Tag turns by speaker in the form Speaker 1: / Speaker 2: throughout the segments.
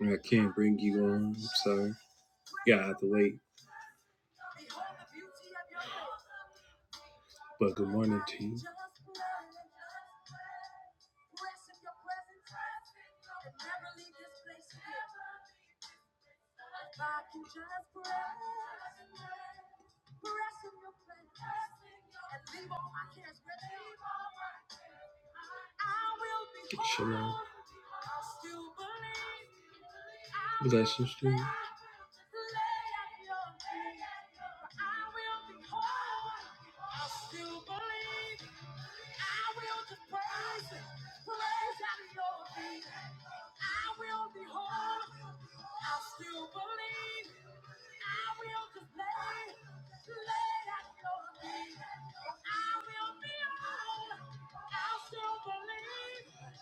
Speaker 1: Yeah, sorry, late.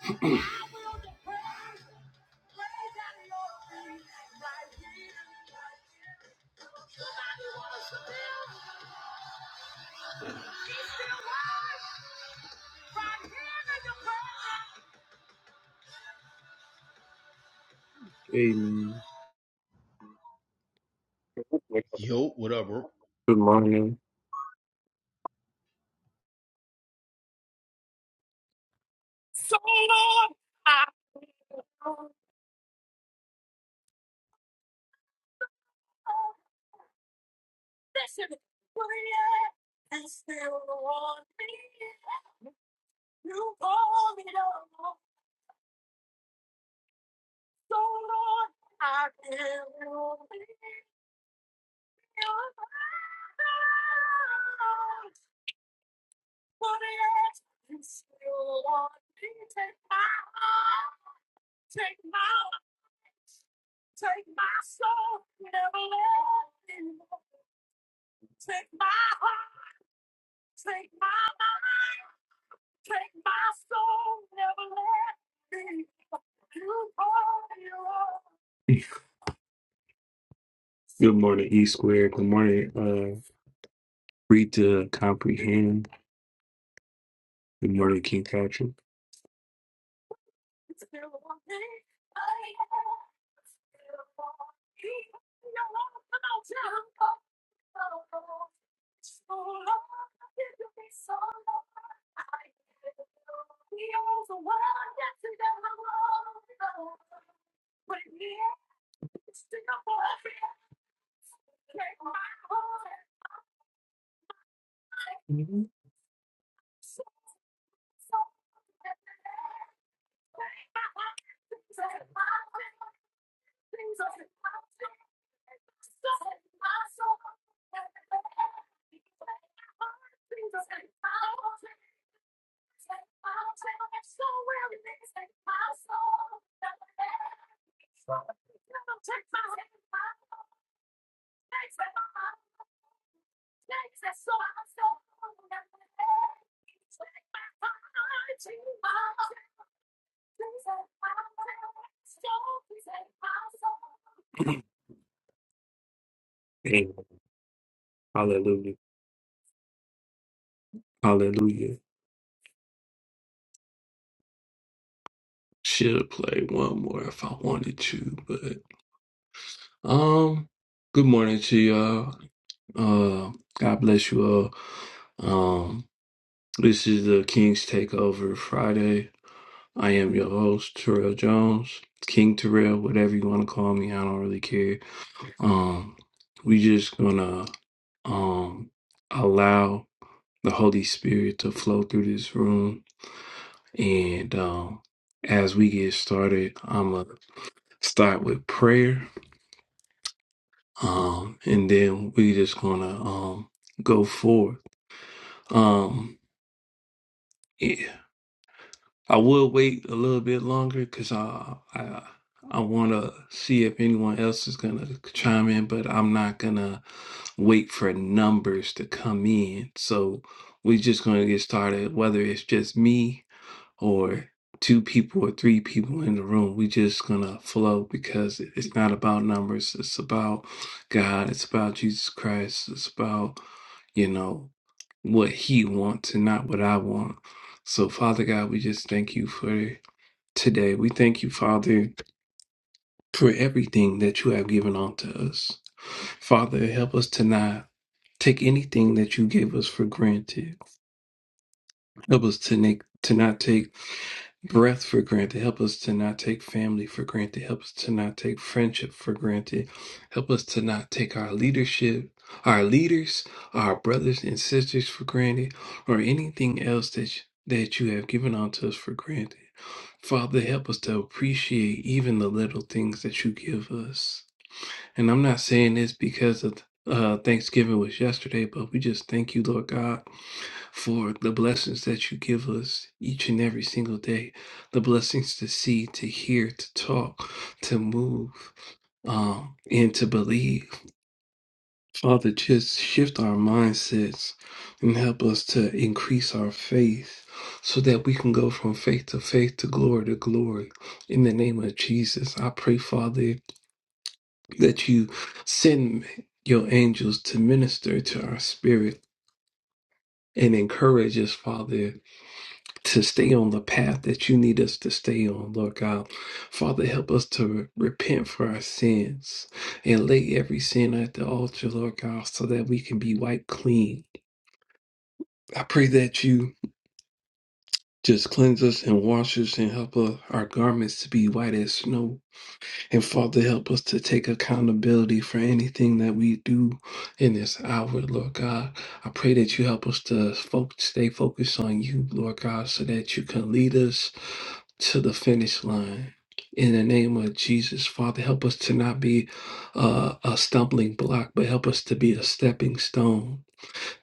Speaker 1: Hey, man.
Speaker 2: Yo, what up, bro?
Speaker 1: Good morning, E Square. Good morning, uh, read to comprehend. Good morning, King Patrick. And hallelujah, hallelujah. Should play one more if I wanted to, but um, good morning to y'all. Uh, God bless you all. Um, this is the King's Takeover Friday. I am your host, Terrell Jones, King Terrell, whatever you want to call me. I don't really care. Um, we just gonna um allow the Holy Spirit to flow through this room, and um, as we get started, I'm gonna start with prayer, um, and then we just gonna um go forward. Um, yeah, I will wait a little bit longer because I I I want to see if anyone else is gonna chime in, but I'm not gonna. wait for numbers to come in. So we're just going to get started, whether it's just me or two people or three people in the room. We're just going to flow because it's not about numbers. It's about God. It's about Jesus Christ. It's about, you know, what He wants and not what I want. So, Father God, we just thank you for today. We thank you, Father, for everything that you have given unto us. Father, help us tonight take anything that you gave us for granted. Help us to make to not take breath for granted. Help us to not take family for granted. Help us to not take friendship for granted. Help us to not take our leadership, our leaders, our brothers and sisters for granted, or anything else that you- that you have given unto us for granted. Father, help us to appreciate even the little things that you give us. And I'm not saying this because of uh, Thanksgiving was yesterday, but we just thank you, Lord God, for the blessings that you give us each and every single day. The blessings to see, to hear, to talk, to move, um, and to believe. Father, just shift our mindsets and help us to increase our faith so that we can go from faith to faith to glory to glory. In the name of Jesus, I pray, Father that you send your angels to minister to our spirit and encourage us, Father, to stay on the path that you need us to stay on, Lord God. Father, help us to repent for our sins and lay every sin at the altar, Lord God, so that we can be wiped clean. I pray that you just cleanse us and wash us and help uh, our garments to be white as snow. And Father, help us to take accountability for anything that we do in this hour, Lord God. I pray that you help us to fo- stay focused on you, Lord God, so that you can lead us to the finish line. In the name of Jesus, Father, help us to not be uh, a stumbling block, but help us to be a stepping stone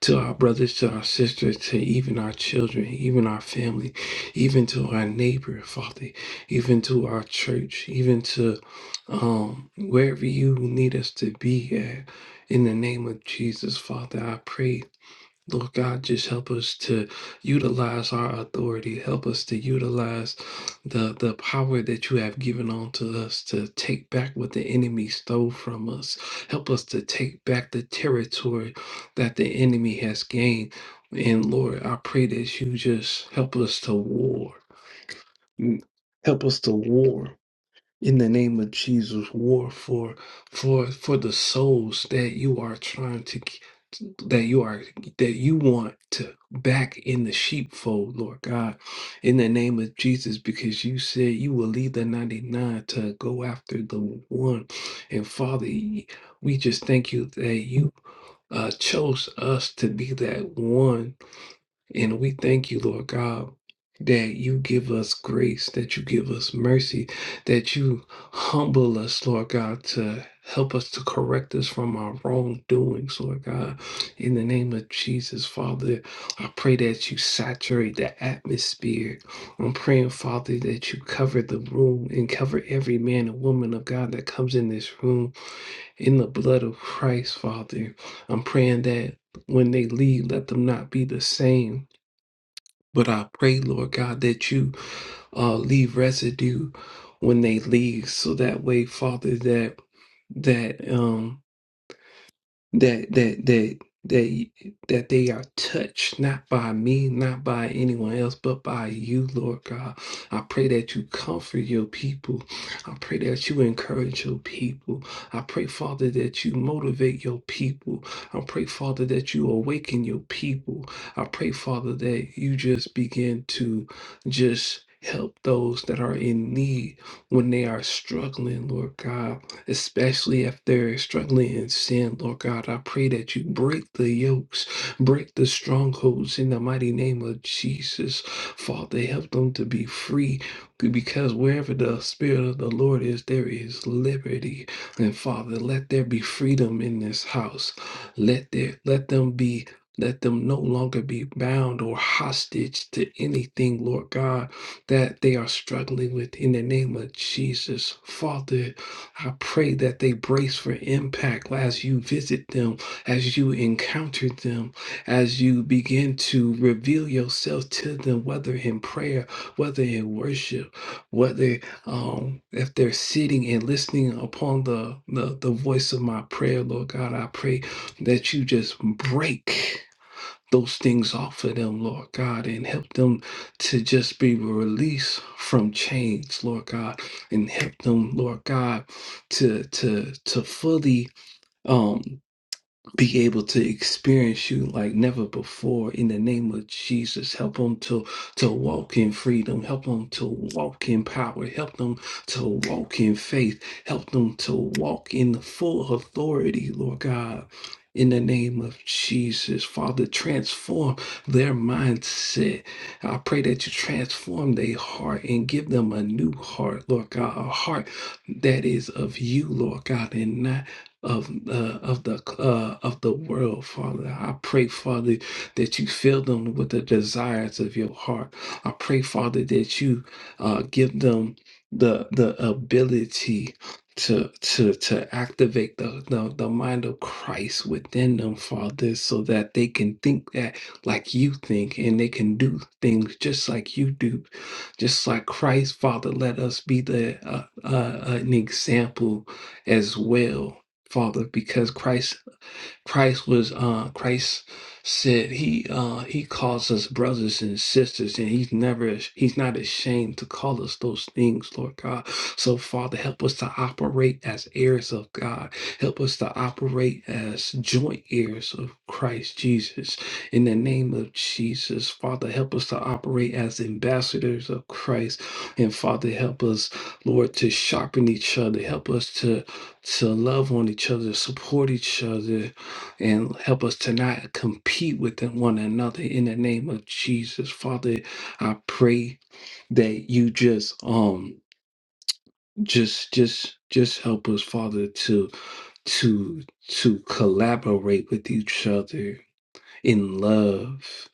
Speaker 1: to our brothers, to our sisters, to even our children, even our family, even to our neighbor, Father, even to our church, even to um, wherever you need us to be at. In the name of Jesus, Father, I pray Lord God, just help us to utilize our authority. Help us to utilize the, the power that you have given unto us to take back what the enemy stole from us. Help us to take back the territory that the enemy has gained. And Lord, I pray that you just help us to war. Mm, Help us to war in the name of Jesus, war for for for the souls that you are trying to that you are that you want to back in the sheepfold, Lord God, in the name of Jesus, because you said you will lead the 99 to go after the one. And Father, we just thank you that you uh, chose us to be that one and we thank you, Lord God, that you give us grace, that you give us mercy, that you humble us, Lord God, to help us to correct us from our wrongdoings, Lord God. In the name of Jesus, Father, I pray that you saturate the atmosphere. I'm praying, Father, that you cover the room and cover every man and woman of God that comes in this room in the blood of Christ, Father. I'm praying that when they leave, let them not be the same but I pray, Lord God, that you uh, leave residue when they leave, so that way, Father, that that um that that that that that they are touched not by me not by anyone else but by you lord god i pray that you comfort your people i pray that you encourage your people i pray father that you motivate your people i pray father that you awaken your people i pray father that you just begin to just help those that are in need when they are struggling lord god especially if they're struggling in sin. Lord God, I pray that you break the yokes, break the strongholds in the mighty name of Jesus. Father, help them to be free because wherever the Spirit of the Lord is, there is liberty. And Father, let there be freedom in this house. Let there let them be let them no longer be bound or hostage to anything, Lord God, that they are struggling with in the name of Jesus. Father, I pray that they brace for impact as you visit them, as you encounter them, as you begin to reveal yourself to them, whether in prayer, whether in worship, whether um, if they're sitting and listening upon the, the the voice of my prayer, Lord God, I pray that you just break those things off of them, Lord God, and help them to just be released from chains, Lord God, and help them, Lord God, to to to fully um be able to experience you like never before in the name of Jesus. Help them to, to walk in freedom. Help them to walk in power. Help them to walk in faith. Help them to walk in the full authority, Lord God. In the name of Jesus, Father, transform their mindset. I pray that you transform their heart and give them a new heart, Lord God, a heart that is of you, Lord God, and not of uh, of the uh, of the world, Father. I pray, Father, that you fill them with the desires of your heart. I pray, Father, that you uh, give them the the ability to to to activate the, the the mind of Christ within them, Father, so that they can think that like you think and they can do things just like you do, just like Christ, Father. Let us be the uh, uh, an example as well Father because Christ Christ was uh Christ said he uh he calls us brothers and sisters and he's never he's not ashamed to call us those things lord god so father help us to operate as heirs of god help us to operate as joint heirs of christ jesus in the name of jesus father help us to operate as ambassadors of christ and father help us lord to sharpen each other help us to to love on each other support each other and help us to not compete with one another in the name of Jesus. Father, I pray that you just um just just just help us father to to to collaborate with each other in love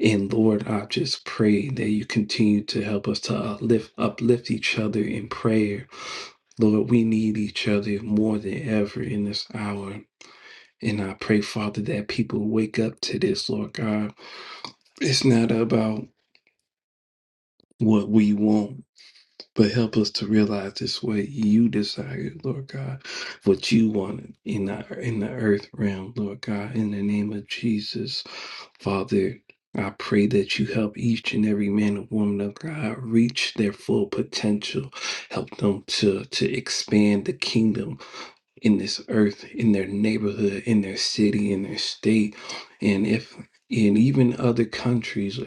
Speaker 1: and lord i just pray that you continue to help us to uplift uplift each other in prayer lord we need each other more than ever in this hour and I pray, Father, that people wake up to this, Lord God. It's not about what we want, but help us to realize this way you desire, Lord God, what you want in the in the earth realm, Lord God, in the name of Jesus. Father, I pray that you help each and every man and woman of God reach their full potential. Help them to, to expand the kingdom in this earth, in their neighborhood, in their city, in their state, and if and even other countries,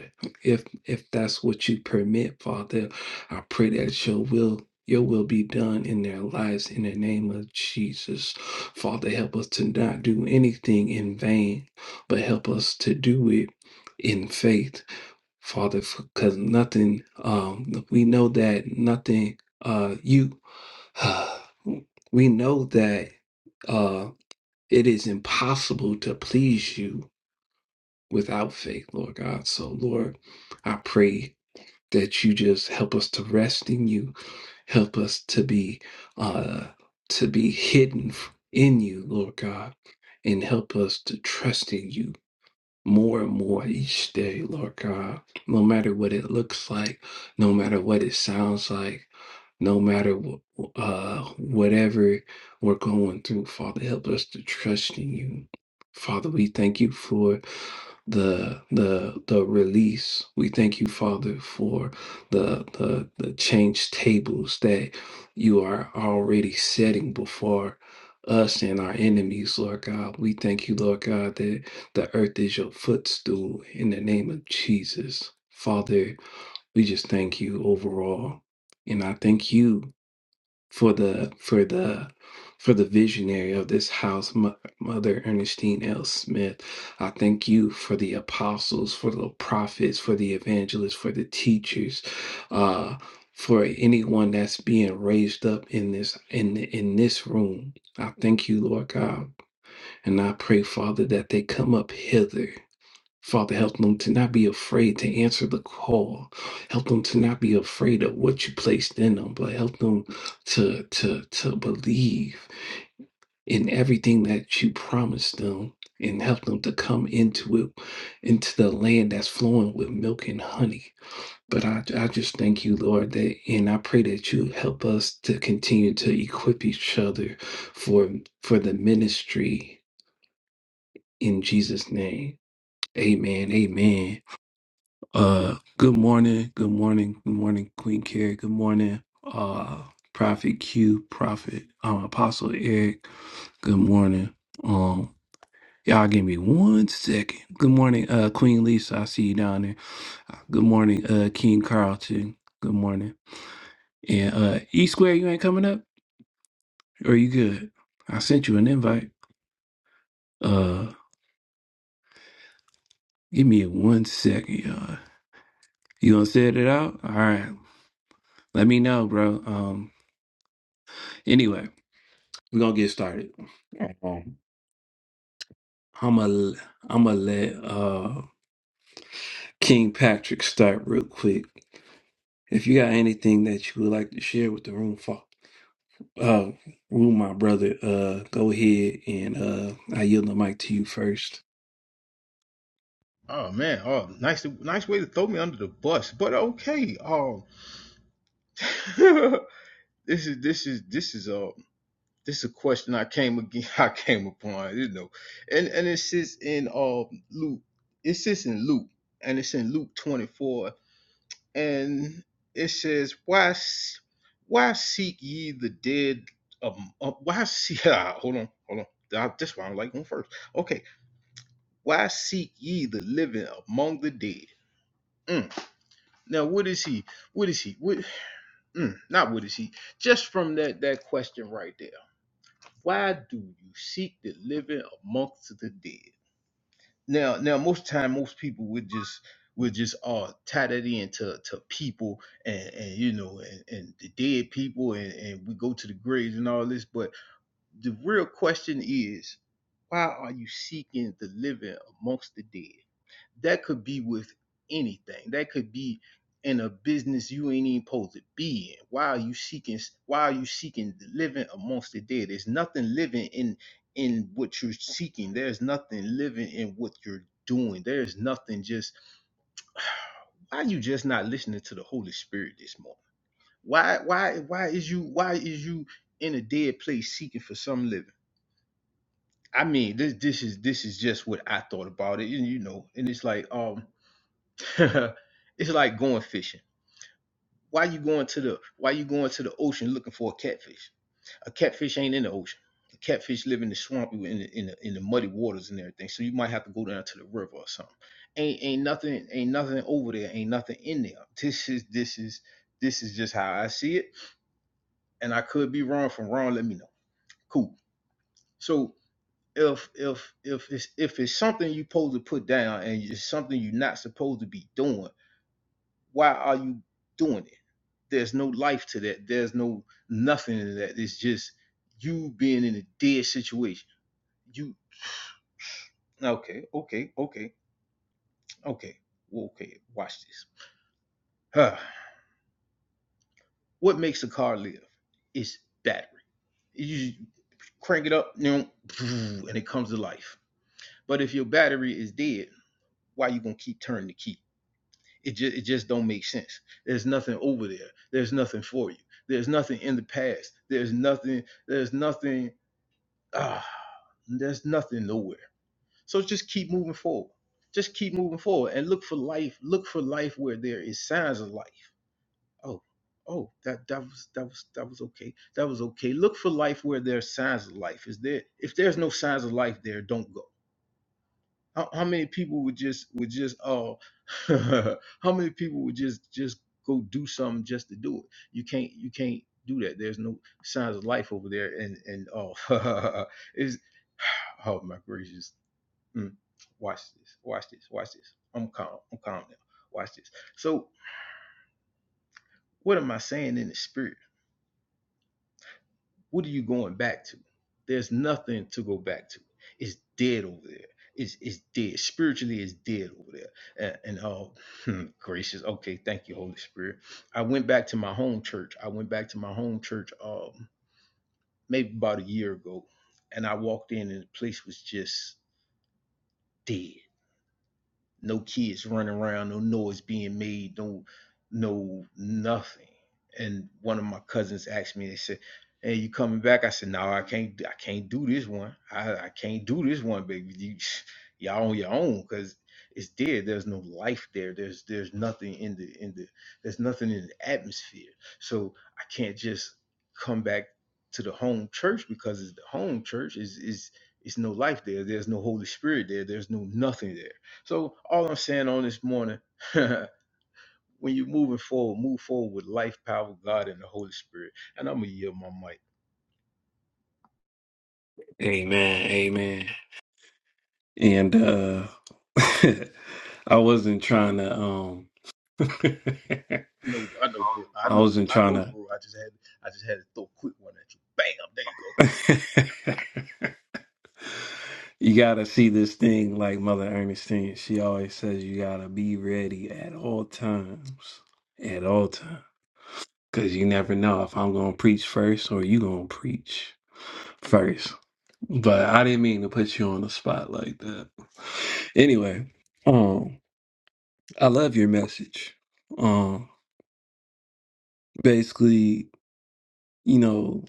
Speaker 1: if if that's what you permit, Father, I pray that your will your will be done in their lives in the name of Jesus. Father, help us to not do anything in vain, but help us to do it in faith. Father, because nothing, um, we know that nothing, uh, you we know that uh, it is impossible to please you without faith, Lord God. So, Lord, I pray that you just help us to rest in you, help us to be uh, to be hidden in you, Lord God, and help us to trust in you more and more each day, Lord God, no matter what it looks like, no matter what it sounds like, no matter wh- uh, whatever we're going through, Father, help us to trust in you. Father, we thank you for the the the release. We thank you, Father, for the the the change tables that you are already setting before us and our enemies, Lord God. We thank you, Lord God, that the earth is your footstool in the name of Jesus. Father, we just thank you overall. And I thank you for the for the for the visionary of this house, Mo- Mother Ernestine L. Smith. I thank you for the apostles, for the prophets, for the evangelists, for the teachers, uh, for anyone that's being raised up in this in in this room. I thank you, Lord God, and I pray, Father, that they come up hither Father, help them to not be afraid to answer the call. Help them to not be afraid of what you placed in them, but help them to to to believe in everything that you promised them and help them to come into it, into the land that's flowing with milk and honey. But I, I just thank you, Lord, that and I pray that you help us to continue to equip each other for for the ministry in Jesus' name. Amen. Amen. Uh, good morning, good morning, good morning, Queen Carrie. Good morning, uh, Prophet Q, Prophet, um, Apostle Eric. Good morning. Um, y'all give me one second. Good morning, uh, Queen Lisa. I see you down there. Uh, Good morning, uh, King Carlton. Good morning. And uh, E Square, you ain't coming up, or you good? I sent you an invite. Uh, give me one second, y'all. You gonna set it out? All right. Let me know, bro. Um, anyway. We're gonna get started. All right. I'm gonna I'm gonna let uh, King Patrick start real quick. If you got anything that you would like to share with the room, for, uh, room, my brother, uh, go ahead and uh, I yield the mic to you first.
Speaker 2: Oh man, oh nice, to, nice way to throw me under the bus, but okay. Um, this is this is this is uh this is a question I came again, I came upon, you know, and and it sits in um Luke, it sits in Luke, and it's in Luke twenty four, and it says, why s- why seek ye the dead? Um, uh, why seek? hold on, hold on. Ah, This one I like going first. Okay, why seek ye the living among the dead? Mm. Now, what is he? What is he? What? Mm, not what is he? Just from that that question right there. Why do you seek the living amongst the dead? Now, now, most time, most people would just would just uh tie that into to people and and you know and, and the dead people and and we go to the graves and all this, but the real question is, why are you seeking the living amongst the dead? That could be with anything. That could be in a business you ain't even supposed to be in. Why are you seeking? Why are you seeking the living amongst the dead? There's nothing living in in what you're seeking. There's nothing living in what you're doing. There's nothing just. Why are you just not listening to the Holy Spirit this morning? Why why why is you why is you in a dead place seeking for some living? I mean, this this is this is just what I thought about it, you, you know. And it's like um, it's like going fishing. Why you going to the Why you going to the ocean looking for a catfish? A catfish ain't in the ocean. A catfish live in the swamp, in the, in the in the muddy waters and everything. So you might have to go down to the river or something. Ain't ain't nothing ain't nothing over there. Ain't nothing in there. This is this is this is just how I see it. And I could be wrong. From wrong, let me know. Cool. So. if if if it's if it's something you're supposed to put down and it's something you're not supposed to be doing, why are you doing it? There's no life to that. There's no nothing in that. It's just you being in a dead situation. You okay? Okay? Okay? Okay? well, Okay? Watch this. Huh. What makes a car live? It's battery. You crank it up, you know, and it comes to life. But if your battery is dead, why are you gonna keep turning the key? It just it just don't make sense. There's nothing over there. There's nothing for you. There's nothing in the past. There's nothing. There's nothing. Ah, there's nothing nowhere. So just keep moving forward. Just keep moving forward and look for life. Look for life where there is signs of life. Oh, oh, that that was that was that was okay. That was okay. Look for life where there are signs of life. Is there? If there's no signs of life there, don't go how, how many people would just would just oh how many people would just just go do something just to do it you can't you can't do that there's no signs of life over there and and oh is oh my gracious Mm. watch this watch this watch this i'm calm i'm calm now watch this so what am i saying in the spirit What are you going back to? There's nothing to go back to. It's dead over there. It's it's dead. Spiritually, it's dead over there. And, and oh, hmm, gracious. Okay, thank you, Holy Spirit. I went back to my home church. I went back to my home church um maybe about a year ago, and I walked in and the place was just dead. No kids running around, no noise being made, no no nothing. And one of my cousins asked me, they said, Hey, you coming back? I said, No, I can't I can't do this one. I, I can't do this one, baby. You y'all on your own because it's dead. There's no life there. There's there's nothing in the in the there's nothing in the atmosphere. So I can't just come back to the home church because it's the home church is is it's no life there. There's no Holy Spirit there. There's no nothing there. So all I'm saying on this morning, when you're moving forward, move forward with life, power, God, and the Holy Spirit. And I'm gonna yield my mic.
Speaker 1: Amen. Amen. And uh, I wasn't trying to um,
Speaker 2: I know, I know, bro. I
Speaker 1: I
Speaker 2: know,
Speaker 1: wasn't
Speaker 2: I
Speaker 1: trying
Speaker 2: know,
Speaker 1: to.
Speaker 2: bro. I just had, I just had to throw a quick one at you. Bam! there
Speaker 1: You gotta see this thing like Mother Ernestine. She always says you gotta be ready at all times. At all times. Cause you never know if I'm gonna preach first or you gonna preach first. But I didn't mean to put you on the spot like that. Anyway, um, I love your message. Um, basically, you know,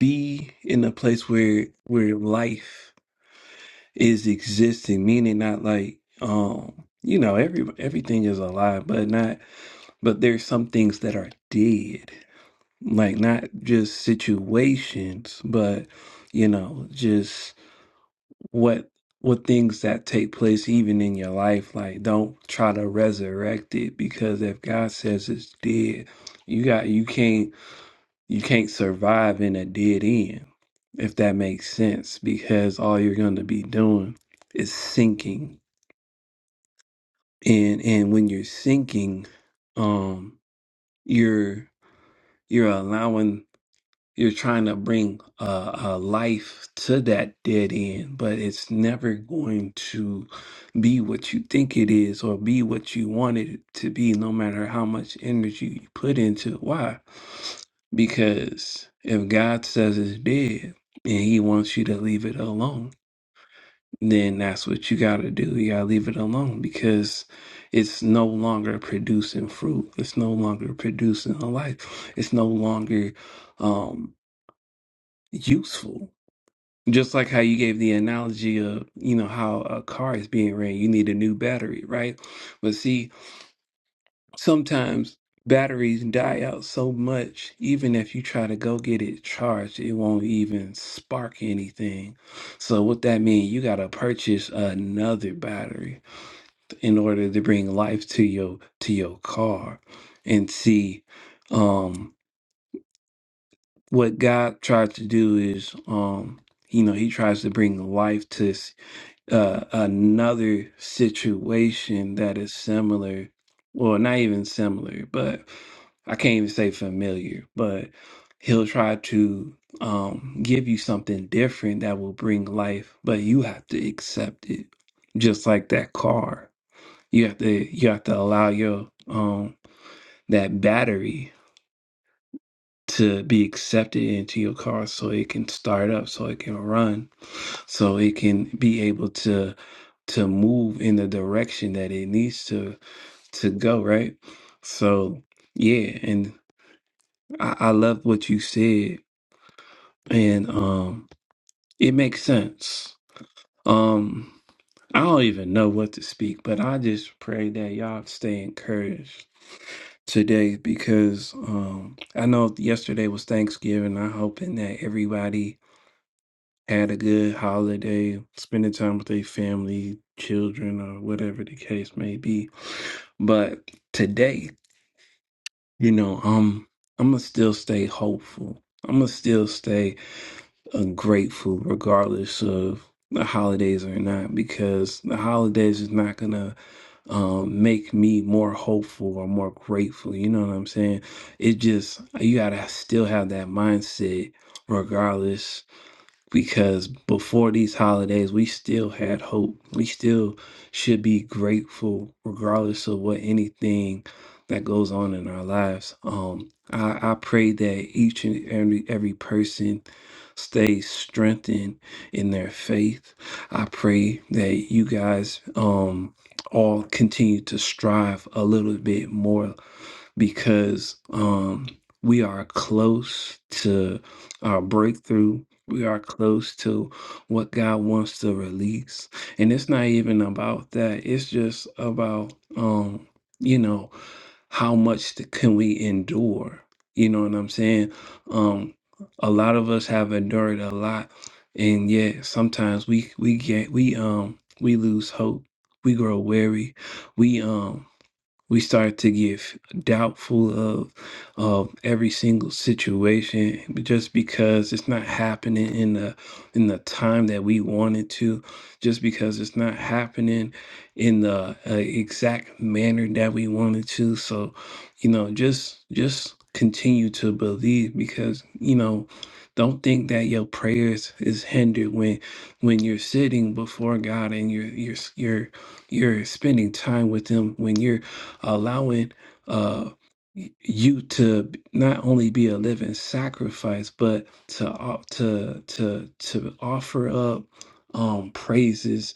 Speaker 1: be in a place where where life is existing, meaning not like um you know every everything is alive, but not but there's some things that are dead, like not just situations, but you know just what what things that take place even in your life. Like don't try to resurrect it because if God says it's dead, you got you can't you can't survive in a dead end, if that makes sense, because all you're going to be doing is sinking. And and when you're sinking, um, you're you're allowing you're trying to bring uh, uh, life to that dead end, but it's never going to be what you think it is or be what you want it to be, no matter how much energy you put into it. Why? Because if God says it's dead and He wants you to leave it alone, then that's what you got to do. You got to leave it alone because it's no longer producing fruit. It's no longer producing a life. It's no longer. Um, useful. Just like how you gave the analogy of, you know, how a car is being ran, you need a new battery, right? But see, sometimes batteries die out so much, even if you try to go get it charged, it won't even spark anything. So what that means, you gotta purchase another battery in order to bring life to your to your car. And see, um, what God tried to do is, um, you know, He tries to bring life to uh, another situation that is similar, well, not even similar, but I can't even say familiar, but he'll try to um, give you something different that will bring life, but you have to accept it, just like that car. You have to you have to allow your um that battery to be accepted into your car so it can start up so it can run so it can be able to to move in the direction that it needs to to go right so yeah and i, I love what you said and um it makes sense um i don't even know what to speak but i just pray that y'all stay encouraged today because um i know yesterday was thanksgiving i'm hoping that everybody had a good holiday, spending time with their family, children, or whatever the case may be. But today, you know, um, I'm gonna still stay hopeful. I'm gonna still stay uh, grateful, regardless of the holidays or not, because the holidays is not gonna um, make me more hopeful or more grateful. You know what I'm saying? It just you gotta still have that mindset, regardless because before these holidays, we still had hope. We still should be grateful, regardless of what anything that goes on in our lives. Um, I, I pray that each and every every person stays strengthened in their faith. I pray that you guys um all continue to strive a little bit more because um we are close to our breakthrough we are close to what God wants to release. And it's not even about that. It's just about um, you know, how much th- can we endure? You know what I'm saying? Um, a lot of us have endured a lot, and yet sometimes we we get we um we lose hope. We grow weary. We um we start to get doubtful of of every single situation just because it's not happening in the in the time that we wanted to just because it's not happening in the uh, exact manner that we wanted to so you know just just continue to believe because you know don't think that your prayers is hindered when when you're sitting before God and you're you're you're you're spending time with him when you're allowing uh y- you to not only be a living sacrifice but to o- to to to offer up um praises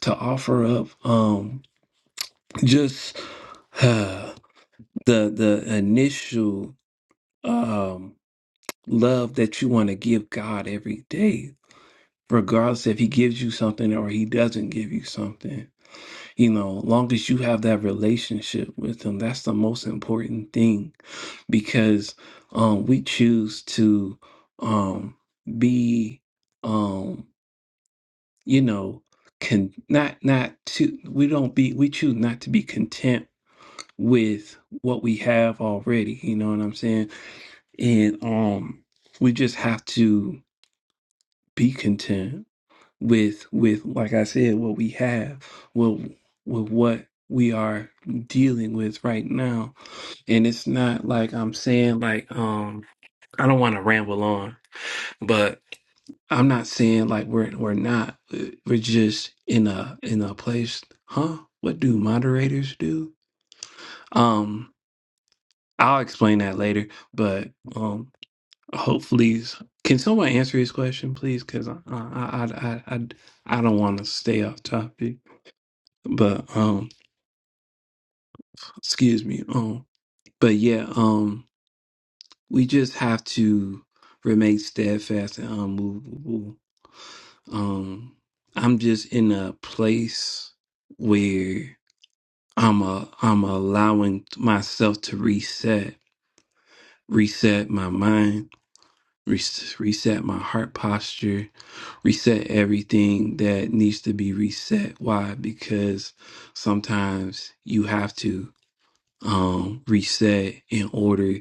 Speaker 1: to offer up um just uh, the the initial um love that you want to give God every day regardless if he gives you something or he doesn't give you something You know, long as you have that relationship with them, that's the most important thing because um we choose to um be um you know can not not to we don't be we choose not to be content with what we have already you know what i'm saying and um we just have to be content with with like I said, what we have, well with what we are dealing with right now. And it's not like I'm saying like um I don't want to ramble on, but I'm not saying like we're we're not we're just in a in a place, huh? What do moderators do? Um I'll explain that later, but um hopefully can someone answer his question please cuz I I I I I I don't want to stay off topic. but um excuse me um but yeah um we just have to remain steadfast and unmovable um i'm just in a place where i'm a i'm allowing myself to reset reset my mind res- reset my heart posture reset everything that needs to be reset why because sometimes you have to um reset in order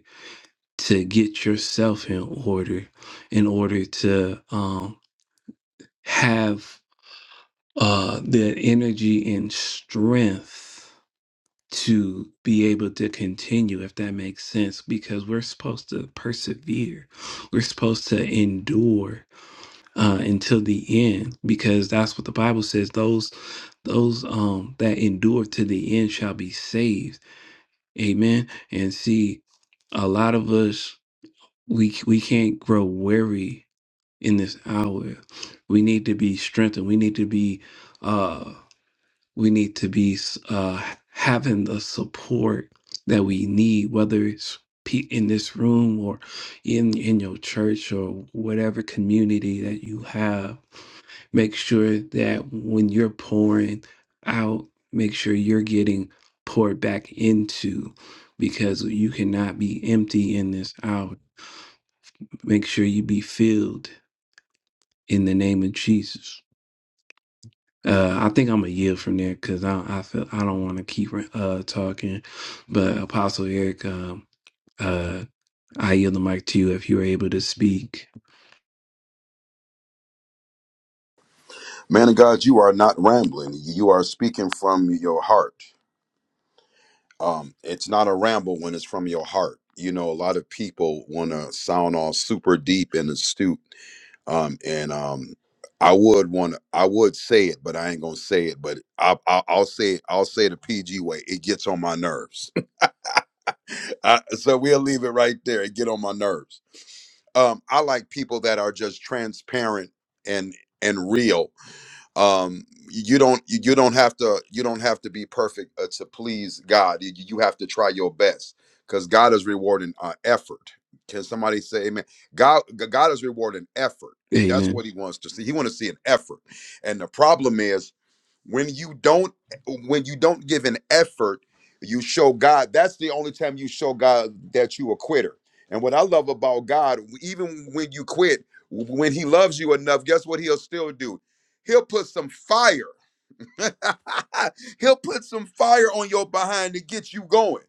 Speaker 1: to get yourself in order in order to um, have uh, the energy and strength to be able to continue if that makes sense because we're supposed to persevere we're supposed to endure uh, until the end because that's what the bible says those those um that endure to the end shall be saved amen and see a lot of us we we can't grow weary in this hour. We need to be strengthened. We need to be uh we need to be uh having the support that we need, whether it's pe- in this room or in in your church or whatever community that you have. Make sure that when you're pouring out, make sure you're getting poured back into because you cannot be empty in this hour. Make sure you be filled in the name of Jesus. Uh, I think I'm a yield from there because I I feel I don't want to keep uh talking, but Apostle Eric, um, uh, I yield the mic to you if you were able to speak.
Speaker 3: Man of God, you are not rambling. You are speaking from your heart. Um, it's not a ramble when it's from your heart. You know, a lot of people want to sound all super deep and astute. Um, and um, I would want, I would say it, but I ain't gonna say it. But I, I, I'll say it. I'll say it the PG way. It gets on my nerves. I, so we'll leave it right there. It get on my nerves. Um, I like people that are just transparent and and real um you don't you don't have to you don't have to be perfect uh, to please god you, you have to try your best because god is rewarding uh, effort can somebody say amen god god is rewarding effort that's what
Speaker 1: Amen.
Speaker 3: he wants to see he want to see an effort and the problem is when you don't when you don't give an effort you show god that's the only time you show god that you a quitter and what i love about god even when you quit when he loves you enough guess what he'll still do he'll put some fire he'll put some fire on your behind to get you going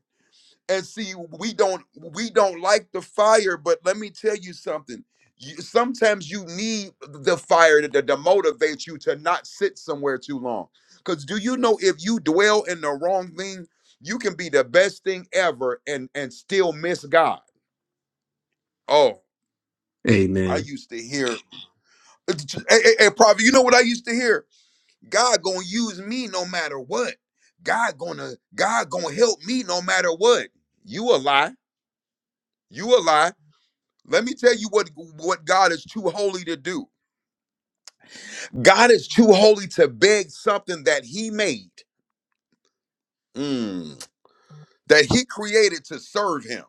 Speaker 3: and see we don't we don't like the fire but let me tell you something you, sometimes you need the fire to, to to motivate you to not sit somewhere too long because do you know if you dwell in the wrong thing you can be the best thing ever and and still miss god oh i
Speaker 1: Amen.
Speaker 3: used to hear hey, hey, hey prophet you know what i used to hear god gonna use me no matter what god gonna god gonna help me no matter what you a lie you a lie Let me tell you what, what God is too holy to do. God is too holy to beg something that he made, mm, that he created to serve him.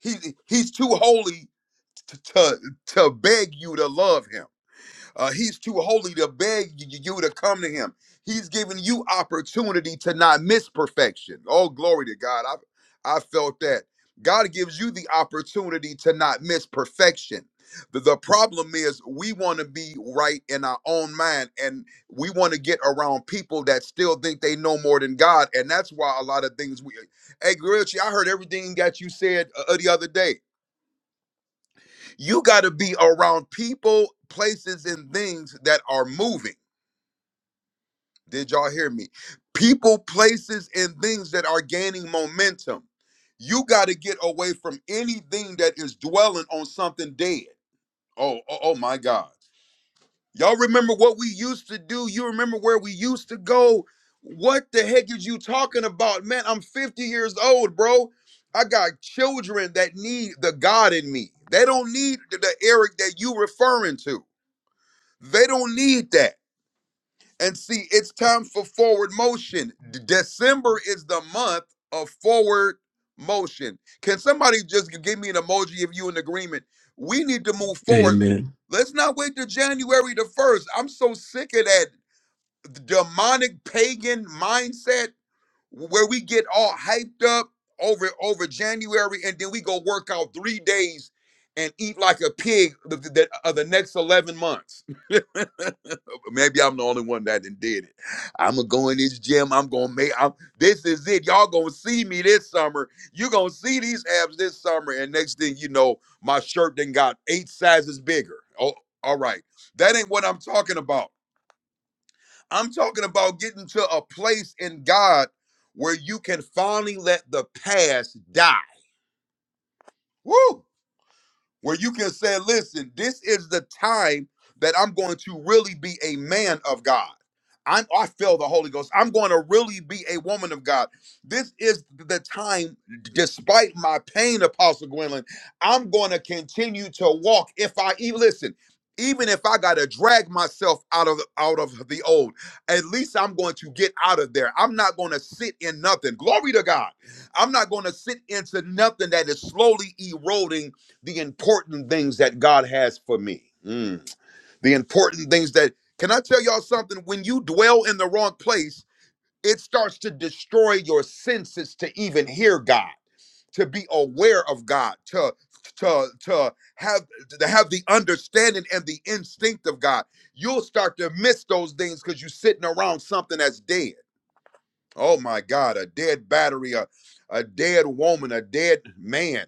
Speaker 3: He, he's too holy to, to, to beg you to love him. Uh, he's too holy to beg you to come to him. He's giving you opportunity to not miss perfection. Oh, glory to God. I, I felt that. God gives you the opportunity to not miss perfection. The, the problem is we want to be right in our own mind and we want to get around people that still think they know more than God. And that's why a lot of things we hey Grilchi, I heard everything that you said uh, uh, the other day. You gotta be around people, places, and things that are moving. Did y'all hear me? People, places, and things that are gaining momentum. You got to get away from anything that is dwelling on something dead. Oh, oh, oh my God. Y'all remember what we used to do? You remember where we used to go? What the heck is you talking about? Man, I'm 50 years old, bro. I got children that need the God in me. They don't need the the Eric that you referring to. They don't need that. And see, it's time for forward motion. D- December is the month of forward motion. Can somebody just g- give me an emoji if you in agreement? We need to move forward.
Speaker 1: Amen.
Speaker 3: Let's not wait till January the 1st. I'm so sick of that demonic pagan mindset where we get all hyped up over over January and then we go work out 3 days and eat like a pig the, the, the uh, the next 11 months. Maybe I'm the only one that done did it. I'm gonna go in this gym. I'm gonna make. I'm, this is it. Y'all gonna see me this summer. You gonna see these abs this summer. And next thing you know, my shirt then got eight sizes bigger. Oh, all right. That ain't what I'm talking about. I'm talking about getting to a place in God where you can finally let the past die. Woo! where you can say, listen, this is the time that I'm going to really be a man of God. I'm, I feel the Holy Ghost. I'm going to really be a woman of God. This is the time, despite my pain, Apostle Gwendolyn, I'm going to continue to walk. If I even listen, even if I got to drag myself out of out of the old, at least I'm going to get out of there. I'm not going to sit in nothing. Glory to God. I'm not going to sit into nothing that is slowly eroding the important things that God has for me. Mm. The important things that, can I tell y'all something? When you dwell in the wrong place, it starts to destroy your senses to even hear God, to be aware of God, to to to have to have the understanding and the instinct of God. You'll start to miss those things because you're sitting around something that's dead. Oh my God, a dead battery, a, a dead woman, a dead man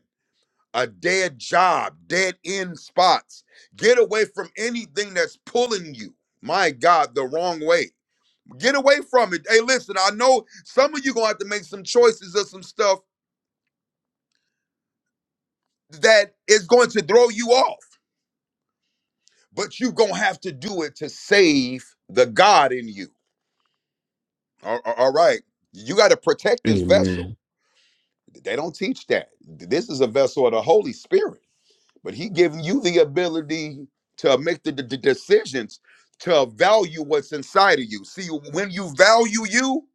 Speaker 3: a dead job, dead end spots. Get away from anything that's pulling you, my God, the wrong way. Get away from it. Hey, listen, I know some of you gonna have to make some choices of some stuff that is going to throw you off, but you gonna have to do it to save the God in you. All all- all right. You got to protect this vessel.
Speaker 1: Amen.
Speaker 3: They don't teach that. This is a vessel of the Holy Spirit. but he giving you the ability to make the, the the decisions to value what's inside of you see when you value you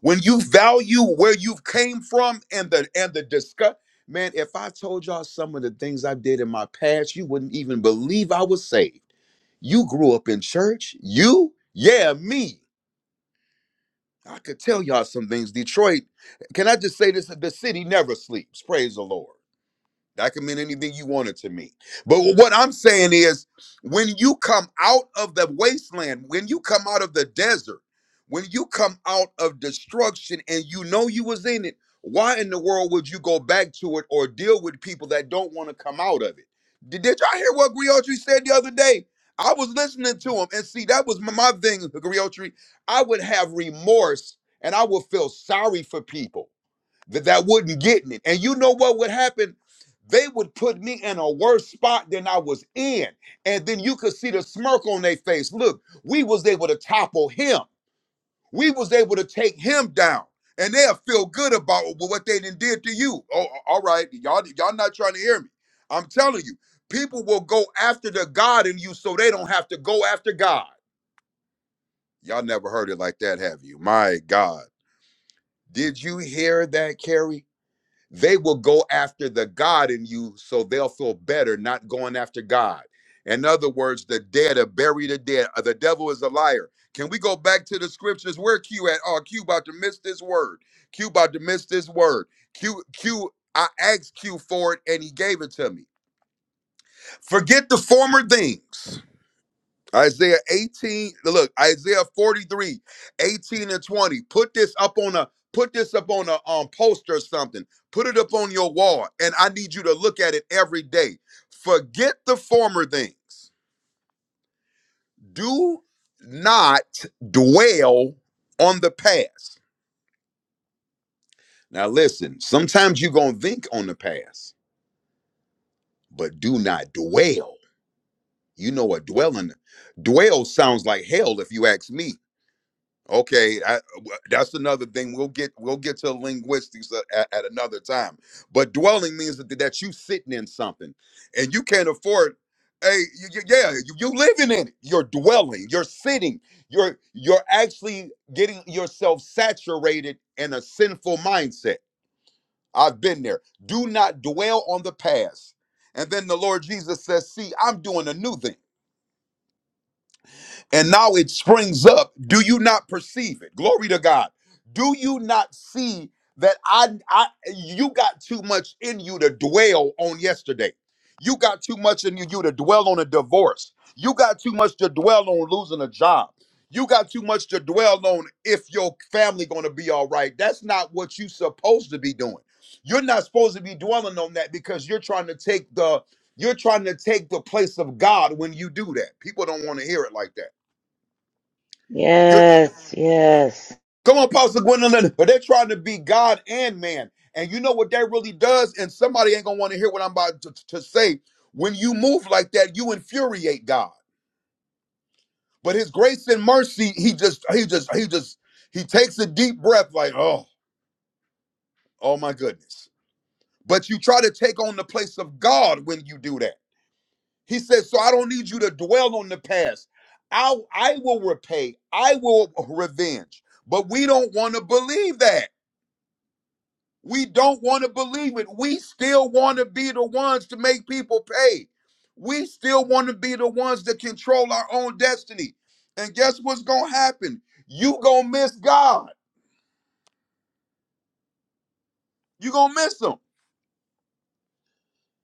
Speaker 3: when you value where you've came from and the and the discuss man if i told y'all some of the things i did in my past you wouldn't even believe i was saved you grew up in church you yeah me i could tell y'all some things detroit can i just say this the city never sleeps praise the lord That can mean anything you want it to mean. But what I'm saying is, when you come out of the wasteland, when you come out of the desert, when you come out of destruction and you know you was in it, why in the world would you go back to it or deal with people that don't want to come out of it? Did, did y'all hear what Griotri said the other day? I was listening to him, and see, that was my, my thing, Griotri. I would have remorse and I would feel sorry for people that, that would not get me, And you know what would happen? They would put me in a worse spot than I was in. And then you could see the smirk on their face. Look, we was able to topple him. We was able to take him down. And they'll feel good about what they done did to you. Oh, alright you all right. Y'all, y'all not trying to hear me. I'm telling you, people will go after the God in you so they don't have to go after God. Y'all never heard it like that, have you? My God. Did you hear that, Carrie? they will go after the God in you so they'll feel better not going after God. In other words, the dead are buried the dead. Uh, The devil is a liar. Can we go back to the scriptures? Where Q at? Oh, Q about to miss this word. Q about to miss this word. Q Q I asked Q for it and he gave it to me. Forget the former things. Isaiah 18, look, Isaiah 43, 18 and 20. Put this up on a put this up on a um poster or something. Put it up on your wall. And I need you to look at it every day. Forget the former things. Do not dwell on the past. Now listen, sometimes you're gonna think on the past, but do not dwell. You know what dwelling dwell sounds like hell if you ask me Okay, I, w- that's another thing. We'll get we'll get to linguistics uh, at, at another time. But dwelling means that, that you sitting in something, and you can't afford. Hey, y- y- yeah, you, you living in it. You're dwelling. You're sitting. You're you're actually getting yourself saturated in a sinful mindset. I've been there. Do not dwell on the past. And then the Lord Jesus says, "See, I'm doing a new thing." and now it springs up. Do you not perceive it? Glory to God. Do you not see that I, I you got too much in you to dwell on yesterday? You got too much in you to dwell on a divorce. You got too much to dwell on losing a job. You got too much to dwell on if your family going to be all right. That's not what you supposed to be doing. You're not supposed to be dwelling on that because you're trying to take the you're trying to take the place of God when you do that. People don't want to hear it like that. You're,
Speaker 4: Yes, yes.
Speaker 3: come on, Pastor Gwendolyn. But they're trying to be God and man. And you know what that really does? And somebody ain't going to want to hear what I'm about to, to say. When you move like that, you infuriate God. But his grace and mercy, he just, he just, he just, he takes a deep breath like, oh, oh my goodness. But you try to take on the place of God when you do that. He says, so I don't need you to dwell on the past. I'll, I will repay. I will revenge. But we don't want to believe that. We don't want to believe it. We still want to be the ones to make people pay. We still want to be the ones that control our own destiny. And guess what's going to happen? You going to miss God. You going to miss him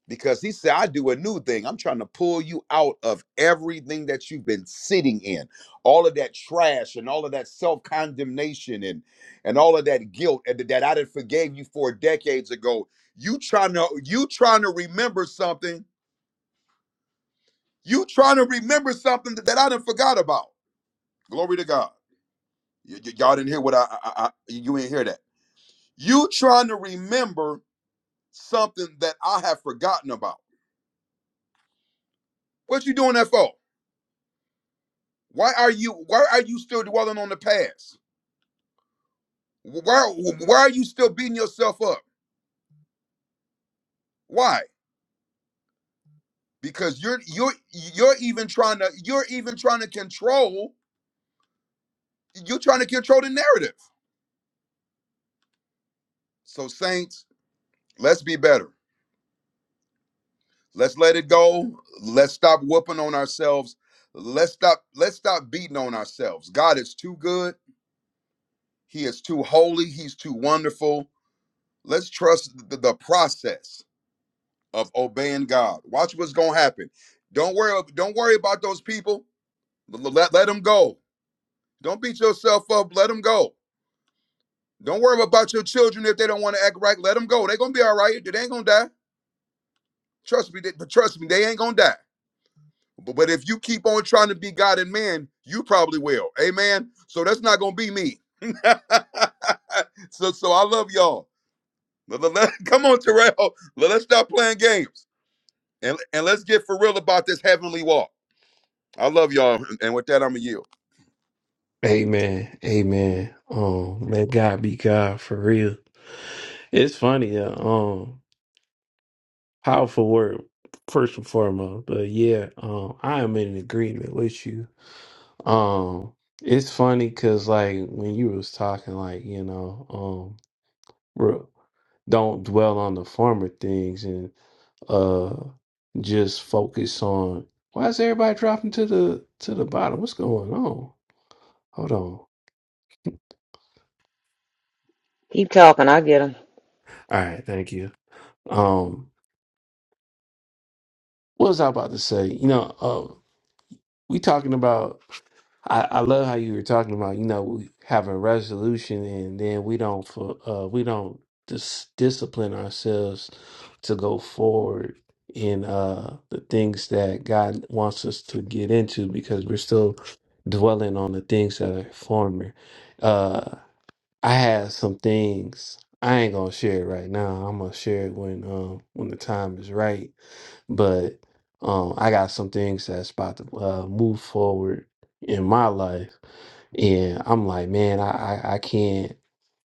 Speaker 3: because he said, I do a new thing. I'm trying to pull you out of everything that you've been sitting in, all of that trash and all of that self-condemnation and, and all of that guilt and that I done forgave you for decades ago. You trying to, you trying to remember something You trying to remember something that I done forgot about. Glory to God. Y- y- y'all didn't hear what I, I, I you ain't hear that. You trying to remember something that I have forgotten about. What you doing that for? Why are you why are you still dwelling on the past? Why why are you still beating yourself up? Why? Because you're you're you're even trying to you're even trying to control you're trying to control the narrative. So saints, let's be better. Let's let it go. Let's stop whooping on ourselves. Let's stop let's stop beating on ourselves. God is too good. He is too holy. He's too wonderful. Let's trust the, the process of obeying God. Watch what's going to happen. Don't worry don't worry about those people. L- Let, let them go. Don't beat yourself up. Let them go. Don't worry about your children if they don't want to act right. Let them go. They're going to be all right. They ain't going to die. Trust me. They, trust me. They ain't going to die. B- But if you keep on trying to be God and man, you probably will. Amen. So that's not gonna be me. so so I love y'all. Come on, Terrell. Let- us stop playing games and, and let's get for real about this heavenly walk. I love y'all. And with that, I'm a yield.
Speaker 1: Amen. Amen. Um, let God be God for real. It's funny. Uh, um, Powerful word, first and foremost. But yeah, um, I am in agreement with you. Um, it's funny because like when you was talking, like you know, um, re- don't dwell on the former things and uh just focus on why is everybody dropping to the to the bottom? What's going on? Hold on. All
Speaker 4: Keep talking. I get them.
Speaker 1: right, thank you. Um, what was I about to say? You know, uh, We talking about. I, I love how you were talking about. You know, we have a resolution, and then we don't. fu- Uh, we don't dis- discipline ourselves to go forward in uh, the things that God wants us to get into because we're still dwelling on the things that are former. Uh, I had some things. I ain't gonna share it right now. I'm gonna share it when um when the time is right. But um I got some things that's about to uh, move forward in my life, and I'm like, man, I I, I can't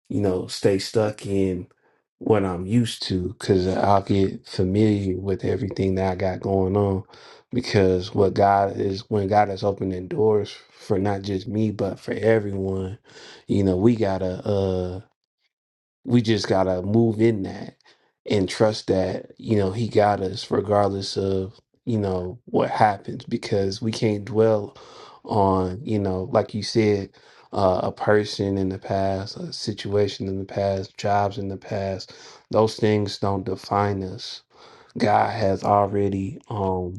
Speaker 1: you know, stay stuck in what I'm used to because I'll get familiar with everything that I got going on. Because what God is, when God is opening doors for not just me, but for everyone, you know, we gotta, uh, we just gotta move in that and trust that you know he got us regardless of you know what happens because we can't dwell on you know like you said uh, a person in the past a situation in the past jobs in the past those things don't define us god has already um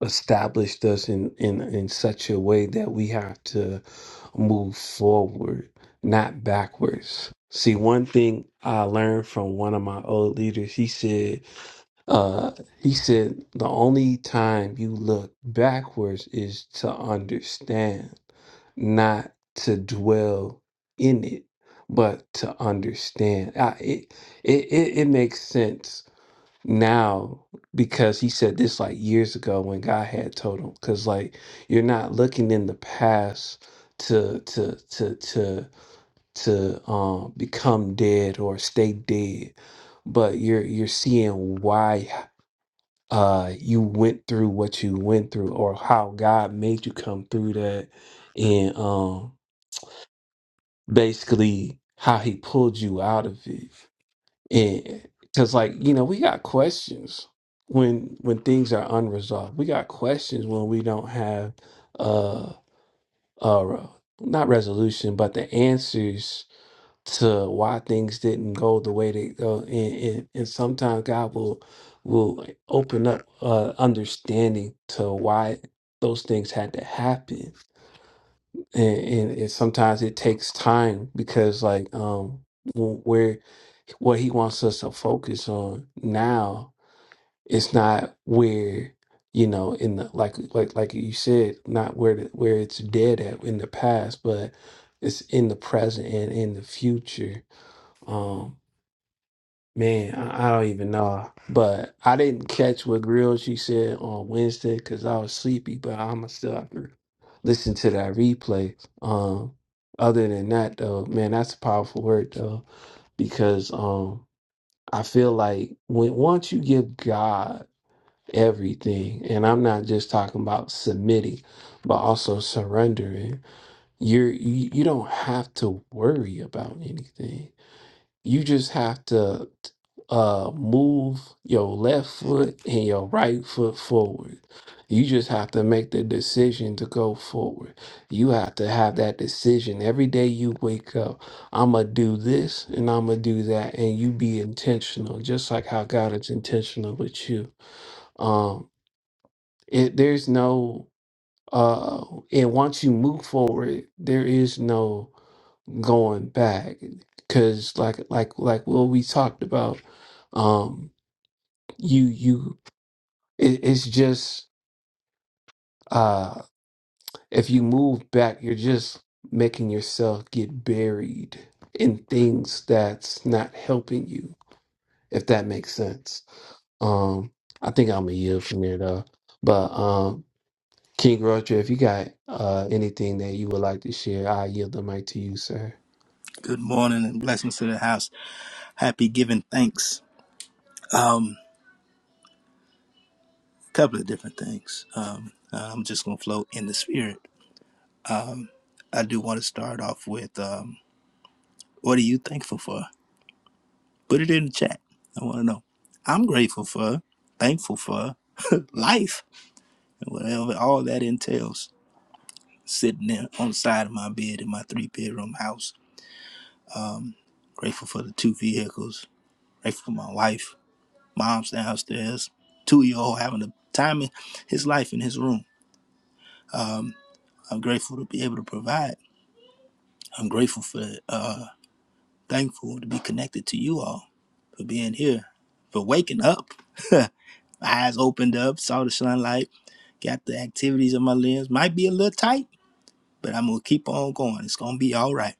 Speaker 1: established us in, in, in such a way that we have to move forward, not backwards. See, one thing I learned from one of my old leaders, he said, uh, he said, the only time you look backwards is to understand, not to dwell in it, but to understand. I, it, it, it, it makes sense now because he said this like years ago when God had told him cuz like you're not looking in the past to to to to to um become dead or stay dead but you're you're seeing why uh you went through what you went through or how God made you come through that and um basically how he pulled you out of it and because like you know we got questions when when things are unresolved we got questions when we don't have uh uh not resolution but the answers to why things didn't go the way they go and and, and sometimes god will will open up uh understanding to why those things had to happen and, and, and sometimes it takes time because like um wh- where what he wants us to focus on now it's not where you know in the like like like you said not where the, where it's dead at in the past but it's in the present and in the future Um, Man, I I don't even know. But I didn't catch what Grill she said on Wednesday because I was sleepy, but I'ma still have to listen to that replay. Um other than that though, man, that's a powerful word though. Because um I feel like when once you give God everything, and I'm not just talking about submitting, but also surrendering, you're you, you don't have to worry about anything you just have to uh, move your left foot and your right foot forward. You just have to make the decision to go forward. You have to have that decision every day you wake up. I'm going to do this and I'm going to do that. And you be intentional, just like how God is intentional with you. Um, it, there's no, uh, and once you move forward, there is no going back because like like like what we talked about um you you it, it's just uh if you move back you're just making yourself get buried in things that's not helping you if that makes sense um i think i'm a year from there though but um king roger if you got uh anything that you would like to share i yield the mic to you sir
Speaker 5: Good morning and blessings to the house. Happy giving thanks. Couple of different things. Um, uh, I'm just gonna flow in the spirit. I do want to start off with um, what are you thankful for? Put it in the chat. I want to know. I'm grateful for, thankful for life and whatever all that entails. Sitting there on the side of my bed in my three bedroom house. Um, grateful for the two vehicles. Grateful for my wife. Mom's downstairs. Two year old having the time in his life in his room. Um, I'm grateful to be able to provide. I'm grateful for, uh, thankful to be connected to you all, for being here, for waking up. My eyes opened up, saw the sunlight, got the activities in my limbs. Might be a little tight, but I'm going to keep on going. It's going to be all right.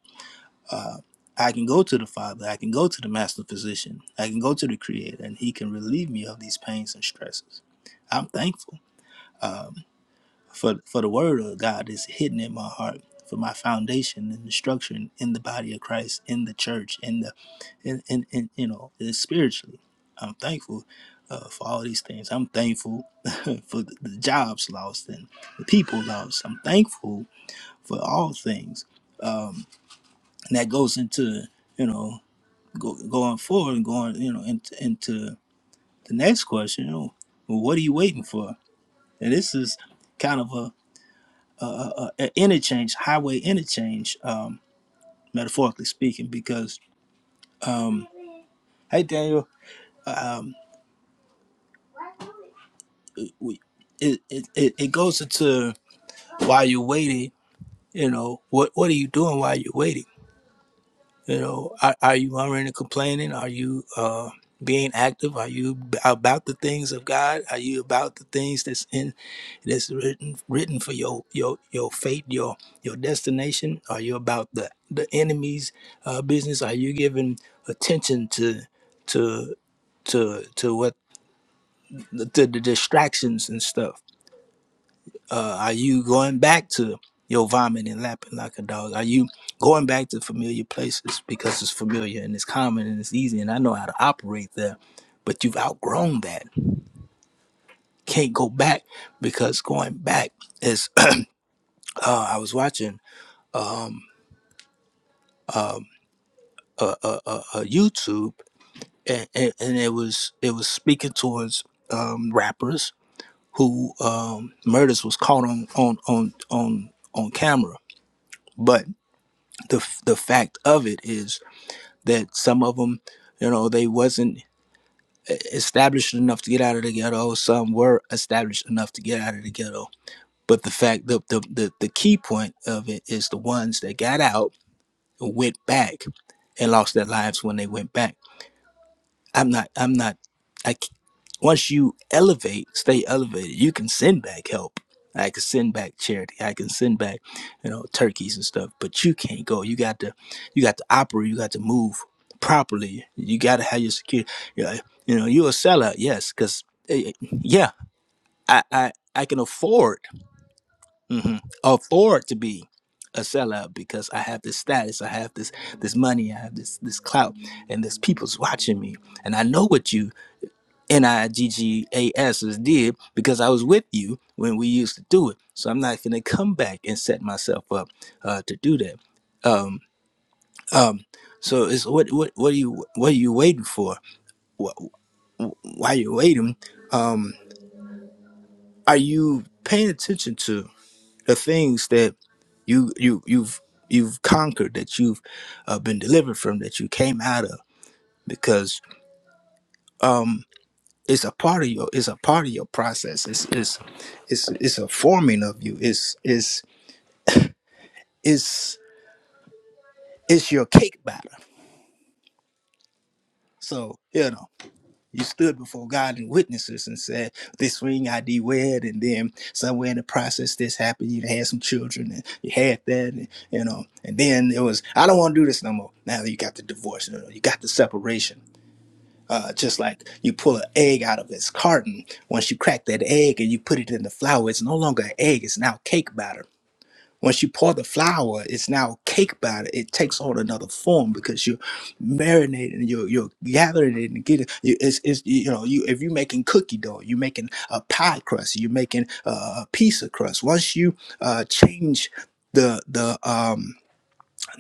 Speaker 5: Uh, I can go to the Father. I can go to the Master Physician. I can go to the Creator, and He can relieve me of these pains and stresses. I'm thankful. Um, For for the word of God is hidden in my heart, for my foundation and the structure in, in the body of Christ, in the church, in the, in, in, in you know, spiritually. I'm thankful uh, for all these things. I'm thankful for the the jobs lost and the people lost. I'm thankful for all things. Um, and that goes into you know go, going forward and going you know into, into the next question. You know, well, what are you waiting for? And this is kind of a uh, uh, uh, interchange, highway interchange, um, metaphorically speaking, because um, hey Daniel, um, we, it, it it it goes into why you're waiting. You know what what are you doing while you're waiting? You know, are, are you murmuring and complaining? Are you uh, being active? Are you b- about the things of God? Are you about the things that's in? It is written written for your your your fate, your your destination. Are you about the the enemy's uh, business? Are you giving attention to to to to what to the distractions and stuff? Uh, are you going back to your vomit and lapping like a dog? Are you going back to familiar places because it's familiar and it's common and it's easy and I know how to operate there? But you've outgrown that. Can't go back because going back is. uh, I was watching. uh, uh, uh, uh, YouTube, and, and, and it was it was speaking towards um, rappers who um, murders was caught on on on on on camera. But the the fact of it is that some of them, you know, they wasn't e- established enough to get out of the ghetto. Some were established enough to get out of the ghetto. But the fact the the the, the key point of it is the ones that got out went back and lost their lives when they went back I'm not. I'm not. I. c- Once you elevate, stay elevated. You can send back help. I can send back charity. I can send back, you know, turkeys and stuff. But you can't go. You got to. You got to operate. You got to move properly. You got to have your security. You know, you know, you're a sellout. Yes, because yeah, I. I. I can afford. hmm afford to be a sellout because I have this status. I have this this money. I have this this clout, and this people's watching me and I know what you NIGGASs did because I was with you when we used to do it. So I'm not going to come back and set myself up uh, to do that. Um, so it's what what what are you what are you waiting for? Wh- Why are you waiting? Are you paying attention to the things that you you you've you've conquered that you've uh, been delivered from that you came out of because it's a part of your it's a part of your process. It's it's it's it's a forming of you. It's it's it's it's your cake batter. So, you know, you stood before God and witnesses and said, This ring I did wed, and then somewhere in the process this happened, you had some children and you had that, and, you know, and then it was, I don't want to do this no more. Now you got the divorce, you, know, you got the separation. Uh, just like you pull an egg out of its carton, once you crack that egg and you put it in the flour, it's no longer an egg, it's now cake batter Once you pour the flour, it's now cake batter. It takes on another form because you're marinating, you're, you're gathering it and getting you- it's, it's you know you if you're making cookie dough, you're making a pie crust, you're making uh, a pizza crust. Once you uh, change the the um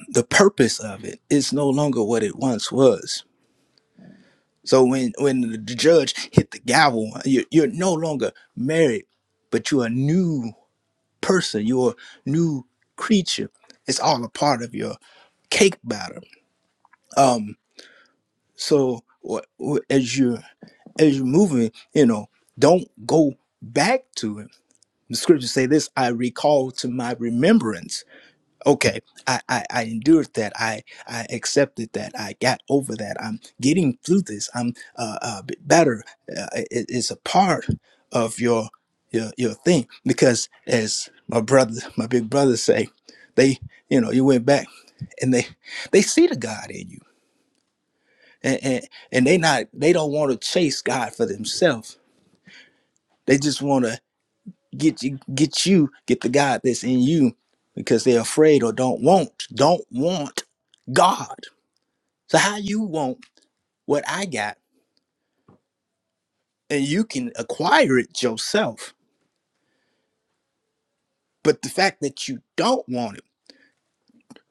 Speaker 5: the purpose of it, it's no longer what it once was. So when when the judge hit the gavel, you're, you're no longer married, but you are new person, your new creature. It's all a part of your cake batter. Um, so wh- wh- as you as you're moving, you know, don't go back to it. The scriptures say this: I recall to my remembrance okay I, I i endured that i i accepted that i got over that i'm getting through this i'm uh, uh b- better uh, it, it's a part of your your your thing because as my brother my big brother say they you know you went back and they they see the god in you and and, and they not they don't want to chase god for themselves they just want to get you get you get the god that's in you because they're afraid or don't want don't want god so how you want what i got and you can acquire it yourself but the fact that you don't want it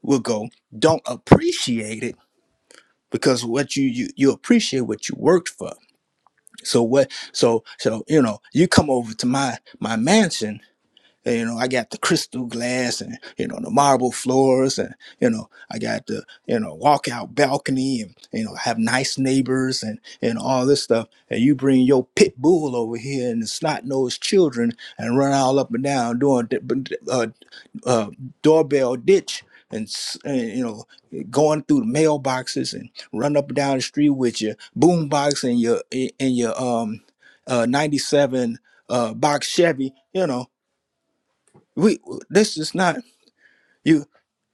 Speaker 5: will go don't appreciate it because what you you, you appreciate what you worked for so what so so you know you come over to my my mansion And, you know, I got the crystal glass and, you know, the marble floors and, you know, I got the, you know, walkout balcony and, you know, have nice neighbors and, and all this stuff. And you bring your pit bull over here and the snot nosed children and run all up and down doing d- b- uh, uh, doorbell ditch and, s- and, you know, going through the mailboxes and run up and down the street with your boombox and your, and your, um, uh, 97 uh, box Chevy, you know, we this is not you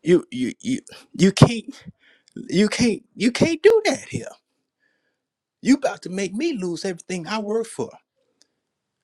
Speaker 5: you you you you can't you can't you can't do that here you about to make me lose everything i work for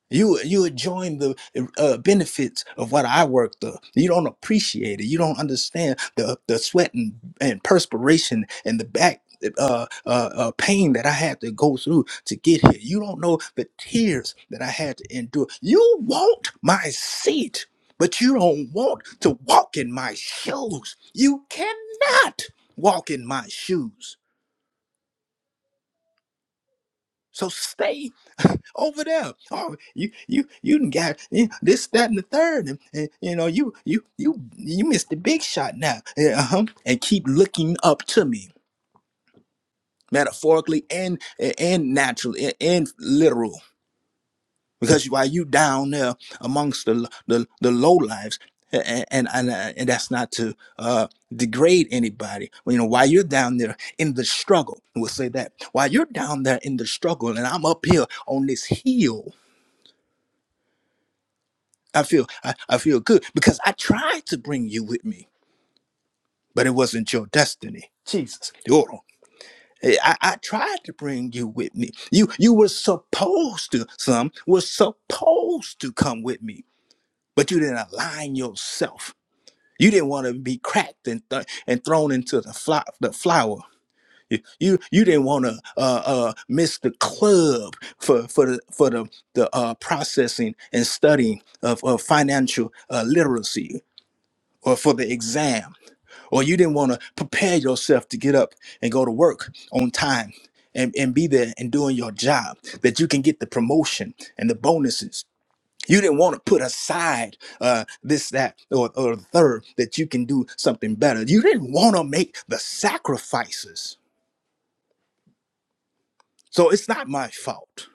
Speaker 5: You you enjoying the uh, benefits of what I worked up. You don't appreciate it. You don't understand the the sweat and, and perspiration and the back uh, uh, uh, pain that I had to go through to get here. You don't know the tears that I had to endure. You want my seat, but you don't want to walk in my shoes. You cannot walk in my shoes. So stay over there. Oh, you you you done got eh, this, that, and the third, and, and you know you you you you missed the big shot now. Yeah, Uh-huh. And keep looking up to me, metaphorically and eh, and naturally and, and literal, because while you down there amongst the the, the low lives. And and, and uh, and that's not to uh, degrade anybody. You know, while you're down there in the struggle, we'll say that. While you're down there in the struggle, and I'm up here on this hill I feel I, I feel good because I tried to bring you with me, but it wasn't your destiny. Jesus. Hold Eh, I, I tried to bring you with me. You you were supposed to, some were supposed to come with me, but you didn't align yourself. You didn't want to be cracked and th- and thrown into the fly, the flower. You, you you didn't want to uh, uh, miss the club for for the for the the uh, processing and studying of, of financial uh, literacy or for the exam, or you didn't want to prepare yourself to get up and go to work on time and, and be there and doing your job, that you can get the promotion and the bonuses. You didn't want to put aside uh, this, that, or, or the third, that you can do something better. You didn't want to make the sacrifices. So it's not my fault.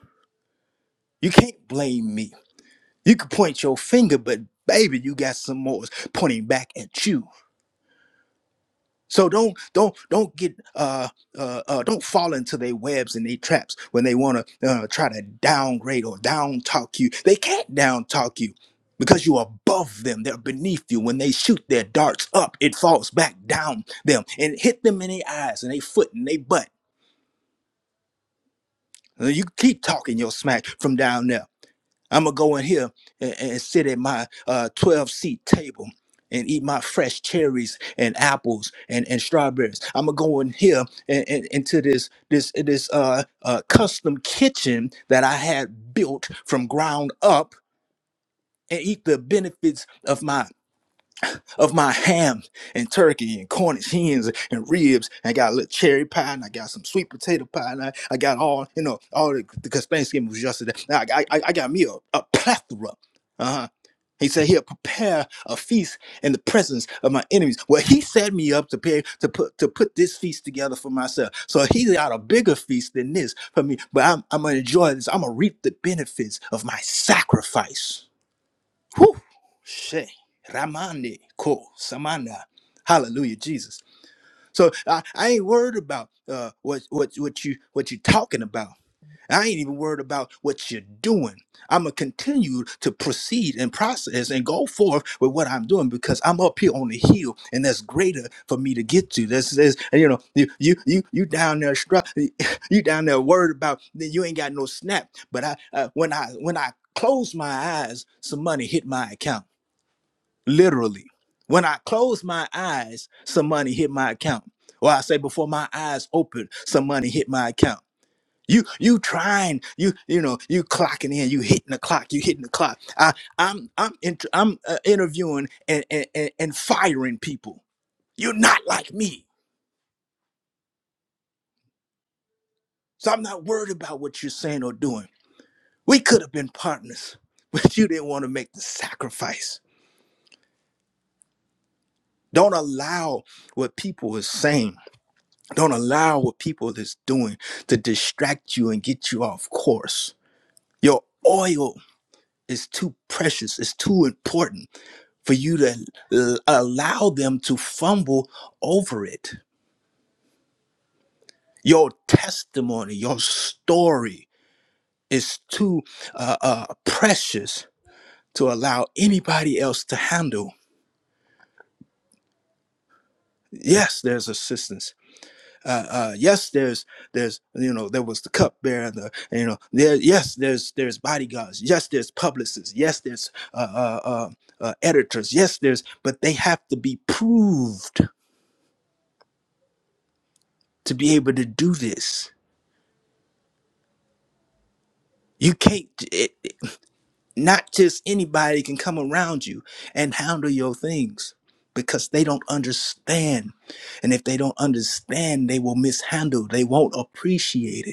Speaker 5: You can't blame me. You can point your finger, but baby, you got some more pointing back at you. So don't don't don't get uh, uh, uh don't fall into their webs and their traps when they want to uh, try to downgrade or down talk you. They can't down talk you because you're above them. They're beneath you. When they shoot their darts up, it falls back down them and hit them in their eyes and their foot and their butt. Uh, You keep talking your smack from down there. I'm gonna go in here and, and sit at my uh, 12 seat table and eat my fresh cherries and apples and, and strawberries. I'm gonna go in here and, and into this this this uh, uh, custom kitchen that I had built from ground up and eat the benefits of my of my ham and turkey and Cornish hens and ribs. And I got a little cherry pie and I got some sweet potato pie and I, I got all, you know, all the, because Thanksgiving was yesterday. Now I, I, I got me a, a plethora. Uh-huh. He said he'll prepare a feast in the presence of my enemies. Well, he set me up to pay to put to put this feast together for myself. So he got a bigger feast than this for me. But I'm I'm gonna enjoy this. I'm gonna reap the benefits of my sacrifice. Whew. She Ramande Ko Samana. Hallelujah, Jesus. So I, I ain't worried about uh, what what what you what you talking about. I ain't even worried about what you're doing. I'm gonna continue to proceed and process and go forth with what I'm doing because I'm up here on the hill, and that's greater for me to get to. That's, that's you know you you you you down there str- you down there worried about that you ain't got no snap. But I uh, when I when I close my eyes, some money hit my account literally. When I close my eyes, some money hit my account. Or I say before my eyes open, some money hit my account. You you trying, you you know, you clocking in, you hitting the clock, you hitting the clock. I I'm I'm inter- I'm uh, interviewing and, and and and firing people. You're not like me. So I'm not worried about what you're saying or doing. We could have been partners, but you didn't want to make the sacrifice. Don't allow what people are saying Don't allow what people is doing to distract you and get you off course. Your oil is too precious, it's too important for you to l- allow them to fumble over it. Your testimony, your story is too uh, uh, precious to allow anybody else to handle. Yes, there's assistance. uh, uh, yes, there's there's you know there was the cupbearer, the you know there yes there's there's bodyguards, yes there's publicists, yes there's uh, uh, uh, uh, editors, yes there's but they have to be proved to be able to do this. You can't it, it- not just anybody can come around you and handle your things because they don't understand, and if they don't understand, they will mishandle. They won't appreciate it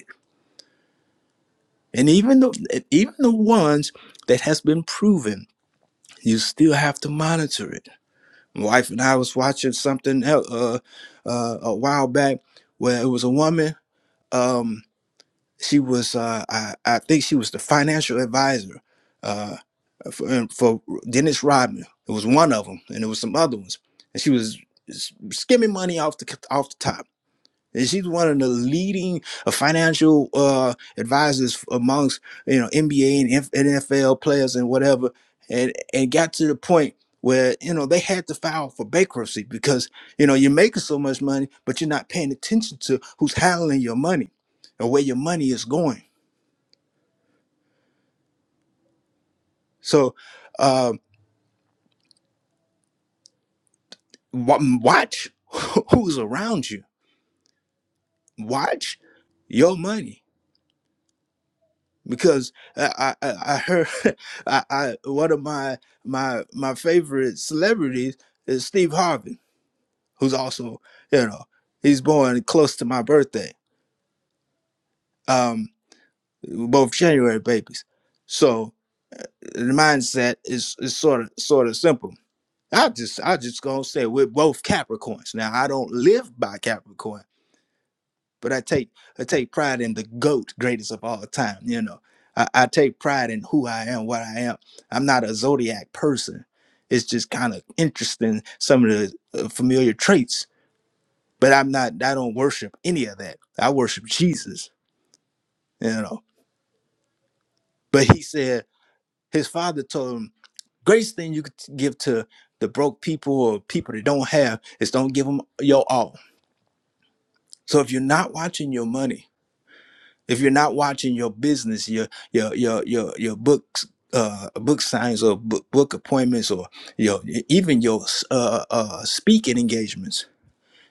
Speaker 5: And even the even the ones that has been proven, you still have to monitor it. My wife and I was watching something el- uh, uh, a while back where it was a woman. Um, she was uh, I, I think she was the financial advisor uh, for, um, for Dennis Rodman. It was one of them, and there was some other ones, and she was s- skimming money off the off the top. And she's one of the leading uh, financial uh, advisors amongst you know NBA and F- and NFL players and whatever, and and got to the point where you know they had to file for bankruptcy because you know you're making so much money, but you're not paying attention to who's handling your money and where your money is going. So uh, wa- watch who's around you. Watch your money because I I, I heard I, I one of my my my favorite celebrities is Steve Harvey, who's also you know he's born close to my birthday. Um, we're both January babies, so the mindset is is sort of sort of simple. I just I just gonna say we're both Capricorns. Now I don't live by Capricorn, but I take I take pride in the GOAT, greatest of all time. You know, I, I take pride in who I am, what I am. I'm not a zodiac person. It's just kind of interesting some of the uh, familiar traits, but I'm not. I don't worship any of that. I worship Jesus. You know, but he said his father told him, "Greatest thing you could give to the broke people or people that don't have is don't give them your all." So if you're not watching your money If you're not watching your business, your your your your your books, uh, book signs or book, book appointments, or your even your uh, uh, speaking engagements,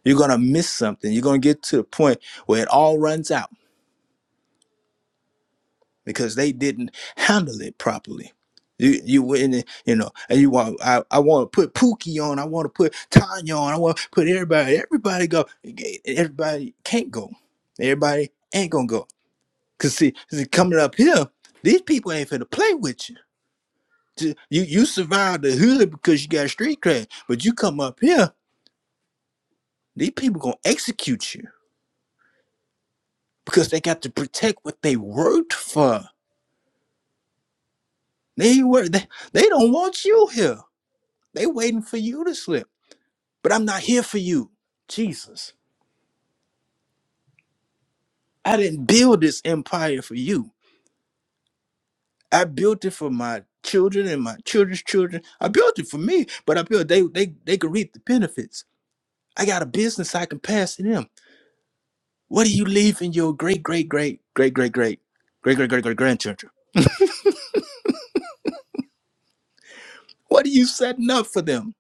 Speaker 5: you're gonna miss something. You're gonna get to the point where it all runs out because they didn't handle it properly. You you went in, you know, and you want I, I want to put Pookie on, I want to put Tanya on, I want to put everybody. Everybody go, everybody can't go. Everybody ain't gonna go Cause see, see, coming up here, these people ain't finna play with you. Ju- You you survived the hood because you got street cred, but you come up here, these people gonna execute you because they got to protect what they worked for. They were they, they don't want you here. They waiting for you to slip. But I'm not here for you, Jesus. I didn't build this empire for you. I built it for my children and my children's children. I built it for me, but I built they they they could reap the benefits. I got a business I can pass to them. What are you leaving your great, great, great, great, great, great, great, great, great, great grandchildren? What are you setting up for them?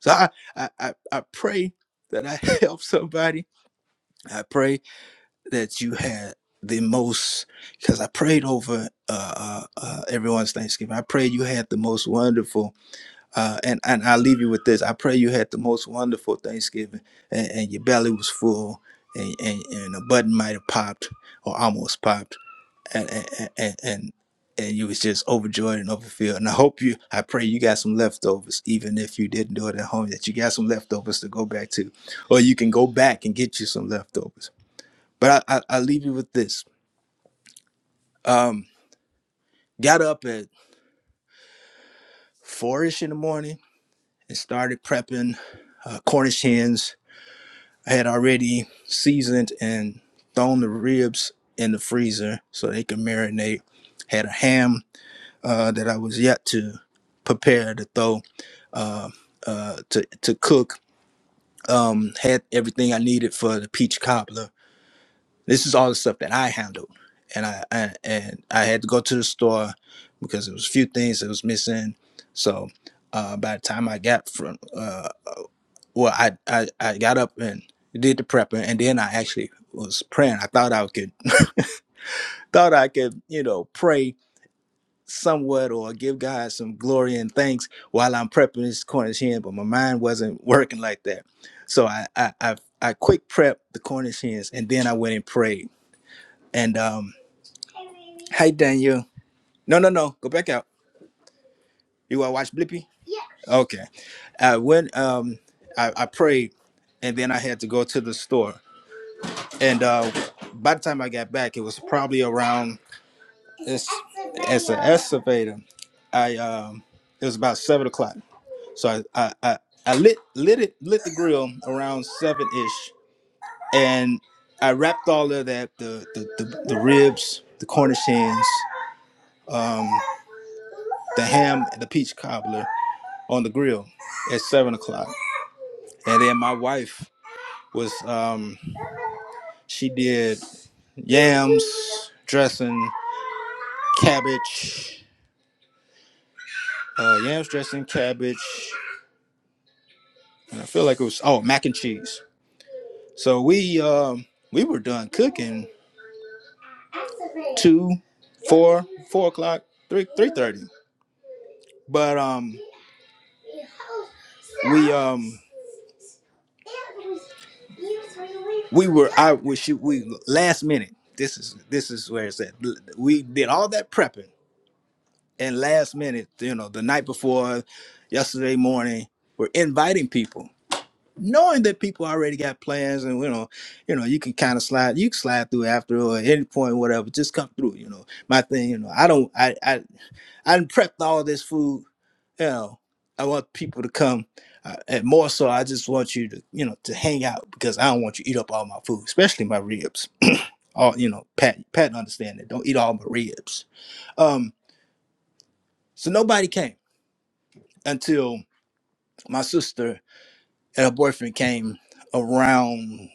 Speaker 5: So I, I, I, I pray that I help somebody. I pray that you had the most, because I prayed over uh, uh, uh, everyone's Thanksgiving. I pray you had the most wonderful, uh, and and I'll leave you with this. I pray you had the most wonderful Thanksgiving, and, and your belly was full, and and, and a button might have popped or almost popped and and and and and you was just overjoyed and overfilled. And I hope you, I pray you got some leftovers, even if you didn't do it at home, that you got some leftovers to go back to, or you can go back and get you some leftovers. But I, I, I leave you with this. Um, got up at four-ish in the morning and started prepping uh, Cornish hens. I had already seasoned and thrown the ribs in the freezer so they could marinate. Had a ham uh, that I was yet to prepare to throw uh, uh, to to cook. Um, had everything I needed for the peach cobbler. This is all the stuff that I handled, and I and, and I had to go to the store because there was a few things that was missing. So uh, by the time I got from uh, well, I, I I got up and did the prepping, and then I actually was praying. I thought I could thought I could you know pray somewhat or give God some glory and thanks while I'm prepping this Cornish hen, but my mind wasn't working like that. So I I I, I quick prepped the Cornish hens and then I went and prayed. And um hi Daniel. No no no go back out. You wanna watch Blippi? Okay. I went um I, I prayed and then I had to go to the store. And uh by the time I got back it was probably around it's it's an excavator. I um it was about seven o'clock So I I, I, I lit lit it lit the grill around seven ish, and I wrapped all of that the the, the, the ribs, the Cornish hens, um, the ham, and the peach cobbler on the grill at seven o'clock, and then my wife was um, she did yams dressing, cabbage, uh, yams dressing, cabbage, and I feel like it was oh mac and cheese. So we um, we were done cooking two, four, four o'clock, three, three thirty. But um, we um, we were I we shoot we last minute. This is this is where it's at. We did all that prepping and last minute, you know, the night before, yesterday morning, we're inviting people, knowing that people already got plans and you know, you know, you can kind of slide, you can slide through after or at any point, whatever, just come through. You know, my thing, you know, I don't, I I I done prepped all this food you know, I want people to come. Uh, and more so, I just want you to, you know, to hang out because I don't want you to eat up all my food, especially my ribs. All you know, Pat, Pat, understand that. Don't eat all my ribs. Um, so nobody came until my sister and her boyfriend came around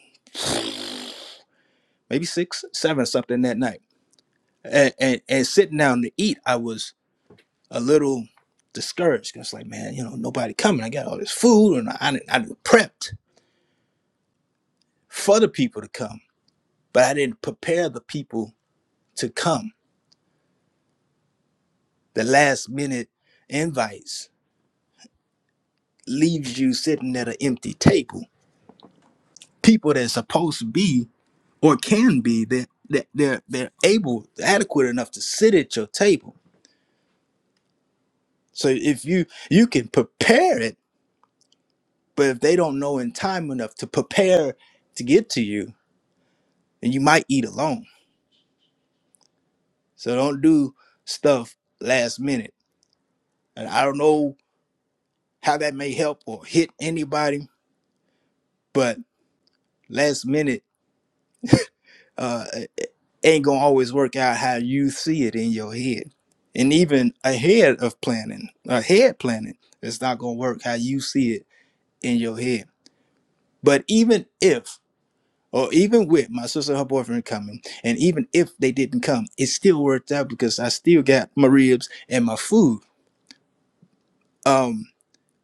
Speaker 5: maybe six, seven, or something that night. And, and and sitting down to eat, I was a little discouraged because, like, man, you know, nobody coming. I got all this food, and I I, I prepped for the people to come but I didn't prepare the people to come. The last minute invites leaves you sitting at an empty table. People that's supposed to be or can be that that they're they're able adequate enough to sit at your table. So if you you can prepare it, but if they don't know in time enough to prepare to get to you, then you might eat alone. So don't do stuff last minute. And I don't know how that may help or hit anybody, but last minute uh, ain't gonna always work out how you see it in your head. And even ahead of planning, ahead planning, it's not gonna work how you see it in your head. But even if, or even with my sister and her boyfriend coming, and even if they didn't come, it still worked out because I still got my ribs and my food. Um,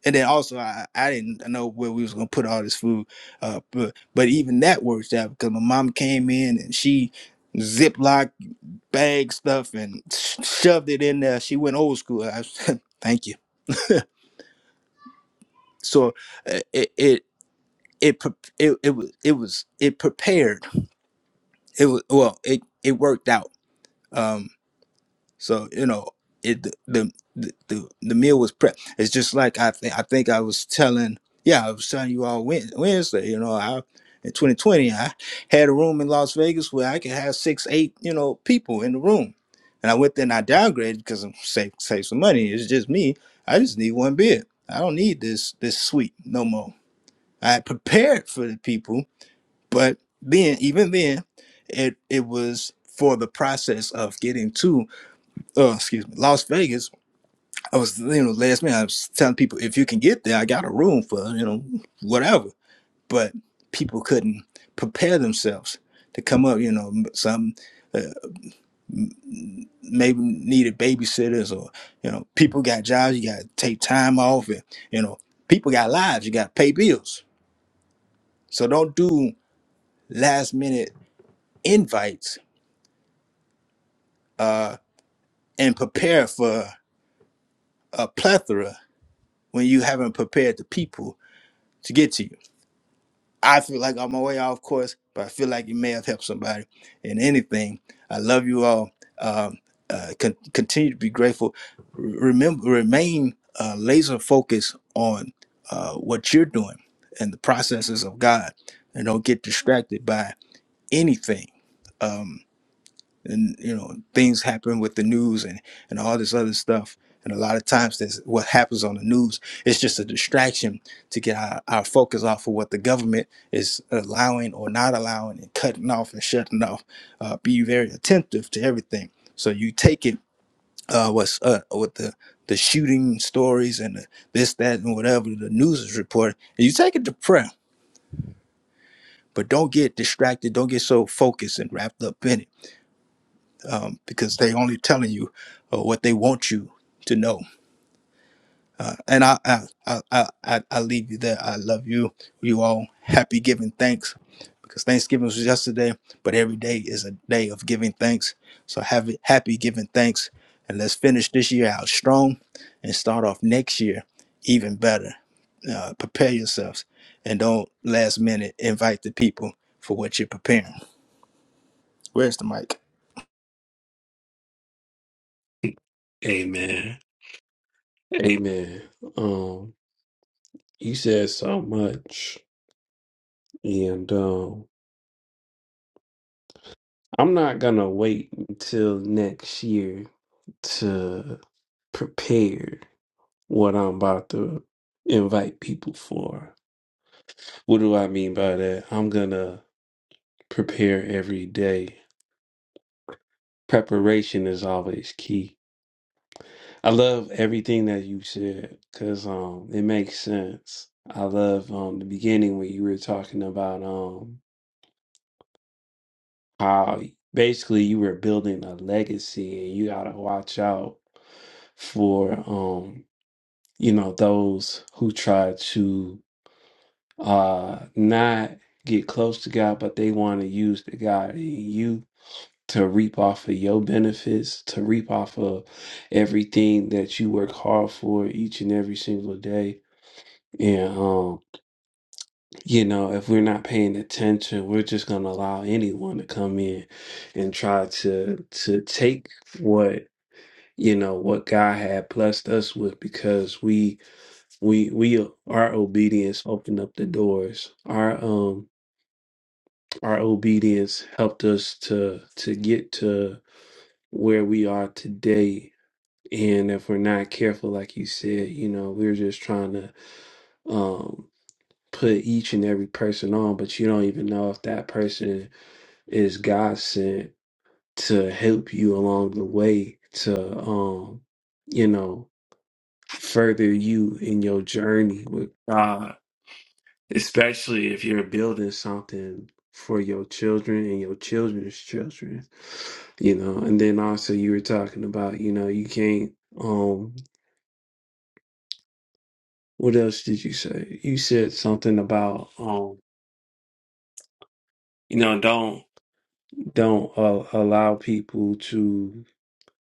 Speaker 5: and then also I, I didn't know where we was gonna put all this food, uh, but but even that worked out because my mom came in and she ziplocked bag stuff and sh- shoved it in there. She went old school. I said, thank you. So uh, it it it pre- it it was it was it prepared. It was well. It it worked out. Um, So you know, it the the the, the meal was prepped. It's just like I think I think I was telling yeah I was telling you all Wed- Wednesday. You know, I in 2020 I had a room in Las Vegas where I could have six eight you know people in the room, and I went there and I downgraded because I'm save save some money. It's just me. I just need one beer. I don't need this this suite no more. I had prepared for the people, but then even then, it it was for the process of getting to uh, excuse me, Las Vegas. I was, you know, last minute I was telling people if you can get there, I got a room for, you know, whatever. But people couldn't prepare themselves to come up, you know, some uh, maybe needed babysitters or, you know, people got jobs, you got to take time off and, you know, people got lives, you got to pay bills. So don't do last minute invites uh, and prepare for a plethora when you haven't prepared the people to get to you. I feel like I'm way off course, but I feel like it may have helped somebody. And anything, I love you all. Um, uh, con- continue to be grateful. R- remember, remain uh, laser focused on uh, what you're doing and the processes of God, and don't get distracted by anything. Um, and you know things happen with the news and and all this other stuff and a lot of times that's what happens on the news it's just a distraction to get our, our focus off of what the government is allowing or not allowing and cutting off and shutting off uh, be very attentive to everything so you take it uh, what's uh, with the the shooting stories and the, this that and whatever the news is reporting and you take it to prayer but don't get distracted don't get so focused and wrapped up in it um, because they only telling you uh, what they want you to know. And I, I, I, I, I I leave you there. I love you. You all happy giving thanks because Thanksgiving was yesterday, but every day is a day of giving thanks. So have it happy giving thanks, and let's finish this year out strong and start off next year even better. Uh, prepare yourselves and don't last minute invite the people for what you're preparing. Where's the mic?
Speaker 1: Amen. amen You said so much, and um, I'm not gonna wait until next year to prepare what I'm about to invite people for. What do I mean by that? I'm gonna prepare every day. Preparation is always key. I love everything that you said because um, it makes sense. I love um, the beginning when you were talking about. um. how basically you were building a legacy and you got to watch out for um you know those who try to uh not get close to God but they want to use the God in you to reap off of your benefits to reap off of everything that you work hard for each and every single day and um, you know, if we're not paying attention, we're just going to allow anyone to come in and try to to take what you know what God had blessed us with because we we we our obedience opened up the doors. Our um our obedience helped us to to get to where we are today. And if we're not careful, like you said, you know, we're just trying to um put each and every person on, but you don't even know if that person is God sent to help you along the way to um you know further you in your journey with God, especially if you're building something for your children and your children's children. You know, and then also you were talking about, you know, you can't um what else did you say? You said something about um you know, don't don't uh, allow people to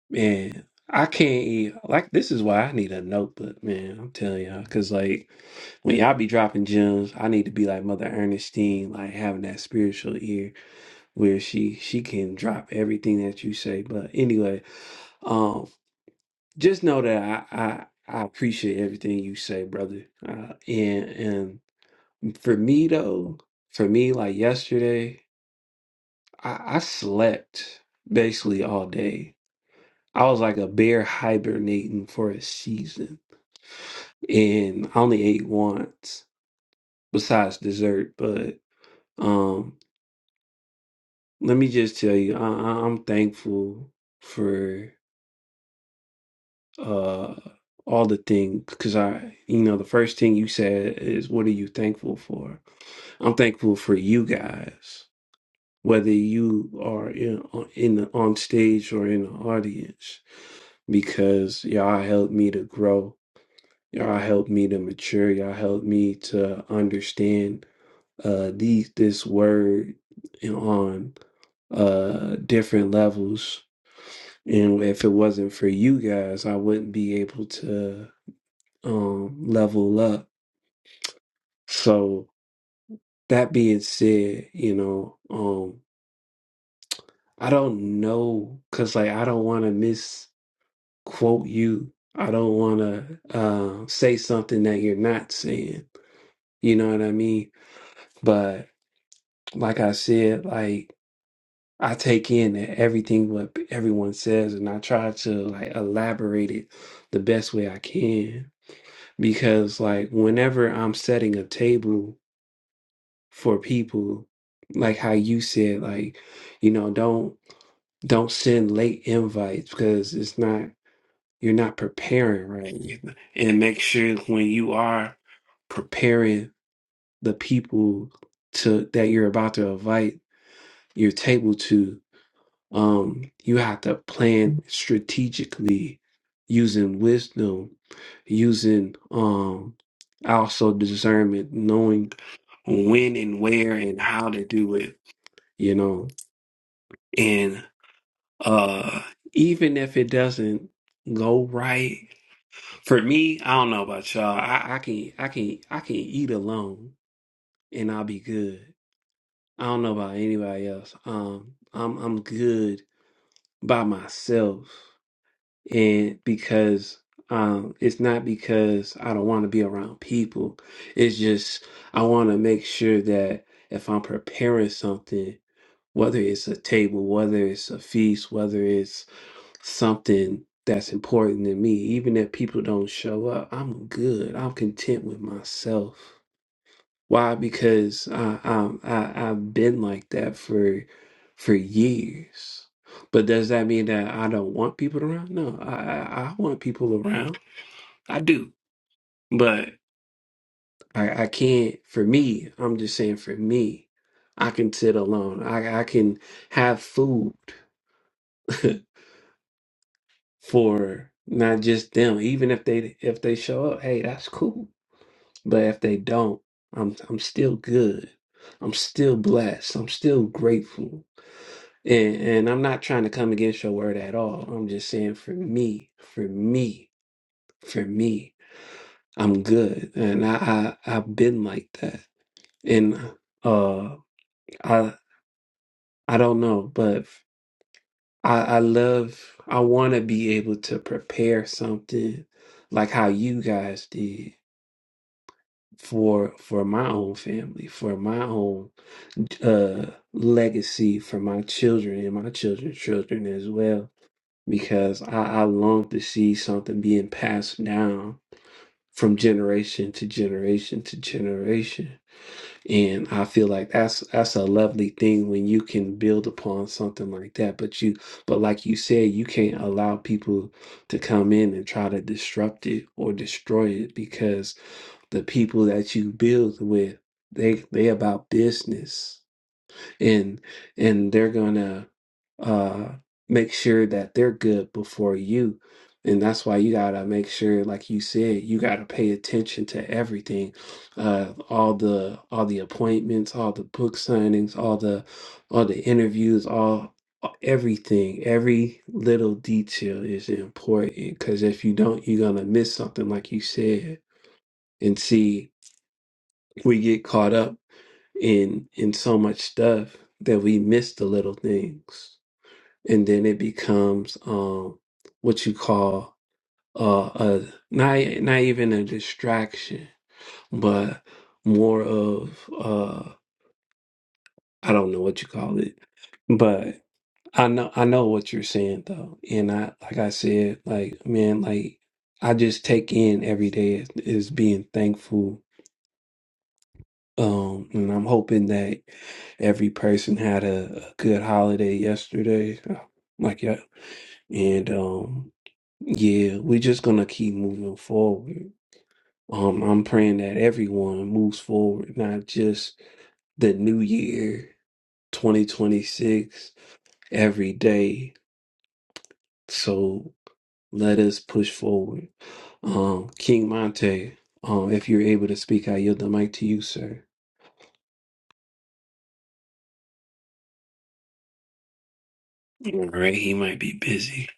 Speaker 1: Man, I can't eat. Like, this is why I need a notebook, man. I'm telling y'all. Because, like, when y'all be dropping gems, I need to be like Mother Ernestine, like having that spiritual ear where she she can drop everything that you say. But anyway, um, just know that I I, I appreciate everything you say, brother. Uh, and and for me though, for me, like yesterday, I, I slept basically all day I was like a bear hibernating for a season, and I only ate once besides dessert. But um, let me just tell you, I, I- I'm thankful for uh all the things because I, you know, the first thing you said is, "What are you thankful for?" I'm thankful for you guys, whether you are in in the, on stage or in the audience, because y'all helped me to grow Y'all helped me to mature. Y'all helped me to understand uh these this word on uh different levels. And if it wasn't for you guys, I wouldn't be able to um level up. So that being said, you know, um I don't know cuz like I don't want to misquote you. I don't want to uh, say something that you're not saying. You know what I mean? But. like I said, like I take in everything what everyone says and I try to like elaborate it the best way I can. Because like whenever I'm setting a table for people, like how you said, like, you know, don't don't send late invites because it's not you're not preparing right. And make sure when you are preparing the people to that you're about to invite your table to Um, you have to plan strategically using wisdom, using um also discernment, knowing when and where and how to do it, you know. And uh even if it doesn't go right, for me, I don't know about y'all. I, I can I can I can eat alone and I'll be good. I don't know about anybody else. Um I'm I'm good by myself. and because um it's not because I don't want to be around people. It's just I want to make sure that if I'm preparing something, whether it's a table, whether it's a feast, whether it's something that's important to me, even if people don't show up, I'm good. I'm content with myself. Why? Because I, I'm- I, i i have been like that for for years. But does that mean that I don't want people around? No, I, I I want people around. I do. But I, I can't, for me, I'm just saying for me, I can sit alone. I, I can have food for not just them. Even if they if they show up, hey, that's cool. But if they don't, I'm I'm still good. I'm still blessed. I'm still grateful And, and I'm not trying to come against your word at all. I'm just saying for me, for me, for me, I'm good. And I, I I've been like that. And uh I I don't know, but I, I love I wanna be able to prepare something like how you guys did for for my own family, for my own uh legacy, for my children and my children's children as well because I, I long to see something being passed down from generation to generation to generation. And I feel like that's that's a lovely thing when you can build upon something like that. But you but like you said, you can't allow people to come in and try to disrupt it or destroy it because the people that you build with, they they about business and and they're gonna uh make sure that they're good before you and that's why you gotta make sure like you said you gotta pay attention to everything uh all the all the appointments all the book signings all the all the interviews all everything every little detail is important because if you don't you're gonna miss something like you said and see we get caught up in in so much stuff that we miss the little things and then it becomes um what you call uh a not not even a distraction but more of uh I don't know what you call it but I know I know what you're saying though and I like I said like man like I just take in every day as, as being thankful Um, and I'm hoping that every person had a, a good holiday yesterday. uh, Like yeah. And um yeah, we're just gonna keep moving forward. Um, I'm praying that everyone moves forward, not just the new year 2026 every day. So let us push forward. Um, King Monte, um, if you're able to speak, I yield the mic to you, sir. All right, he might be busy.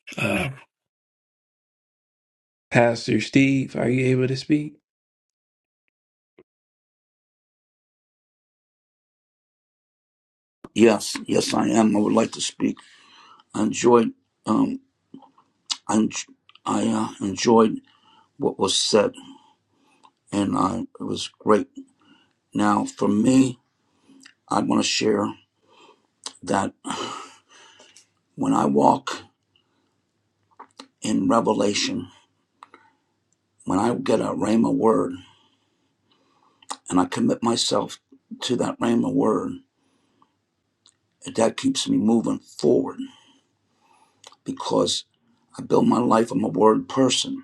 Speaker 1: Pastor Steve, are you able to speak?
Speaker 6: Yes, yes, I am. I would like to speak. I enjoyed, um, I, en- I uh, enjoyed what was said, and I, it was great. Now, for me, I want to share that when I walk in revelation, when I get a rhema word, and I commit myself to that rhema word, that keeps me moving forward because I build my life. I'm a word person.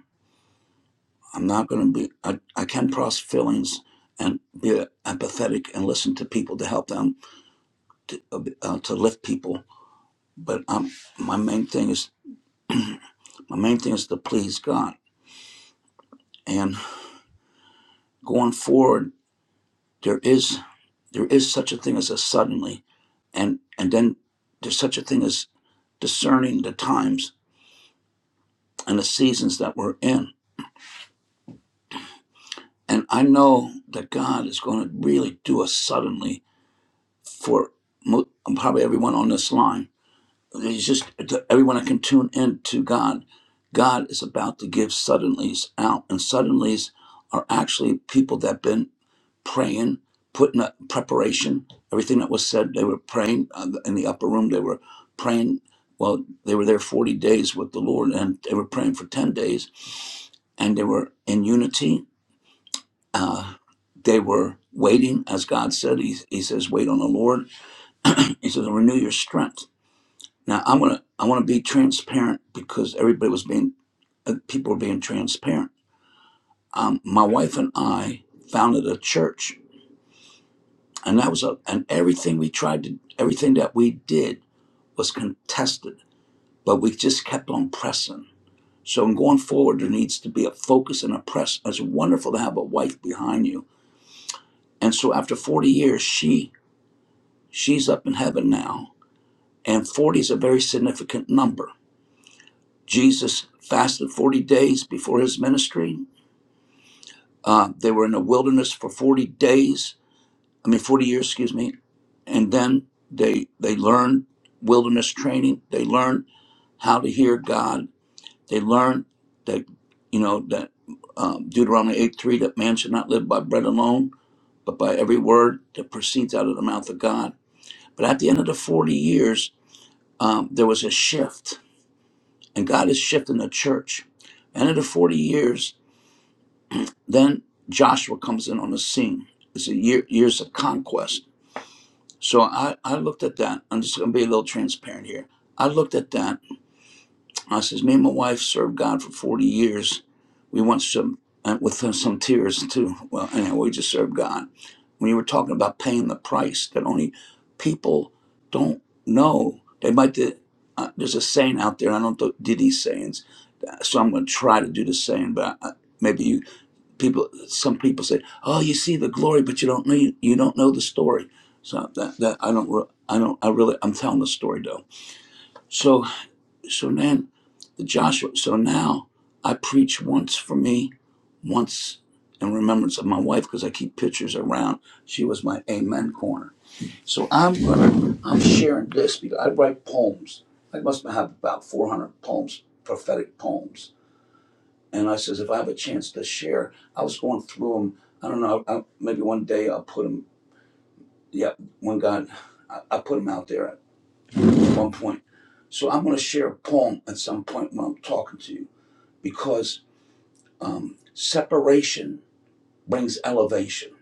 Speaker 6: I'm not going to be, I, I can process feelings and be empathetic and listen to people to help them to, uh, to lift people. But um, my main thing is, my main thing is to please God. And going forward, there is, there is such a thing as a suddenly. And, and then there's such a thing as discerning the times and the seasons that we're in. And I know that God is going to really do us suddenly for mo- probably everyone on this line He's just everyone that can tune in to God. God is about to give suddenlies out, and suddenlies are actually people that have been praying, putting up preparation. Everything that was said, they were praying uh, in the upper room. They were praying. Well, they were there 40 days with the Lord, and they were praying for 10 days, and they were in unity. Uh, they were waiting, as God said. He, he says, "Wait on the Lord." He says, "Renew your strength." Now I want to I want to be transparent because everybody was being uh, people were being transparent. Um, my wife and I founded a church, and that was a and everything we tried to everything that we did was contested, but we just kept on pressing. So in going forward, there needs to be a focus and a press. It's wonderful to have a wife behind you. And so after 40 years, she she's up in heaven now, and 40 is a very significant number. Jesus fasted 40 days before his ministry Uh, they were in the wilderness for 40 days, I mean, 40 years, excuse me. And then they, they learned wilderness training. They learned how to hear God. They learned that, you know, that um, Deuteronomy 8 3, that man should not live by bread alone, but by every word that proceeds out of the mouth of God. But at the end of the 40 years, um, there was a shift, and God is shifting the church. End of the 40 years, Then Joshua comes in on the scene. It's a year, years of conquest. So I, I looked at that. I'm just going to be a little transparent here. I looked at that. I says, me and my wife served God for 40 years. We went some uh, with some tears too. Well, anyway, we just served God. When you were talking about paying the price, that only people don't know. They might. do- uh, there's a saying out there. I don't do do these sayings, so I'm going to try to do the saying, but I, maybe you people some people say oh you see the glory but you don't know you don't know the story so that that i don't re- i don't i really i'm telling the story though so so then the joshua so now i preach once for me once in remembrance of my wife because i keep pictures around she was my amen corner so i'm gonna i'm sharing this because i write poems i must have about 400 poems prophetic poems and I says, if I have a chance to share, I was going through them. I don't know. I, maybe one day I'll put them. Yeah, one God, I, I put them out there at one point. So I'm going to share a poem at some point when I'm talking to you because um, separation brings elevation.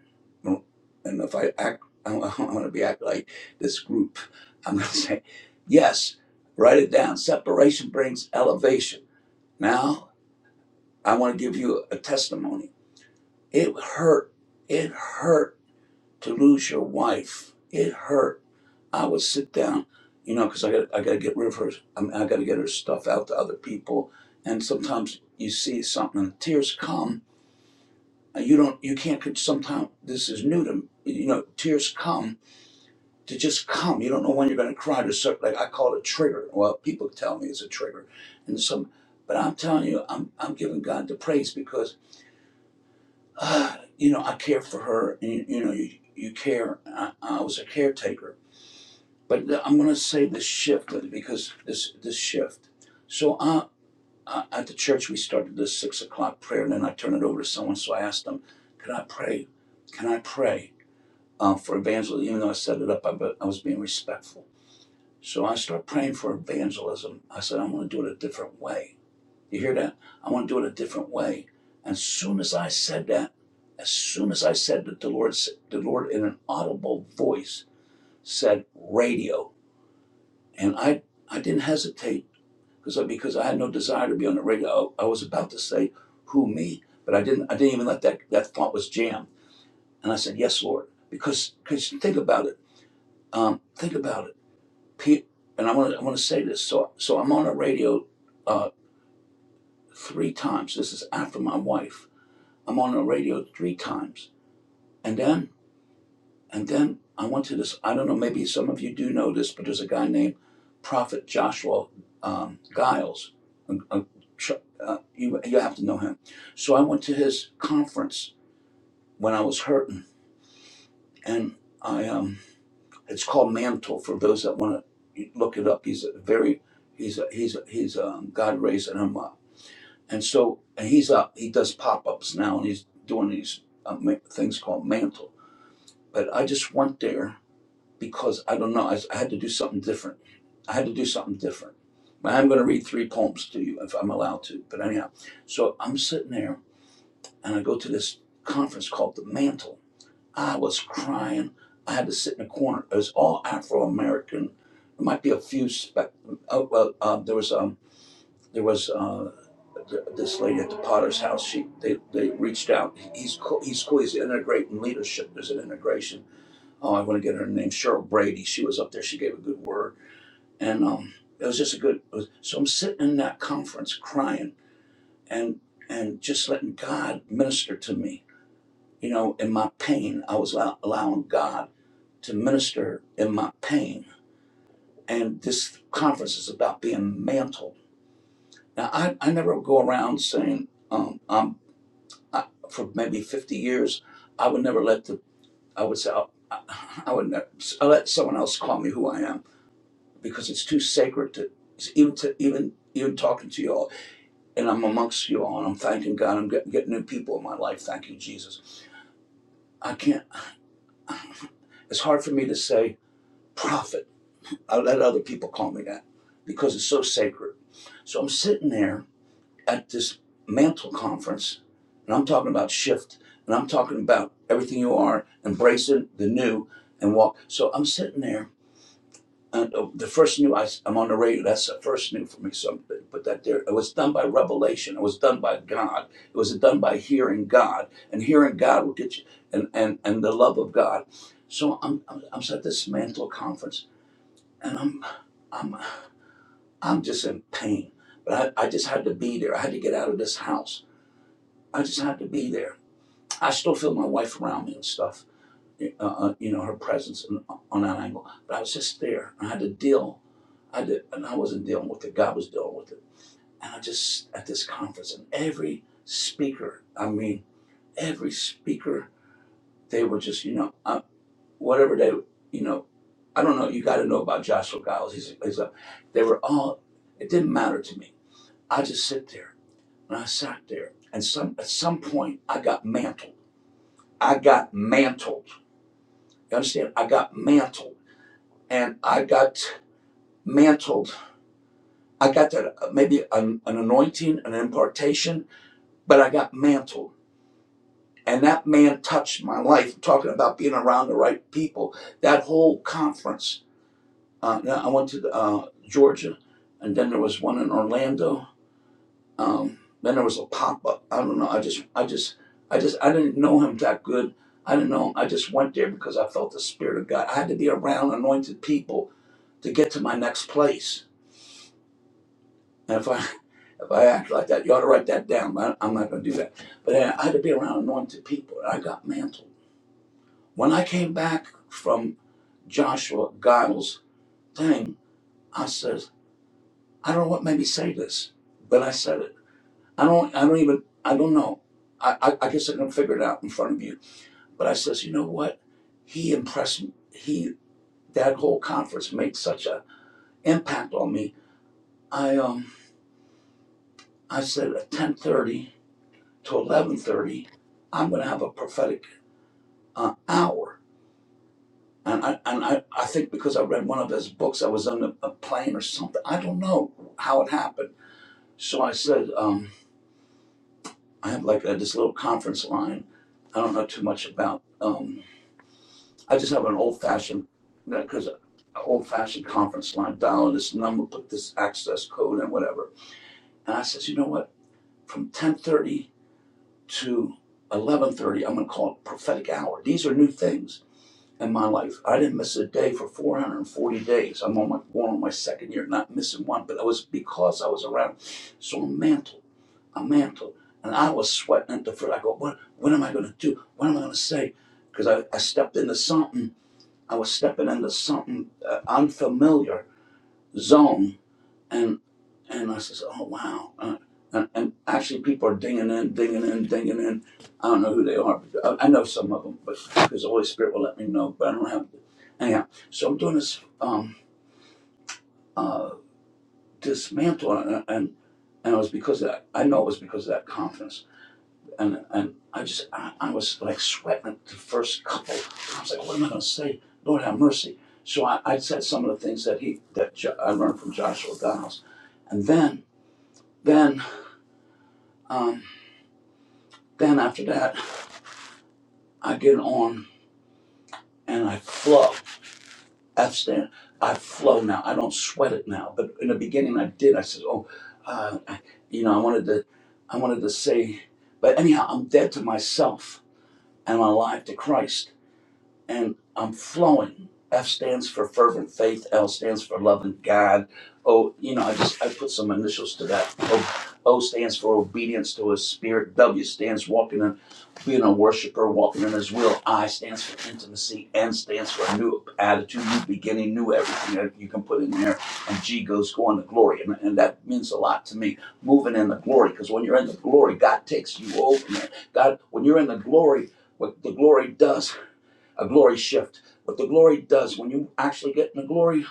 Speaker 6: And if I act, I'm, I'm going to be act like this group. I'm going to say, yes, write it down. Separation brings elevation. Now I want to give you a testimony. It hurt. It hurt to lose your wife. It hurt. I would sit down, you know, because I got I got to get rid of her. I, mean, I got to get her stuff out to other people. And sometimes you see something, and tears come. and You don't. You can't. Sometimes this is new to me, you know. Tears come to just come. You don't know when you're going to cry. To certain, like I call it a trigger. Well, people tell me it's a trigger, and some. But I'm telling you, I'm I'm giving God the praise because. uh, you know, I care for her, and you know, you, you care. I, I was a caretaker, but I'm going to say this shift because this this shift. So I, I, at the church, we started this six o'clock prayer, and then I turned it over to someone. So I asked them, "Can I pray? Can I pray uh, for evangelism?" Even though I set it up, I, I was being respectful. So I started praying for evangelism. I said, "I'm going to do it a different way." You hear that? I want to do it a different way. As soon as I said that, as soon as I said that, the Lord, the Lord in an audible voice said, "Radio," and I, I didn't hesitate because I, because I had no desire to be on the radio. I, I was about to say, "Who me?" But I didn't. I didn't even let that that thought was jammed. And I said, "Yes, Lord," because because think about it. Um, think about it. Pe- and I want to I want to say this. So so I'm on the radio uh, three times. This is after my wife I'm on the radio three times. And then, and then I went to this, I don't know, maybe some of you do know this, but there's a guy named Prophet Joshua um, Giles. A- uh, you, you have to know him. So I went to his conference when I was hurting. And I, um, it's called Mantle for those that want to look it up. He's a very, he's a, he's a, he's um, God raised him up. And so, and he's up, he does pop ups now and he's doing these uh, things called Mantle. But I just went there because I don't know. I, I had to do something different. I had to do something different. I'm going to read three poems to you if I'm allowed to. But anyhow, so I'm sitting there and I go to this conference called The Mantle. I was crying. I had to sit in a corner. It was all Afro American. There might be a few. spec. oh well, uh, there was um, there was uh, th- this lady at the Potter's house. She they, they reached out. He's cool. He's cool. He's integrating leadership. There's an integration oh, I want to get her name, Cheryl Brady. She was up there. She gave a good word, and um, it was just a good. It was, so I'm sitting in that conference crying and and just letting God minister to me. You know, in my pain, I was allowing God to minister in my pain. And this conference is about being mantled. Now, I, I never go around saying um, I'm I, for maybe 50 years. I would never let the I would say I, I would never I let someone else call me who I am because it's too sacred to even to even even talking to you all and i'm amongst you all and i'm thanking god i'm getting, getting new people in my life thank you jesus i can't it's hard for me to say prophet i let other people call me that because it's so sacred so i'm sitting there at this mantle conference and i'm talking about shift and i'm talking about everything you are embracing the new and walk so i'm sitting there And uh, the first new I, am on the radio. That's the first new for me. Something put that there. It was done by revelation. It was done by God. It was done by hearing God, and hearing God will get you and and and the love of God. So I'm I'm, I'm at this mantle conference, and I'm I'm I'm just in pain. But I, I just had to be there. I had to get out of this house. I just had to be there. I still feel my wife around me and stuff. Uh, uh, you know her presence on, on that angle. But I was just there. I had to deal. I did, and I wasn't dealing with it. God was dealing with it. And I just at this conference, and every speaker, I mean, every speaker, they were just, you know, uh, whatever they, you know, I don't know. You got to know about Joshua Giles. He's, he's a, they were all. It didn't matter to me. I just sit there and I sat there. And some at some point, I got mantled. I got mantled. You understand? I got mantled, and I got mantled. I got that uh, maybe an, an anointing, an impartation but I got mantled. And that man touched my life. I'm Talking about being around the right people. That whole conference. Uh, I went to uh, Georgia, and then there was one in Orlando. Um, then there was a pop up. I don't know. I just, I just, I just, I didn't know him that good. I didn't know him. I just went there because I felt the spirit of God. I had to be around anointed people to get to my next place. And if I, if I act like that, you ought to write that down. But I'm not going to do that. But I had to be around anointed people, and I got mantled. When I came back from Joshua Giles' thing, I says, I don't know what made me say this, but I said it. I don't I don't even I don't know. I, I, I guess I can figure it out in front of you. But I says, you know what? He impressed me he that whole conference made such a impact on me. I um I said at ten thirty to eleven thirty, I'm gonna have a prophetic uh, hour And I, and I, I think because I read one of his books, I was on a, a plane or something. I don't know how it happened. So I said, um, I have like a, this little conference line. I don't know too much about. Um, I just have an old fashioned, because old fashioned conference line. Dial this number, put this access code, and whatever. And I says, you know what? From ten thirty to eleven thirty, I'm going to call it prophetic hour. These are new things in my life. I didn't miss a day for 440 days. I'm on my going on my second year, not missing one. But that was because I was around so mantle, a mantle, and I was sweating at the foot. I go, what? What am I going to do? What am I going to say? Because I, I stepped into something. I was stepping into something uh, unfamiliar zone and and I says, "Oh wow!" Uh, and, and actually, people are dinging in, dinging in, dinging in. I don't know who they are. But I, I know some of them, but because the Holy Spirit will let me know. But I don't have. to. Anyhow, so I'm doing this um, uh, dismantle, and, and and it was because of that. I know it was because of that conference, and and I just I, I was like sweating the first couple. I was like, "What am I going to say?" Lord have mercy. So I, I said some of the things that he that jo- I learned from Joshua Giles, and then then. Um, Then after that, I get on and I flow. F stand. I flow now. I don't sweat it now. But in the beginning, I did. I said, "Oh, uh, I, you know, I wanted to, I wanted to say." But anyhow, I'm dead to myself and I'm alive to Christ and I'm flowing. F stands for fervent faith. L stands for loving God. O, you know, I just I put some initials to that. O, o stands for obedience to His Spirit. W stands walking in, being a worshiper, walking in His will. I stands for intimacy. N stands for a new attitude, new beginning, new everything that you can put in there. And G goes going to glory, and, and that means a lot to me. Moving in the glory, because when you're in the glory, God takes you over. Man. God, when you're in the glory, what the glory does a glory shift. What the glory does when you actually get in the glory,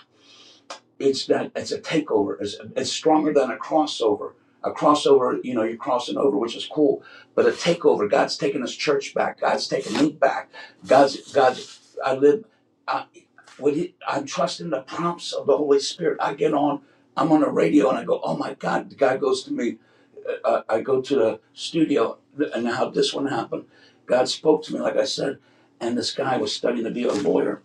Speaker 6: it's that it's a takeover. It's, it's stronger than a crossover. A crossover, you know, you're crossing over, which is cool. But a takeover, God's taking His church back. God's taking me back. God's God's. I live. I, when he, I'm trusting the prompts of the Holy Spirit. I get on. I'm on the radio and I go, oh my God. God goes to me. I, I go to the studio, and how this one happened. God spoke to me, like I said, and this guy was studying to be a lawyer,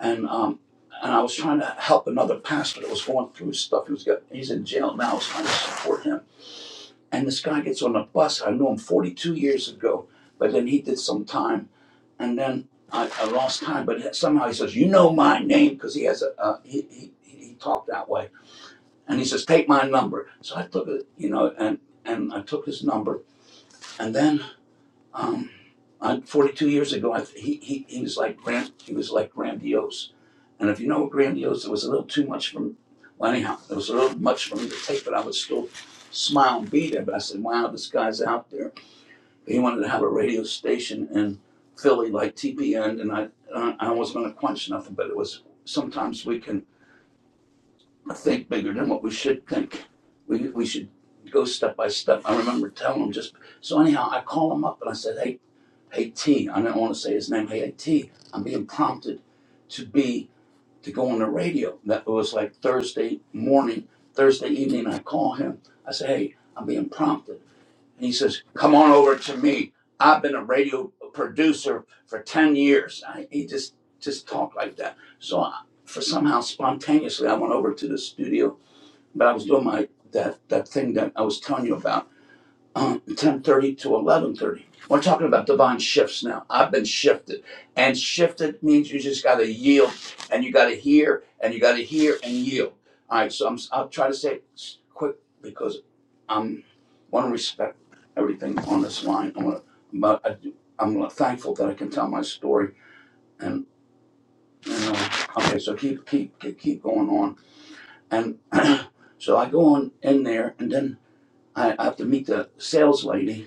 Speaker 6: and um, and I was trying to help another pastor that was going through stuff. He was got, he's in jail now. I was trying to support him, and this guy gets on the bus. I knew him 42 years ago, but then he did some time, and then I, I lost time. But somehow he says, "You know my name," because he has a uh, he, he he talked that way, and he says, "Take my number." So I took it, you know, and and I took his number and then, um, uh, 42 years ago, I, he, he, he was like grand, he was like grandiose. And if you know grandiose, it was a little too much from, well, anyhow, it was a little much for me to take, but I would still smile and be there. But I said, wow, this guy's out there. He wanted to have a radio station in Philly like TPN, and I, I I wasn't going to quench nothing, but it was sometimes we can think bigger than what we should think. We, we should go step by step. I remember telling him just, so anyhow, I call him up and I said, hey, Haiti. I don't want to say his name, Haiti. I'm being prompted to be to go on the radio. That was like Thursday morning, Thursday evening. I call him. I say, "Hey, I'm being prompted," and he says, "Come on over to me. I've been a radio producer for ten years." I, he just just talked like that. So I, for somehow spontaneously, I went over to the studio, but I was doing my that that thing that I was telling you about um, 10.30 to 11.30 we're talking about divine shifts now i've been shifted and shifted means you just got to yield and you got to hear and you got to hear and yield all right so I'm, i'll try to say it quick because i'm want to respect everything on this line i'm gonna but I, do- i'm gonna, thankful that i can tell my story and you know okay so keep keep keep, keep going on and so i go on in there and then I, I have to meet the sales lady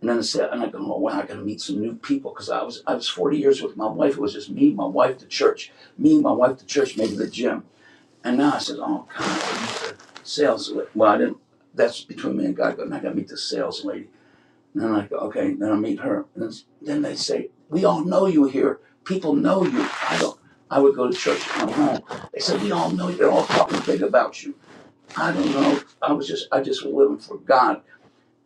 Speaker 6: and then I said, and I go, well, wow, I got to meet some new people because I was I was 40 years with my wife. It was just me, my wife, the church, me, my wife, the church, maybe the gym. And now I said, oh God, I meet the sales. lady.' Well, I didn't. That's between me and God. But I got to meet the sales lady. And then I go, okay. Then I meet her. And then, then they say, we all know you here. People know you. I don't. I would go to church and come home. They said, we all know you. They're all talking big about you. I don't know. I was just I just was living for God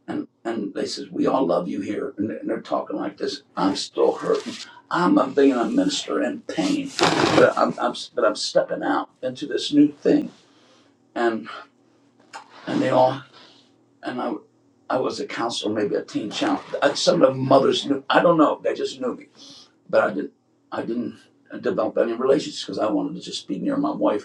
Speaker 6: and, and they says, we all love you here. And they're, talking like this. I'm still hurting. I'm a, being a minister in pain, but I'm, I'm, but I'm stepping out into this new thing. And, and they all, and I, I was a counselor, maybe a teen challenge. Uh, Some of the mothers knew, I don't know, they just knew me, but I didn't, I didn't develop any relationships because I wanted to just be near my wife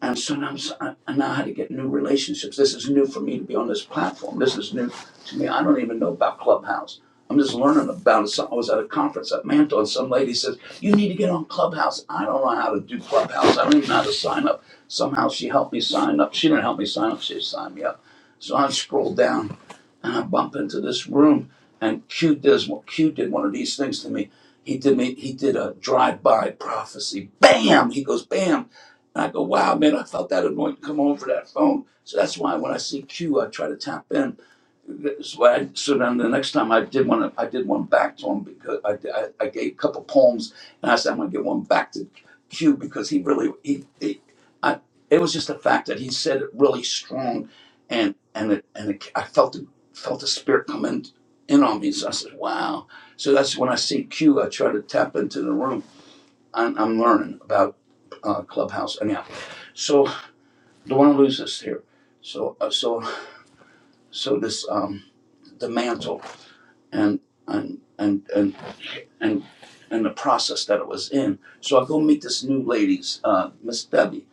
Speaker 6: And sometimes I, I know how to get new relationships. This is new for me to be on this platform. This is new to me. I don't even know about Clubhouse. I'm just learning about it. So I was at a conference at Mantle, and some lady says, You need to get on Clubhouse. I don't know how to do Clubhouse. I don't even know how to sign up. Somehow she helped me sign up. She didn't help me sign up, she signed me up. So I scrolled down and I bump into this room, and Q does what Q did one of these things to me. He did me. He did a drive-by prophecy. Bam! He goes, bam! And I go, wow, man, I felt that anointing come over that phone. So that's why when I see Q, I try to tap in. So, I, so then the next time I did one, I did one back to him because I, I, I gave a couple poems, and I said I'm gonna give one back to Q because he really he, he I, it was just the fact that he said it really strong, and and it, and it, I felt it, felt the spirit come in in on me. So I said, wow. So that's when I see Q, I try to tap into the room. I'm, I'm learning about uh, Clubhouse anyhow. So don't want to lose this here. So uh, so so this um, the mantle and and and and and and the process that it was in. So I go meet this new lady's uh, Miss Debbie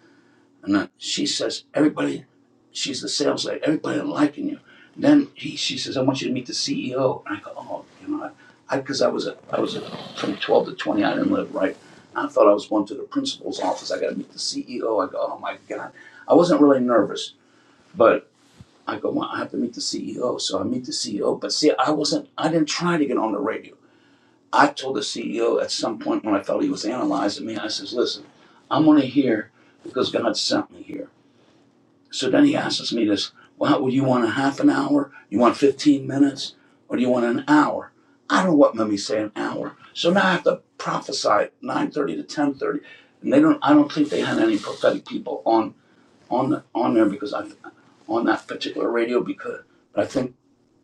Speaker 6: And then she says, everybody, she's the sales lady, everybody liking you. And Then he, she says, I want you to meet the CEO. And I go, oh, you know, I, because I, 'cause I was, a, I was a, from 12 to 20, I didn't live right. I thought I was going to the principal's office. I got to meet the CEO. I go, oh my God. I wasn't really nervous, but I go, well, I have to meet the CEO. So I meet the CEO. But see, I wasn't, I didn't try to get on the radio. I told the CEO at some point when I felt he was analyzing me, I says, listen, I'm only here because God sent me here. So then he asks me this, well, would you want a half an hour? You want 15 minutes? Or do you want an hour? I don't know what made me say an hour. So now I have to prophesy 9.30 to 10.30. And they don't, I don't think they had any prophetic people on, on, the, on there because I, on that particular radio because I think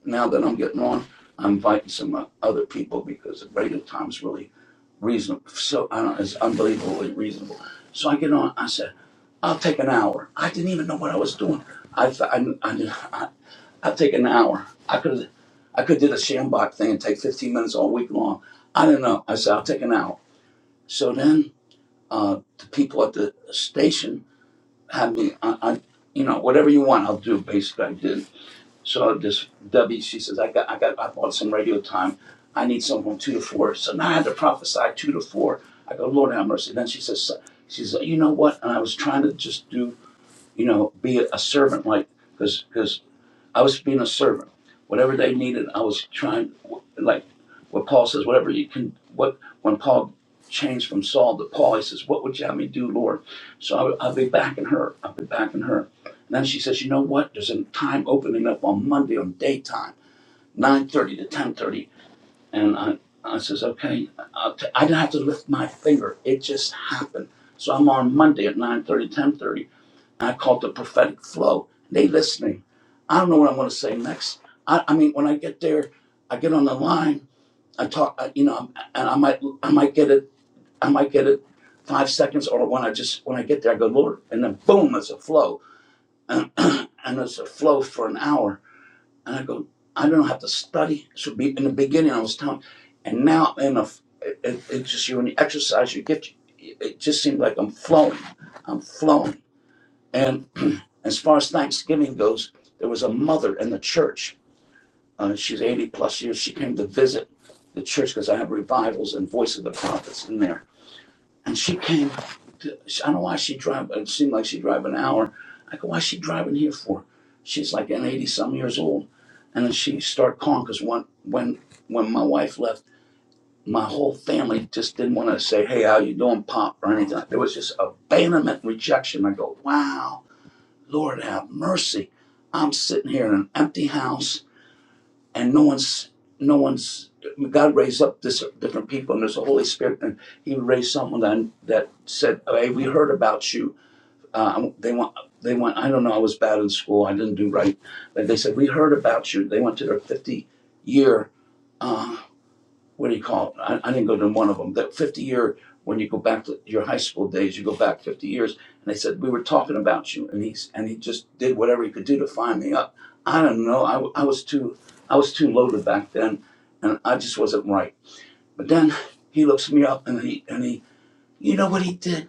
Speaker 6: now that I'm getting on, I'm inviting some uh, other people because the radio time's really reasonable. So I don't, know, it's unbelievably reasonable. So I get on. I said, "I'll take an hour." I didn't even know what I was doing. I thought I, I, I I'll take an hour. I could I could do the Shambach thing and take 15 minutes all week long. I didn't know. I said, "I'll take an hour." So then uh, the people at the station had me. I, I you know whatever you want, I'll do. Basically, I did. So this Debbie, she says, I got, I got, I bought some radio time. I need someone two to four. So now I had to prophesy two to four. I go, Lord have mercy. Then she says, she says, you know what? And I was trying to just do, you know, be a, servant, like, because I was being a servant. Whatever they needed, I was trying. Like what Paul says, whatever you can. What when Paul changed from Saul to Paul, he says, "What would you have me do, Lord?" So I, would- I'll be backing her. I'll be backing her. And then she says, "You know what? There's a time opening up on Monday on daytime, nine thirty to ten thirty. And I, I says, "Okay." I'll t- I didn't have to lift my finger. It just happened. So I'm on Monday at nine thirty, ten thirty. I call it the prophetic flow. They listening. I don't know what I'm going to say next. I, I mean, when I get there, I get on the line. I talk, I, you know, and I might, I might get it, I might get it five seconds, or when I just when I get there, I go Lord, and then boom, it's a flow, and, and it's a flow for an hour, and I go, I don't have to study. So be in the beginning, I was telling, and now in a, it, it, it's just you when you exercise your gift, it, it just seems like I'm flowing, I'm flowing. And as far as Thanksgiving goes, there was a mother in the church. Uh, she's 80 plus years. She came to visit the church because I have revivals and Voice of the Prophets in there. And she came to, I don't know why she drive, it seemed like she drive an hour. I go, why is she driving here for? She's like an 80 some years old. And then she started calling because when, when, when my wife left, my whole family just didn't want to say, hey, how you doing, Pop, or anything. There was just abandonment, rejection. I go, wow Lord have mercy. I'm sitting here in an empty house and no one's no one's God raised up this different people and there's the Holy Spirit and he raised someone that, that said, Hey, we heard about you. Uh, they want they went I don't know, I was bad in school, I didn't do right. But they said, We heard about you. They went to their fifty year uh, what do you call it? I, I didn't go to one of them. That 50 year, when you go back to your high school days, you go back 50 years. And they said, We were talking about you. And, he's, and he just did whatever he could do to find me up. I don't know. I I was too I was too loaded back then. And I just wasn't right. But then he looks me up and he, and he you know what he did?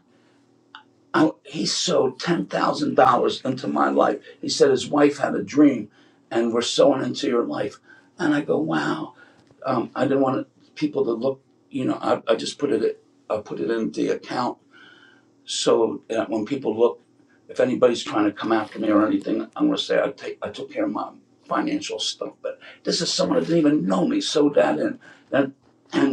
Speaker 6: I, he sewed $10,000 into my life. He said his wife had a dream and we're sewing into your life. And I go, wow um, I didn't want people to look, you know, I, I just put it, I put it in the account so that when people look, if anybody's trying to come after me or anything, I'm gonna say I take, I took care of my financial stuff, but this is someone that didn't even know me, so that and, and, and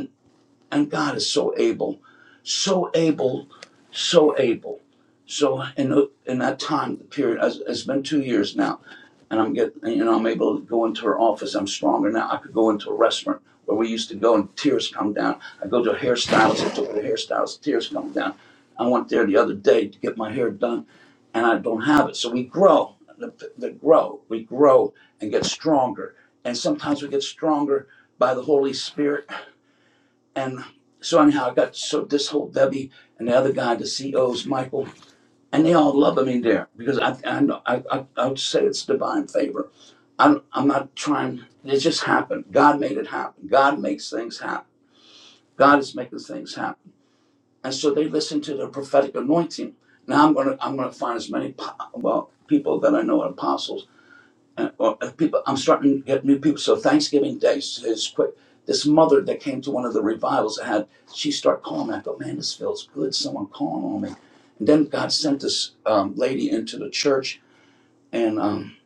Speaker 6: and God is so able, so able, so able. So in in that time period, it's been two years now, and I'm getting, you know, I'm able to go into her office. I'm stronger now. I could go into a restaurant where we used to go, and tears come down. I go to a hairstylist. I took her to a hairstylist. Tears come down. I went there the other day to get my hair done, and I don't have it. So we grow, the, the grow, we grow and get stronger. And sometimes we get stronger by the Holy Spirit and so anyhow, I got so this whole Debbie and the other guy, the CEOs, Michael, and they all love me there because I I know I I, I would say it's divine favor. I'm I'm not trying. It just happened. God made it happen. God makes things happen. God is making things happen. And so they listen to the prophetic anointing. Now I'm gonna I'm gonna find as many po- well people that I know are apostles and, or uh, people i'm starting to get new people so thanksgiving day is, is quick this mother that came to one of the revivals I had she started calling me i thought man this feels good someone calling on me and then god sent this um, lady into the church and um,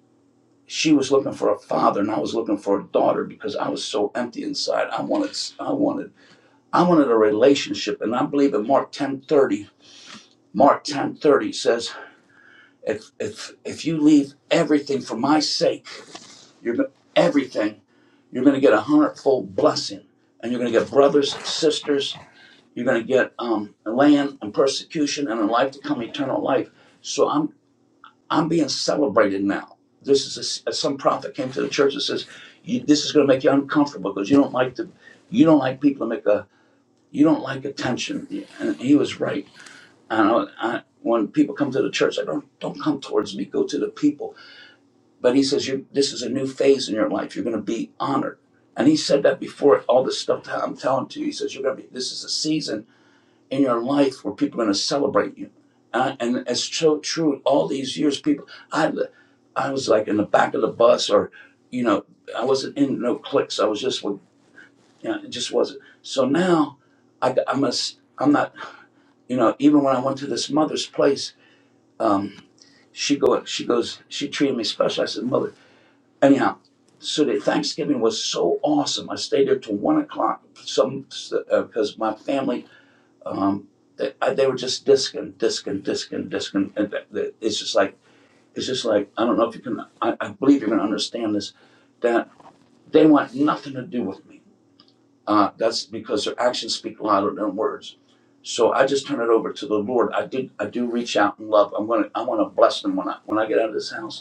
Speaker 6: she was looking for a father and i was looking for a daughter because i was so empty inside i wanted i wanted i wanted a relationship and i believe in mark 1030 mark 1030 says if if if you leave everything for my sake you're everything You're going to get a hundredfold blessing, and you're going to get brothers, sisters. You're going to get um, land and persecution, and in life to come, eternal life. So I'm I'm being celebrated now. This is a s some prophet came to the church and says, you, "This is going to make you uncomfortable because you don't like to, you don't like people to make a, you don't like attention." And he was right. And I, I, when people come to the church, I don't don't come towards me. Go to the people but he says, you This is a new phase in your life. You're going to be honored. And he said that before all this stuff that I'm telling to you. He says, You're going to be, this is a season in your life where people are going to celebrate you. Uh, and it's so true. All these years, people, I, I was like in the back of the bus or, you know, I wasn't in no cliques. I was just with, you know, it just wasn't. So now I, I'm, a, a. I'm not, you know, even when I went to this mother's place, um, she go, she goes, she treated me special. I said, Mother, anyhow, so the Thanksgiving was so awesome. I stayed there till one o'clock. Some because uh, my family, um, they, I, they were just discing, discing, discing, discing, and th- th- it's just like it's just like I don't know if you can. I, I believe you're gonna understand this. That they want nothing to do with me. Uh, that's because their actions speak louder than words. So I just turn it over to the Lord. I did. I do reach out in love. I'm gonna. I want to bless them when I when I get out of this house.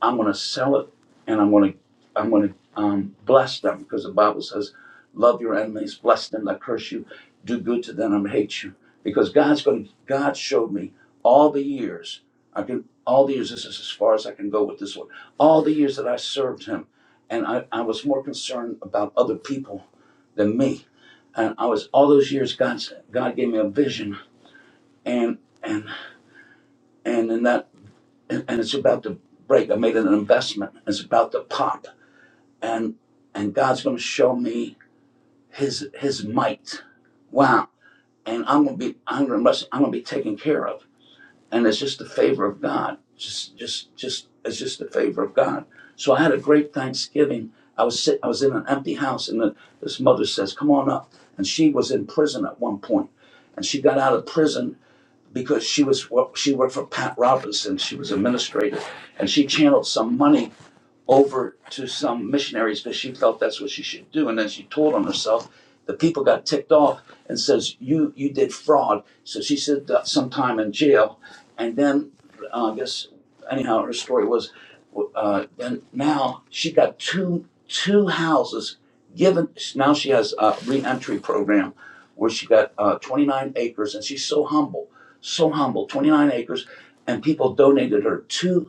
Speaker 6: I'm going to sell it and I'm going to I'm going to um, bless them because the Bible says, "Love your enemies, bless them that curse you, do good to them that hate you." Because God's going to God showed me all the years I can all the years this is as far as I can go with this one. All the years that I served Him, and I, I was more concerned about other people than me. And I was all those years God God gave me a vision and and and in that and, and it's about to break. I made an investment. It's about to pop, and and God's going to show me His His might. Wow! And I'm going to be I'm going to I'm going to be taken care of, and it's just the favor of God. Just just just it's just the favor of God. So I had a great Thanksgiving. I was sit, I was in an empty house, and the, this mother says, "Come on up." And she was in prison at one point, and she got out of prison because she was well, she worked for Pat Robinson. She was administrator, and she channeled some money over to some missionaries because she felt that's what she should do. And then she told on herself. The people got ticked off and says, "You you did fraud." So she said that some time in jail, and then uh, I guess anyhow her story was, uh, then now she got two two houses given. Now she has a reentry program where she got uh, 29 acres, and she's so humble, so humble, 29 acres, and people donated her two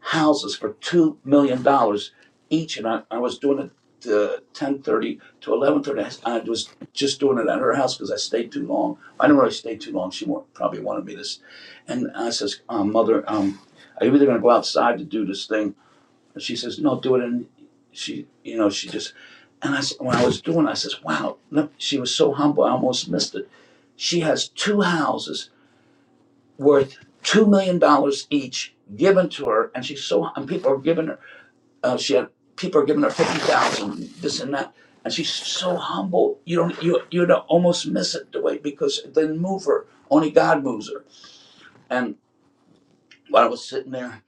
Speaker 6: houses for two million dollars each, and I, I was doing it uh, ten thirty to eleven thirty. I was just doing it at her house because I stayed too long. I didn't really stay too long. She wa- probably wanted me this, and I says, um, "Mother, um, are you either going to go outside to do this thing?" And she says, "No, do it." And she, you know, she just. And I when I was doing, it, I says, "Wow!" Look, she was so humble. I almost missed it. She has two houses worth two million dollars each given to her, and she's so. And people are giving her uh, she had people are giving her fifty thousand, this and that, and she's so humble. You don't you you'd almost miss it the way because it didn't move her. Only God moves her. And while I was sitting there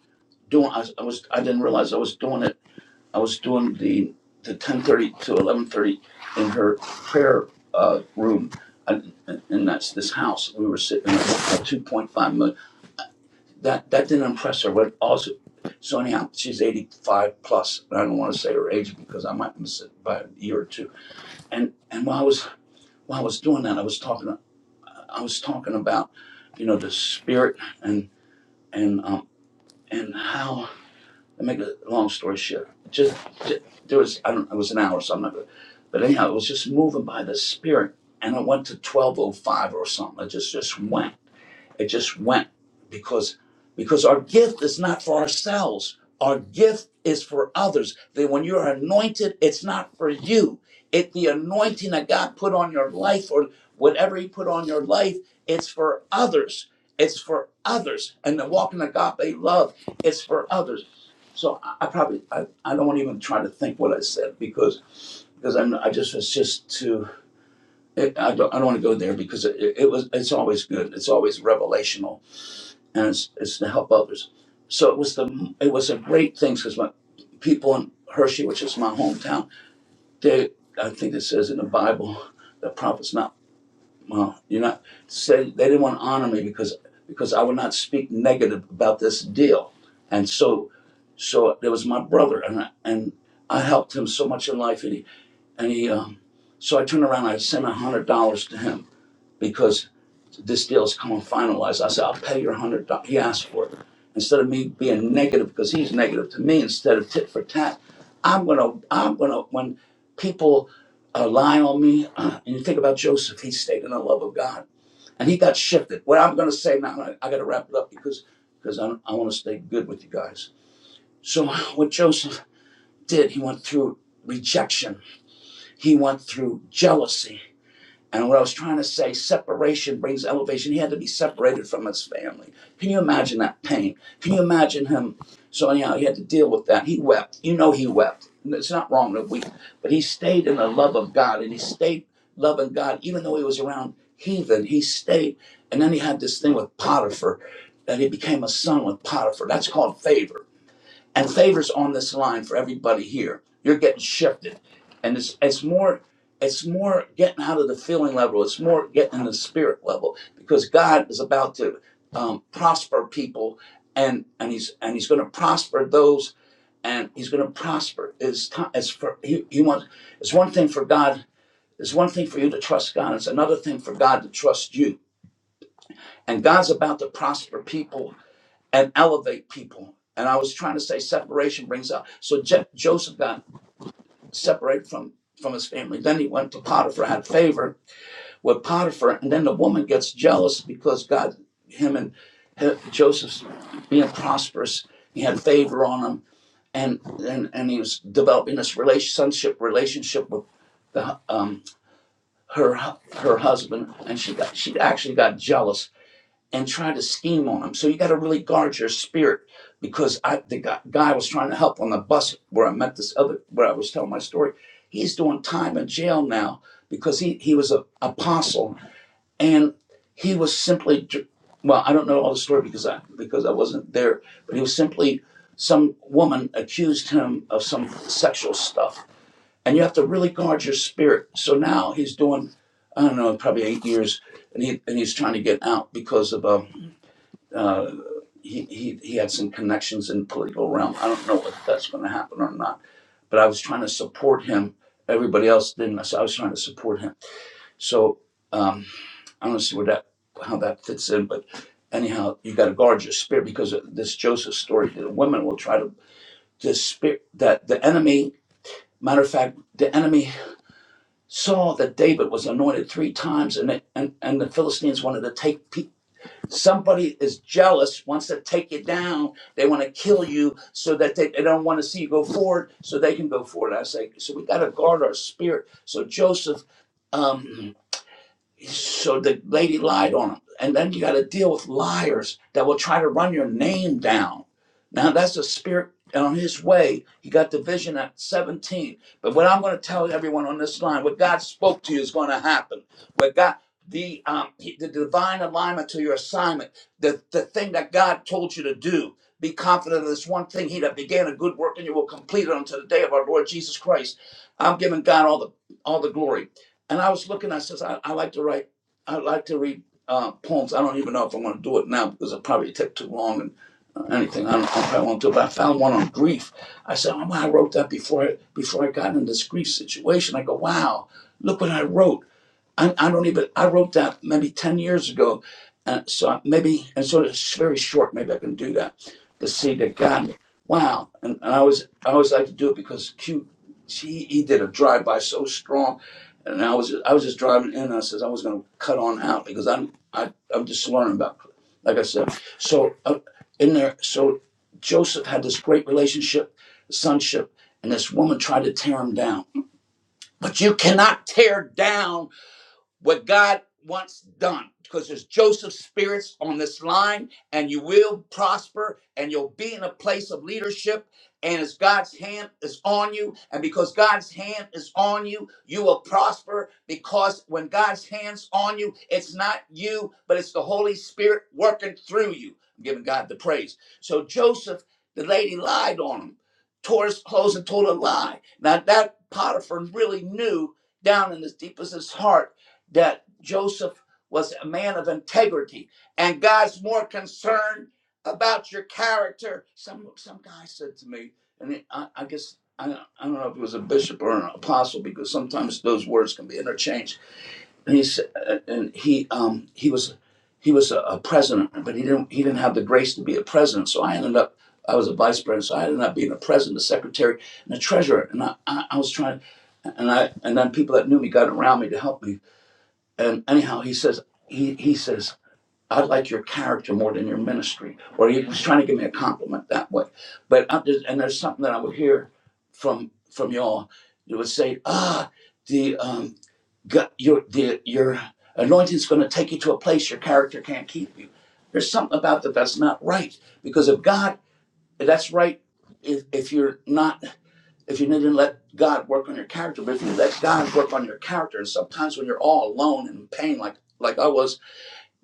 Speaker 6: doing, I was, I was I didn't realize I was doing it. I was doing the the ten thirty to eleven thirty in her prayer uh, room. And, and and that's this house. We were sitting in a $2.5 million dollar that that didn't impress her. What also, Sonia, she's eighty five plus, and I don't want to say her age because I might miss it by a year or two. And and while I was while I was doing that, I was talking I was talking about, you know, the spirit and and um and how to make a long story short, just, just there was I don't it was an hour, so I'm not. But anyhow, it was just moving by the spirit, and I went to twelve oh five or something. I just just went it just went because because our gift is not for ourselves. Our gift is for others. That when you're anointed, it's not for you. It the anointing that God put on your life or whatever He put on your life, it's for others. It's for others. And the walk in agape love, it's for others. So I, I probably I, I don't even try to think what I said because because I'm I just was just too it, I don't I don't want to go there because it, it was it's always good. It's always revelational and it's, it's to help others. So it was the it was a great thing because my people in Hershey, which is my hometown, they I think it says in the Bible, the prophets not well, you're not said they didn't want to honor me because because I would not speak negative about this deal, and so so there was my brother and I, and I helped him so much in life and he and he um, so I turned around I sent a hundred dollars to him because this deal's coming finalized. I said, I'll pay your one hundred. dollars. He asked for it. Instead of me being negative because he's negative to me, instead of tit for tat, I'm gonna, I'm gonna. When people uh, lie on me, uh, and you think about Joseph, he stayed in the love of God, and he got shifted. What I'm gonna say now, I, I gotta wrap it up because because I, I want to stay good with you guys. So what Joseph did, he went through rejection. He went through jealousy. And what I was trying to say, separation brings elevation. He had to be separated from his family. Can you imagine that pain? Can you imagine him? So anyhow, he had to deal with that. He wept. You know he wept. It's not wrong to weep, but he stayed in the love of God and he stayed loving God, even though he was around heathen. He stayed, and then he had this thing with Potiphar, that he became a son with Potiphar. That's called favor and favors on this line for everybody here. You're getting shifted, and it's it's more it's more getting out of the feeling level. It's more getting in the spirit level because God is about to um, prosper people, and and he's and he's going to prosper those, and he's going to prosper. Is as for he, he wants. It's one thing for God. It's one thing for you to trust God. It's another thing for God to trust you. And God's about to prosper people and elevate people. And I was trying to say separation brings out. So Je- Joseph got separated from from his family. Then he went to Potiphar, had favor with Potiphar, and then the woman gets jealous because God, him and he- Joseph's being prosperous, he had favor on him, and and and he was developing this relationship relationship with the, um, her her husband, and she got she actually got jealous and try to scheme on them. So you got to really guard your spirit because I the guy, guy was trying to help on the bus where I met this other where I was telling my story. He's doing time in jail now because he he was an apostle and he was simply well I don't know all the story because I because I wasn't there, but he was simply some woman accused him of some sexual stuff. And you have to really guard your spirit. So now he's doing I don't know, probably eight years, and he and he's trying to get out because of um, uh, he, he, he had some connections in the political realm. I don't know if that's going to happen or not, but I was trying to support him. Everybody else didn't, so I was trying to support him. So um, I don't see where that how that fits in, but anyhow, you got to guard your spirit because of this Joseph story. The women will try to the spirit that the enemy. Matter of fact, the enemy saw that David was anointed three times, and they, and and the Philistines wanted to take Somebody is jealous, wants to take you down. They want to kill you so that they, they don't want to see you go forward so they can go forward. I say, so we got to guard our spirit. So Joseph. um, so the lady lied on him. And then you got to deal with liars that will try to run your name down. Now that's the spirit on his way. He got the vision at 17. But what I'm going to tell everyone on this line, what God spoke to you is going to happen. What God the um he- the divine alignment to your assignment, the the thing that God told you to do. Be confident of this one thing. He that began a good work in you will complete it until the day of our Lord Jesus Christ. I'm giving God all the all the glory. And I was looking, I says, I, I like to write, I like to read uh, poems. I don't even know if I'm going to do it now because it probably take too long and uh, anything. I don't know if I probably won't do it. But I found one on grief. I said, oh, wow, I wrote that before I, before I got in this grief situation. I go, wow, look what I wrote. I, I don't even I wrote that maybe ten years ago, uh, so maybe and so it's very short. Maybe I can do that to see that God, wow! And, and I was I always like to do it because Q, she he did a drive by so strong, and I was I was just driving in. And I says I was going to cut on out because I'm I I'm just learning about like I said. So uh, in there, so Joseph had this great relationship, sonship, and this woman tried to tear him down. But you cannot tear down what God wants done. Because there's Joseph spirits on this line, and you will prosper, and you'll be in a place of leadership. And as God's hand is on you, and because God's hand is on you, you will prosper. Because when God's hand's on you, it's not you, but it's the Holy Spirit working through you. I'm giving God the praise. So Joseph, the lady lied on him, tore his clothes and told a lie. Now that Potiphar really knew down in his deepest of his heart that Joseph was a man of integrity, and God's more concerned about your character. Some some guy said to me, and it, I, I guess I, don't- I don't know if it was a bishop or an apostle because sometimes those words can be interchanged. And he said, uh, and he um he was he was a, a president, but he didn't he didn't have the grace to be a president. So I ended up I was a vice president, so I ended up being a president, a secretary, and a treasurer. And I I, I was trying, and I and then people that knew me got around me to help me and anyhow, he says, he, he says, I like your character more than your ministry. Or he was trying to give me a compliment that way. But I just, and there's something that I would hear from from y'all. You would say, ah, the um, God, your the your anointing's going to take you to a place your character can't keep you. There's something about that that's not right because if God, that's right. If if you're not if you didn't let God work on your character, but if you let God work on your character, and sometimes when you're all alone and in pain, like like I was,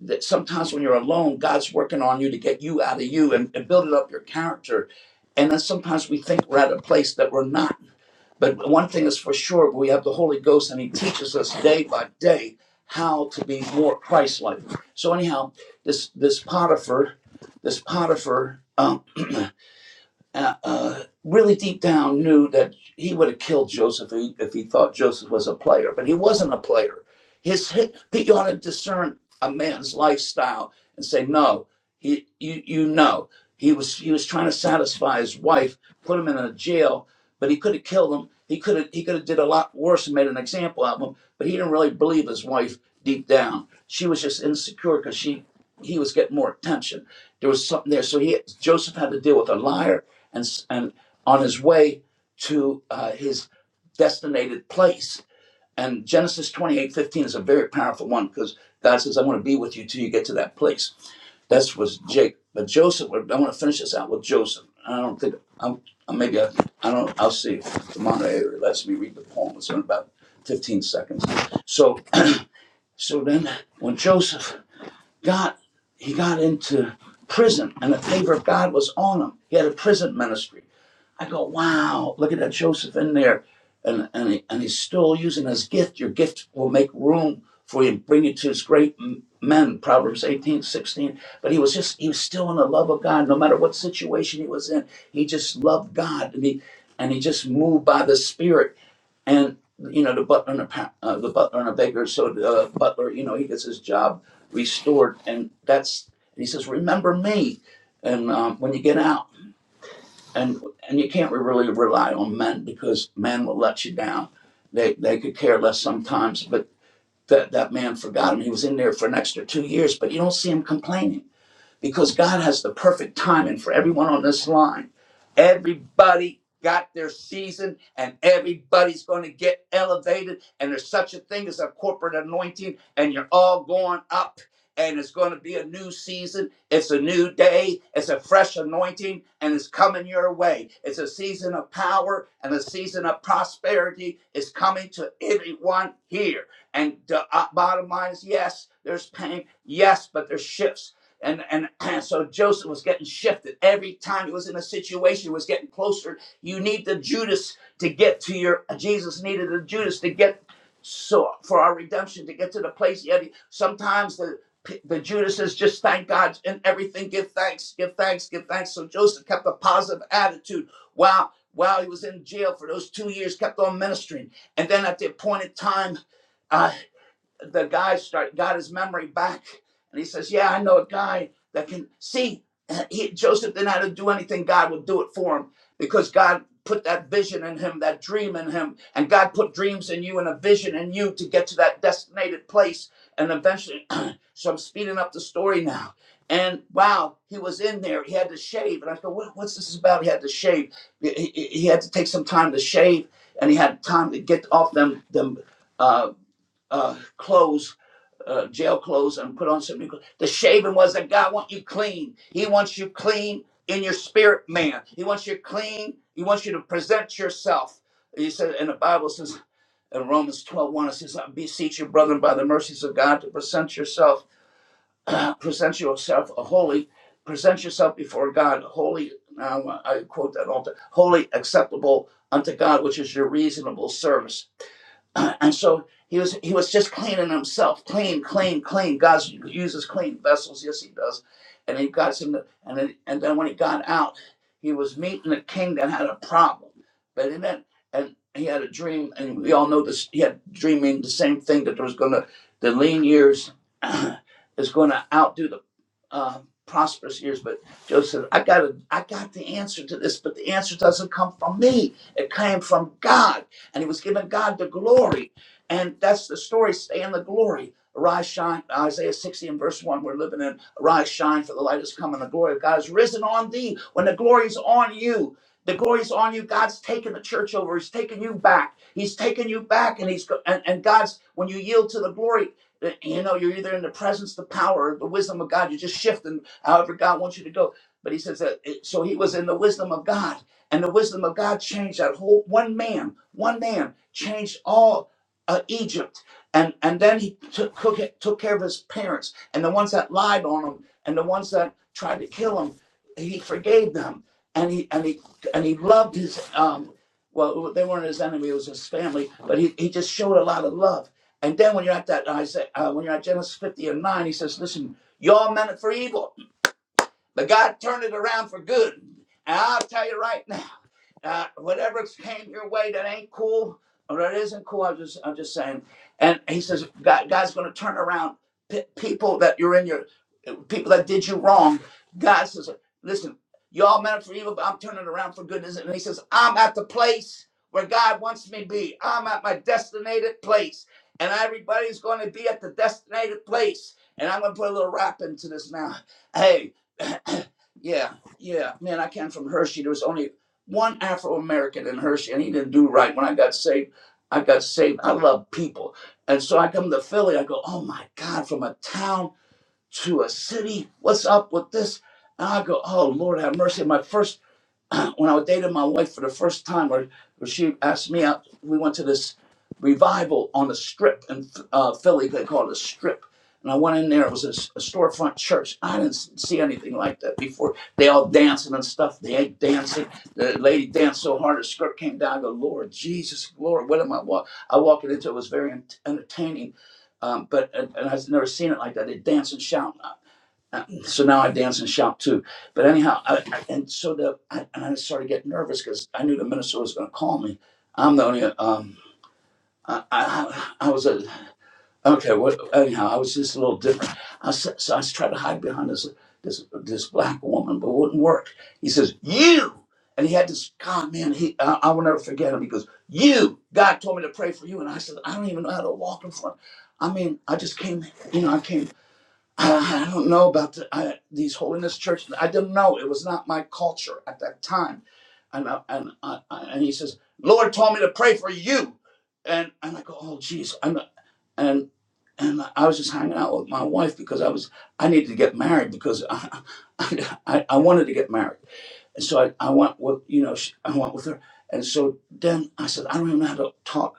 Speaker 6: that sometimes when you're alone, God's working on you to get you out of you and, and building up your character. And then sometimes we think we're at a place that we're not. But one thing is for sure, we have the Holy Ghost, and He teaches us day by day how to be more Christ-like. So anyhow, this this Potiphar, this Potiphar. um, uh, uh, really deep down knew that he would have killed Joseph if he, thought Joseph was a player, but he wasn't a player. His hit, you ought to discern a man's lifestyle and say, no, he, you, you know, he was he was trying to satisfy his wife, put him in a jail, but he could have killed him. He could have he could have did a lot worse and made an example out of him. But he didn't really believe his wife deep down. She was just insecure because she he was getting more attention. There was something there, so he Joseph had to deal with a liar and, and on his way to uh, his destinated place. And Genesis twenty eight fifteen is a very powerful one because God says, I want to be with you till you get to that place. That was Jacob, But Joseph, I want to finish this out with Joseph. I don't think, I'm, uh, maybe I, I don't, I'll see if the moderator lets me read the poem. It's in about 15 seconds. So, so then when Joseph got, he got into prison and the favor of God was on him. He had a prison ministry I go, wow, look at that Joseph in there. And, and, he, and he's still using his gift. Your gift will make room for you, bring you to his great men, Proverbs 18 16. But he was just, he was still in the love of God. No matter what situation he was in, he just loved God. And he, and he just moved by the Spirit and you know the butler and the, uh, the butler and the baker. So the uh, butler, you know, he gets his job restored, and that's he says, "Remember me," and um, when you get out and and you can't really rely on men because men will let you down. They they could care less sometimes, but that that man forgot him. He was in there for an extra two years, but you don't see him complaining because God has the perfect timing for everyone on this line. Everybody got their season and everybody's going to get elevated. And there's such a thing as a corporate anointing, and you're all going up. And it's going to be a new season. It's a new day. It's a fresh anointing, and it's coming your way. It's a season of power and a season of prosperity is coming to everyone here. And the uh, bottom line is yes, there's pain. Yes, but there's shifts. And, and and so Joseph was getting shifted every time he was in a situation, he was getting closer. You need the Judas to get to your Jesus needed the Judas to get so for our redemption to get to the place. Yet he- sometimes the the Judas is just thank God and everything. Give thanks, give thanks, give thanks. So Joseph kept a positive attitude while while he was in jail for those two years, kept on ministering. And then at the appointed time, uh, the guy start got his memory back and he says yeah i know a guy that can see he, joseph didn't have to do anything god would do it for him because god put that vision in him that dream in him and god put dreams in you and a vision in you to get to that designated place and eventually so i'm speeding up the story now and wow he was in there he had to shave and i thought what, what's this about he had to shave he, he, he had to take some time to shave and he had time to get off them them uh, uh, clothes, uh, jail clothes, and put on some new clothes. The shaving was that God wants you clean. He wants you clean in your spirit, man. He wants you clean. He wants you to present yourself. He said, and the Bible says in Romans twelve one, it says, I beseech you, brethren, by the mercies of God, to present yourself, uh, present yourself a holy, present yourself before God, holy. Now I quote that often holy, acceptable unto God, which is your reasonable service and so he was he was just cleaning himself, clean, clean, clean. God uses clean vessels, yes, he does. And he got some, and then and then when he got out, he was meeting a king that had a problem, but he meant, and he had a dream, and we all know this. He had dreaming the same thing that there was gonna the lean years is gonna outdo the uh, prosperous years. But Joseph, said, I got I got the answer to this, but the answer doesn't come from me. It came from God and he was giving God the glory. And that's the story stay in the glory. Arise, shine. Isaiah 60 and verse 1, we're living in. Arise, shine, for the light has come, and the glory of God is risen on thee. When the glory's on you, the glory's on you. God's taking the church over. He's taking you back. He's taking you back, and he's and, and God's when you yield to the glory, eh, you know you're either in the presence, the power, or the wisdom of God. You're just shifting however God wants you to go. But He says that. eh, So He was in the wisdom of God and the wisdom of God changed that whole one man, one man changed all uh, Egypt. And, and then he took, took, it- took care of his parents and the ones that lied on him and the ones that tried to kill him. He forgave them and he, and he, and he loved his, um, well, they weren't his enemy, it was his family, but he, he just showed a lot of love. And then when you're at that, I say, uh, when you're at Genesis 50 and 9, he says, listen, y'all meant it for evil, but God turned it around for good. And I'll tell you right now uh, whatever came your way that ain't cool or that isn't cool. I'm just, I'm just saying. And he says, God, God's going to turn around p- people that you're in your, people that did you wrong. God says, listen, y'all meant it for evil, but I'm turning around for goodness. And he says, I'm at the place where God wants me to be. I'm at my destinated place. And everybody's going to be at the destinated place. And I'm going to put a little rap into this now. Hey, yeah, yeah, man, I came from Hershey. There was only one Afro American in Hershey, and he didn't do right. When I got saved, I got saved. I love people, and so I come to Philly. I go, oh my God, from a town to a city. What's up with this? And I go, oh Lord, have mercy. My first when I was dating my wife for the first time, or, or she asked me out, we went to this revival on the strip in uh, Philly. They call it a strip. And I went in there. It was a a storefront church. I didn't see anything like that before. They all dancing and stuff. They ain't dancing. The lady danced so hard her skirt came down. I go, Lord Jesus, Lord, what am I walking? I walked into it. It was very ent- entertaining. Um, but and, and I've never seen it like that. They dance and shout. Uh, so now I dance and shout too. But anyhow, I, I- and so the I, and I started getting nervous because I knew the minister was going to call me. I'm the only um I I, I was a okay. What anyhow, I was just a little different. I was, so I was trying to hide behind this this this black woman, but it wouldn't work. He says you. And he had this God, man. He, I, I will never forget him. He goes, "You, God told me to pray for you," and I said, "I don't even know how to walk in front." I mean, I just came, you know, I came I don't know about the, I, these holiness churches. I didn't know. It was not my culture at that time. And I, and I, I- and he says, Lord told me to pray for you. And and I go, oh geez. And and and I was just hanging out with my wife because I was I needed to get married because I I, I wanted to get married. And so I, I went with you know she, I went with her. And so then I said, I don't even know how to talk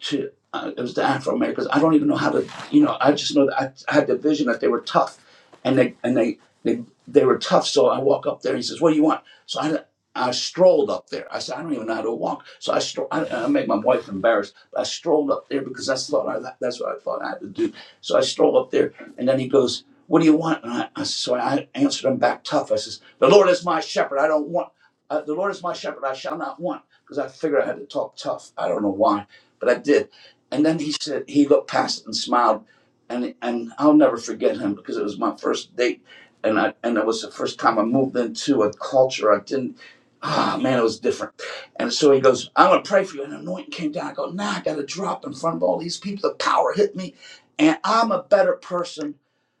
Speaker 6: to uh, it was the Afro Americans. I don't even know how to, you know, I just know that I, I had the vision that they were tough, and they and they they they were tough. So I walk up there, and he says, "What do you want?" So I. I strolled up there. I said, I don't even know how to walk. So I, strolled. I, I made my wife embarrassed. But I strolled up there because that's what I, that's what I thought I had to do. So I strolled up there, and then he goes, "What do you want?" And I, I so I answered him back tough. I says, "The Lord is my shepherd. I don't want. Uh, the Lord is my shepherd. I shall not want." Because I figured I had to talk tough. I don't know why but I did. And then he said he looked past it and smiled, and and I'll never forget him because it was my first date, and I and it was the first time I moved into a culture I didn't. Ah oh, man, it was different. And so he goes, "I'm gonna pray for you." And anointing came down. I go, "Nah, I got to drop in front of all these people. The power hit me, and I'm a better person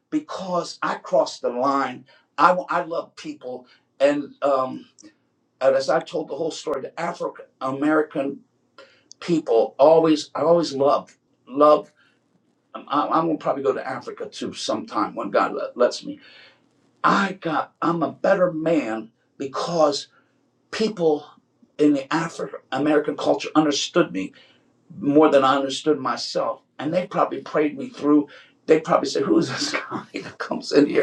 Speaker 6: because I crossed the line. I I love people, and um." And as I told the whole story the African American people always i always love love i'm, I'm gonna probably go to africa too sometime when god lets me i got i'm a better man because people in the african american culture understood me more than i understood myself and they probably prayed me through they probably said who's this guy that comes in here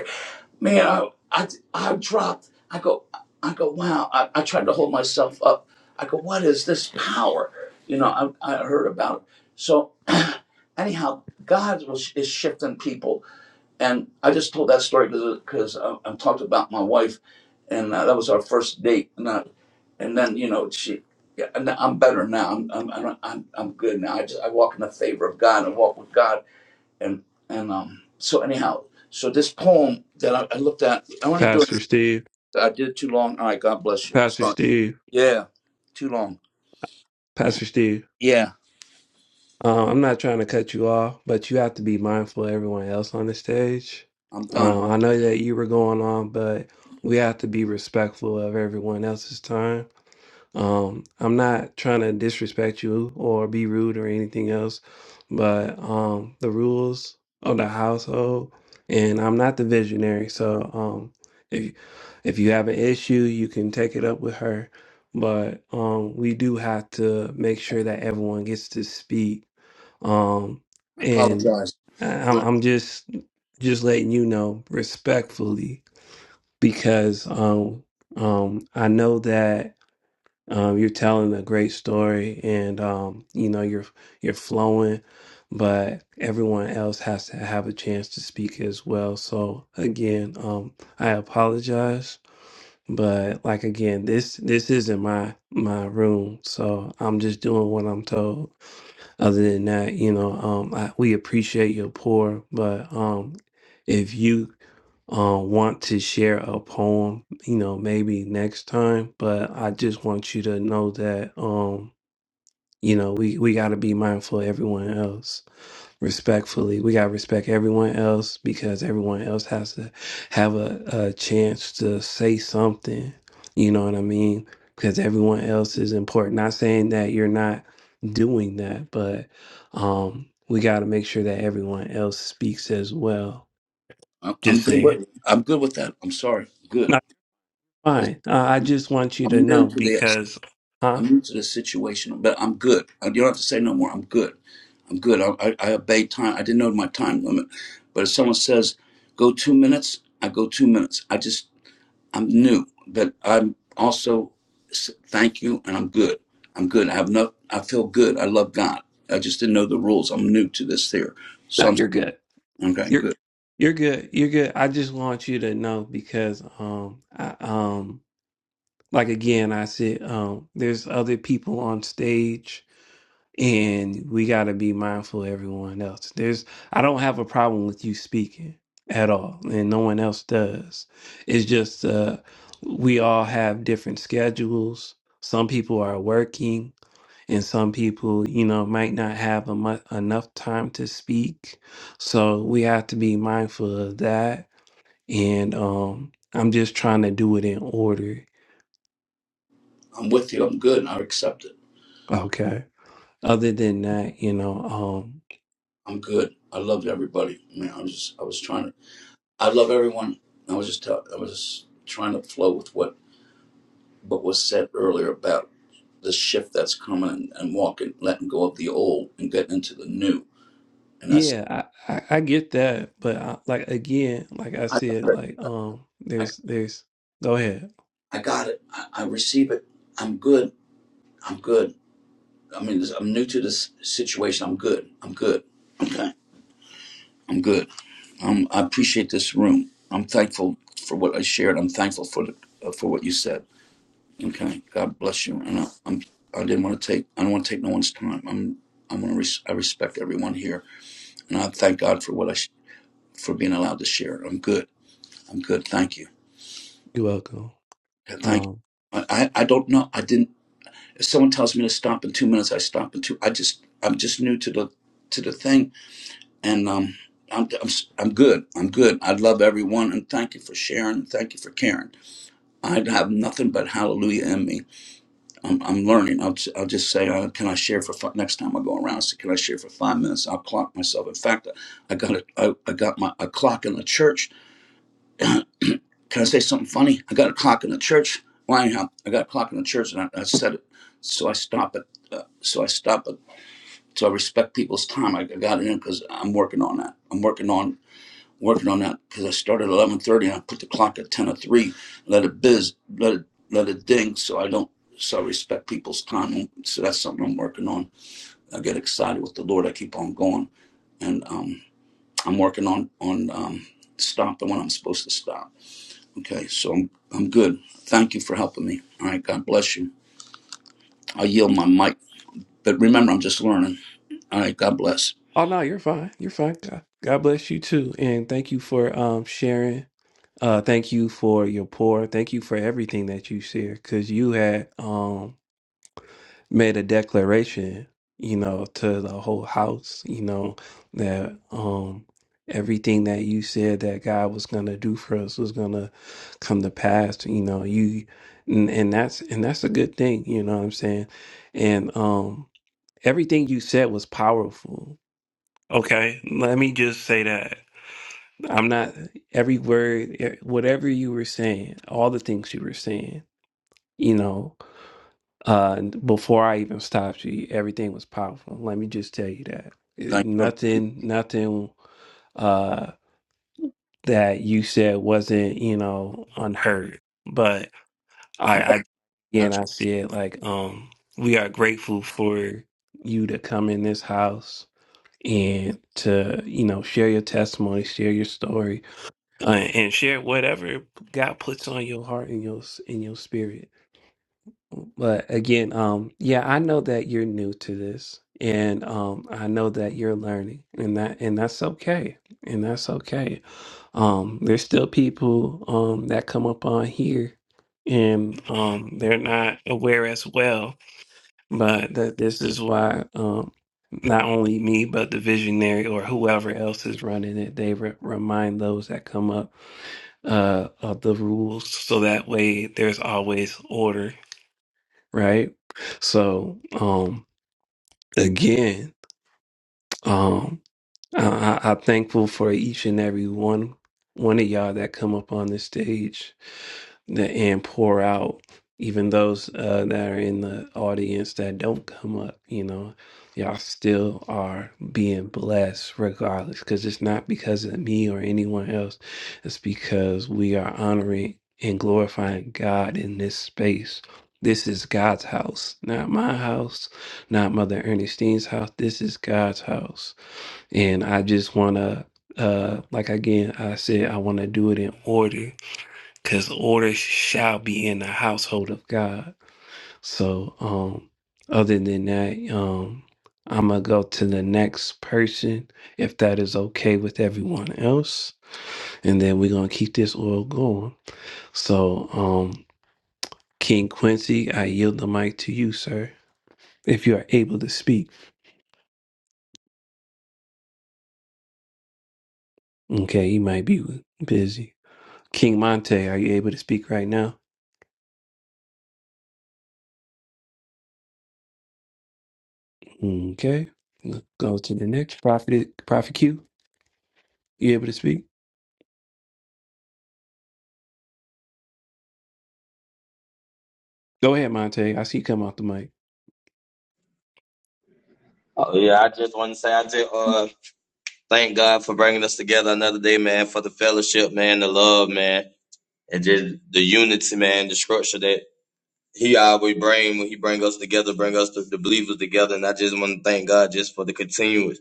Speaker 6: man, I, I, I dropped. I go, I go, wow. I, I tried to hold myself up. I go, what is this power? You know, I, I heard about it. So, anyhow, God was, is shifting people. And I just told that story because I, I talked about my wife, and uh, that was our first date. And, I, and then, you know, she, yeah, and I'm better now. I'm, I'm, I'm, I'm I'm good now. I just, I walk in the favor of God and walk with God and and um so anyhow so this poem that i, I looked at i want to do it
Speaker 1: Pastor Steve,
Speaker 6: i did it too long all right god bless you
Speaker 1: Pastor
Speaker 6: sorry
Speaker 1: Steve,
Speaker 6: yeah too long
Speaker 1: Pastor Steve.
Speaker 6: yeah
Speaker 1: Um, I'm not trying to cut you off, but you have to be mindful of everyone else on the stage.
Speaker 6: i'm done
Speaker 1: Uh, I know that you were going on, but we have to be respectful of everyone else's time. Um, I'm not trying to disrespect you or be rude or anything else, but um, the rules of the household, and I'm not the visionary, so um, if if you have an issue, you can take it up with her. But um, we do have to make sure that everyone gets to speak um,
Speaker 6: i
Speaker 1: and
Speaker 6: apologize
Speaker 1: I- I'm I'm just just letting you know respectfully because um um I know that um, you're telling a great story, and um, you know you're you're flowing, but everyone else has to have a chance to speak as well. So again, um, I apologize, but like again, this this isn't my my room, so I'm just doing what I'm told. Other than that, you know, um, I, we appreciate your pour, but um, if you uh, want to share a poem, you know, maybe next time. But I just want you to know that, um, you know, we, we got to be mindful of everyone else respectfully. We got to respect everyone else because everyone else has to have a, a chance to say something. You know what I mean? Because everyone else is important. Not saying that you're not doing that, but um, we got to make sure that everyone else speaks as well.
Speaker 6: i'm, I'm
Speaker 1: Just
Speaker 6: good
Speaker 1: saying.
Speaker 6: with i'm good with that i'm sorry good It's-
Speaker 1: Fine. Uh, I just want you to
Speaker 6: i'm
Speaker 1: know
Speaker 6: new to this
Speaker 1: because, huh?
Speaker 6: i'm new to this situation but i'm good I- you don't have to say no more i'm good i'm good i, I, I obey time i didn't know my time limit but if someone says go two minutes i go two minutes i just I'm new, but I'm also s- thank you, and I'm good. I'm good. I have no. I feel good. I love God. I just didn't know the rules. I'm new to this here,
Speaker 1: No,
Speaker 6: so
Speaker 1: you're good.
Speaker 6: I'm okay.
Speaker 1: You're
Speaker 6: Good.
Speaker 1: you're good. You're good. I just want you to know because, um, I, um, like again, I said, um, there's other people on stage, and we got to be mindful of everyone else. There's, I don't have a problem with you speaking at all, and no one else does. It's just, uh, we all have different schedules. Some people are working and some people you know might not have a mu- enough time to speak so we have to be mindful of that and um i'm just trying to do it in order
Speaker 6: I'm with you. I'm good. I accept it.
Speaker 1: okay other than that you know um
Speaker 6: I'm good. I loved everybody. Man, I'm just. I was trying to. I love everyone. I was just. Tell, I was just trying to flow with what what was said earlier about the shift that's coming and, and walking, letting go of the old and getting into the new. And that's.
Speaker 1: yeah i i, I get that but I, like again like i
Speaker 6: I
Speaker 1: said
Speaker 6: got it.
Speaker 1: like um there's there's go ahead
Speaker 6: I got it. I, I receive it. I'm good. I'm good. I mean, I'm new to this situation. I'm good. I'm good. Okay. I'm good. Um, I appreciate this room. I'm thankful for what I shared. I'm thankful for the, uh, for what you said. Okay. God bless you. And I, I'm. I didn't want to take. I don't want to take no one's time. I'm. I'm gonna. Res- I respect everyone here, and I thank God for what I sh- for being allowed to share. I'm good. I'm good. Thank you.
Speaker 1: you're welcome
Speaker 6: Thank.
Speaker 1: um
Speaker 6: You. I, I. I don't know. I didn't. If someone tells me to stop in two minutes, I stop in two. I just I'm just new to the to the thing, and um, I'm I'm am i I'm good. I'm good. I love everyone, and thank you for sharing. and Thank you for caring. I have nothing but hallelujah in me. I'm, I'm learning. I'll, I'll just say, uh, can I share for five, next time I go around? I Say, can I share for five minutes? I'll clock myself. In fact, I got a, I, I got my a clock in the church. can I say something funny? I got a clock in the church. Well, anyhow, I got a clock in the church, and I, I said it. So I stop at uh, so I stop stopped. So I respect people's time. I I got it in because I'm working on that. I'm working on working on that because I started at 11:30 and I put the clock at 10 or 3. Let it biz, let it let it ding. So I don't. So I respect people's time. So that's something I'm working on. I get excited with the Lord. I keep on going, and um, I'm working on on um, stopping when I'm supposed to stop. Okay, so I'm I'm good. Thank you for helping me. All right, God bless you. I yield my mic, but remember, I'm just learning. All right, God bless.
Speaker 1: oh no you're fine you're fine god, god bless you too and thank you for um sharing Uh, thank you for your pour. Thank you for everything that you share because you had um, made a declaration, you know, to the whole house, you know, that um, everything that you said that God was going to do for us was going to come to pass, you know, you and, and that's and that's a good thing, you know what I'm saying? And um, everything you said was powerful. Okay, let me just say that. I'm not every word, e- whatever you were saying, all the things you were saying, you know, uh, and before I even stopped you, everything was powerful. Let me just tell you that It-
Speaker 6: Thank you.
Speaker 1: nothing, nothing, uh, that you said wasn't, you know, unheard. But
Speaker 6: I
Speaker 1: I,
Speaker 6: got
Speaker 1: I,
Speaker 6: you.
Speaker 1: again, I said like, um, we are grateful for you to come in this house and to, you know, share your testimony, share your story uh, and share whatever God puts on your heart and your in your spirit. But again, um, yeah, I know that you're new to this, and um, I know that you're learning, and that and that's okay, and that's okay. Um, there's still people um that come up on here, and um, they're not aware as well. But that this is why um, not only me, but the visionary or whoever else is running it, they re- remind those that come up uh of the rules so that way there's always order right so um again um, I, I, I'm thankful for each and every one one of y'all that come up on this stage that and pour out. Even those uh, that are in the audience that don't come up, you know, y'all still are being blessed regardless. Because it's not because of me or anyone else. It's because we are honoring and glorifying God in this space. This is God's house, not my house, not Mother Ernestine's house. This is God's house. And I just want to, uh, like again, I said, I want to do it in order because order shall be in the household of God. So, um, other than that, um, I'm going to go to the next person if that is okay with everyone else. And then we're going to keep this oil going. So, um, King Quincy, I yield the mic to you, sir, if you are able to speak. Okay, you might be busy. King Monte, are you able to speak right now? Okay. Let's go to the next prophet. Prophet Q. You able to speak? Go ahead, Monte. I see you come off the mic.
Speaker 7: Oh yeah, I just want to say I just uh thank God for bringing us together another day, man, for the fellowship, man, the love, man, and just the unity, man, the structure that He always bring when He bring us together, bring us the, the believers together, and I just want to thank God just for the continuous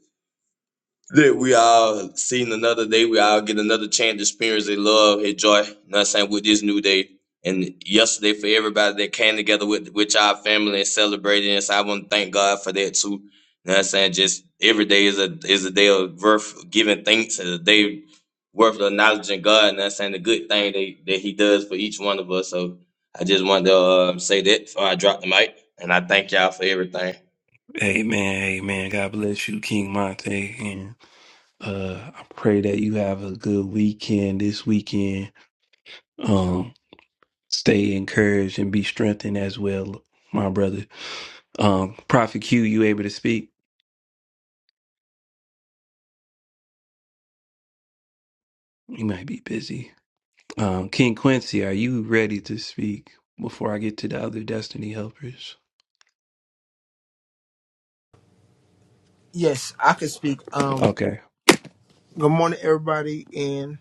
Speaker 7: that we all seen another day. We all get another chance to experience their love, their joy. You know what I'm saying? With this new day. And yesterday for everybody that came together with with our family and celebrated. And so I want to thank God for that too. You know what I'm saying? Just every day is a is a day of worth giving thanks and a day worth acknowledging God. And that's saying the good thing that, that He does for each one of us. So I just wanted to um, say that before I drop the mic. And I thank y'all for everything.
Speaker 1: Amen. Amen. God bless you, King Monte, and uh, I pray that you have a good weekend this weekend. Um, stay encouraged and be strengthened as well, my brother. Um, Prophet Q, you able to speak? You might be busy. Um, King Quincy, are you ready to speak before I get to the other Destiny helpers?
Speaker 8: Yes, I can speak. Um,
Speaker 1: okay.
Speaker 8: good morning, everybody, and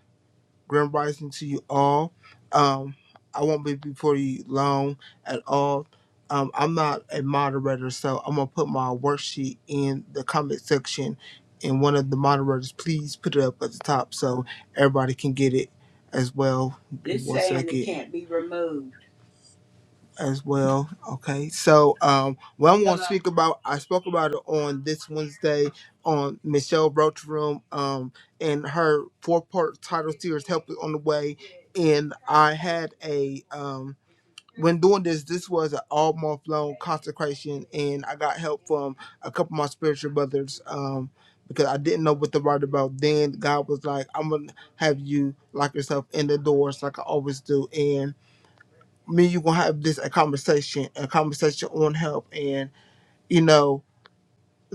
Speaker 8: grand rising to you all. Um, I won't be before you long at all. Um, I'm not a moderator, so I'm gonna put my worksheet in the comment section, and one of the moderators, please put it up at the top so everybody can get it as well. This Once I saying it get, can't be removed as well. Okay, so um, what I'm going to speak about, I spoke about it on this Wednesday on Michelle Roach Room, um, and her four-part title series, "Help Is on the Way," and I had a um. When doing this, this was an all month long consecration, and I got help from a couple of my spiritual brothers um, because I didn't know what to write about. Then God was like, "I'm gonna have you lock yourself in the doors like I always do," and me and you gonna have this a conversation, a conversation on help, and you know,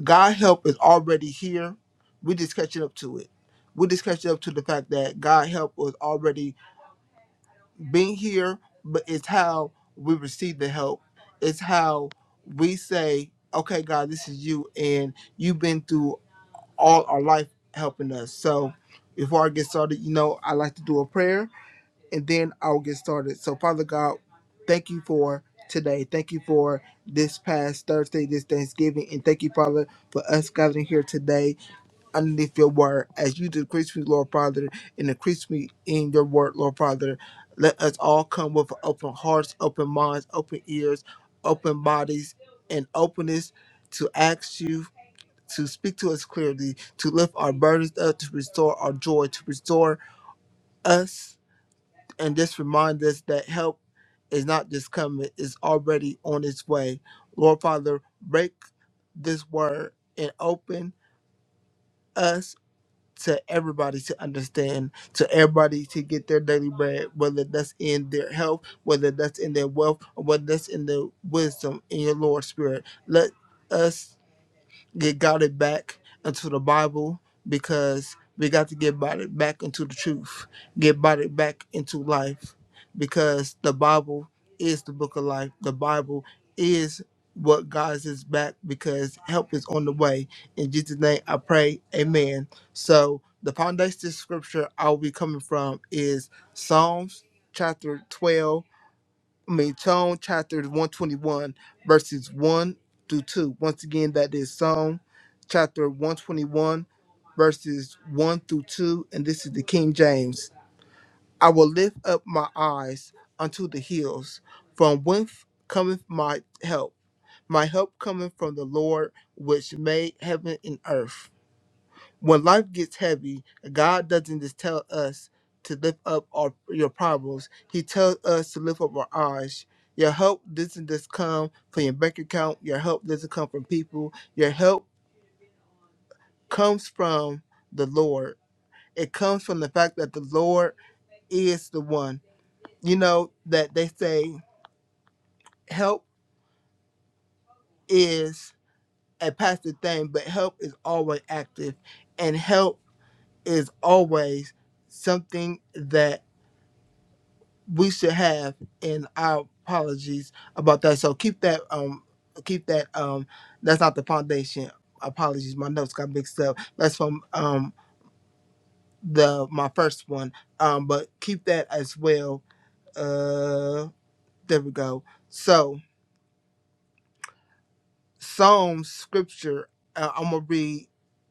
Speaker 8: God help is already here. We just catching up to it. We just catching up to the fact that God help was already being here, but it's how we receive the help. It's how we say, "Okay, God, this is you," and you've been through all our life helping us. So, before I get started, you know, I like to do a prayer and then I'll get started. So, Father God, thank you for today. Thank you for this past Thursday, this Thanksgiving, and thank you, Father, for us gathering here today underneath your word. As you decrease me, Lord Father, and increase me in your word, Lord Father, let us all come with open hearts, open minds, open ears, open bodies, and openness to ask you to speak to us clearly, to lift our burdens up, to restore our joy, to restore us and just remind us that help is not just coming, it's already on its way. Lord Father, break this word and open us to everybody to understand, to everybody to get their daily bread, whether that's in their health, whether that's in their wealth, or whether that's in their wisdom in your Lord Spirit. Let us get guided back into the Bible because we got to get guided back into the truth, get guided back into life because the Bible is the book of life. The Bible is what guides us back because help is on the way. In Jesus' name I pray, amen. So the foundation scripture I'll be coming from is Psalms chapter 12 I mean, Psalm chapter 121, verses 1 through 2. Once again, that is Psalm chapter 121, verses 1 through 2. And this is the King James. I will lift up my eyes unto the hills, from whence cometh my help. My help cometh from the Lord, which made heaven and earth when life gets heavy, God doesn't just tell us to lift up our your problems. He tells us to lift up our eyes. Your help doesn't just come from your bank account. Your help doesn't come from people. Your help comes from the Lord. It comes from the fact that the Lord is the one. You know that they say help is a passive thing, but help is always active, and help is always something we should have in our apologies about that so keep that um keep that um that's not the foundation apologies my notes got mixed up that's from um the my first one um but keep that as well uh there we go So. Psalm scripture uh, I'm gonna read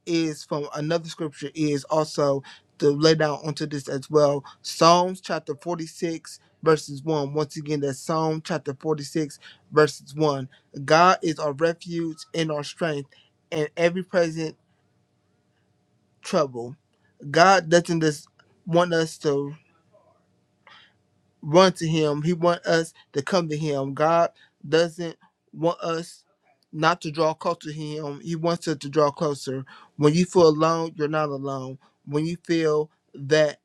Speaker 8: is from another scripture is also to lay down onto this as well. Psalms chapter 46 verses 1. Once again, that's Psalm chapter 46 verses 1. God is our refuge and our strength in every present trouble. God doesn't just want us to run to him. He want us to come to him. God doesn't want us not to draw close to him. He wants us to draw closer. When you feel alone, you're not alone. When you feel that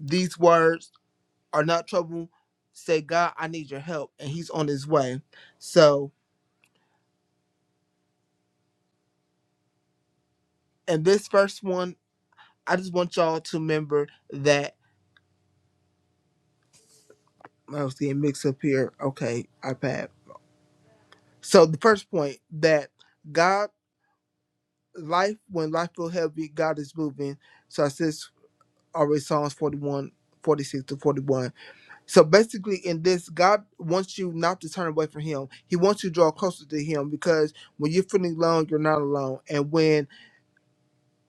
Speaker 8: these words are not trouble, say, God, I need your help. And he's on his way. So in this first one, I just want y'all to remember that I was getting mixed up here. Okay, iPad. So the first point that God life when life feel heavy, God is moving. So I says already, Psalms 41, 46 to 41. So basically in this, God wants you not to turn away from him. He wants you to draw closer to him because when you're feeling alone, you're not alone. And when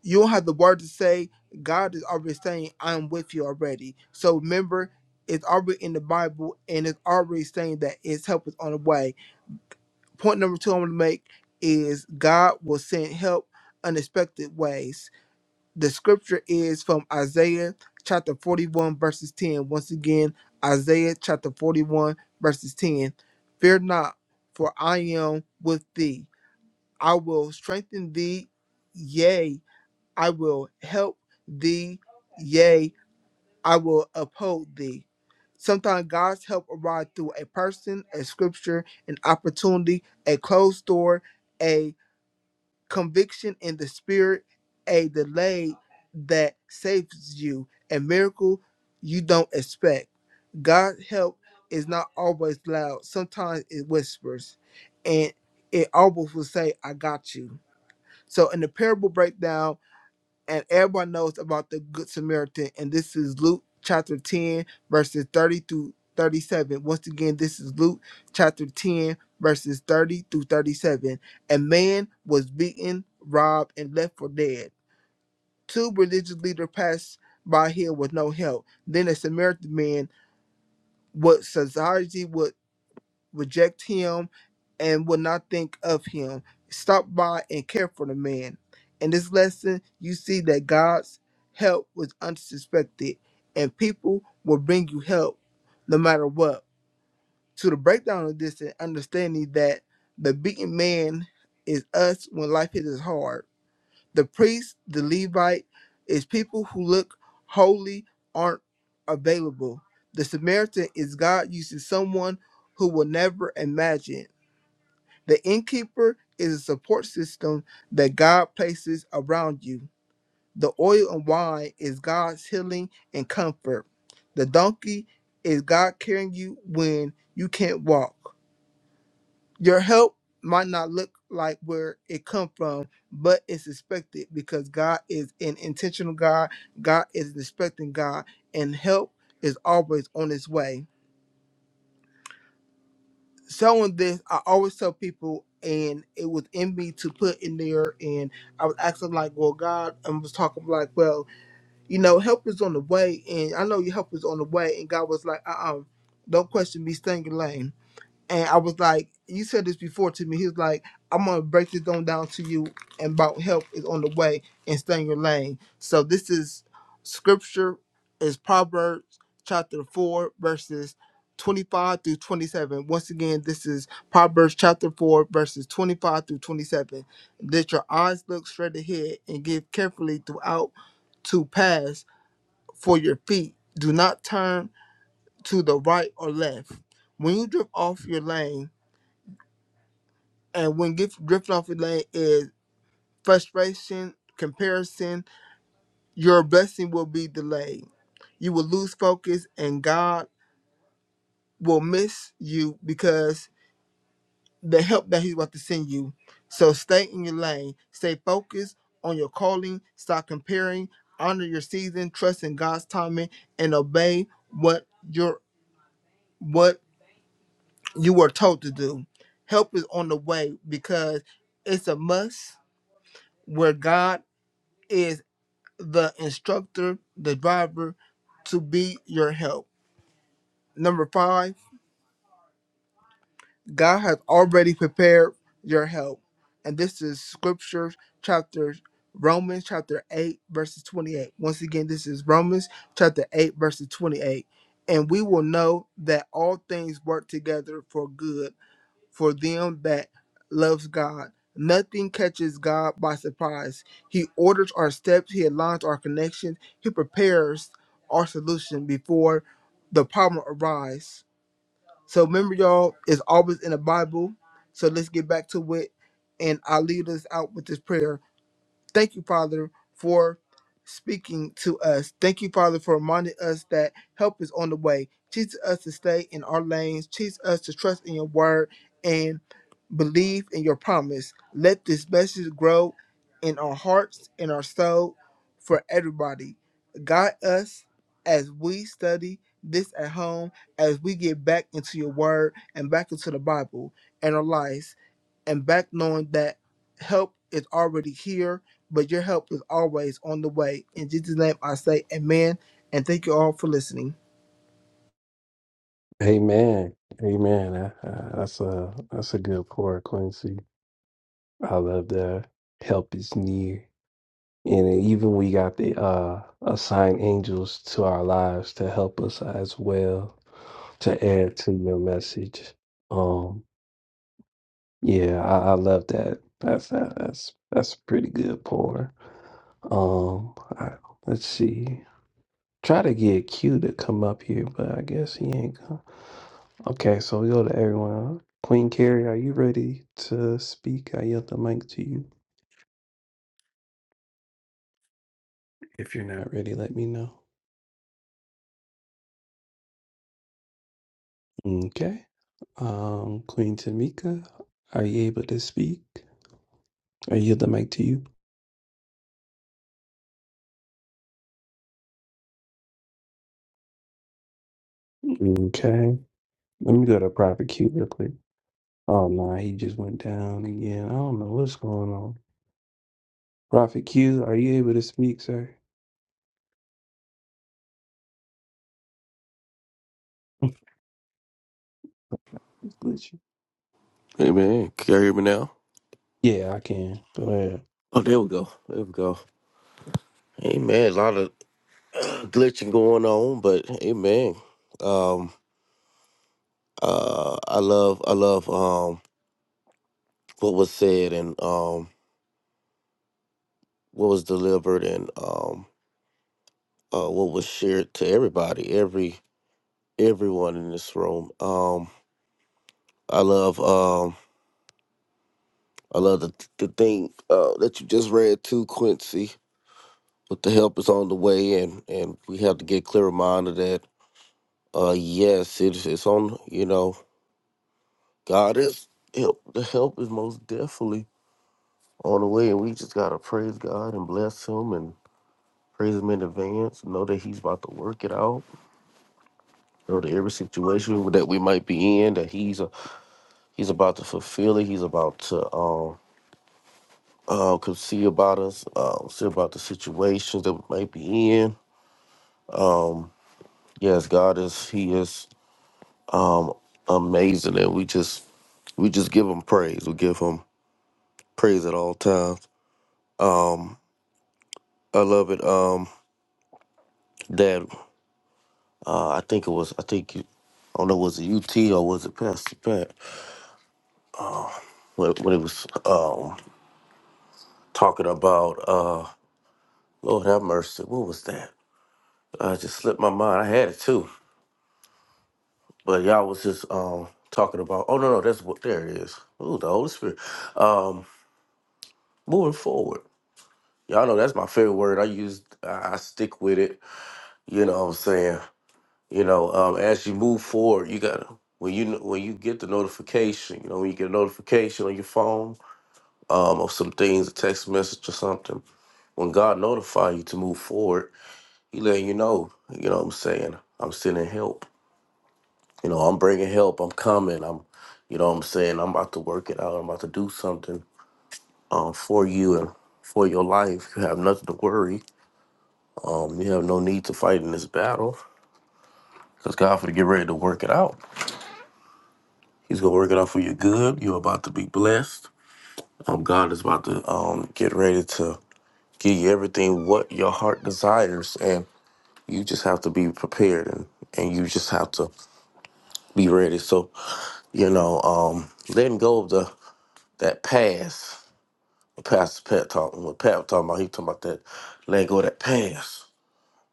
Speaker 8: you don't have the word to say, God is already saying, I'm with you already. So remember it's already in the Bible and it's already saying that its help is on the way. Point number two I'm gonna make is God will send help unexpected ways the scripture is from Isaiah chapter 41, verses 10. Once again, Isaiah chapter 41, verses 10. Fear not, for I am with thee. I will strengthen thee, yea, I will help thee, yea, I will uphold thee. Sometimes God's help arrives through a person, a scripture, an opportunity, a closed door, conviction in the spirit, a delay that saves you, a miracle you don't expect. God's help is not always loud. Sometimes it whispers, and it almost will say, "I got you." So in the parable breakdown and everyone knows about the Good Samaritan. And this is Luke chapter 10, verses 30 through 37. Once again, this is Luke chapter 10, verses 30 through 37. A man was beaten, robbed, and left for dead. Two religious leaders passed by him with no help. Then a Samaritan man, what society would reject him and will not think of him. Stop by and care for the man. In this lesson, you see that God's help was unsuspected, and people will bring you help no matter what. To the breakdown of this and understanding that the beaten man is us when life hits us hard the priest, the Levite, is people who look holy aren't available. The Samaritan is God using someone who will never imagine. The innkeeper is a support system that God places around you. The oil and wine is God's healing and comfort. The donkey is God carrying you when you can't walk. Your help might not look like where it come from, but it's expected because God is an intentional God. God is an expecting God, and help is always on its way. Selling this, I always tell people, and it was in me to put in there, and I was asking like, "Well, God," I was talking like, "Well, you know, help is on the way, and I know your help is on the way," and God was like, "Uh, uh-uh, don't question me, stay in your lane." and I was like, "You said this before to me." He was like, "I'm gonna break this on down to you, and about help is on the way, and stay in your lane." So this is scripture is Proverbs chapter four verses. 25 through 27. Once again, this is Proverbs chapter 4, verses 25 through 27. Let your eyes look straight ahead and give carefully throughout to pass for your feet. Do not turn to the right or left. When you drift off your lane, and when gift, drifting off delay is frustration, comparison, your blessing will be delayed. You will lose focus, and God will miss you because the help that He's about to send you. So stay in your lane, stay focused on your calling, stop comparing, honor your season, trust in God's timing, and obey what your what you were told to do. Help is on the way because it's a must where God is the instructor, the driver to be your help. Number five, God has already prepared your help. And this is scripture chapter Romans chapter 8 verses 28. Once again, this is Romans chapter 8 verses 28. And we will know that all things work together for good for them that loves God. Nothing catches God by surprise. He orders our steps, He aligns our connections, He prepares our solution before the problem arises. So remember, y'all, it's always in the Bible. So let's get back to it. And I'll lead us out with this prayer. Thank you, Father, for speaking to us. Thank you, Father, for reminding us that help is on the way. Teach us to stay in our lanes. Teach us to trust in your word and believe in your promise. Let this message grow in our hearts, in our soul, for everybody. Guide us as we study this at home, as we get back into your word and back into the Bible and our lives and back knowing that help is already here, but your help is always on the way. In Jesus' name, I say amen. And thank you all for listening.
Speaker 1: Amen. Amen. Uh, uh, That's a that's a good pour, Quincy. I love that. Help is near. And even we got the uh assigned angels to our lives to help us as well, to add to your message. Um yeah, I, I love that. That's that, that's that's a pretty good pour. Um I, let's see. Try to get Q to come up here, but I guess he ain't come. Okay, so we go to everyone. huh? Queen Carrie, are you ready to speak? I yield the mic to you. If you're not ready, let me know. Okay. Um, Queen Tamika, are you able to speak? I yield the mic to you. Okay. Let me go to Prophet Q real quick. Oh no, he just went down again. I don't know what's going on. Prophet Q, are you able to speak, sir? It's glitchy.
Speaker 9: Hey man, can you hear me now?
Speaker 1: Yeah, I can. Go ahead.
Speaker 9: Oh, there we go. There we go. Hey man, a lot of glitching going on, but hey man, um, uh, I love, I love, um, what was said and um, what was delivered and um, uh, what was shared to everybody, every everyone in this room. Um, I love, um, I love the the thing uh that you just read too, Quincy. But the help is on the way, and and we have to get clear mind of that Uh, yes, it's it's on. You know, God is help. The help is most definitely on the way, and we just gotta praise God and bless Him and praise Him in advance. Know that He's about to work it out. Know that every situation that we might be in, that He's uh He's about to fulfill it. He's about to um. Uh, could see about us, um, see about the situations that we might be in. Um, yes, God is, He is, um, amazing, and we just, we just give Him praise. We give Him praise at all times. Um, I love it. Um, that uh, I think it was. I think you. I don't know. Was it UT or was it Pastor Pat? When, when it was um talking about uh, Lord have mercy. What was that? I just slipped my mind. I had it too, but y'all was just um talking about. Oh no, no, that's what. There it is. Ooh, the Holy Spirit. Um, moving forward. Y'all know that's my favorite word. I use. I I stick with it. You know what I'm saying? you know um, as you move forward you gotta when you when you get the notification you know when you get a notification on your phone um, or some things a text message or something when god notify you to move forward he letting you know you know what i'm saying i'm sending help you know i'm bringing help i'm coming i'm you know what i'm saying i'm about to work it out i'm about to do something um, for you and for your life you have nothing to worry um, you have no need to fight in this battle because god for to get ready to work it out He's gonna work it out for your good. You're about to be blessed. Um, God is about to um get ready to give you everything what your heart desires, and you just have to be prepared and and you just have to be ready. So you know, um, letting go of the that past. Pastor Pat talking. What Pat was talking about? He talking about that. Letting go of that past.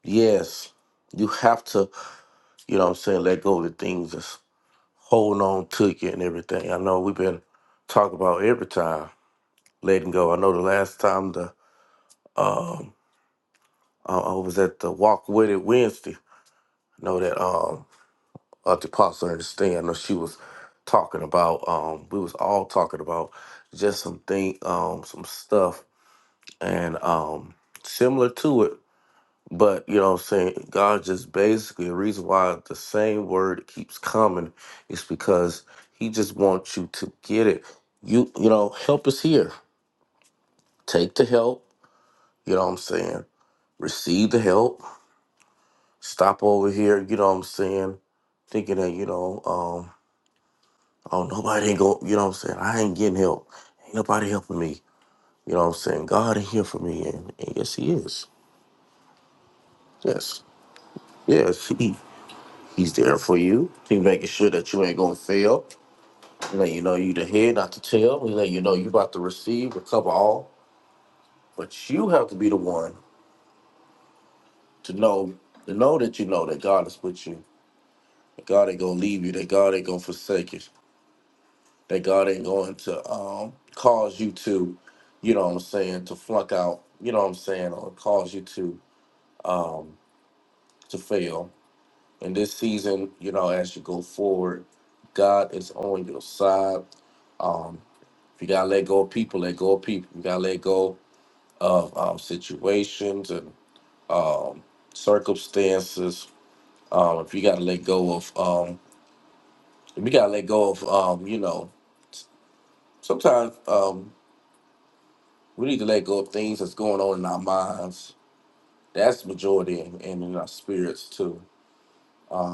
Speaker 9: Yes, you have to. You know what I'm saying? Let go of the things that's holding on to you and everything. I know we've been talking about every time. letting go. I know the last time the uh, I was at the Walk With It Wednesday. I know that um uh, the pastor understand. I know she was talking about um we was all talking about just some thing um some stuff and um similar to it. But you know what I'm saying, God just basically the reason why the same word keeps coming is because he just wants you to get it. You you know, help is here. Take the help, you know what I'm saying? Receive the help stop over here, you know what I'm saying? Thinking that, you know, um, oh nobody ain't go you know what I'm saying, I ain't getting help. Ain't nobody helping me. You know what I'm saying? God ain't here for me and, and yes he is. Yes. Yes, he he's there for you. He making sure that you ain't gonna fail. He let you know you the head, not the tail. He let you know you about to receive, recover all. But you have to be the one to know to know that you know that God is with you. That God ain't gonna leave you, that God ain't gonna forsake you. that God ain't going to um, cause you to, you know what I'm saying, to flunk out, you know what I'm saying, or cause you to to fail. In this season, you know, as you go forward, God is on your side. Um, if you gotta let go of people, let go of people. You gotta let go of um, situations and circumstances. Um, if you gotta let go of, um, if you gotta let go of, um, you know, sometimes um, we need to let go of things that's going on in our minds That's majority in, and in, our spirits too,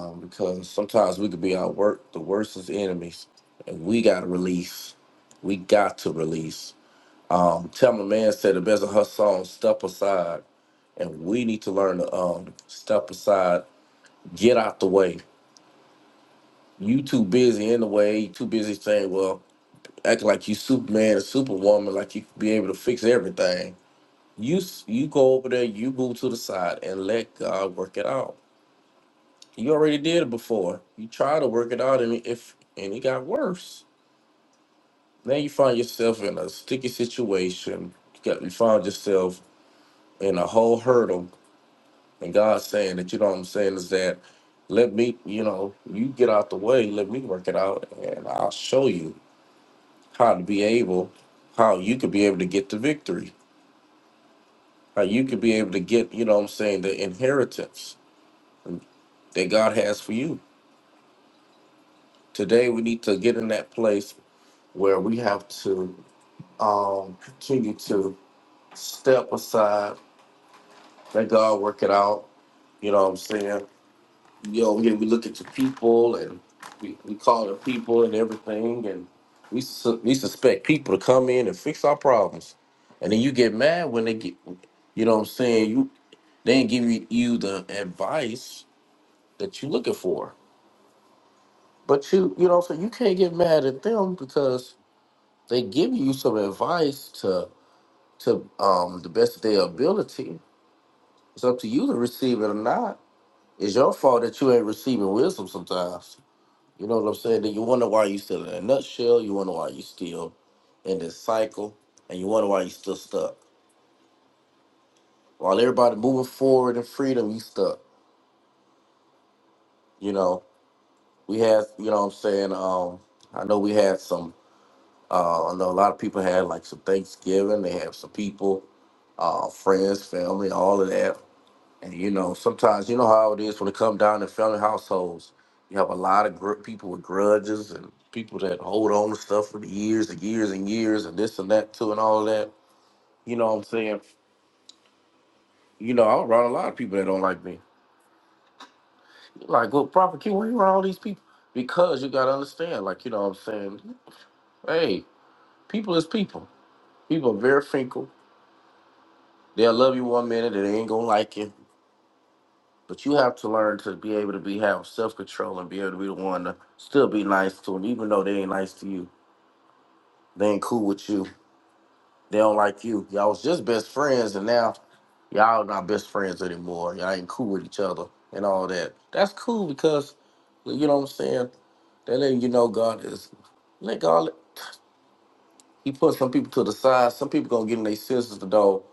Speaker 9: um, because sometimes we could be our work the worst is enemies, and we got to release. We got to release. Um, Thelma Man said the best of her song, "Step Aside," and we need to learn to um step aside, get out the way. You too busy in the way. You too busy saying, "Well, acting like you Superman and Superwoman, like you could be able to fix everything." You s- you go over there, you move to the side, and let God work it out You already did it before. You tried to work it out, and if and it got worse. Now you find yourself in a sticky situation. You got you find yourself in a whole hurdle, and God's saying that you know what I'm saying is that let me, you know, you get out the way, let me work it out, and I'll show you how to be able, how you could be able to get the victory, how you could be able to get, you know what I'm saying, the inheritance that God has for you. Today we need to get in that place where we have to um, continue to step aside, let God work it out. You know what I'm saying? You know, yeah, we look at the people and we, we call the people and everything, and we su- we suspect people to come in and fix our problems, and then you get mad when they get, you know what I'm saying? You they ain't give you, you the advice that you looking for, but you you know what I'm saying? You can't get mad at them because they give you some advice to to um the best of their ability, It's up to you to receive it or not. It's your fault that you ain't receiving wisdom sometimes. You know what I'm saying? Then you wonder why you still in a nutshell. You wonder why you still in this cycle, and you wonder why you still stuck. While everybody moving forward in freedom, you stuck. You know, we had, you know what I'm saying? Um, I know we had some, uh, I know a lot of people had like some Thanksgiving. They had some people, uh, friends, family, all of that And you know, sometimes you know how it is when it comes down to family households. You have a lot of gr- people with grudges and people that hold on to stuff for years and years and years and this and that too and all that. You know what I'm saying? You know, I'm around a lot of people that don't like me. Like, well, Prophet King, where you around all these people? Because you gotta understand, like, you know what I'm saying? Hey, people is people. People are very fickle. They'll love you one minute and they ain't gonna like you. But you have to learn to be able to be have self control and be able to be the one to still be nice to them, even though they ain't nice to you. They ain't cool with you. They don't like you. Y'all was just best friends, and now y'all not best friends anymore. Y'all ain't cool with each other and all that. That's cool because you know what I'm saying. They letting you know God is. Let God. He put some people to the side. Some people gonna get in their senses to know.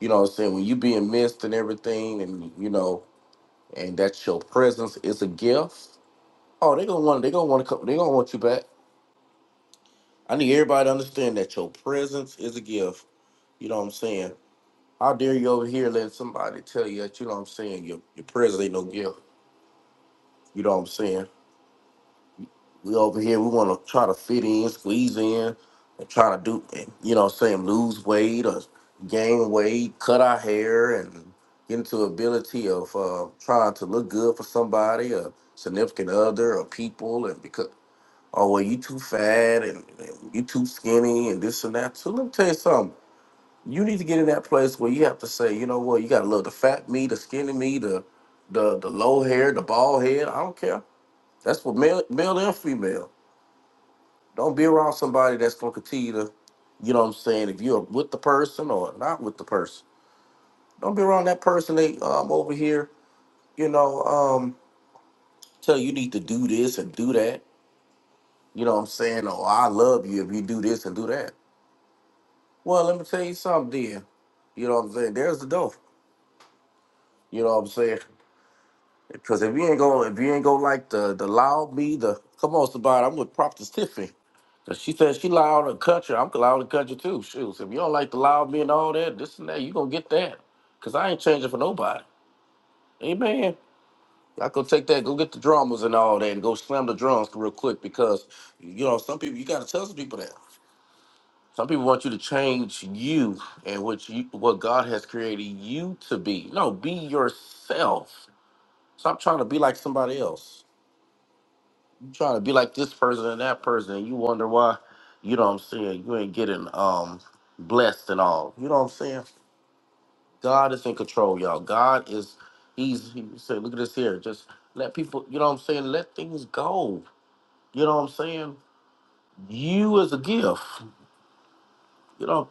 Speaker 9: You know what I'm saying. When you being missed and everything, and you know, and that's your presence is a gift Oh, they gonna want they gonna want to come. They gonna want you back. I need everybody to understand that your presence is a gift. You know what I'm saying? How dare you over here letting somebody tell you that? You know what I'm saying? Your your presence ain't no gift. You know what I'm saying? We over here. We want to try to fit in, squeeze in, and try to do. You know what I'm saying? Lose weight or gain weight, cut our hair, and get into ability of uh, trying to look good for somebody, or significant other, or people, and because. oh well you too fat and, and you too skinny and this and that. So let me tell you something. You need to get in that place where you have to say, you know what, you gotta love the fat me, the skinny me, the the the low hair, the bald head. I don't care. That's what male male and female. Don't be around somebody that's gonna continue to, you know what I'm saying, if you're with the person or not with the person. Don't be around that person they um over here, you know, um tell you need to do this and do that. You know what I'm saying? Oh, I love you if you do this and do that. Well, let me tell you something, then. You know what I'm saying? There's the door. You know what I'm saying? Because if you ain't going, if you ain't going like the the loud me, the come on, somebody, I'm with Prophet Tiffany. 'Cause she said she loud in the country. I'm loud in the country too. Shoes. If you don't like the loud me and all that, this and that, you gonna get that. Cause I ain't changing for nobody. Amen. I go take that, go get the drummers and all that, and go slam the drums real quick because you know some people you gotta tell some people that. Some people want you to change you and what you what God has created you to be. No, be yourself. Stop trying to be like somebody else. You trying to be like this person and that person, and you wonder why. You know what I'm saying? You ain't getting um blessed and all. You know what I'm saying? God is in control, y'all. God is He's He said, look at this here. Just let people. You know what I'm saying? Let things go. You know what I'm saying? You is a gift. You know.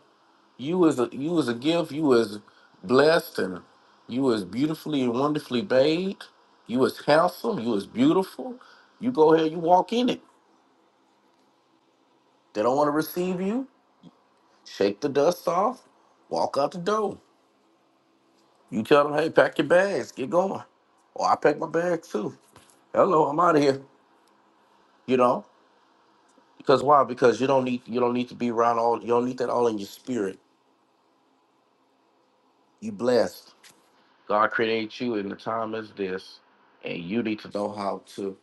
Speaker 9: You was a you was a gift. You was blessed, and you was beautifully and wonderfully made. You was handsome. You was beautiful. You go ahead. You walk in it. They don't want to receive you. Shake the dust off. Walk out the door. You tell them, hey, pack your bags. Get going. Or I pack my bags too. Hello, I'm out of here. You know, because why? Because you don't need you don't need to be around all. You don't need that all in your spirit. You blessed. God created you in the time as this, and you need to know how to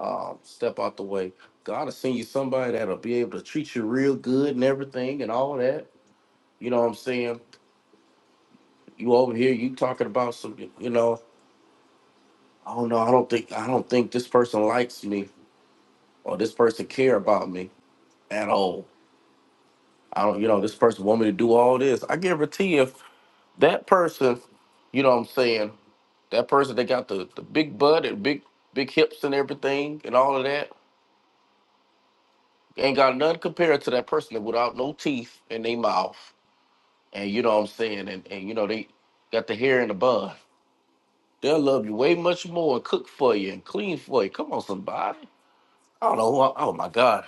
Speaker 9: um, step out the way. God will send you somebody that'll be able to treat you real good and everything and all that. You know what I'm saying? You over here, you talking about some, you know, I don't know, I don't think, I don't think this person likes me or this person care about me at all. I don't, you know, this person want me to do all this. I guarantee you, if that person, you know what I'm saying, that person that got the, the big butt and big, big hips and everything and all of that, ain't got nothing compared to that person that without no teeth in their mouth. and you know what I'm saying, and, and you know they got the hair in the bun. They'll love you way much more and cook for you and clean for you. Come on, somebody. I don't know. Who I, oh my God,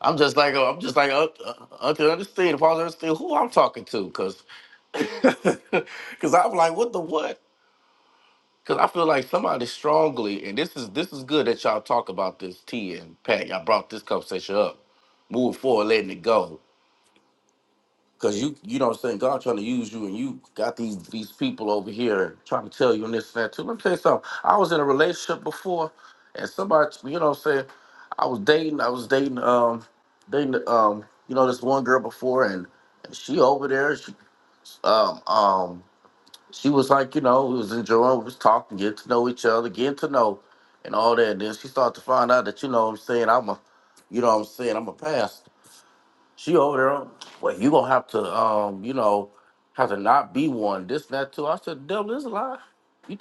Speaker 9: I'm just like uh, I'm just like uh, uh, Uncle understand if I was understand who I'm talking to, cause cause I'm like what the what? Cause I feel like somebody strongly, and this is this is good that y'all talk about this T and Pat. Y'all brought this conversation up, moving forward, letting it go. Cause you you know what I'm saying, God trying to use you and you got these these people over here trying to tell you and this and that too. Let me tell you something. I was in a relationship before and somebody you know what I'm saying, I was dating, I was dating um dating um, you know, this one girl before and, and she over there, she um um she was like, you know, we was enjoying, we was talking, getting to know each other, getting to know and all that. And then she started to find out that, you know what I'm saying, I'm a you know what I'm saying, I'm a pastor. She over there. Well, you gonna have to, um, you know, have to not be one. This, that, too. I said, devil is a lie. You,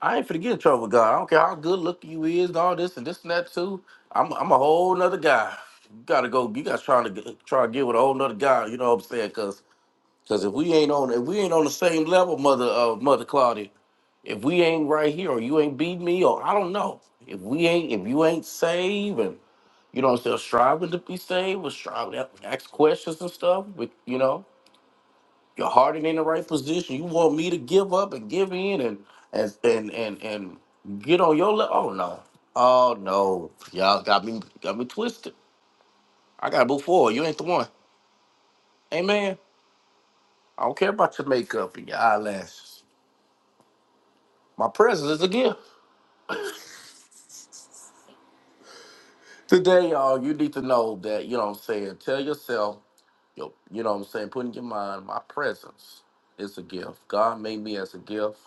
Speaker 9: I ain't finna get in trouble with God. I don't care how good looking you is, and all this and this and that too. I'm, I'm a whole nother guy. You gotta go. You guys trying to get, try to get with a whole nother guy. You know what I'm saying? Cause, cause if we ain't on, if we ain't on the same level, mother, uh, mother Claudia, if we ain't right here, or you ain't beat me, or I don't know, if we ain't, if you ain't saving. You know what I'm saying? Striving to be saved, was striving to ask questions and stuff, but you know, your heart ain't in the right position. You want me to give up and give in and and and and, and get on your level. Oh no. Oh no. Y'all got me got me twisted. I gotta move forward. You ain't the one. Amen. I don't care about your makeup and your eyelashes. My presence is a gift. Today, y'all, you need to know that, you know what I'm saying, tell yourself, yo, you know what I'm saying, put in your mind, my presence is a gift. God made me as a gift.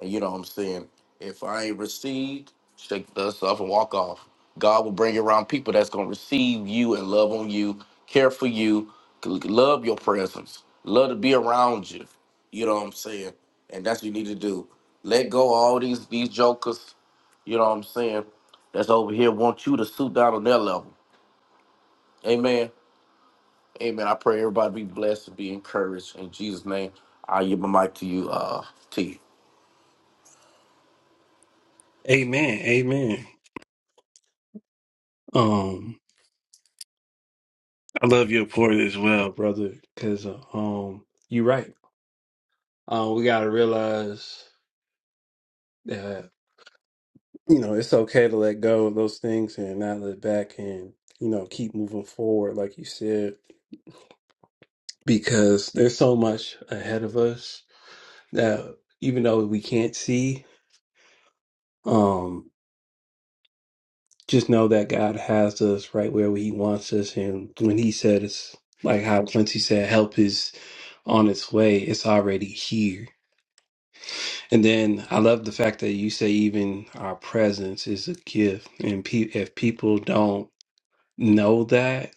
Speaker 9: And you know what I'm saying? If I ain't received, shake the dust off and walk off. God will bring you around people that's going to receive you and love on you, care for you, c- love your presence, love to be around you. You know what I'm saying? And that's what you need to do. Let go of all these these jokers, you know what I'm saying, that's over here want you to suit down on their level. Amen. Amen. I pray everybody be blessed and be encouraged. In Jesus' name, I give my mic to you, uh, T.
Speaker 1: Amen. Amen. Um, I love your point as well, brother, because um, you're right. Um, we gotta realize that you know it's okay to let go of those things and not look back and you know keep moving forward, like you said, because there's so much ahead of us that even though we can't see, um, just know that God has us right where He wants us, and when He said it's like how Quincy said, help is on its way. It's already here. And then I love the fact that you say even our presence is a gift. And pe- if people don't know that,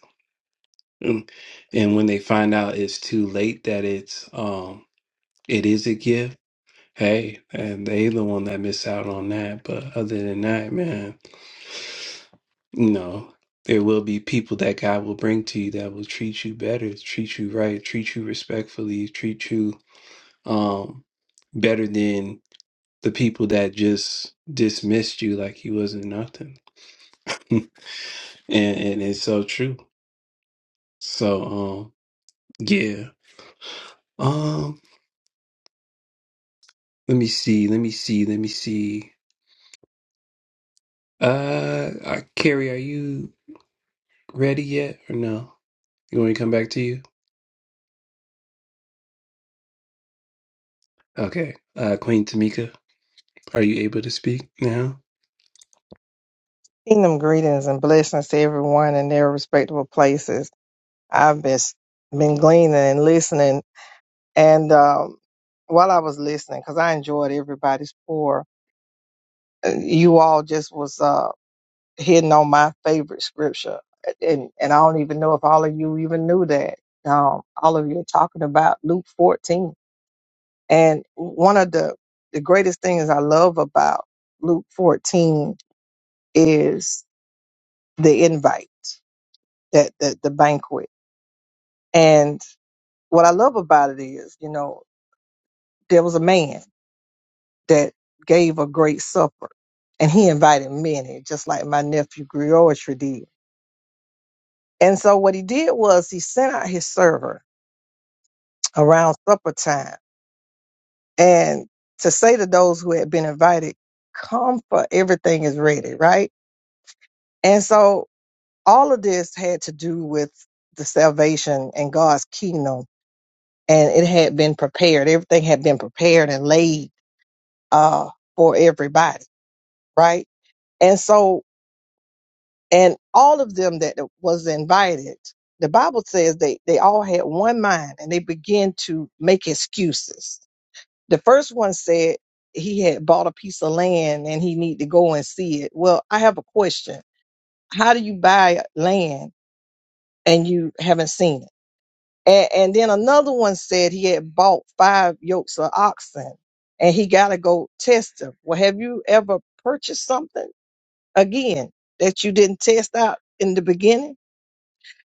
Speaker 1: mm, and when they find out it's too late that it's um it is a gift, hey, and they the one that miss out on that. But other than that, man, you know, there will be people that God will bring to you that will treat you better, treat you right, treat you respectfully, treat you um better than the people that just dismissed you like you wasn't nothing. and and it's so true. So um yeah. Um let me see, let me see, let me see. Uh uh, Carrie, are you ready yet or no? You want me to come back to you? Okay. Uh Queen Tamika, are you able to speak now?
Speaker 10: Kingdom greetings and blessings to everyone in their respectable places. I've been been gleaning and listening, and um, while I was listening, because I enjoyed everybody's pour, uh, you all just was uh, hitting on my favorite scripture, and and I don't even know if all of you even knew that. Um, all of you are talking about Luke fourteen, and one of the the greatest things I love about Luke fourteen is the invite, that the, the banquet. And what I love about it is, you know, there was a man that gave a great supper and he invited many, just like my nephew Griotry did. And so what he did was he sent out his server around supper time and to say to those who had been invited, come for everything is ready, right? And so all of this had to do with the salvation and God's kingdom. And it had been prepared. Everything had been prepared and laid uh, for everybody, right? And so, and all of them that was invited, the Bible says they, they all had one mind and they began to make excuses. The first one said he had bought a piece of land and he need to go and see it. Well, I have a question. How do you buy land and you haven't seen it? And, and then another one said he had bought five yokes of oxen and he got to go test them. Well, have you ever purchased something? again that you didn't test out in the beginning.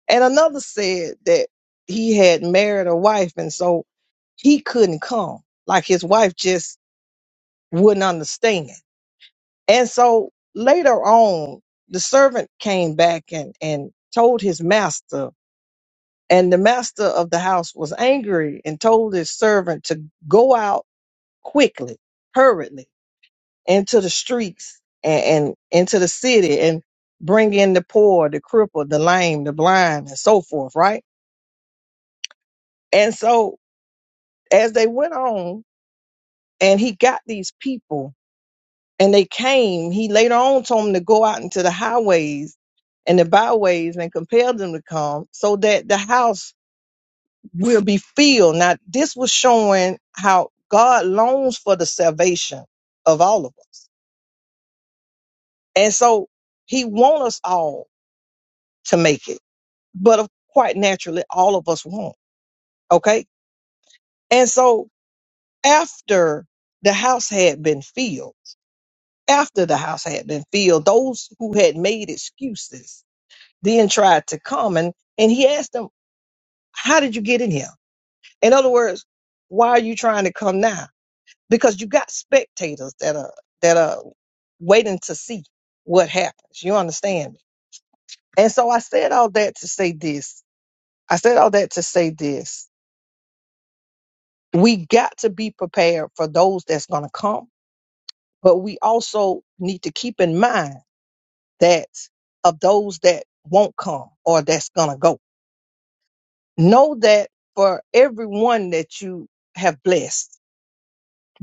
Speaker 10: And another said that he had married a wife and so he couldn't come. Like his wife just wouldn't understand. And so later on, the servant came back and, and told his master, and the master of the house was angry and told his servant to go out quickly, hurriedly into the streets and, and into the city and bring in the poor, the crippled, the lame, the blind, and so forth, right? And so as they went on and he got these people and they came, he later on told them to go out into the highways and the byways and compelled them to come so that the house will be filled. Now, this was showing how God longs for the salvation of all of us. And so he wants us all to make it. but of- quite naturally, all of us won't. Okay. And so after the house had been filled, after the house had been filled, those who had made excuses then tried to come and, and he asked them, How did you get in here? In other words, why are you trying to come now? Because you got spectators that are that are waiting to see what happens. You understand me? And so I said all that to say this. I said all that to say this we got to be prepared for those that's going to come but we also need to keep in mind that of those that won't come or that's going to go know that for everyone that you have blessed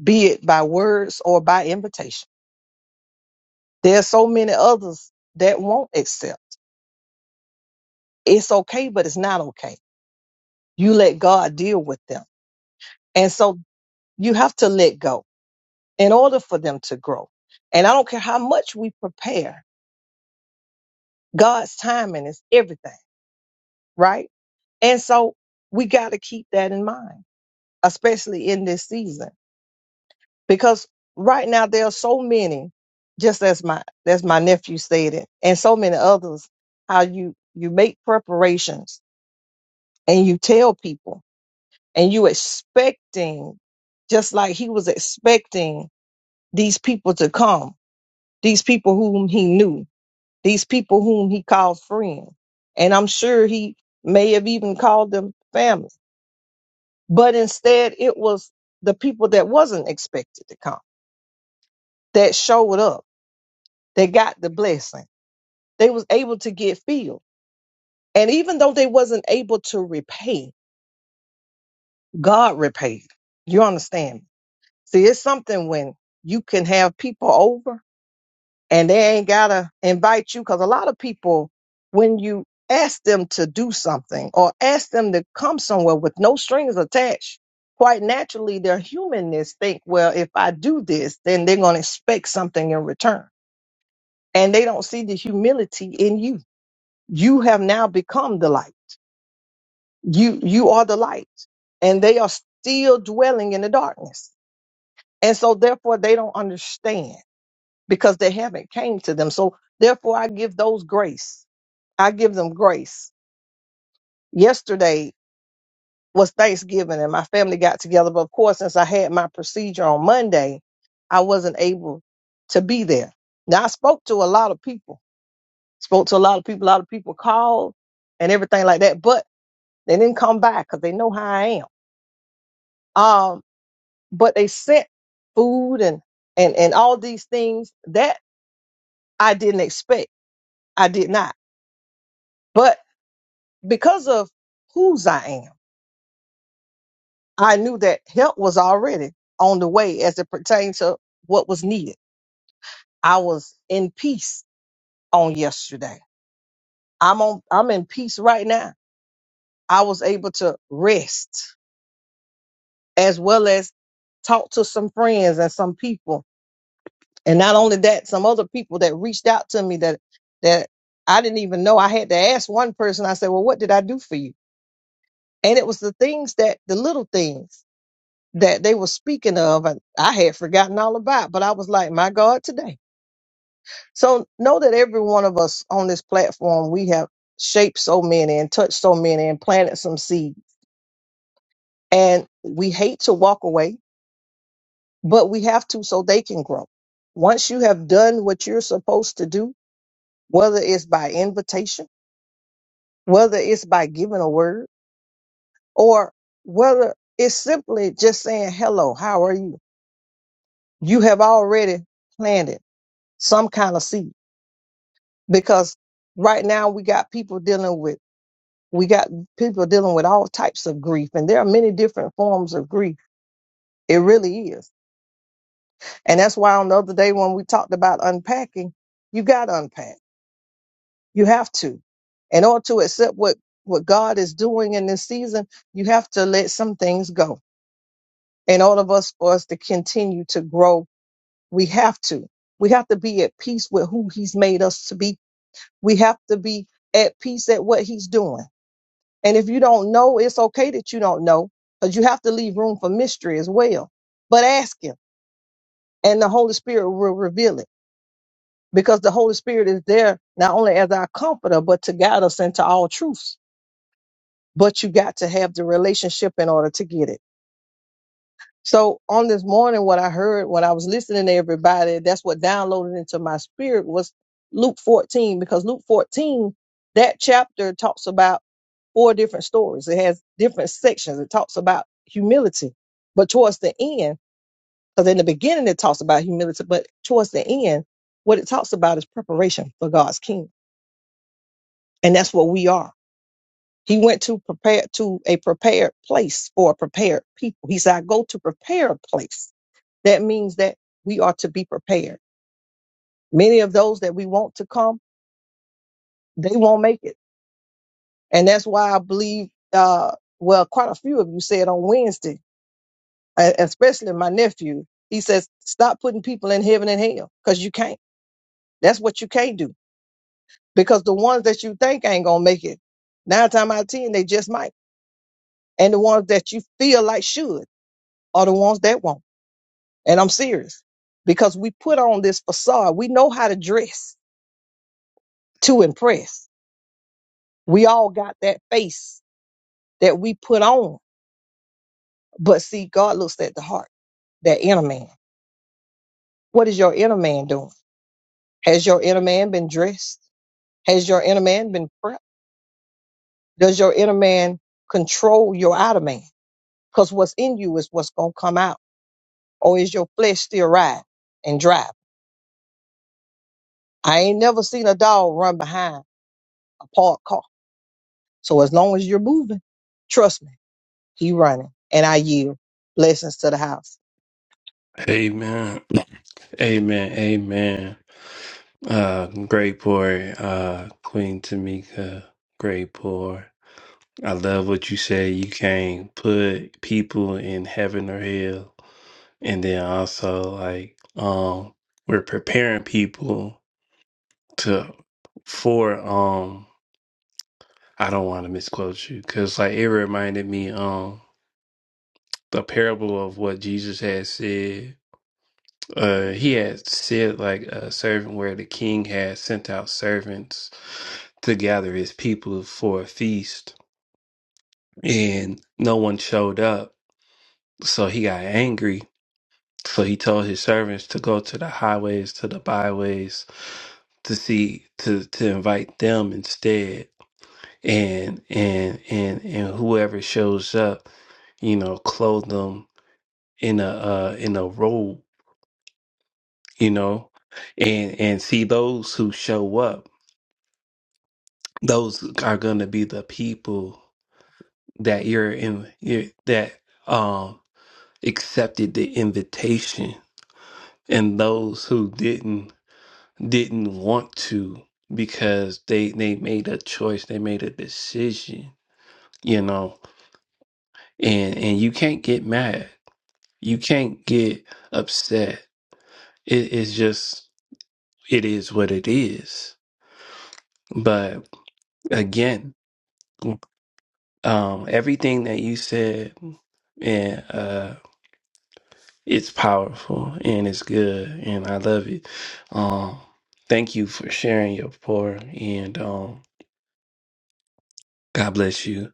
Speaker 10: be it by words or by invitation there's so many others that won't accept it's okay but it's not okay you let god deal with them and so you have to let go in order for them to grow and i don't care how much we prepare God's timing is everything, right? And so we got to keep that in mind, especially in this season, because right now there are so many, just as my as my nephew stated, and so many others, how you you make preparations and you tell people and you expecting, just like he was expecting these people to come, these people whom he knew, these people whom he called friends. And I'm sure he may have even called them family. But instead, it was the people that wasn't expected to come, that showed up, that got the blessing. They was able to get filled. And even though they wasn't able to repay, God repaid. You understand? See, it's something when you can have people over and they ain't gotta invite you because a lot of people when you ask them to do something or ask them to come somewhere with no strings attached quite naturally their humanness think well if i do this then they're going to expect something in return and they don't see the humility in you you have now become the light you you are the light and they are still dwelling in the darkness and so therefore they don't understand because they haven't came to them so therefore i give those grace I give them grace. Yesterday was Thanksgiving and my family got together, but of course, since I had my procedure on Monday, I wasn't able to be there. Now I spoke to a lot of people, spoke to a lot of people, a lot of people called and everything like that, but they didn't come by because they know how I am. Um, but they sent food and and and all these things that I didn't expect. I did not. But because of whose I am I knew that help was already on the way as it pertained to what was needed. I was in peace on yesterday. I'm on I'm in peace right now. I was able to rest as well as talk to some friends and some people. And not only that, some other people that reached out to me that that I didn't even know. I had to ask one person, I said, Well, what did I do for you? And it was the things that the little things that they were speaking of and I had forgotten all about. But I was like, My God, today. So know that every one of us on this platform, we have shaped so many and touched so many and planted some seeds. And we hate to walk away, but we have to so they can grow. Once you have done what you're supposed to do, whether it's by invitation, whether it's by giving a word, or whether it's simply just saying, hello, how are you? You have already planted some kind of seed because right now we got people dealing with we got people dealing with all types of grief and there are many different forms of grief it really is and that's why on the other day when we talked about unpacking you got to unpack you have to in order to accept what what god is doing in this season you have to let some things go in order of us for us to continue to grow we have to we have to be at peace with who he's made us to be we have to be at peace at what he's doing And if you don't know, it's okay that you don't know because you have to leave room for mystery as well. But ask Him, and the Holy Spirit will reveal it because the Holy Spirit is there not only as our comforter, but to guide us into all truths. But you got to have the relationship in order to get it. So on this morning, what I heard when I was listening to everybody, that's what downloaded into my spirit was Luke 14, because Luke 14, that chapter talks about four different stories. It has different sections. It talks about humility, but towards the end, because in the beginning it talks about humility, but towards the end, what it talks about is preparation for God's kingdom. And that's what we are. He went to prepare to a prepared place for a prepared people. He said, I go to prepare a place that means that we are to be prepared. Many of those that we want to come, they won't make it. And that's why I believe, uh, well, quite a few of you said on Wednesday, e- especially my nephew, he says, stop putting people in heaven and hell because you can't. That's what you can't do because the ones that you think ain't going to make it, nine times out of 10, they just might. And the ones that you feel like should are the ones that won't. And I'm serious because we put on this facade. We know how to dress to impress We all got that face that we put on. But see, God looks at the heart, that inner man. What is your inner man doing? Has your inner man been dressed? Has your inner man been prepped? Does your inner man control your outer man? Because what's in you is what's going to come out. Or is your flesh still riding and driving? I ain't never seen a dog run behind a parked car. So as long as you're moving, trust me, he running. And I yield. Blessings to the house.
Speaker 1: Amen. Amen. Amen. Uh great pour, uh Queen Tamika, great pour. I love what you say. You can't put people in heaven or hell. And then also like um we're preparing people to for um I don't want to misquote you cuz like it reminded me um the parable of what Jesus had said. Uh he had said like a servant where the king had sent out servants to gather his people for a feast and no one showed up. So he got angry So he told his servants to go to the highways, to the byways, to see to to invite them instead. And and and and whoever shows up, you know, clothe them in a uh, in a robe, you know, and and see those who show up. Those are going to be the people that you're in you're, that um accepted the invitation, and those who didn't didn't want to because they they made a choice they made a decision you know and and you can't get mad you can't get upset it is just it is what it is but again um everything that you said and uh it's powerful and it's good and i love it um thank you for sharing your pour and um God bless you.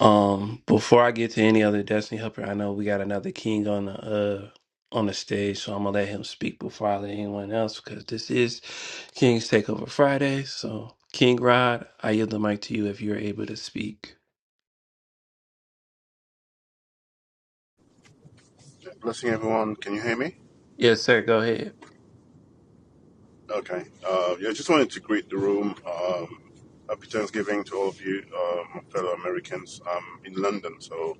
Speaker 1: Um, before I get to any other Destiny Helper, I know we got another king on the uh on the stage, so I'm gonna let him speak before I let anyone else because this is King's Takeover Friday. So King Rod, I yield the mic to you if you're able to speak.
Speaker 11: Blessing everyone. Can you hear me?
Speaker 1: Yes, sir, go ahead.
Speaker 11: Okay. Uh, yeah, I just wanted to greet the room. Um, happy Thanksgiving to all of you, um, fellow Americans. I'm in London, so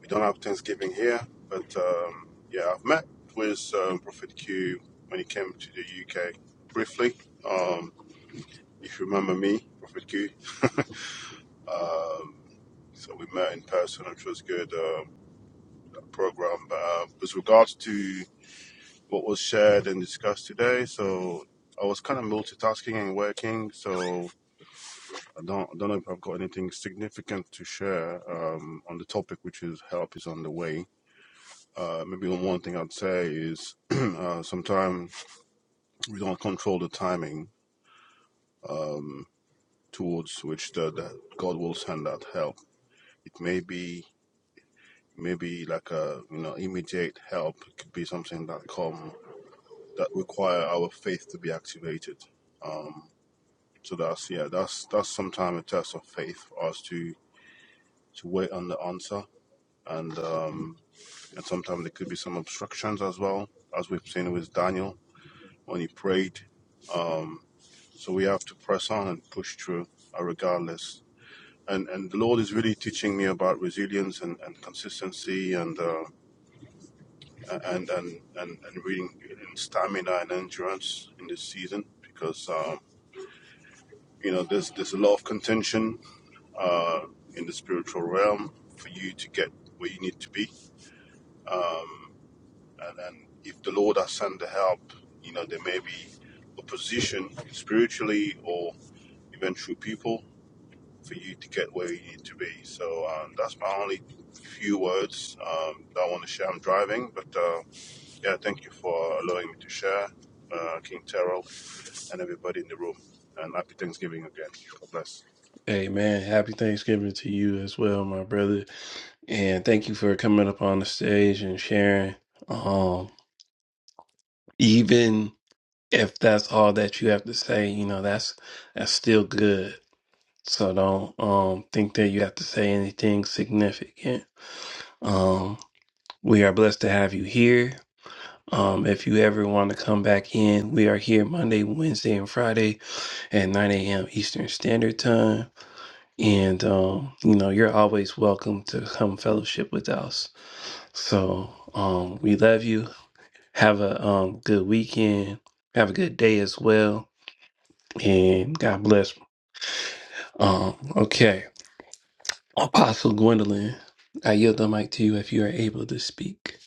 Speaker 11: we don't have Thanksgiving here. But um, yeah, I've met with um, Prophet Q when he came to the UK briefly. Um, if you remember me, Prophet Q. Um, so we met in person, which was good uh, program. But uh, with regards to what was shared and discussed today. So I was kind of multitasking and working. So I don't I don't know if I've got anything significant to share um, on the topic, which is help is on the way. Uh, maybe one thing I'd say is uh, sometimes we don't control the timing um, towards which the, the God will send out help. It may be maybe like a you know immediate help. It could be something that come that require our faith to be activated. Um, So that's yeah, that's that's sometimes a test of faith for us to to wait on the answer, and um, and sometimes there could be some obstructions as well, as we've seen with Daniel when he prayed. Um, so we have to press on and push through, uh, regardless. And and the Lord is really teaching me about resilience and, and consistency and, uh, and and and and reading and stamina and endurance in this season because um, you know there's there's a lot of contention uh, in the spiritual realm for you to get where you need to be. And, and if the Lord has sent the help, you know, there may be opposition spiritually or even through people for you to get where you need to be. So um, that's my only few words um, that I want to share. I'm driving, but uh, yeah, thank you for allowing me to share, uh, King Terrell, and everybody in the room. And happy Thanksgiving again. God bless.
Speaker 1: Amen. Happy Thanksgiving to you as well, my brother. And thank you for coming up on the stage and sharing. Um, even if that's all that you have to say, you know, that's that's still good So don't um think that you have to say anything significant. Um we are blessed to have you here. Um if you ever want to come back in, we are here Monday, Wednesday, and Friday at 9 a.m. Eastern Standard Time. And um, you know, you're always welcome to come fellowship with us. So um we love you. Have a um good weekend. Have a good day as well. And God bless. Um, okay. Apostle Gwendolyn, I yield the mic to you if you are able to speak.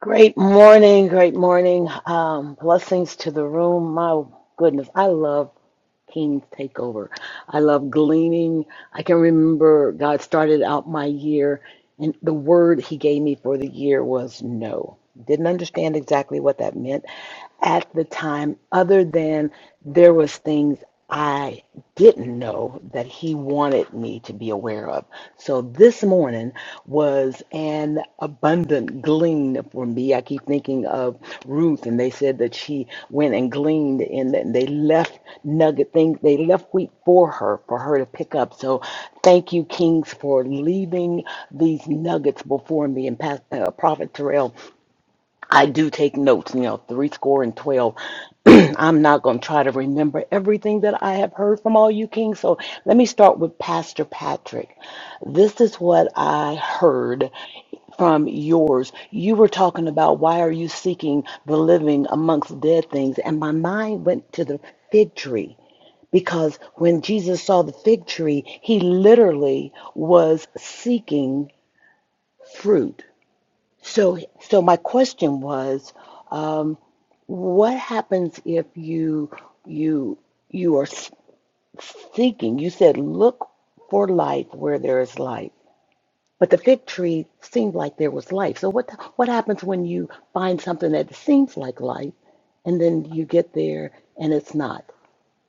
Speaker 4: Great morning, great morning. Um, blessings to the room. My goodness, I love King's Takeover. I love gleaning. I can remember God started out my year, and the word He gave me for the year was no. Didn't understand exactly what that meant at the time, other than there was things I didn't know that He wanted me to be aware of. So this morning was an abundant glean for me. I keep thinking of Ruth, and they said that she went and gleaned, and that they left nugget things. They left wheat for her, for her to pick up. So thank you, Kings, for leaving these nuggets before me. And Pastor, uh, Prophet Terrell, I do take notes, you know, three score and twelve. I'm not going to try to remember everything that I have heard from all you kings. So let me start with Pastor Patrick. This is what I heard from yours. You were talking about why are you seeking the living amongst dead things? And my mind went to the fig tree because when Jesus saw the fig tree, he literally was seeking fruit. So so my question was what happens if you you you are s- seeking you said look for life where there is life but the fig tree seemed like there was life so what what happens when you find something that seems like life and then you get there and it's not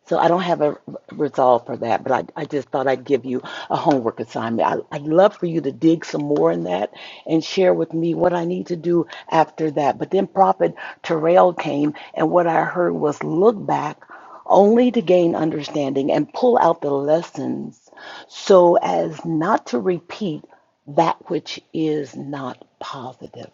Speaker 4: so I don't have a resolve for that, but I, I just thought I'd give you a homework assignment. I, I'd love for you to dig some more in that and share with me what I need to do after that. But then Prophet Terrell came, and what I heard was look back only to gain understanding and pull out the lessons so as not to repeat that which is not positive.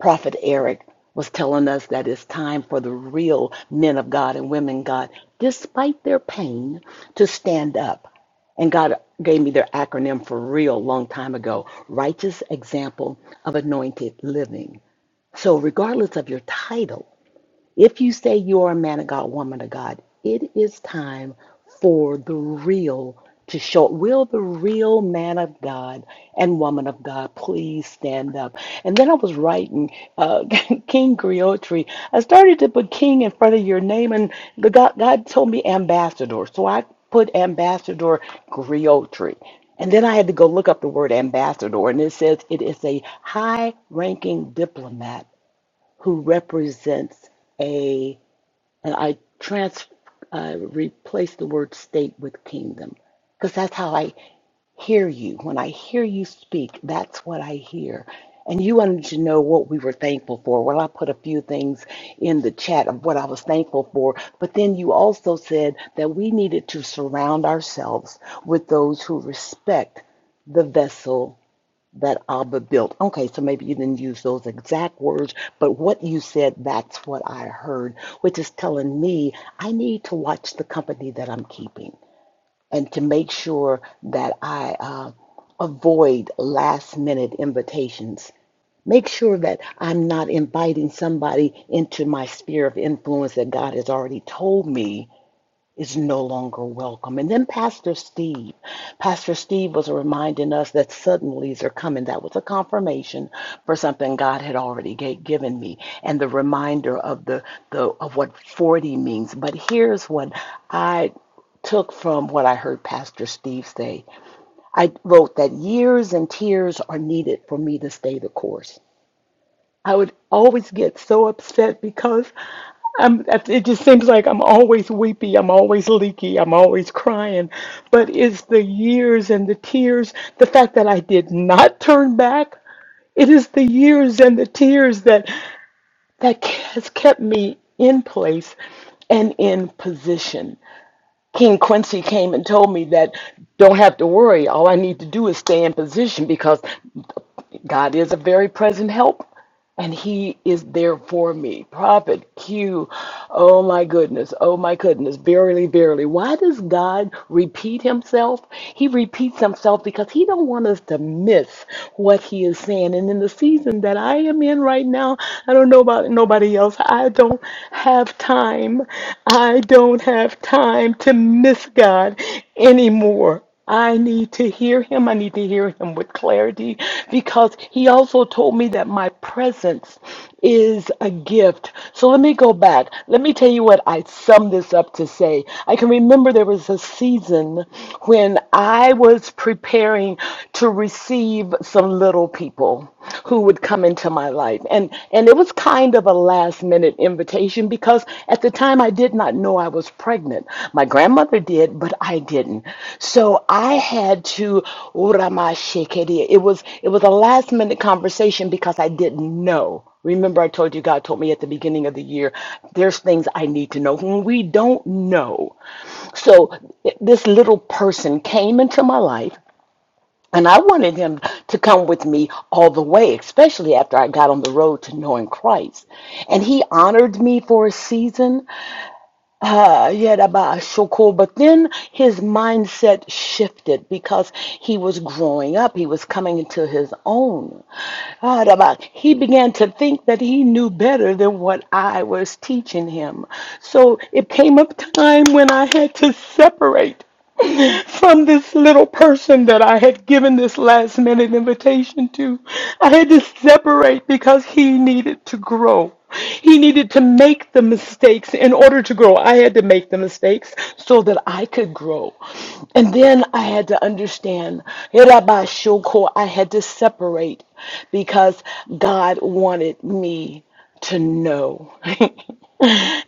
Speaker 4: Prophet Eric was telling us that it's time for the real men of God and women of God, despite their pain, to stand up. And God gave me their acronym for real a long time ago righteous example of anointed living. So, regardless of your title, if you say you are a man of God, woman of God, it is time for the real to show. Will the real man of God and woman of God please stand up? And then I was writing uh, King Griotri. I started to put King in front of your name, and the God, God told me ambassador. So I put ambassador Griotri. And then I had to go look up the word ambassador, and it says it is a high ranking diplomat who represents a, and I trans, uh, replace the word state with kingdom, because that's how I hear you. When I hear you speak, that's what I hear. And you wanted to know what we were thankful for. Well, I put a few things in the chat of what I was thankful for, but then you also said that we needed to surround ourselves with those who respect the vessel that Abba built. Okay, so maybe you didn't use those exact words, but what you said, that's what I heard, which is telling me I need to watch the company that I'm keeping and to make sure that I uh, avoid last minute invitations. Make sure that I'm not inviting somebody into my sphere of influence that God has already told me is no longer welcome. And then Pastor Steve. Pastor Steve was reminding us that suddenlies are coming. That was a confirmation for something God had already ga- given me and the reminder of the, the of what 40 means. But here's what I took from what I heard Pastor Steve say. I wrote that years and tears are needed for me to stay the course. I would always get so upset because I'm, it just seems like I'm always weepy, I'm always leaky, I'm always crying. But it's the years and the tears, the fact that I did not turn back. It is the years and the tears that that has kept me in place and in position. King Quincy came and told me that don't have to worry. All I need to do is stay in position because God is a very present help, and He is there for me. Prophet Q, oh my goodness, oh my goodness, verily, verily. Why does God repeat Himself? He repeats Himself because He don't want us to miss what He is saying. And in the season that I am in right now, I don't know about nobody else. I don't have time. I don't have time to miss God anymore. I need to hear him. I need to hear him with clarity because he also told me that my presence is a gift. So let me go back. Let me tell you what I summed this up to say. I can remember there was a season when I was preparing to receive some little people who would come into my life and and it was kind of a last minute invitation because at the time I did not know I was pregnant my grandmother did but I didn't so I had to Uramashikeria. it was it was a last minute conversation because I didn't know remember I told you God told me at the beginning of the year there's things I need to know when we don't know so th- this little person came into my life and I wanted him to come with me all the way, especially after I got on the road to knowing Christ. And he honored me for a season, uh, yet about a shokol. But then his mindset shifted because he was growing up. He was coming into his own. Ah, Rabbi, He began to think that he knew better than what I was teaching him. So it came a time when I had to separate. from this little person that I had given this last minute invitation to. I had to separate because he needed to grow. He needed to make the mistakes in order to grow. I had to make the mistakes so that I could grow. And then I had to understand. Irabashoko, I had to separate because God wanted me to know.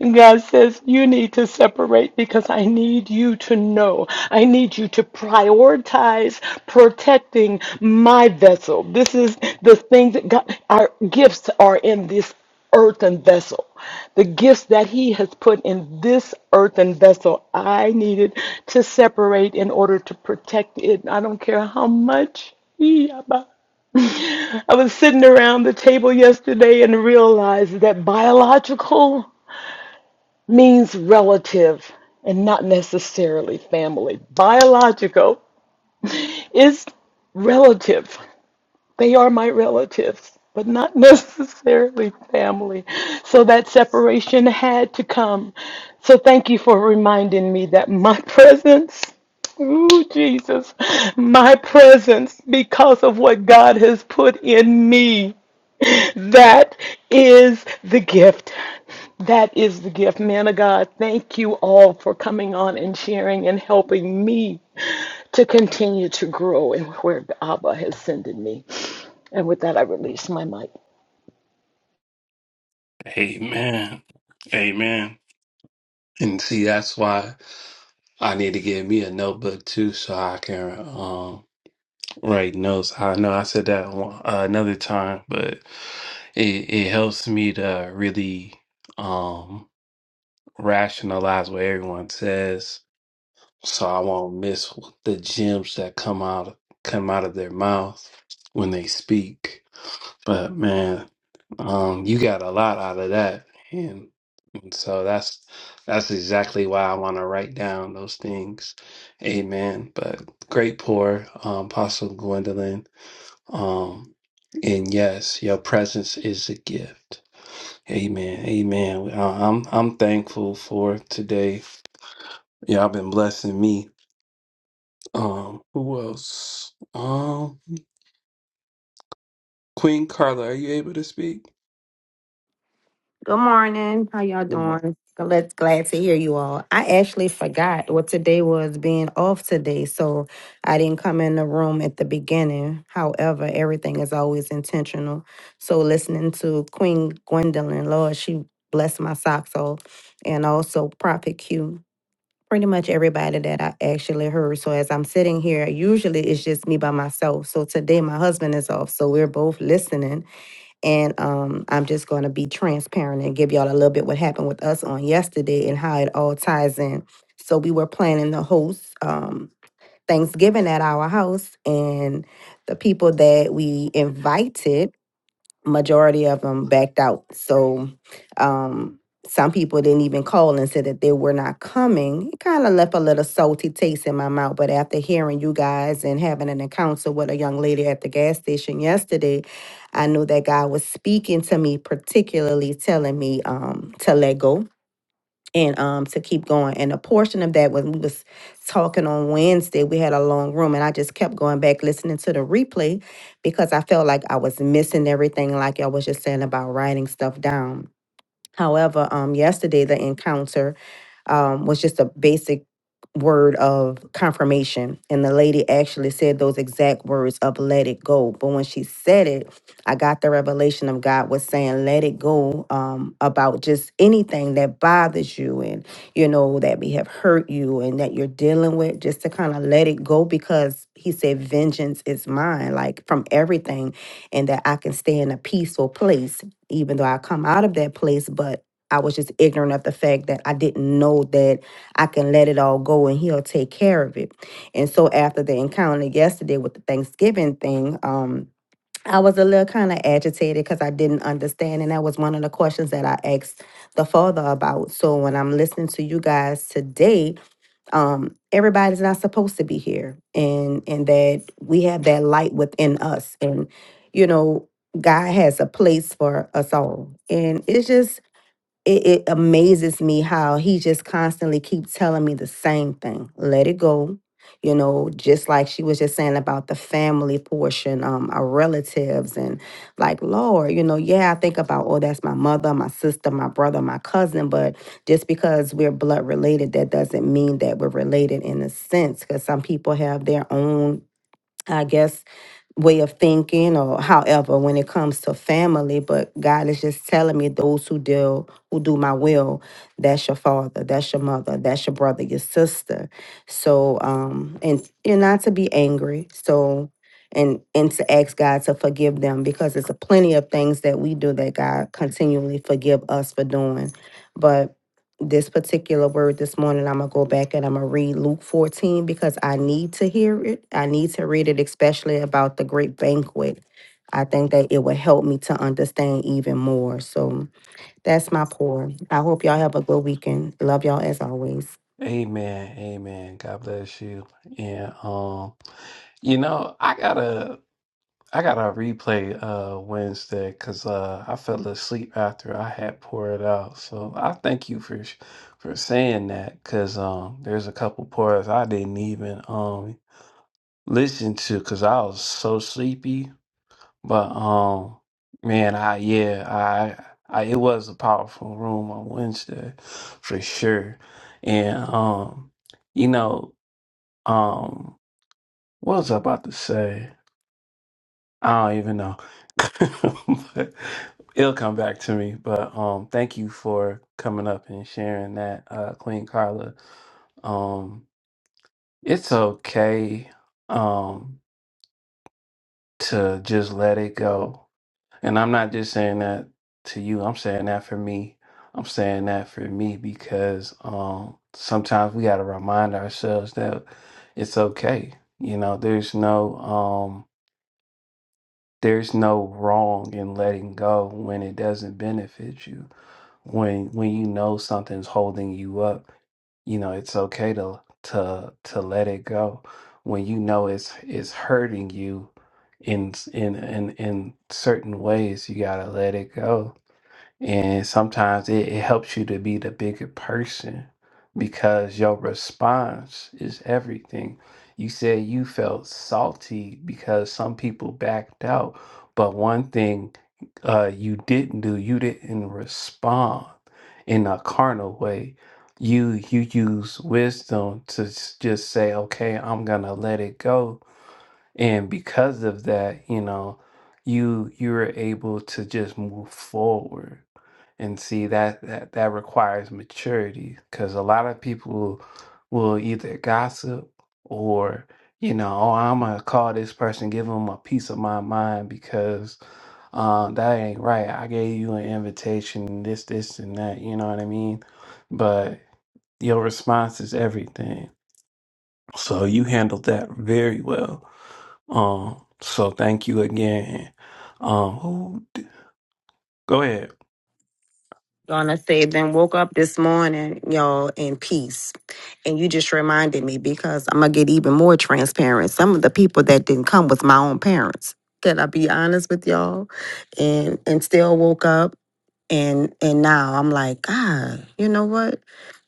Speaker 4: God says, You need to separate because I need you to know. I need you to prioritize protecting my vessel. This is the thing that God, our gifts are in this earthen vessel. The gifts that He has put in this earthen vessel, I needed to separate in order to protect it. I don't care how much. I was sitting around the table yesterday and realized that biological means relative and not necessarily family. Biological is relative. They are my relatives, but not necessarily family. So that separation had to come. So thank you for reminding me that my presence Ooh, Jesus, my presence because of what God has put in me. That is the gift. That is the gift. Man of God, thank you all for coming on and sharing and helping me to continue to grow in where Abba has sent me. And with that, I release my mic.
Speaker 1: Amen. Amen. And see, that's why I need to get me a notebook too, so I can um, write notes. I know I said that one, uh, another time, but it it helps me to really um, rationalize what everyone says so I won't miss the gems that come out come out of their mouth when they speak. But man, um, you got a lot out of that, and, and so that's that's exactly why I want to write down those things. Amen. But great pour, um, Apostle Gwendolyn. Um, and yes, your presence is a gift. Amen. Amen. I- I'm I'm thankful for today. Y'all been blessing me um, who else? Um, Queen Carla, are you able to speak?
Speaker 12: Good morning. How y'all
Speaker 1: Good morning.
Speaker 12: doing? Let's glad to hear you all. I actually forgot what today was being off today, so I didn't come in the room at the beginning. However, everything is always intentional. So listening to Queen Gwendolyn, Lord, she blessed my socks off, and also Prophet Q. Pretty much everybody that I actually heard. So as I'm sitting here, usually it's just me by myself. So today my husband is off, so we're both listening and um, I'm just going to be transparent and give y'all a little bit what happened with us on yesterday and how it all ties in. So we were planning to host um, Thanksgiving at our house, and the people that we invited majority of them backed out. So um, some people didn't even call and said that they were not coming. It kind of left a little salty taste in my mouth. But after hearing you guys and having an encounter with a young lady at the gas station yesterday, I knew that God was speaking to me, particularly telling me um, to let go and um to keep going. And a portion of that when we was talking on Wednesday, we had a long room and I just kept going back listening to the replay because I felt like I was missing everything, like I was just saying about writing stuff down. However, um yesterday the encounter um, was just a basic word of confirmation. And the lady actually said those exact words of let it go. But when she said it, I got the revelation of God was saying, let it go um, about just anything that bothers you and, you know, that may have hurt you and that you're dealing with, just to kind of let it go because he said, vengeance is mine, like from everything, and that I can stay in a peaceful place, even though I come out of that place. But I was just ignorant of the fact that I didn't know that I can let it all go and he'll take care of it. And so after the encounter yesterday with the Thanksgiving thing, um, I was a little kind of agitated because I didn't understand. And that was one of the questions that I asked the father about. So when I'm listening to you guys today, um, everybody's not supposed to be here. And and that we have that light within us. And, you know, God has a place for us all. And it's just it, it amazes me how he just constantly keeps telling me the same thing let it go you know just like she was just saying about the family portion um our relatives and like lord you know yeah i think about oh that's my mother my sister my brother my cousin but just because we're blood related that doesn't mean that we're related in a sense because some people have their own i guess way of thinking or however when it comes to family but god is just telling me those who deal who do my will that's your father that's your mother that's your brother your sister so um and you're not to be angry so and and to ask god to forgive them because there's a plenty of things that we do that god continually forgive us for doing but this particular word this morning. I'm going to go back and I'm going to read Luke 14 because I need to hear it. I need to read it, especially about the great banquet. I think that it will help me to understand even more. So that's my pour. I hope y'all have a good weekend. Love y'all as always.
Speaker 1: Amen. Amen. God bless you. And um, you know, I gotta I gotta replay uh Wednesday because uh I fell asleep after I had poured out. So I thank you for sh- for saying that because um there's a couple pours I didn't even um listen to because I was so sleepy. But um, man, I yeah, I I it was a powerful room on Wednesday for sure. And um, you know, um, what was I about to say? I don't even know. but it'll come back to me. But um, thank you for coming up and sharing that, uh, Queen Carla. Um, it's okay um to just let it go And I'm not just saying that to you. I'm saying that for me. I'm saying that for me because um, sometimes we got to remind ourselves that it's okay. You know, there's no um, there's no wrong in letting go when it doesn't benefit you when when you know something's holding you up you know it's okay to to to let it go when you know it's it's hurting you in s- in in, in certain ways you got to let it go and sometimes it, it helps you to be the bigger person because your response is everything. You said you felt salty because some people backed out, but one thing uh, you didn't do, you didn't respond in a carnal way. You you use wisdom to s- just say, okay, I'm gonna let it go, and because of that, you know, you you're able to just move forward and see that that, that requires maturity because a lot of people will either gossip or you know oh i'm gonna call this person give them a piece of my mind because um, that ain't right i gave you an invitation this this and that you know what i mean but your response is everything so you handled that very well um so thank you again um who go ahead
Speaker 12: Donna said, then woke up this morning, y'all, in peace. And you just reminded me because I'm going to get even more transparent. Some of the people that didn't come was my own parents. Can I be honest with y'all? And and still woke up. And and now I'm like, God, you know what?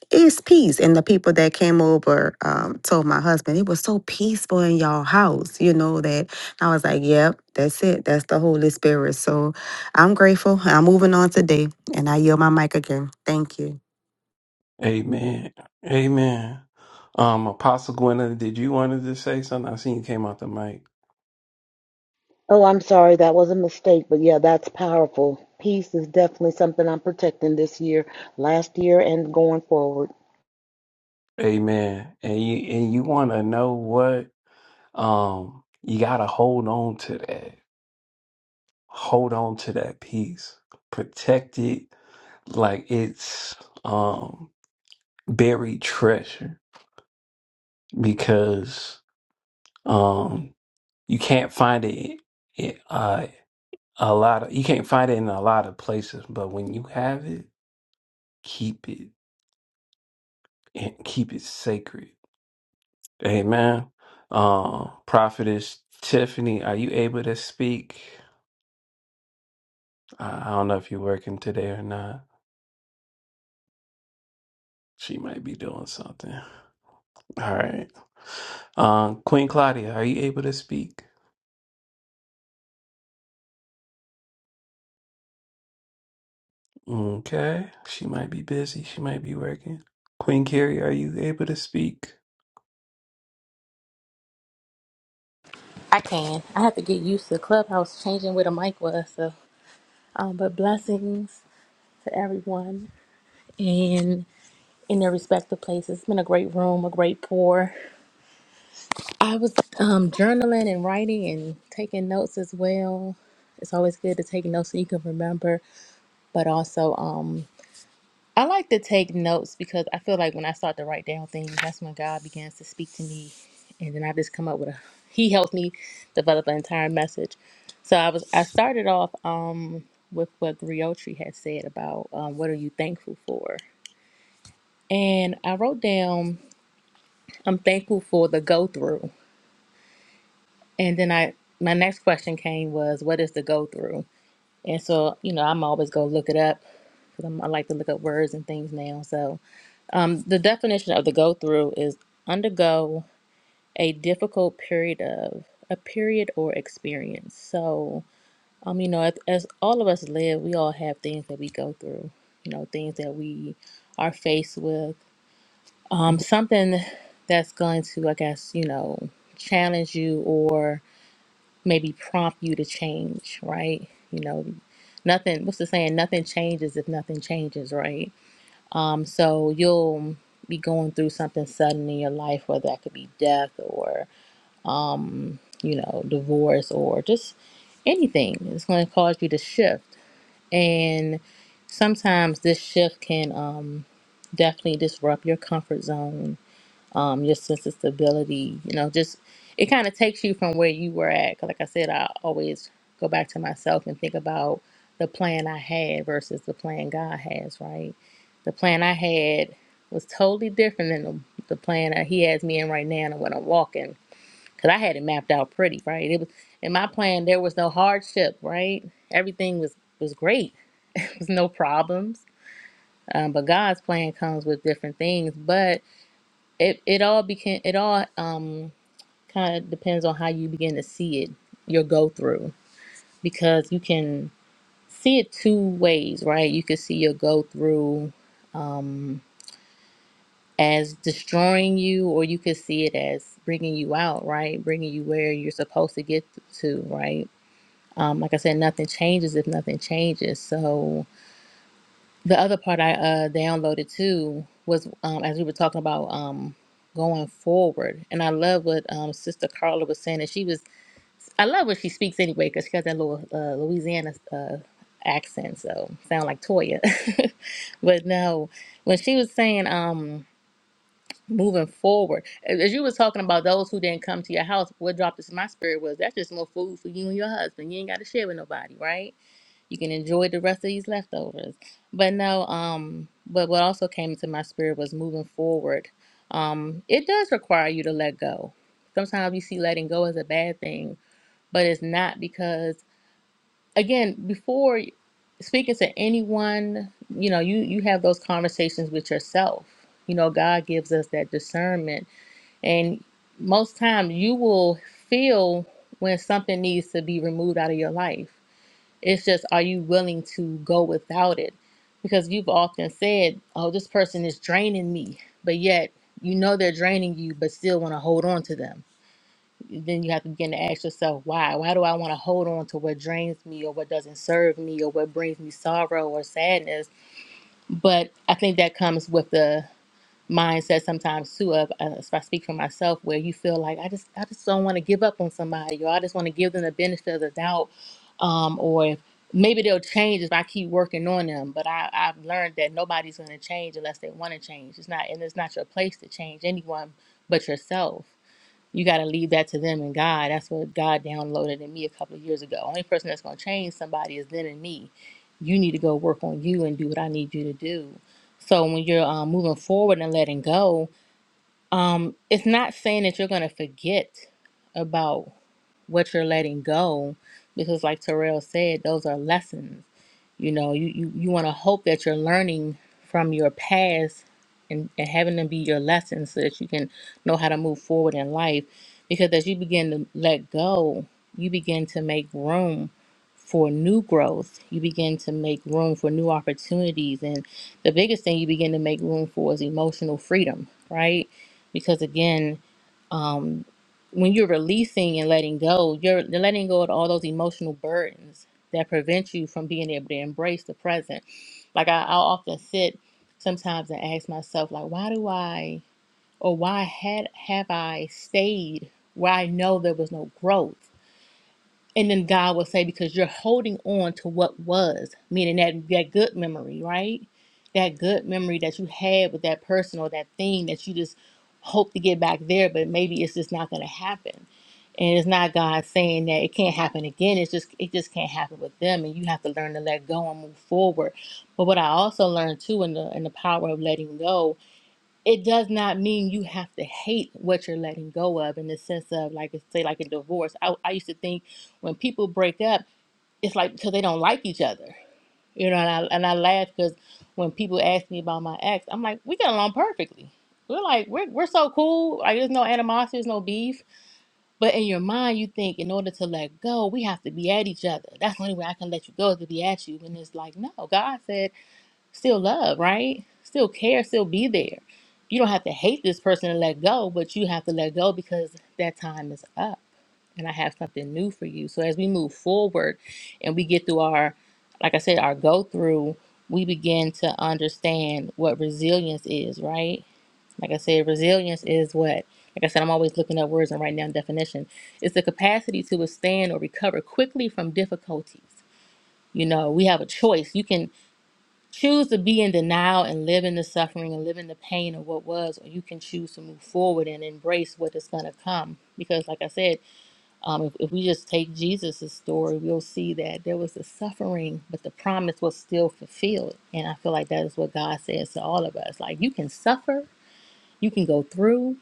Speaker 12: It's peace. And the people that came over um, told my husband, it was so peaceful in y'all house, you know, that I was like, yep, that's it. That's the Holy Spirit. So I'm grateful. I'm moving on today. And I yield my mic again. Thank you.
Speaker 1: Amen. Amen. Um, Apostle Gwendolyn, did you wanted to say something? I seen you came out the mic.
Speaker 4: Oh, I'm sorry, that was a mistake, but yeah, that's powerful. Peace is definitely something I'm protecting this year, last year, and going forward.
Speaker 1: Amen. And you and you wanna know what? Um, you gotta hold on to that. Hold on to that peace. Protect it like it's um buried treasure because um you can't find it, it uh a lot of you can't find it in a lot of places, but when you have it, keep it and keep it sacred. Amen. Um, Prophetess Tiffany, are you able to speak? I I don't know if you're working today or not. She might be doing something. All right. Um, Queen Claudia, are you able to speak? Okay. She might be busy. She might be working. Queen Carrie, are you able to speak?
Speaker 13: I can. I have to get used to Clubhouse changing where the mic was. So, um, but blessings to everyone in in their respective places. It's been a great room, a great pour. I was um, journaling and writing and taking notes as well. It's always good to take notes so you can remember, but also um, I like to take notes because I feel like when I start to write down things, that's when God begins to speak to me. And then I just come up with a, he helped me develop an entire message. So I was, I started off um, with what Griotri had said about um, what are you thankful for? And I wrote down, I'm thankful for the go through. And then I, my next question came was, what is the go through? And so, you know, I'm always going to look it up because I like to look up words and things now. So Um, the definition of the go through is undergo a difficult period of a period or experience. So, um, you know, as, as all of us live, we all have things that we go through. You know, things that we are faced with. Um, something that's going to, I guess, you know, challenge you or maybe prompt you to change, right? You know, nothing. What's the saying? Nothing changes if nothing changes, right? So you'll be going through something sudden in your life, whether that could be death or, um, you know, divorce or just anything. It's going to cause you to shift. And sometimes this shift can um, definitely disrupt your comfort zone um, your sense of stability. You know, just it kind of takes you from where you were at. 'Cause like I said, I always go back to myself and think about the plan I had versus the plan God has, right? The plan I had was totally different than the, the plan that He has me in right now and what I'm walking. Because I had it mapped out pretty, right? It was in my plan. There was no hardship, right? Everything was was great. There was no problems. Um, but God's plan comes with different things. But it, it all became it all um kind of depends on how you begin to see it, your go through, because you can see it two ways, right? You could see your go through um, as destroying you, or you could see it as bringing you out, right? Bringing you where you're supposed to get to, right? Um, like I said, nothing changes if nothing changes. So the other part I uh, downloaded too was um, as we were talking about um, going forward, and I love what um, Sister Carla was saying, and she was I love what she speaks anyway because she got that little uh, Louisiana uh, accent, so sound like Toya. but no, when she was saying um moving forward, as you was talking about those who didn't come to your house, what dropped this in my spirit was that's just more food for you and your husband. You ain't got to share with nobody, right? You can enjoy the rest of these leftovers. But no, um, but what also came into my spirit was moving forward. Um, it does require you to let go. Sometimes you see letting go as a bad thing but it's not because again before speaking to anyone you know you you have those conversations with yourself you know god gives us that discernment and most times you will feel when something needs to be removed out of your life it's just are you willing to go without it because you've often said oh this person is draining me but yet you know they're draining you but still want to hold on to them then you have to begin to ask yourself why why do i want to hold on to what drains me or what doesn't serve me or what brings me sorrow or sadness but i think that comes with the mindset sometimes too of uh, if i speak for myself where you feel like i just i just don't want to give up on somebody or i just want to give them the benefit of the doubt um, or if maybe they'll change if i keep working on them but I, i've learned that nobody's going to change unless they want to change it's not and it's not your place to change anyone but yourself you got to leave that to them and God. That's what God downloaded in me a couple of years ago. Only person that's going to change somebody is then and me. You need to go work on you and do what I need you to do. So when you're um, moving forward and letting go, um, it's not saying that you're going to forget about what you're letting go, because like Terrell said, those are lessons you know, you, you, you want to hope that you're learning from your past and, and having them be your lessons so that you can know how to move forward in life. Because as you begin to let go, you begin to make room for new growth. You begin to make room for new opportunities. And the biggest thing you begin to make room for is emotional freedom, right? Because again, um, when you're releasing and letting go, you're you're letting go of all those emotional burdens that prevent you from being able to embrace the present. Like I, I'll often sit sometimes and ask myself, like, why do I or why had have I stayed where I know there was no growth? And then God will say, because you're holding on to what was, meaning that, that good memory, right? That good memory that you had with that person or that thing that you just hope to get back there, but maybe it's just not going to happen. And it's not God saying that it can't happen again. It's just, it just can't happen with them. And you have to learn to let go and move forward. But what I also learned too in the, in the power of letting go it does not mean you have to hate what you're letting go of in the sense of like say like a divorce i, I used to think when people break up it's like because they don't like each other you know and i, and I laugh because when people ask me about my ex i'm like we get along perfectly we're like we're, we're so cool like there's no animosity there's no beef but in your mind you think in order to let go we have to be at each other that's the only way i can let you go is to be at you and it's like no god said still love, right? Still care, still be there. You don't have to hate this person and let go, but you have to let go because that time is up and I have something new for you. So as we move forward and we get through our, like I said, our go through, we begin to understand what resilience is, right? Like I said, resilience is what? Like I said, I'm always looking up words and writing down definition. It's the capacity to withstand or recover quickly from difficulties. You know, we have a choice. You can choose to be in denial and live in the suffering and live in the pain of what was, or you can choose to move forward and embrace what is going to come. Because, like I said, um, if, if we just take Jesus' story, we'll see that there was the suffering, but the promise was still fulfilled. And I feel like that is what God says to all of us. Like, you can suffer, you can go through,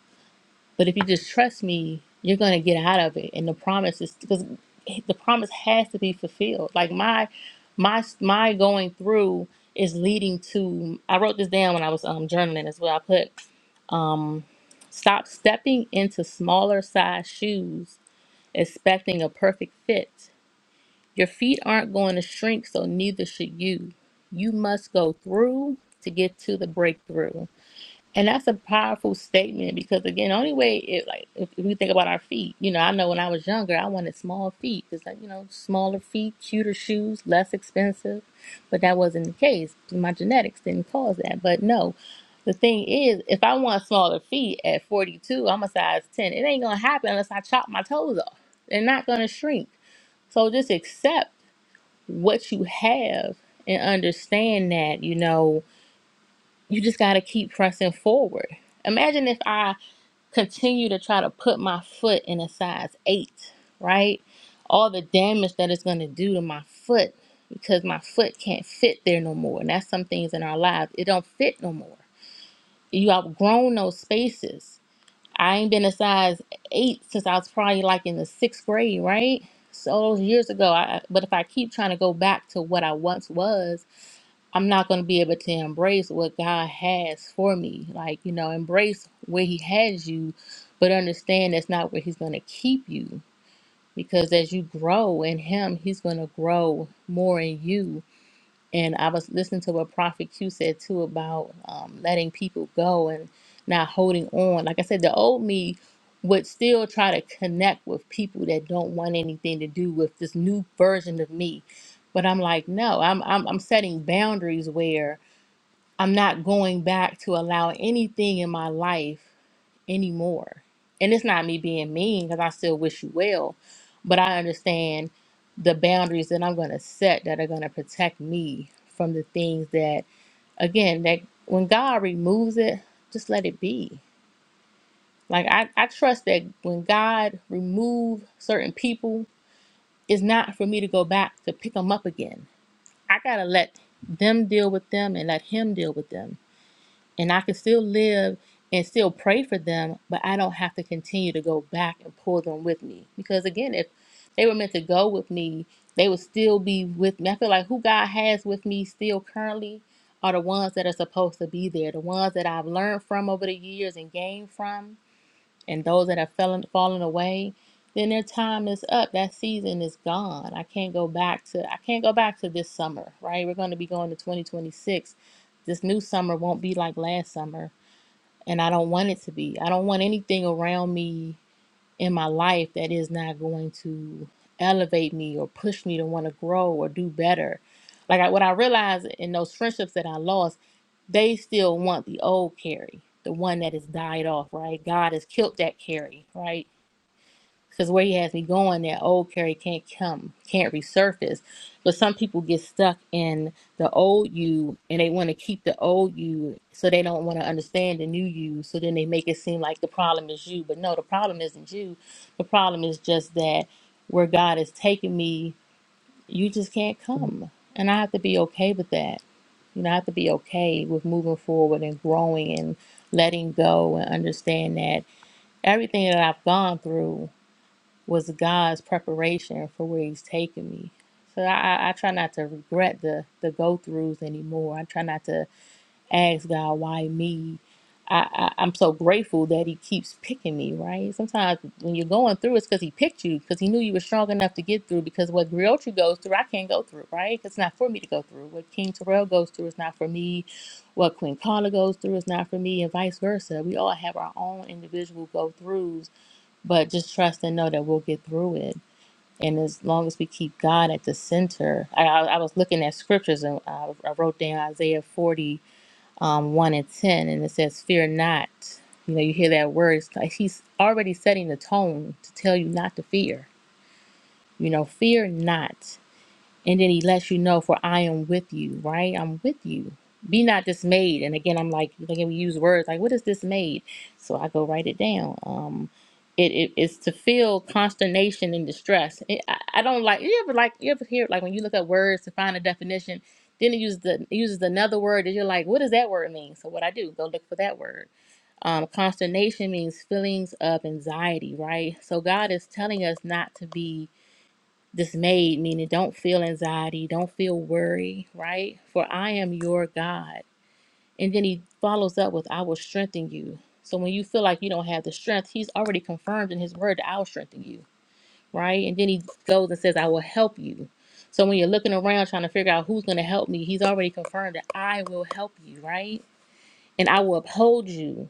Speaker 13: but if you just trust me, you're going to get out of it. And the promise is because the promise has to be fulfilled. Like my my my going through is leading to I wrote this down when I was um journaling as well. I put stop stepping into smaller size shoes expecting a perfect fit. Your feet aren't going to shrink, so neither should you. You must go through to get to the breakthrough. And that's a powerful statement because again, the only way it like if, if we think about our feet, you know, I know when I was younger, I wanted small feet because like you know, smaller feet, cuter shoes, less expensive, but that wasn't the case. My genetics didn't cause that. But no, the thing is, if I want smaller feet at 42, I'm a size 10. It ain't gonna happen unless I chop my toes off. They're not gonna shrink. So just accept what you have and understand that you know you just got to keep pressing forward. Imagine if I continue to try to put my foot in a size eight, right? All the damage that it's going to do to my foot because my foot can't fit there no more. And that's some things in our lives, it don't fit no more. You outgrown those spaces. I ain't been a size eight since I was probably like in the sixth grade, right? So those years ago, I, but if I keep trying to go back to what I once was, I'm not going to be able to embrace what God has for me. Like, you know, embrace where He has you, but understand that's not where He's going to keep you. Because as you grow in Him, He's going to grow more in you. And I was listening to what Prophet Q said too about um, letting people go and not holding on. Like I said, the old me would still try to connect with people that don't want anything to do with this new version of me. But I'm like, no, I'm I'm, I'm setting boundaries where I'm not going back to allow anything in my life anymore. And it's not me being mean because I still wish you well, but I understand the boundaries that I'm going to set that are going to protect me from the things that, again, that when God removes it, just let it be. Like I, I trust that when God remove certain people, it's not for me to go back to pick them up again. I gotta let them deal with them and let Him deal with them and I can still live and still pray for them, but I don't have to continue to go back and pull them with me. Because again, if they were meant to go with me, they would still be with me. I feel like who God has with me still currently are the ones that are supposed to be there, the ones that I've learned from over the years and gained from and those that have fallen fallen away, then their time is up. That season is gone. I can't go back to I can't go back to this summer, right? We're going to be going to 2026. This new summer won't be like last summer, and I don't want it to be. I don't want anything around me in my life that is not going to elevate me or push me to want to grow or do better. Like I, what I realized in those friendships that I lost they still want the old Carrie, the one that has died off, right? God has killed that Carrie, right? Because where he has me going, that old Carrie can't come, can't resurface. But some people get stuck in the old you and they want to keep the old you so they don't want to understand the new you. So then they make it seem like the problem is you. But no, the problem isn't you. The problem is just that where God has taken me, you just can't come. And I have to be okay with that. You know, I have to be okay with moving forward and growing and letting go and understand that everything that I've gone through was God's preparation for where He's taking me. So I, I I try not to regret the the go throughs anymore. I try not to ask God, why me? I, I, I'm so grateful that He keeps picking me, right? Sometimes when you're going through, it's because He picked you, because He knew you were strong enough to get through. Because what Griochi goes through, I can't go through, right? 'Cause It's not for me to go through. What King Terrell goes through is not for me. What Queen Carla goes through is not for me, and vice versa. We all have our own individual go throughs, but just trust and know that we'll get through it. And as long as we keep God at the center, I, I, I was looking at scriptures and I, I wrote down Isaiah 40 um, 1 and 10, and it says, Fear not. You know, you hear that word. It's like he's already setting the tone to tell you not to fear. You know, fear not. And then he lets you know, for I am with you, right? I'm with you. Be not dismayed. And again, I'm like, again, we use words like, what is dismayed? So I go write it down. Um, it, it is to feel consternation and distress. It, I, I don't like. You ever like? You ever hear like when you look up words to find a definition, then it uses the it uses another word, and you're like, what does that word mean? So what I do, go look for that word. Um, consternation means feelings of anxiety, right? So God is telling us not to be dismayed, meaning don't feel anxiety, don't feel worry, right? For I am your God. And then he follows up with, I will strengthen you. So when you feel like you don't have the strength, he's already confirmed in his word that I will strengthen you, right? And then he goes and says, I will help you. So when you're looking around trying to figure out who's going to help me, he's already confirmed that I will help you, right? And I will uphold you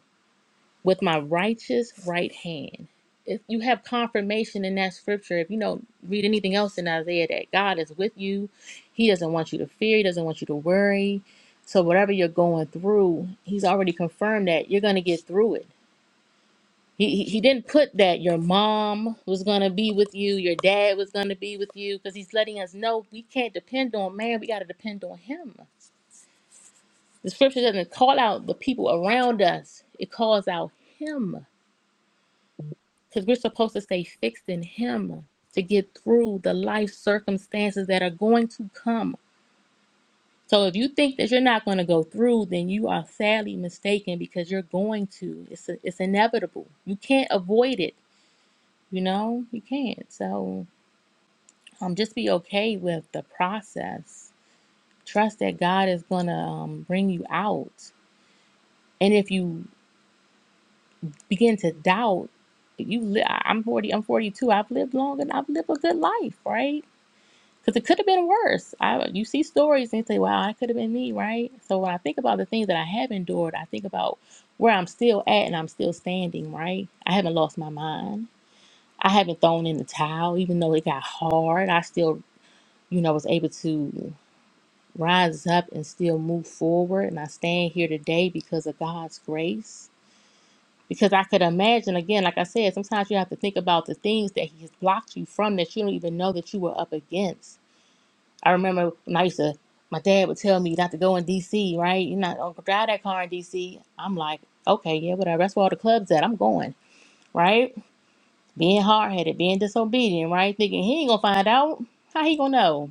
Speaker 13: with my righteous right hand. If you have confirmation in that scripture, if you don't read anything else in Isaiah, that God is with you, He doesn't want you to fear, He doesn't want you to worry. So, whatever you're going through, He's already confirmed that you're going to get through it. He, he, he didn't put that your mom was going to be with you, your dad was going to be with you, because He's letting us know we can't depend on man, we got to depend on Him. The scripture doesn't call out the people around us, it calls out Him because we're supposed to stay fixed in Him to get through the life circumstances that are going to come. So if you think that you're not going to go through, then you are sadly mistaken because you're going to. It's a, it's inevitable. You can't avoid it. You know you can't. So um, just be okay with the process. Trust that God is going to um, bring you out. And if you begin to doubt, you li- I- I'm 40. I'm 42. I've lived long and I've lived a good life, right? Because it could have been worse. I you see stories and you say, "Wow, that could have been me," right? So when I think about the things that I have endured, I think about where I'm still at and I'm still standing, right? I haven't lost my mind. I haven't thrown in the towel, even though it got hard. I still, you know, was able to rise up and still move forward. And I stand here today because of God's grace. Because I could imagine, again, like I said, sometimes you have to think about the things that He has blocked you from that you don't even know that you were up against I remember when I used to, my dad would tell me not to go in DC, right? You're not going to drive that car in DC. I'm like, okay, yeah, whatever. That's where all the clubs at. I'm going, right? Being hard headed, being disobedient, right? Thinking he ain't going to find out. How he going to know?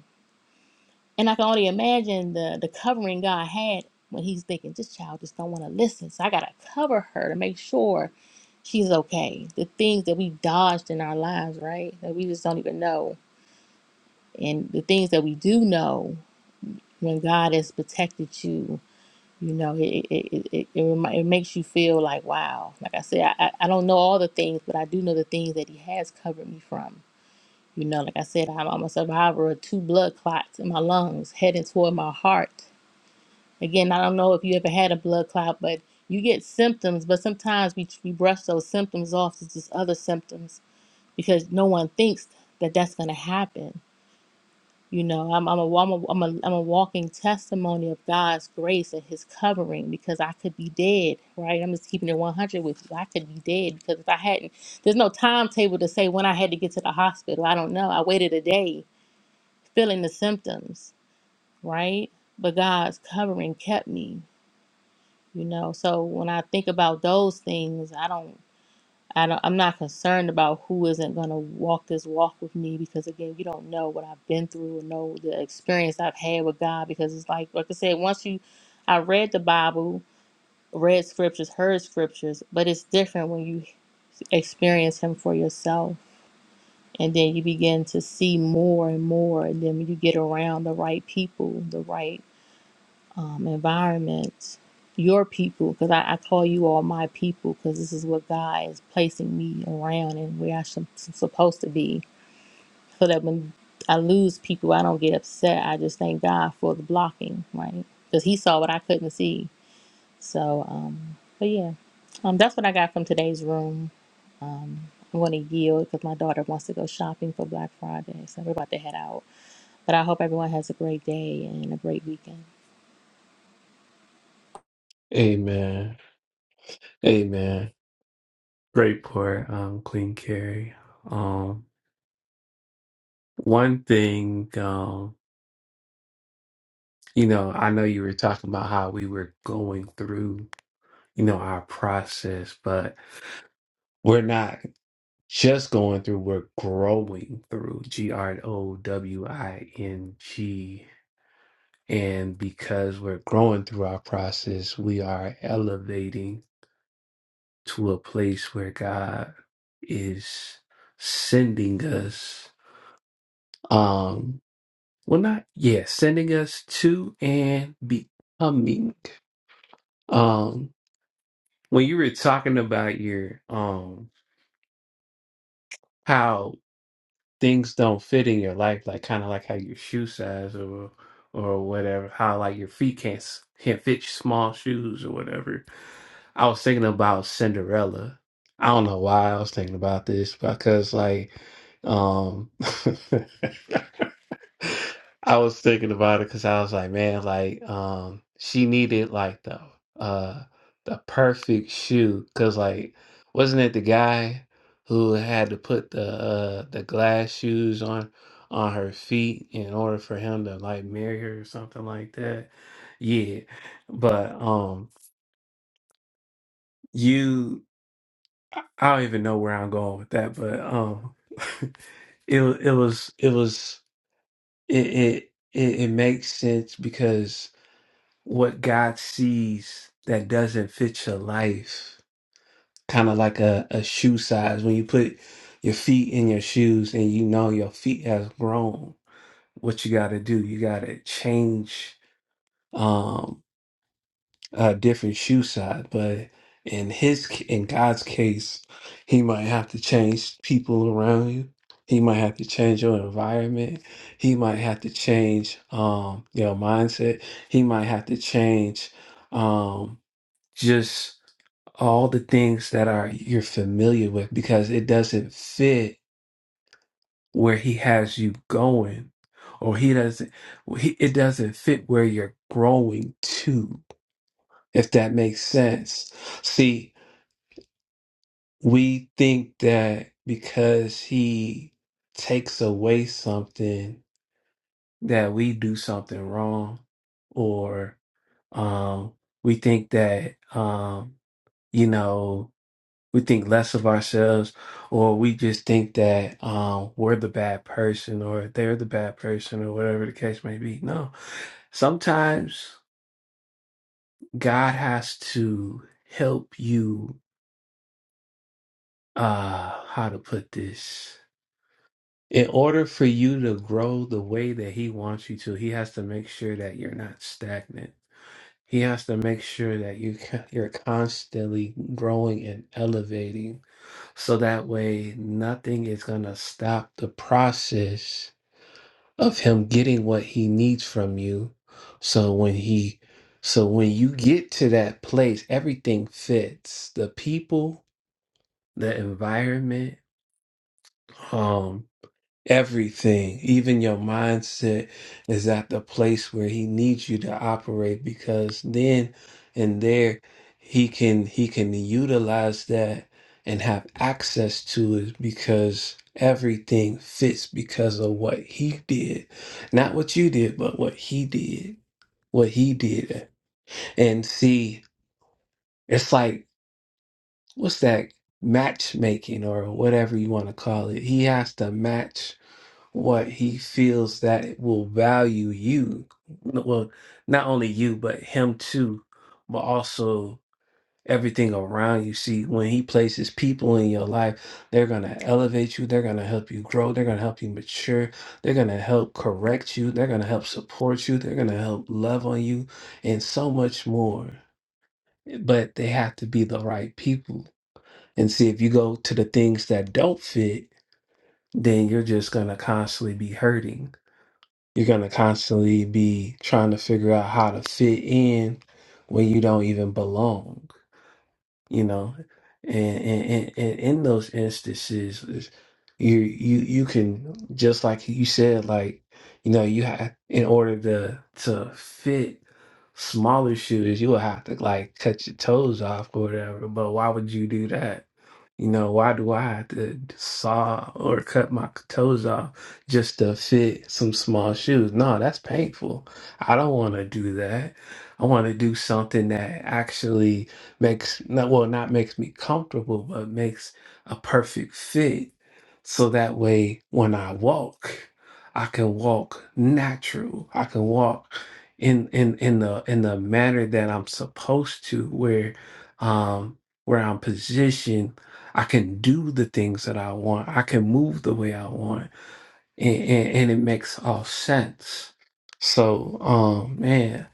Speaker 13: And I can only imagine the, the covering God had when he's thinking, this child just don't want to listen. So I got to cover her to make sure she's okay. The things that we dodged in our lives, right? That we just don't even know. And the things that we do know. when God has protected you, you know, it it, it, it, it, remi- it makes you feel like, wow. Like I said, I, I I don't know all the things, but I do know the things that He has covered me from. You know, like I said, I'm, I'm a survivor of two blood clots in my lungs heading toward my heart. Again, I don't know if you ever had a blood clot, but you get symptoms, but sometimes we, we brush those symptoms off as just other symptoms because no one thinks that that's going to happen you know, I'm, I'm, a, I'm, a, I'm, a, I'm a walking testimony of God's grace and His covering because I could be dead, right? I'm just keeping it 100 with you. I could be dead because if I hadn't, there's no timetable to say when I had to get to the hospital. I don't know. I waited a day feeling the symptoms, right? But God's covering kept me, you know. So when I think about those things, I don't. I don't, I'm not concerned about who isn't going to walk this walk with me because, again, you don't know what I've been through or know the experience I've had with God. Because it's like, like I said, once you, I read the Bible, read scriptures, heard scriptures, but it's different when you experience Him for yourself. And then you begin to see more and more. And then when you get around the right people, the right um, environments, your people, because I, I call you all my people, because this is what God is placing me around and where I should am supposed to be, so that when I lose people, I don't get upset. I just thank God for the blocking, right? Because He saw what I couldn't see. So, um, but yeah, um, that's what I got from today's room. Um, I'm going to yield because my daughter wants to go shopping for Black Friday, so we're about to head out. But I hope everyone has a great day and a great weekend.
Speaker 1: Amen. Amen. Great pour, um, Queen Carrie. Um, one thing. You know, I know you were talking about how we were going through, you know, our process, but we're not just going through, we're growing through G R O W I N G. And because we're growing through our process, we are elevating to a place where God is sending us, um, well, not, yeah, sending us to and becoming. um, when you were talking about your um how things don't fit in your life, like kind of like how your shoe size or or whatever, how like your feet can't s- can't fit small shoes or whatever. I was thinking about Cinderella. I don't know why I was thinking about this because like um I was thinking about it because I was like, man, like um, she needed like the uh the perfect shoe because like wasn't it the guy who had to put the uh the glass shoes on on her feet in order for him to like marry her or something like that? Yeah, but um, you I don't even know where I'm going with that, but um, it it was it was it it it, it makes sense because. what God sees that doesn't fit your life. Kind of like a, a shoe size. When you put your feet in your shoes and you know your feet has grown, what you got to do, you got to change um, a different shoe size. But in his, in God's case, he might have to change people around you. He might have to change your environment. He might have to change um, your mindset. He might have to change. Um, just all the things that are you're familiar with because it doesn't fit where he has you going or he doesn't well, he, it doesn't fit where you're growing to if that makes sense see we think that because he takes away something that we do something wrong or um we think that um you know we think less of ourselves or we just think that um, we're the bad person or they're the bad person or whatever the case may be no sometimes god has to help you uh how to put this in order for you to grow the way that he wants you to he has to make sure that you're not stagnant he has to make sure that you you're constantly growing and elevating So that way, nothing is going to stop the process of him getting what he needs from you. So when he, so when you get to that place, everything fits the people, the environment. um, Everything, even your mindset, is at the place where he needs you to operate because then and there he can he can utilize that and have access to it because everything fits because of what he did. Not what you did, but what he did. What he did. And see, it's like what's that matchmaking or whatever you want to call it. He has to match what he feels that will value you. Well, not only you, but him too, but also everything around you. See, when he places people in your life, they're going to elevate you, they're going to help you grow, they're going to help you mature, they're going to help correct you, they're going to help support you, they're going to help love on you, and so much more. But they have to be the right people. And see, if you go to the things that don't fit, then you're just going to constantly be hurting you're going to constantly be trying to figure out how to fit in when you don't even belong, you know? And, and, and, and in those instances, is you, you, you can, just like you said, like, you know, you have, in order to, to fit smaller shooters, you will have to like cut your toes off or whatever. But why would you do that? You know, why do I have to saw or cut my toes off just to fit some small shoes? No, that's painful. I don't want to do that. I want to do something that actually makes, not, well, not makes me comfortable, but makes a perfect fit. So that way, when I walk, I can walk natural. I can walk in in in the in the manner that I'm supposed to, where um where I'm positioned I can do the things that I want. I can move the way I want. And, and, and it makes all sense. So, um, man,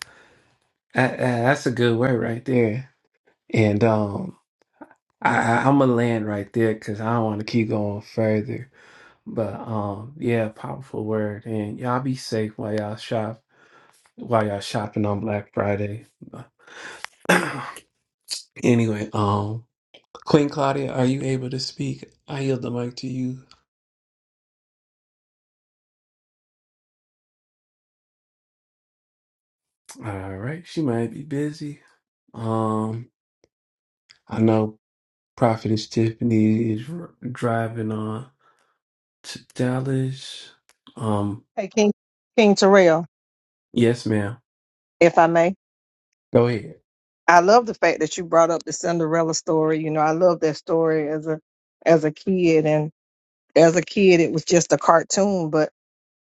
Speaker 1: that, that- that's a good word right there. And um, I, I, I'm going to land right there because I don't want to keep going further. But um, yeah, powerful word. And y'all be safe while y'all shop, while y'all shopping on Black Friday. But anyway, um, Queen Claudia, are you able to speak? I yield the mic to you. All right, she might be busy. Um, I know Prophetess Tiffany is r- driving on to Dallas. Um,
Speaker 10: Hey, King, King Terrell,
Speaker 1: yes, ma'am.
Speaker 10: if I may.
Speaker 1: Go ahead.
Speaker 10: I love the fact that you brought up the Cinderella story. You know, I love that story as a as a kid and as a kid it was just a cartoon, but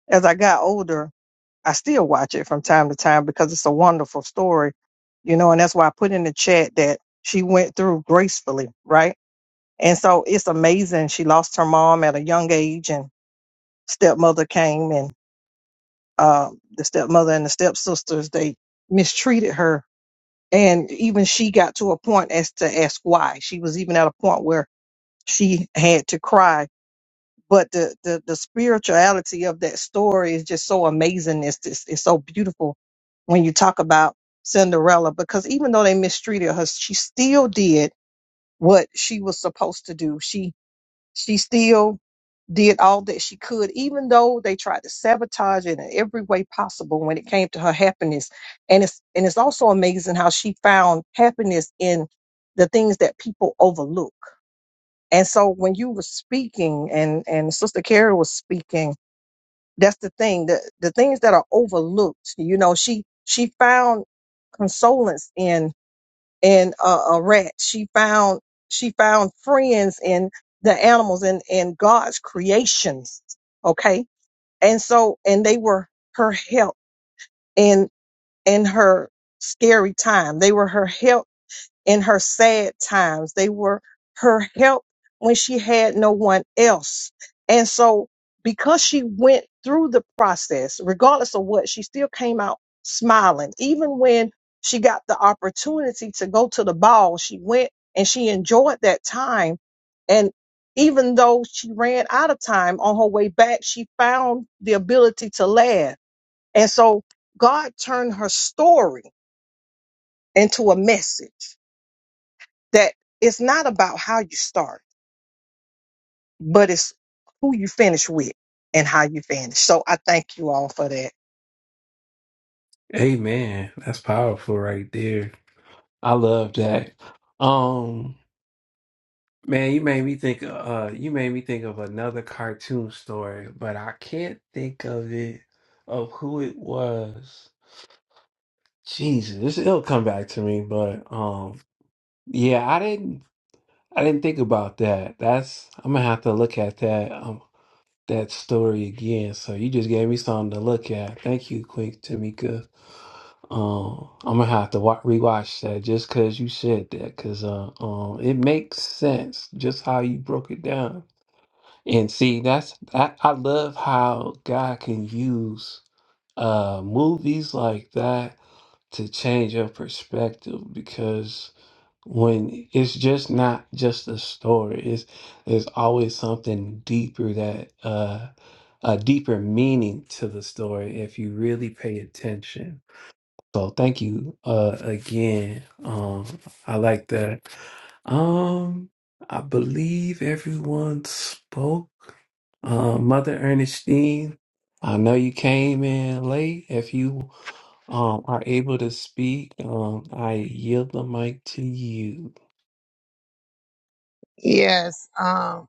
Speaker 10: as I got older, I still watch it from time to time because it's a wonderful story. You know, and that's why I put in the chat that she went through gracefully, right? And so it's amazing. She lost her mom at a young age and stepmother came and uh, the stepmother and the stepsisters, they mistreated her and even she got to a point as to ask why she was even at a point where she had to cry but the the, the spirituality of that story is just so amazing it's, it's it's so beautiful when you talk about cinderella because even though they mistreated her she still did what she was supposed to do she she still did all that she could, even though they tried to sabotage it in every way possible when it came to her happiness. And it's and it's also amazing how she found happiness in the things that people overlook. And so when you were speaking and and Sister Carrie was speaking, that's the thing. The the things that are overlooked, you know, she she found consolence in and uh, a rat. She found she found friends in the animals and and God's creations. Okay, and so and they were her help in in her scary time. They were her help in her sad times. They were her help when she had no one else. And so, because she went through the process, regardless of what, she still came out smiling. Even when she got the opportunity to go to the ball, she went and she enjoyed that time. And even though she ran out of time on her way back, she found the ability to laugh. And so, God turned her story into a message that it's not about how you start, but it's who you finish with and how you finish. So I thank you all for that.
Speaker 1: Amen. That's powerful right there. I love that. Um, man, you made me think. Uh, uh, you made me think of another cartoon story, but I can't think of it of who it was. Jesus, it'll come back to me. But um, yeah, I didn't. I didn't think about that. That's I'm gonna have to look at that um that story again. So you just gave me something to look at. Thank you, Queen Tamika. Um, I'm gonna have to wa- rewatch that just because you said that, because uh, um, it makes sense just how you broke it down. And see, that's I, I love how God can use uh movies like that to change your perspective because when it's just not just a story it's there's always something deeper that uh a deeper meaning to the story if you really pay attention so thank you uh again um i like that um i believe everyone spoke uh, Mother Ernestine, I know you came in late. If you um, are able to speak, um, I yield the mic to you.
Speaker 14: Yes. Um,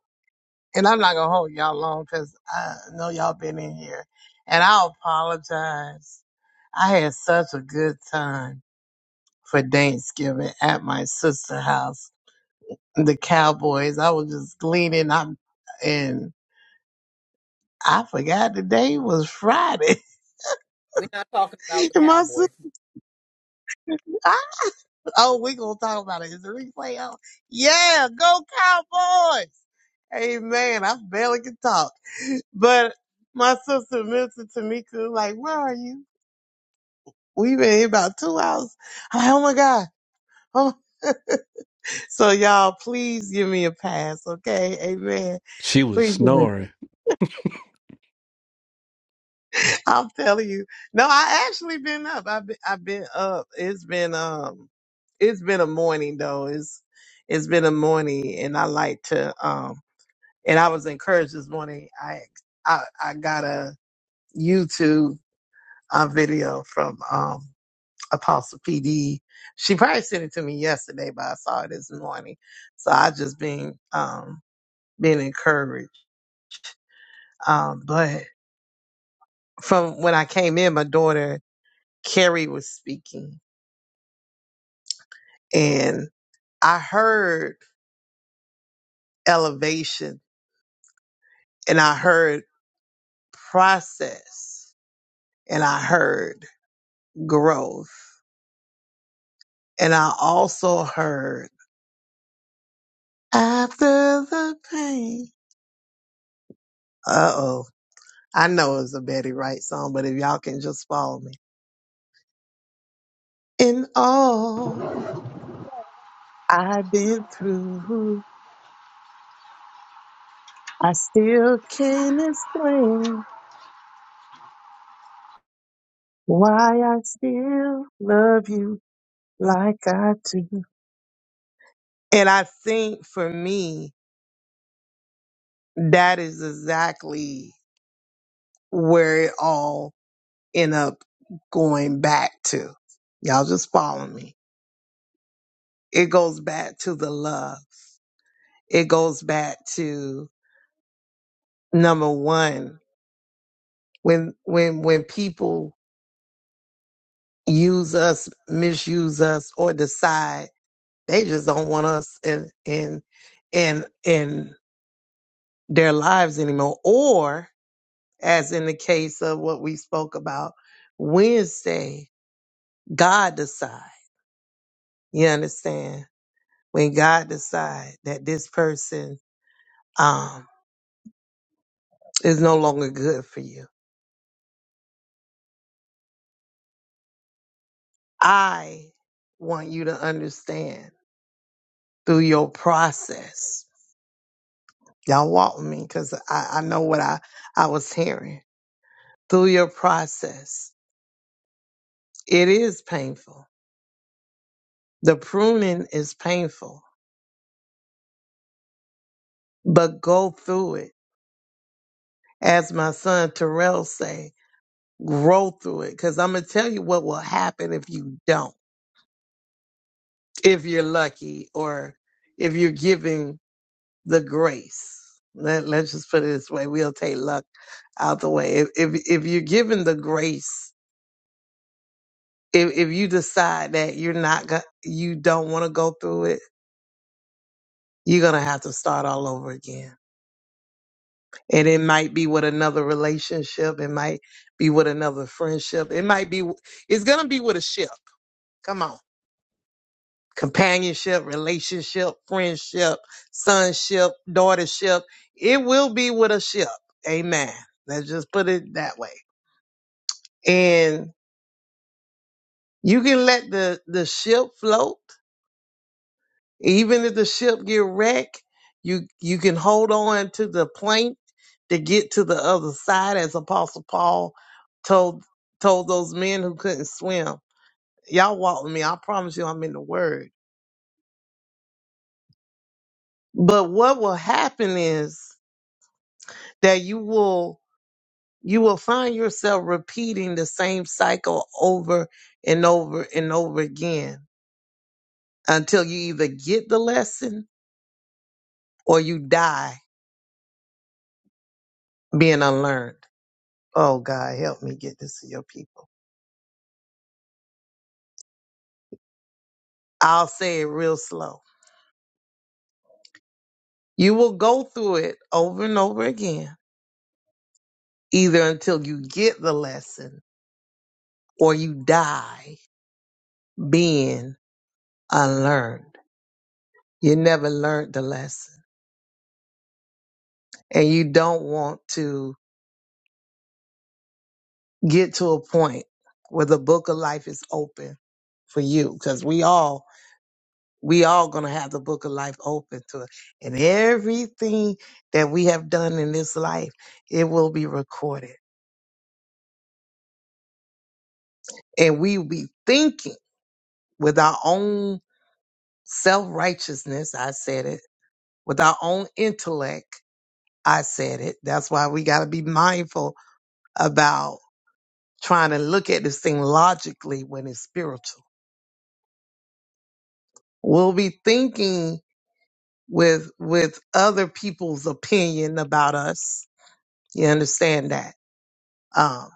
Speaker 14: and I'm not gonna hold y'all long because I know y'all been in here, and I apologize. I had such a good time for Thanksgiving at my sister's house. The Cowboys. I was just gleaning. I'm and I forgot the day was Friday,
Speaker 4: We're not talking about the
Speaker 14: and my sister.
Speaker 4: Cowboys.
Speaker 14: Oh, we gonna talk about it. Is the replay on? Yeah, go Cowboys! Amen. I barely can talk, but my sister Milton Tamika, like, where are you? We've been here about two hours. I'm like, oh my god. Oh. so y'all, please give me a pass, okay? Amen.
Speaker 1: She was
Speaker 14: Please give me.
Speaker 1: snoring.
Speaker 14: I'm telling you. No, I actually been up. I've been, I've been up. It's been um, it's been a morning though. It's it's been a morning, and I like to um. And I was encouraged this morning. I I, I got a YouTube uh, video from um, Apostle PD. She probably sent it to me yesterday, but I saw it this morning. So I just been um, been encouraged. Um, but from when I came in, my daughter Carrie was speaking, and I heard elevation, and I heard process, and I heard growth, and I also heard After the pain. Uh oh. I know it's a Betty Wright song, but if y'all can just follow me. In all I've been through, I still can't explain why I still love you like I do. And I think for me, that is exactly where it all end up going back to. Y'all just follow me. It goes back to the love. it goes back to number one when when when people use us misuse us or decide they just don't want us in in in in their lives anymore or as in the case of what we spoke about wednesday god decide you understand when god decide that this person um is no longer good for you i want you to understand through your process. Y'all walk with me because I, I know what I, I was hearing. Through your process, it is painful. The pruning is painful, but go through it. As my son Terrell say, grow through it. Cause I'm gonna tell you what will happen if you don't, if you're lucky or if you're given the grace. Let, let's just put it this way. We'll take luck out the way. If, if, if you're given the grace if if you decide that you're not go- you don't want to go through it, you're gonna have to start all over again. And it might be with another relationship. It might be with another friendship. It might be. It's gonna be with a ship. Come on, companionship, relationship, friendship, sonship, daughtership. It will be with a ship. Amen. Let's just put it that way. And you can let the the ship float Even if the ship get wrecked, you you can hold on to the plank to get to the other side, as Apostle Paul told told those men who couldn't swim. Y'all walk with me. I promise you, I'm in the Word. But what will happen is that you will you will find yourself repeating the same cycle over and over and over again until you either get the lesson or you die being unlearned. Oh God, help me get this to your people. I'll say it real slow. You will go through it over and over again, either until you get the lesson or you die being unlearned. You never learned the lesson and you don't want to get to a point where the book of life is open for you because we all we all gonna have the book of life open to it and everything that we have done in this life it will be recorded and we be thinking with our own self righteousness. I said it with our own intellect. I said it. That's why we got to be mindful about trying to look at this thing logically when it's spiritual. We'll be thinking with with other people's opinion about us. You understand that? Um,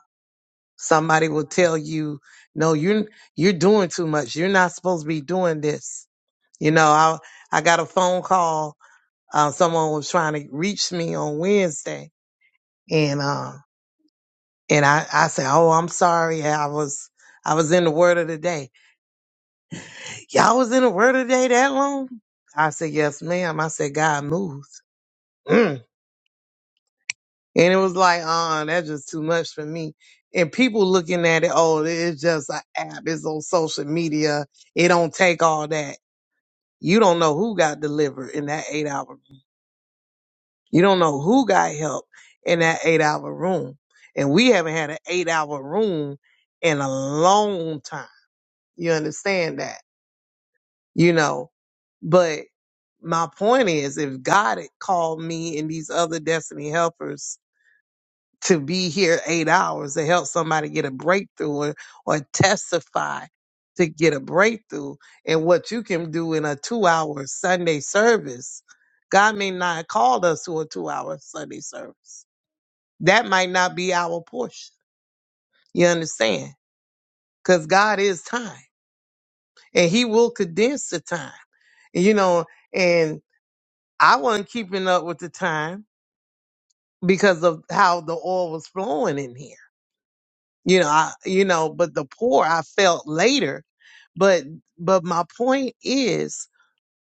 Speaker 14: somebody will tell you, "No, you're you're doing too much. You're not supposed to be doing this." You know, I I got a phone call uh, someone was trying to reach me on Wednesday, and uh, and I I said, "Oh, I'm sorry, Yeah, I was I was in the Word of the Day. Y'all was in the Word of the Day that long?" I said, "Yes, ma'am." I said, "God moves," Mm. and it was like, "Uh, that's just too much for me." And people looking at it, oh, it's just an app. It's on social media. It don't take all that. You don't know who got delivered in that eight hour You don't know who got help in that eight hour room. And we haven't had an eight hour room in a long time. You understand that? You know, but my point is if God had called me and these other destiny helpers to be here eight hours to help somebody get a breakthrough or, or testify to get a breakthrough and what you can do in a two hour Sunday service, God may not have called us to a two hour Sunday service that might not be our portion. You understand? Because God is time and He will condense the time, you know. And I wasn't keeping up with the time because of how the oil was flowing in here, you know. I, you know, but the poor I felt later. But, but my point is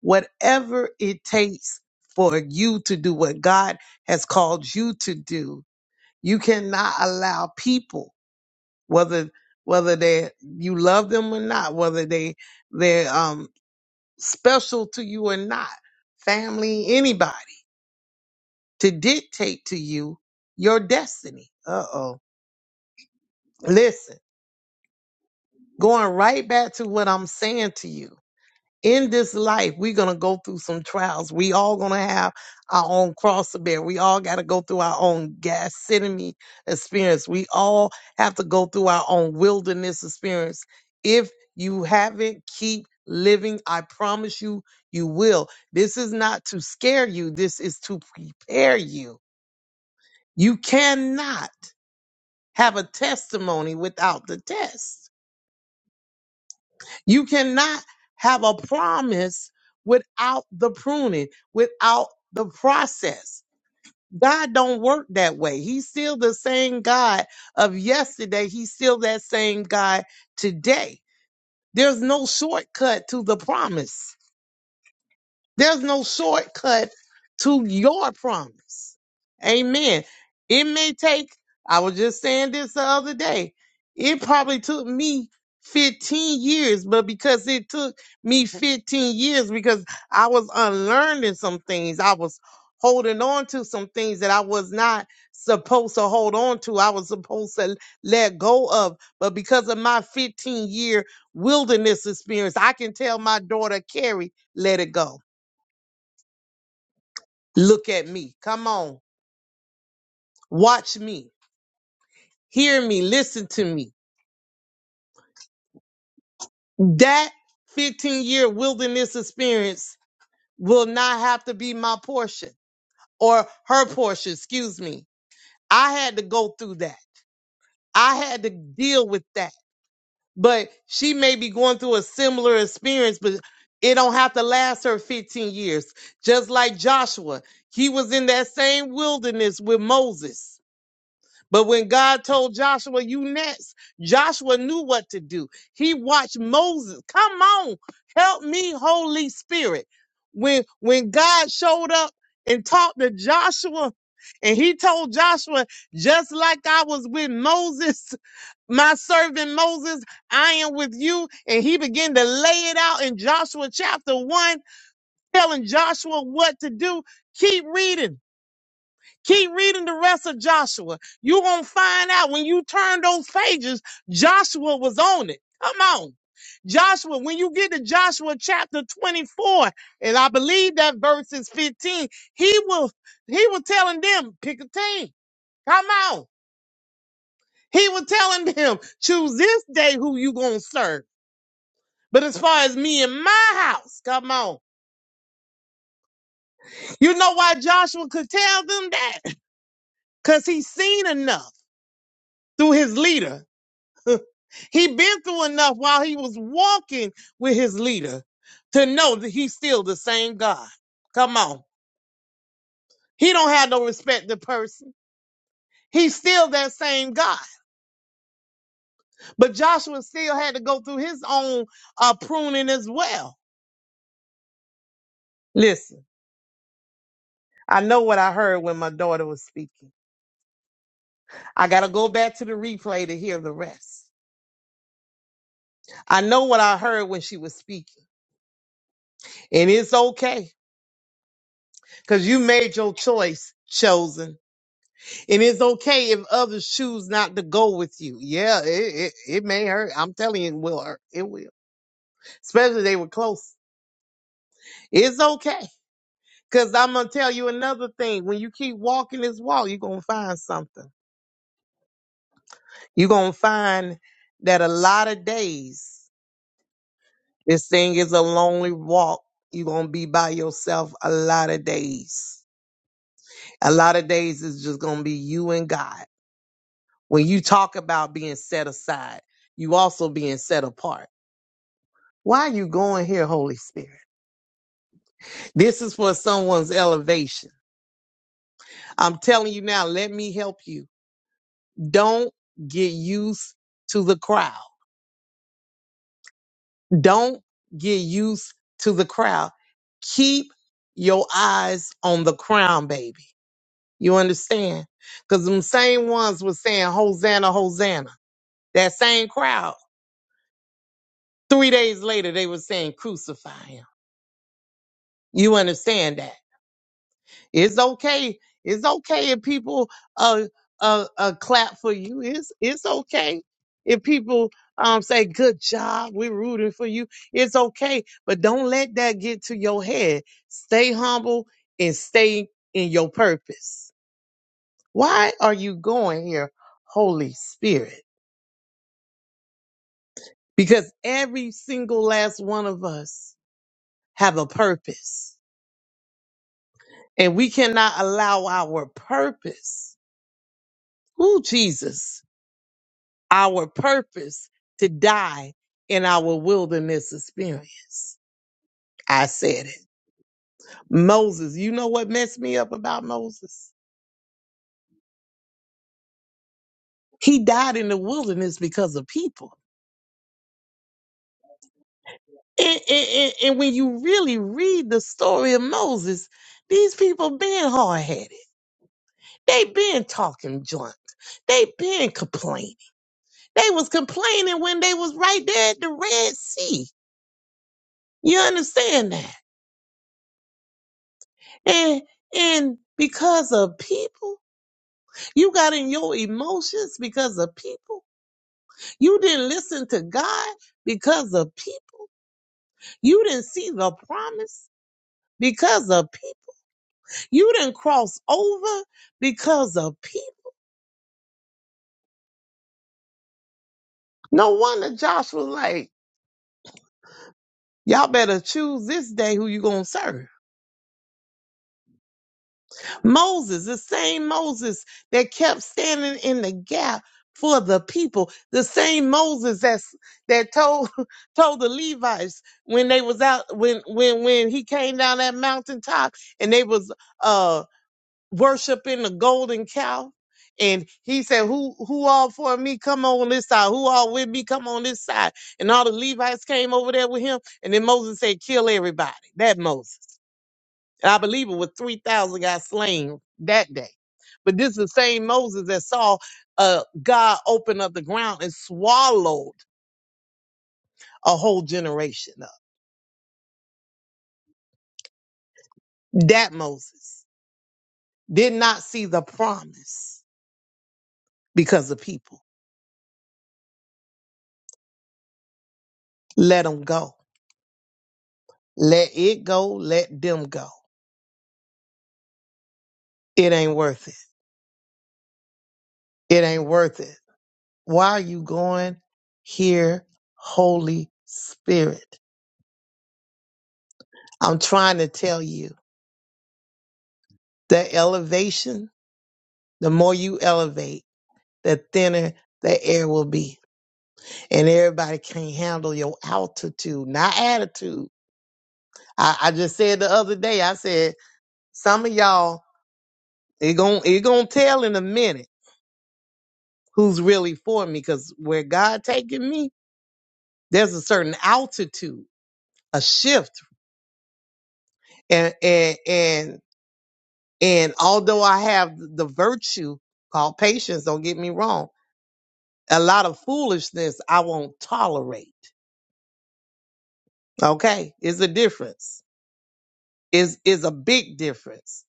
Speaker 14: whatever it takes for you to do what God has called you to do, you cannot allow people whether whether they you love them or not, whether they they're um, special to you or not, family, anybody, to dictate to you your destiny. Uh oh. Listen, going right back to what I'm saying to you. in this life, we're going to go through some trials. We all going to have our own cross to bear. We all got to go through our own gastronomy experience. We all have to go through our own wilderness experience. If you haven't, keep living. I promise you, you will. This is not to scare you. This is to prepare you. You cannot have a testimony without the test. You cannot have a promise without the pruning, without the process. God don't work that way. He's still the same God of yesterday. He's still that same God today. There's no shortcut to the promise. There's no shortcut to your promise. Amen. It may take, I was just saying this the other day, it probably took me 15 years, but because it took me 15 years, because I was unlearning some things, I was holding on to some things that I was not supposed to hold on to, I was supposed to let go of. But because of my 15 year wilderness experience, I can tell my daughter, Carrie, let it go Look at me. Come on. Watch me. Hear me. Listen to me. That 15 year wilderness experience will not have to be my portion or her portion. Excuse me. I had to go through that. I had to deal with that. But she may be going through a similar experience, but it don't have to last her 15 years. Just like Joshua, he was in that same wilderness with Moses But when God told Joshua, you next, Joshua knew what to do. He watched Moses. Come on, help me, Holy Spirit. When when God showed up and talked to Joshua, and he told Joshua, just like I was with Moses, my servant Moses, I am with you. And he began to lay it out in Joshua chapter one, telling Joshua what to do. Keep reading. Keep reading the rest of Joshua. You're going to find out when you turn those pages, Joshua was on it. Come on. Joshua, when you get to Joshua chapter 24, and I believe that verse is 15, he will, he was telling them, pick a team. Come on. He was telling them, choose this day who you going to serve. But as far as me and my house, come on. You know why Joshua could tell them that? Cause he seen enough through his leader He been through enough while he was walking with his leader to know that he's still the same God. Come on. He don't have no respect to person. He's still that same God. But Joshua still had to go through his own uh, pruning as well. Listen, I know what I heard when my daughter was speaking. I got to go back to the replay to hear the rest. I know what I heard when she was speaking. And it's okay because you made your choice, chosen. And it's okay if others choose not to go with you. Yeah, it, it, it may hurt. I'm telling you, it will hurt. It will. Especially they were close. It's okay. Cause I'm gonna tell you another thing. When you keep walking this walk, you're gonna find something. You're gonna find that a lot of days, this thing is a lonely walk. You're gonna be by yourself a lot of days. A lot of days is just gonna be you and God. When you talk about being set aside, you also being set apart Why are you going here, Holy Spirit? This is for someone's elevation. I'm telling you now, let me help you. Don't get used to the crowd. Don't get used to the crowd. Keep your eyes on the crown, baby. You understand? Because them same ones were saying, Hosanna, Hosanna. That same crowd. Three days later, they were saying, Crucify him. You understand that? It's okay. It's okay if people uh uh, uh clap for you. It's it's okay if people um say good job. We're rooting for you. It's okay, but don't let that get to your head. Stay humble and stay in your purpose. Why are you going here, Holy Spirit? Because every single last one of us have a purpose, and we cannot allow our purpose. Ooh, Jesus our purpose to die in our wilderness experience. I said it. Moses, you know what messed me up about Moses? He died in the wilderness because of people. And, and, and, and when you really read the story of Moses, these people been hard headed. They been talking junk. They been complaining. They was complaining when they was right there at the Red Sea. You understand that? And and because of people. You got in your emotions because of people. You didn't listen to God because of people. You didn't see the promise because of people. You didn't cross over because of people. No wonder Joshua like, y'all better choose this day who you gonna serve. Moses, the same Moses that kept standing in the gap for the people, the same Moses that's that told told the Levites when they was out when when when he came down that mountaintop and they was uh worshiping the golden cow. And he said, Who who all for me? Come on this side. Who all with me? Come on this side. And all the Levites came over there with him. And then Moses said, Kill everybody. That Moses. I believe it was 3,000 got slain that day. But this is the same Moses that saw uh, God open up the ground and swallowed a whole generation up. That Moses did not see the promise because the people. Let them go. Let it go. Let them go. It ain't worth it. It ain't worth it. Why are you going here, Holy Spirit? I'm trying to tell you that elevation, the more you elevate, the thinner the air will be. And everybody can't handle your altitude, not attitude. I, I just said the other day, I said, some of y'all, it gon' it gon' tell in a minute who's really for me, because where God taking me, there's a certain altitude, a shift. And and and and although I have the virtue called patience, don't get me wrong, a lot of foolishness I won't tolerate. Okay? It's a difference. is is a big difference.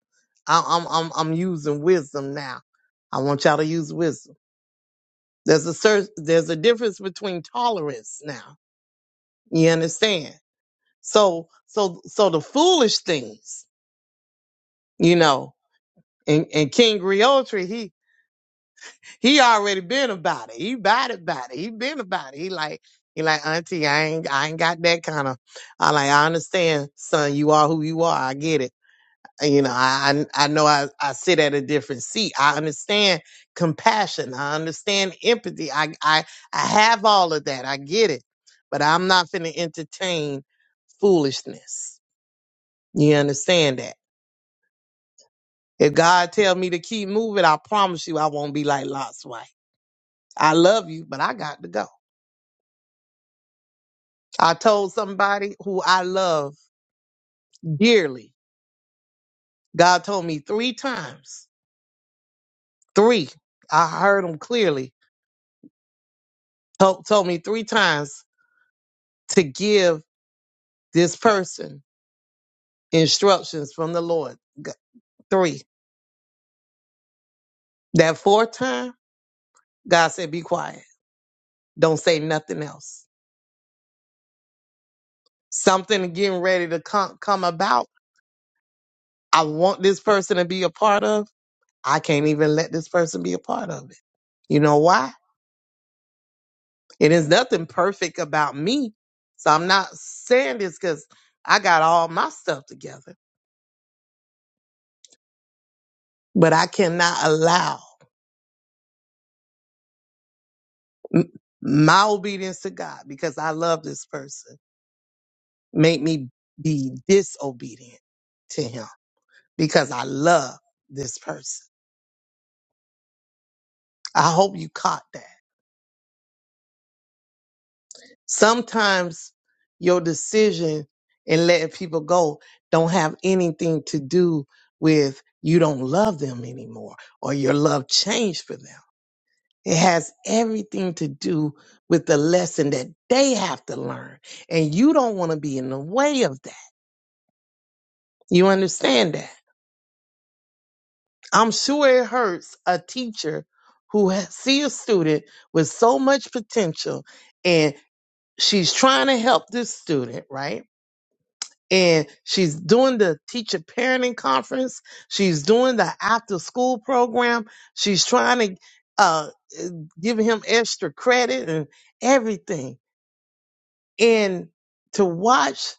Speaker 14: I'm I'm I'm, I'm using wisdom now. I want y'all to use wisdom. There's a cer there's a difference between tolerance now. You understand? So so so the foolish things, you know. And, and King Griotri, he he already been about it. He about it about it. He been about it. He like he like Auntie, I ain't I ain't got that kind of. I like I understand, son. You are who you are. I get it And, you know i i I know i i sit at a different seat i understand compassion i understand empathy i i i have all of that i get it but i'm not going to entertain foolishness you understand that if god tell me to keep moving i promise you i won't be like lot's wife i love you but i got to go i told somebody who i love dearly god told me three times three i heard him clearly told, told me three times to give this person instructions from the Lord. G- Three. That fourth time, God said, be quiet. Don't say nothing else. Something getting ready to come, come about. I want this person to be a part of. I can't even let this person be a part of it. You know why? It is nothing perfect about me. So I'm not saying this because I got all my stuff together, but I cannot allow m- my obedience to God because I love this person Make me be disobedient to him because I love this person. I hope you caught that. Sometimes your decision in letting people go don't have anything to do with you don't love them anymore or your love changed for them. It has everything to do with the lesson that they have to learn. And you don't want to be in the way of that. You understand that? I'm sure it hurts a teacher who ha- see a student with so much potential and she's trying to help this student, right? And she's doing the teacher parenting conference. She's doing the after school program. She's trying to uh, give him extra credit and everything. And to watch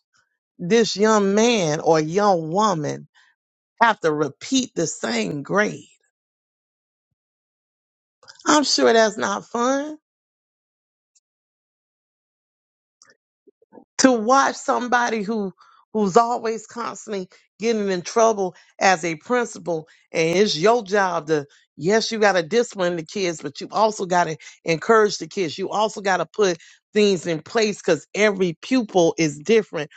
Speaker 14: this young man or young woman have to repeat the same grade, I'm sure that's not fun. to watch somebody who who's always constantly getting in trouble as a principal and it's your job to yes you got to discipline the kids but you also got to encourage the kids you also got to put things in place because every pupil is different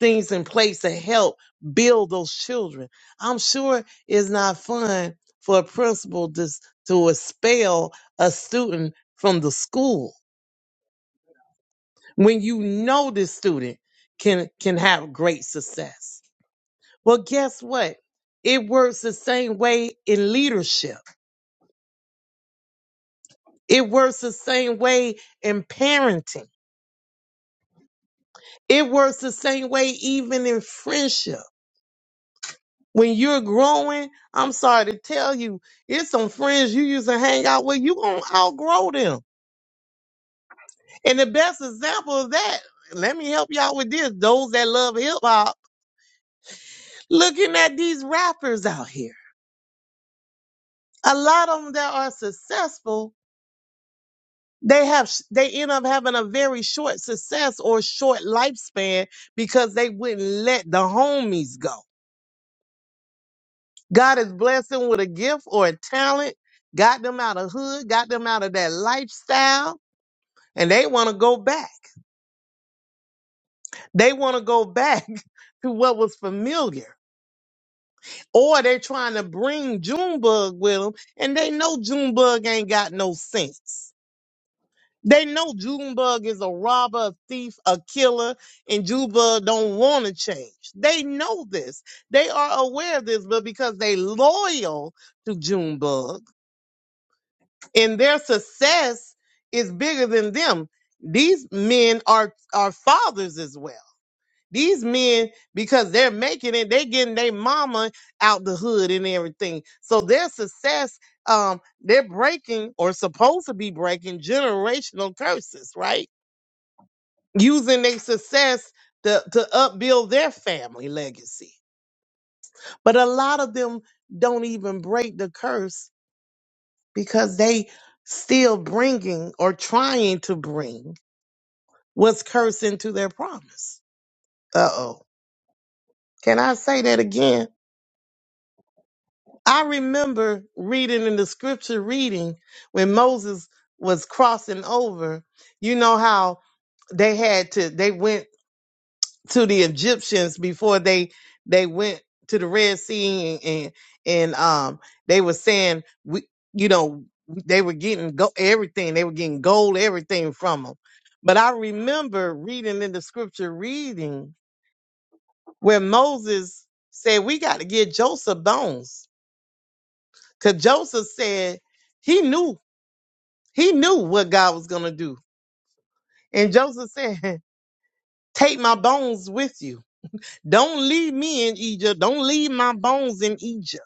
Speaker 14: things in place to help build those children i'm sure it's not fun for a principal to, to expel a student from the school when you know this student can can have great success. Well, guess what? It works the same way in leadership. It works the same way in parenting. It works the same way even in friendship. When you're growing, I'm sorry to tell you, it's some friends you used to hang out with, you gonna outgrow them. And the best example of that, let me help y'all with this. Those that love hip hop, looking at these rappers out here. a lot of them that are successful they have they end up having a very short success or short lifespan because they wouldn't let the homies go god has blessed them with a gift or a talent got them out of hood got them out of that lifestyle and they want to go back they want to go back to what was familiar or they're trying to bring junebug with them and they know junebug ain't got no sense They know Junebug is a robber, a thief, a killer, and Junebug don't want to change. They know this. They are aware of this, but because they loyal to Junebug and their success is bigger than them, these men are are fathers as well. These men, because they're making it, they getting their mama out the hood and everything. So their success, um, they're breaking or supposed to be breaking generational curses, right? using their success to, to upbuild their family legacy. But a lot of them don't even break the curse because they still bringing or trying to bring what's cursed into their promise. Uh oh. Can I say that again? I remember reading in the scripture reading when Moses was crossing over, you know how they had to they went to the Egyptians before they they went to the Red Sea and and, and um they were saying we you know they were getting go- everything they were getting gold everything from them. But I remember reading in the scripture reading where Moses said we got to get Joseph bones because Joseph said he knew he knew what God was gonna do and Joseph said take my bones with you. Don't leave me in Egypt. Don't leave my bones in Egypt.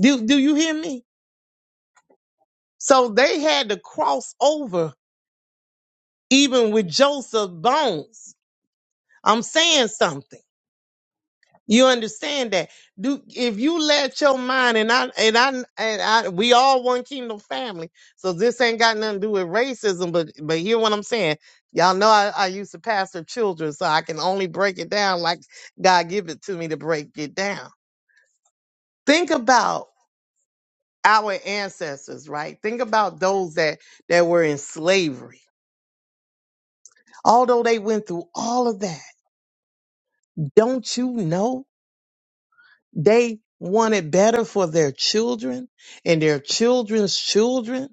Speaker 14: Do do you hear me? So they had to cross over even with Joseph Bones. I'm saying something. You understand that? Do if you let your mind and I and I and I we all one kingdom family. So this ain't got nothing to do with racism, but but hear what I'm saying. Y'all know I, I used to pastor children, so I can only break it down like God give it to me to break it down. Think about our ancestors, right? Think about those that that were in slavery Although they went through all of that, don't you know they wanted better for their children and their children's children?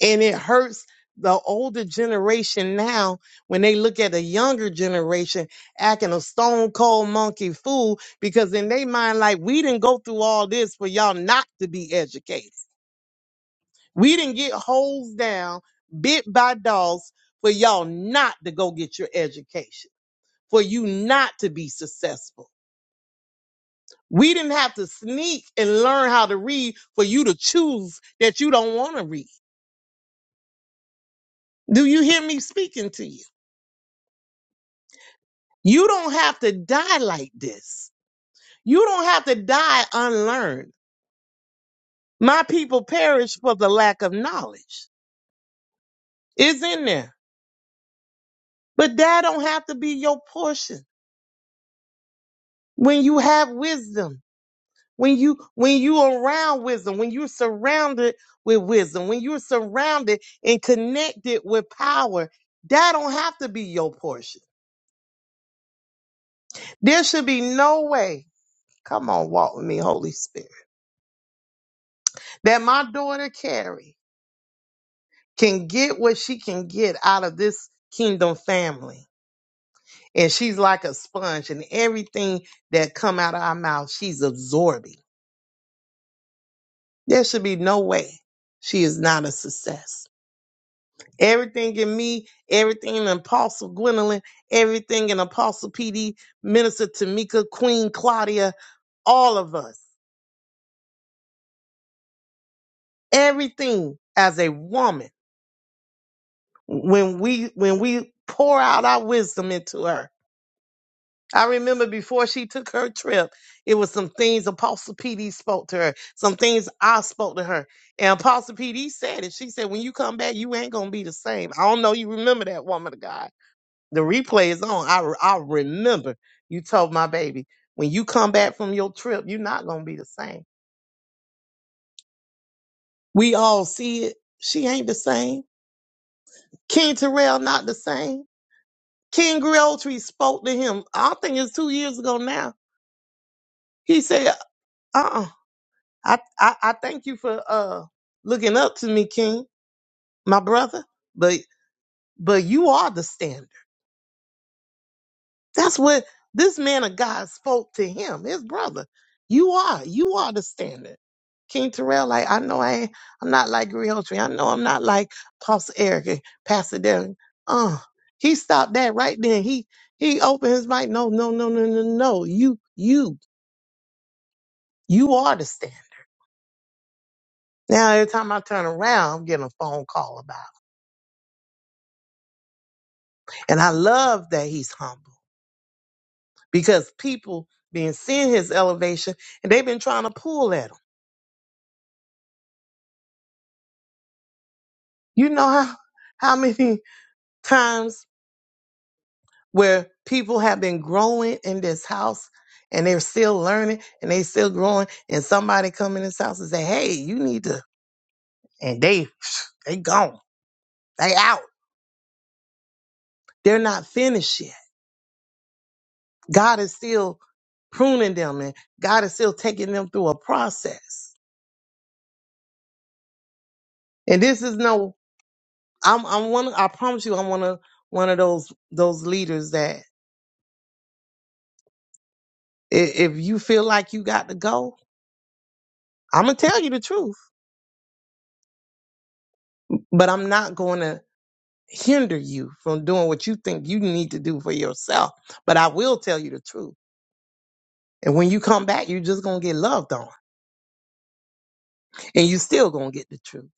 Speaker 14: And it hurts the older generation now when they look at the younger generation acting a stone cold monkey fool because in their mind, like, we didn't go through all this for y'all not to be educated. We didn't get hosed down bit by dogs for y'all not to go get your education, for you not to be successful We didn't have to sneak and learn how to read for you to choose that you don't want to read. Do you hear me speaking to you? You don't have to die like this. You don't have to die unlearned. My people perish for the lack of knowledge. It's in there. But that don't have to be your portion. When you have wisdom, when you when you around wisdom, when you're surrounded with wisdom, when you're surrounded and connected with power, that don't have to be your portion. There should be no way, come on, walk with me, Holy Spirit, that my daughter Carrie can get what she can get out of this kingdom family. And she's like a sponge, and everything that come out of our mouth, she's absorbing. There should be no way she is not a success. Everything in me, everything in Apostle Gwendolyn, everything in Apostle PD, Minister Tamika, Queen Claudia, all of us, everything as a woman when we when we pour out our wisdom into her. I remember before she took her trip, it was some things Apostle PD spoke to her, some things I spoke to her. And Apostle PD said it. She said, When you come back, you ain't gonna be the same. I don't know you remember that woman of God. The replay is on. I I remember you told my baby, when you come back from your trip, you're not gonna be the same. We all see it. She ain't the same. King Terrell not the same. King Griotry spoke to him. I think it's two years ago now. He said, "Uh, uh I, I, I thank you for uh looking up to me, King, my brother. But, but you are the standard. That's what this man of God spoke to him, his brother. You are, you are the standard." King Terrell, like I know I ain't, I'm not like Griotry. I know I'm not like Pastor Eric and Pastor Darren. Uh, he stopped that right then. He he opened his mic. No, no, no, no, no, no. You you You are the standard. Now, every time I turn around, I'm getting a phone call about it. And I love that he's humble because people been seeing his elevation and they've been trying to pull at him. You know how, how many times where people have been growing in this house and they're still learning and they still growing and somebody come in this house and say, hey, you need to, and they, they gone. They out. They're not finished yet God is still pruning them and God is still taking them through a process. And this is no I'm I'm one I promise you I'm one of one of those those leaders that i- if you feel like you got to go, I'm gonna tell you the truth, but I'm not going to hinder you from doing what you think you need to do for yourself. But I will tell you the truth. And when you come back, you're just gonna get loved on, and you still gonna get the truth.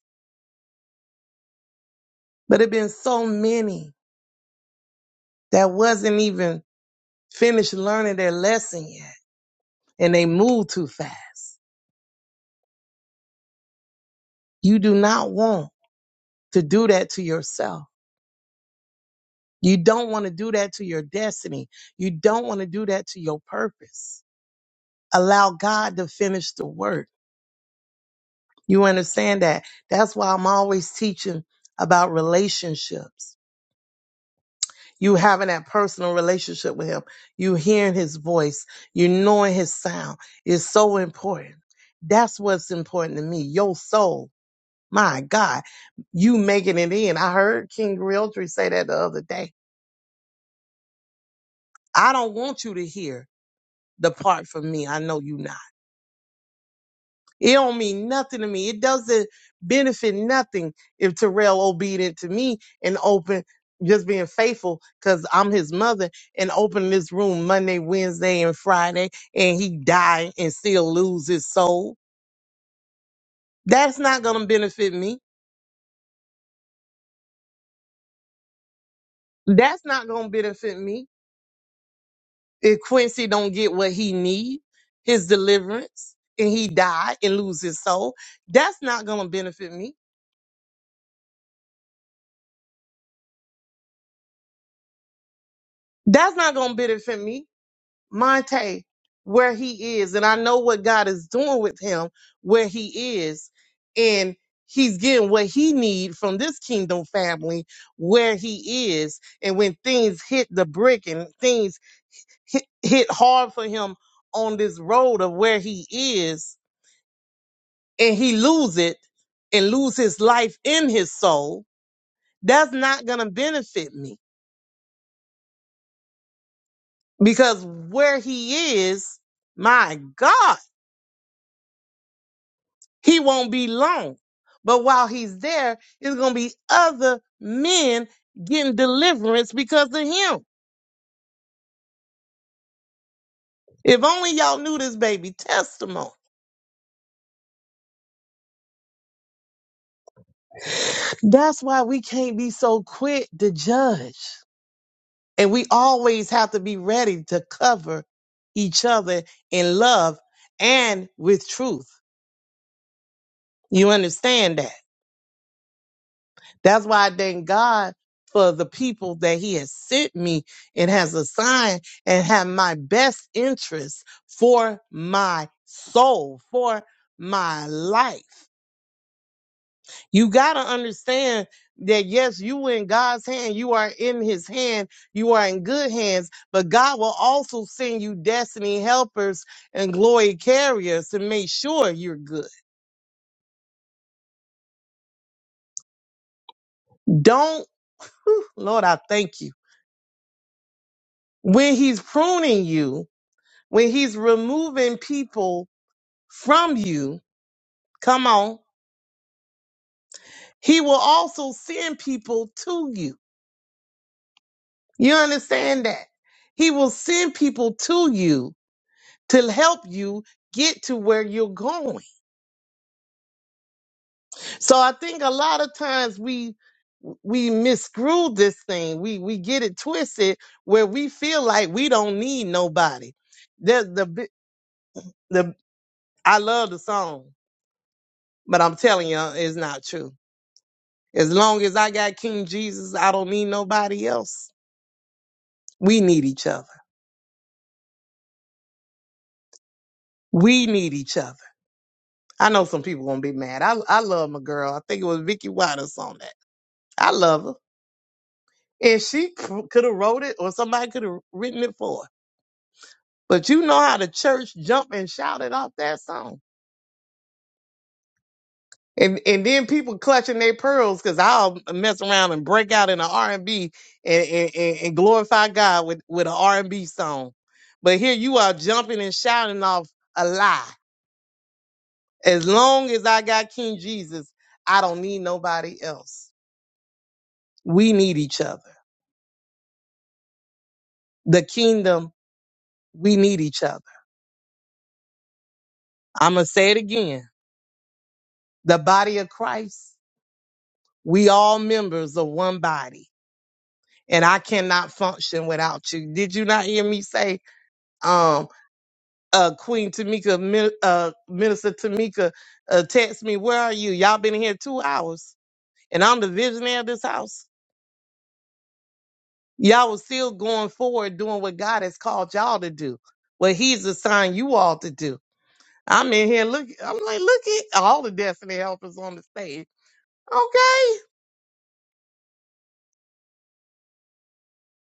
Speaker 14: But it been so many that wasn't even finished learning their lesson yet and they move too fast. You do not want to do that to yourself. You don't want to do that to your destiny. You don't want to do that to your purpose. Allow God to finish the work. You understand that? That's why I'm always teaching about relationships. You having that personal relationship with Him, you hearing His voice, you knowing His sound is so important. That's what's important to me, your soul My God, you making it in. I heard King Realtree say that the other day. I don't want you to hear depart from me. I know you not. It don't mean nothing to me. It doesn't benefit nothing if Terrell obedient to me and open just being faithful because I'm his mother and open this room Monday, Wednesday, and Friday, and he die and still lose his soul. That's not gonna benefit me. That's not gonna benefit me. If Quincy don't get what he need, his deliverance, and he die and lose his soul, that's not gonna benefit me. That's not gonna benefit me. Monte, where he is, and I know what God is doing with him, where he is, and he's getting what he need from this kingdom family where he is and when things hit the brick and things hit, hit hard for him on this road of where he is and he lose it and lose his life in his soul, that's not going to benefit me because where he is, my God, he won't be long. But while he's there, it's going to be other men getting deliverance because of him. If only y'all knew this baby testimony. That's why we can't be so quick to judge. And we always have to be ready to cover each other in love and with truth. You understand that? That's why I thank God for the people that He has sent me and has assigned and have my best interest for my soul, for my life. You got to understand that yes, you in God's hand, you are in his hand, you are in good hands, but God will also send you destiny helpers and glory carriers to make sure you're good. Don't, Lord, I thank you. When he's pruning you, when he's removing people from you, come on, he will also send people to you. You understand that? He will send people to you to help you get to where you're going. So I think a lot of times we we misgrew this thing. We we get it twisted where we feel like we don't need nobody. The the bi- the I love the song, but I'm telling you it's not true. As long as I got King Jesus, I don't need nobody else. We need each other. We need each other. I know some people gonna be mad. I I love my girl. I think it was Vicky Waters on that. I love her. And she could have wrote it or somebody could have written it for her. But you know how the church jumped and shouted off that song. And and then people clutching their pearls because I'll mess around and break out in an R and B and, and and glorify God with with an R and B song. But here you are jumping and shouting off a lie. As long as I got King Jesus, I don't need nobody else. We need each other. The kingdom, we need each other. I'm gonna say it again. The body of Christ We all members of one body, and I cannot function without you. Did you not hear me say, um, uh, Queen Tamika, Min- uh, Minister Tamika, uh, text me, where are you? Y'all been here two hours, and I'm the visionary of this house. Y'all was still going forward doing what God has called y'all to do, what He's assigned you all to do. I'm in here look. I'm like, look at all the destiny helpers on the stage. Okay,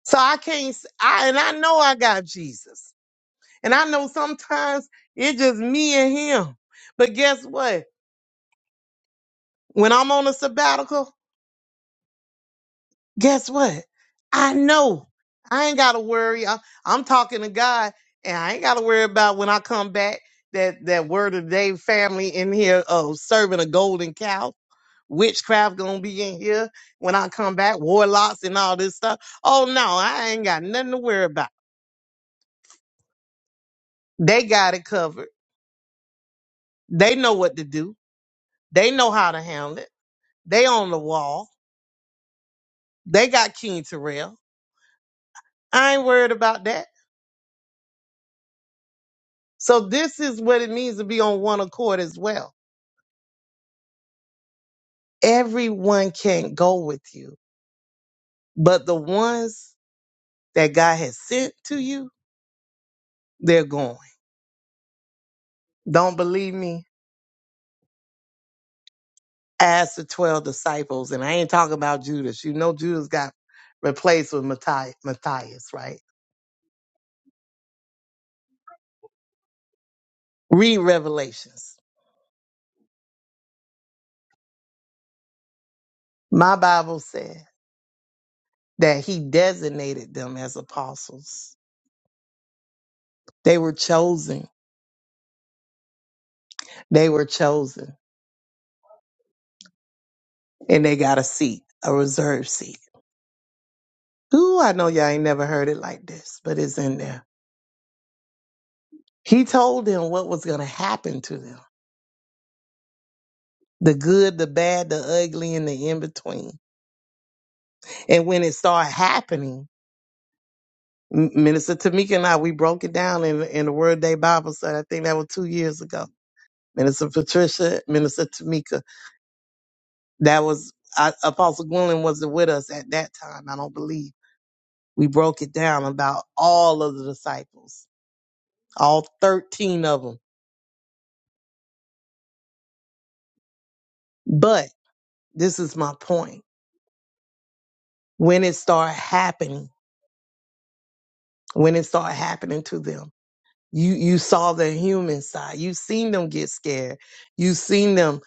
Speaker 14: so I can't. s- I and I know I got Jesus. And I know sometimes it's just me and him. But guess what? When I'm on a sabbatical, guess what? I know I ain't got to worry. I, I'm talking to God, and I ain't got to worry about when I come back that that word of the day family in here uh, serving a golden cow. Witchcraft gonna be in here when I come back, warlocks and all this stuff. Oh no, I ain't got nothing to worry about. They got it covered. They know what to do. They know how to handle it. They on the wall. They got King Terrell. I ain't worried about that. So this is what it means to be on one accord as well. Everyone can't go with you, but the ones that God has sent to you, they're going. Don't believe me? Ask the 12 disciples. And I ain't talking about Judas. You know Judas got replaced with Matthi- Matthias, right? Read Revelations. My Bible said that he designated them as apostles. They were chosen They were chosen and they got a seat, a reserved seat. Ooh, I know y'all ain't never heard it like this, but it's in there. He told them what was going to happen to them the good, the bad, the ugly, and the in between. And when it started happening, M- Minister Tamika and I, we broke it down in, in the Word Day Bible study. I think that was two years ago. Minister Patricia, Minister Tamika, that was, I, Apostle Gwendolyn wasn't with us at that time, I don't believe. We broke it down about all of the disciples all 13 of them. But this is my point. When it started happening, when it started happening to them, you, you saw the human side. You seen them get scared. You seen them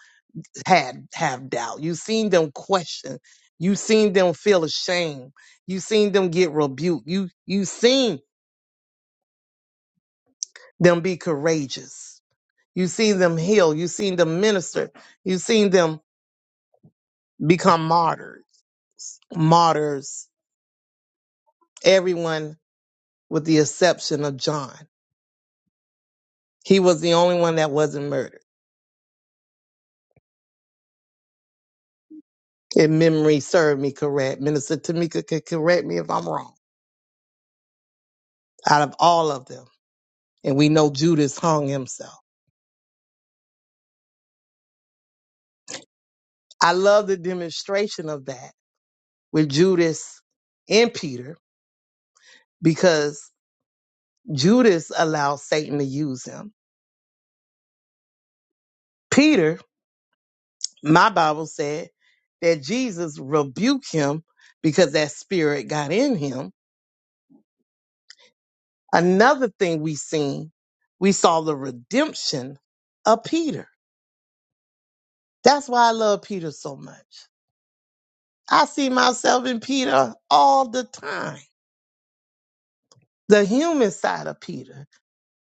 Speaker 14: had have doubt. You seen them question. You seen them feel ashamed. You seen them get rebuked. You you seen them be courageous. You seen them heal. You seen them minister. You seen them become martyrs. Martyrs. Everyone with the exception of John. He was the only one that wasn't murdered. If memory served me correct, Minister Tamika could correct me if I'm wrong. Out of all of them, and we know Judas hung himself. I love the demonstration of that with Judas and Peter because Judas allowed Satan to use him. Peter, my Bible said that Jesus rebuked him because that spirit got in him Another thing we seen, we saw the redemption of Peter. That's why I love Peter so much. I see myself in Peter all the time. The human side of Peter,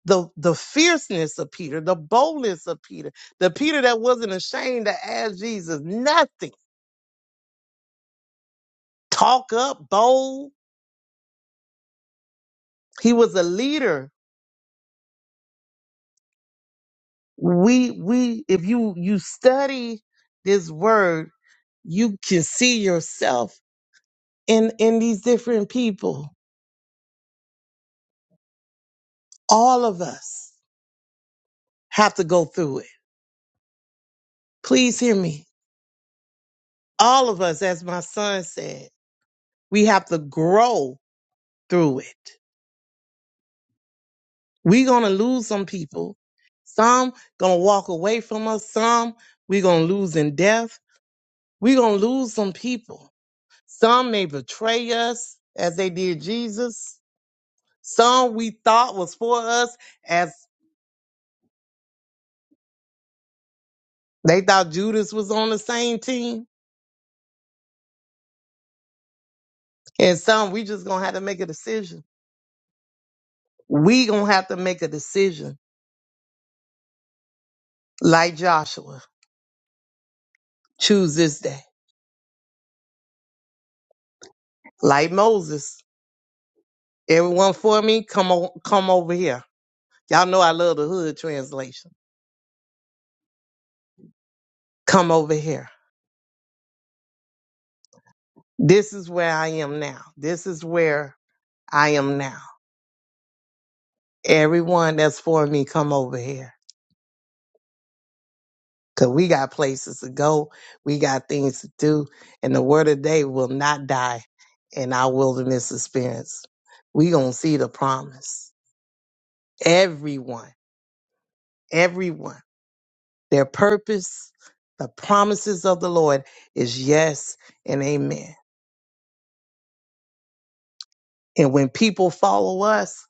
Speaker 14: the, the fierceness of Peter, the boldness of Peter, the Peter that wasn't ashamed to ask Jesus nothing. Talk up, bold. He was a leader. We we if you you study this word, you can see yourself in in these different people all of us have to go through it please hear me all of us as my son said we have to grow through it we gonna lose some people some gonna walk away from us some we gonna lose in death we gonna lose some people some may betray us as they did jesus some we thought was for us as they thought judas was on the same team and some we just gonna have to make a decision We gonna have to make a decision like Joshua. Choose this day. Like Moses. Everyone for me, come on, come over here. Y'all know I love the hood translation. Come over here. This is where I am now. This is where I am now. Everyone that's for me, come over here. Cause we got places to go. We got things to do. And the word of day will not die in our wilderness experience. We gonna see the promise. Everyone everyone. Their purpose, the promises of the Lord is yes and amen. And when people follow us,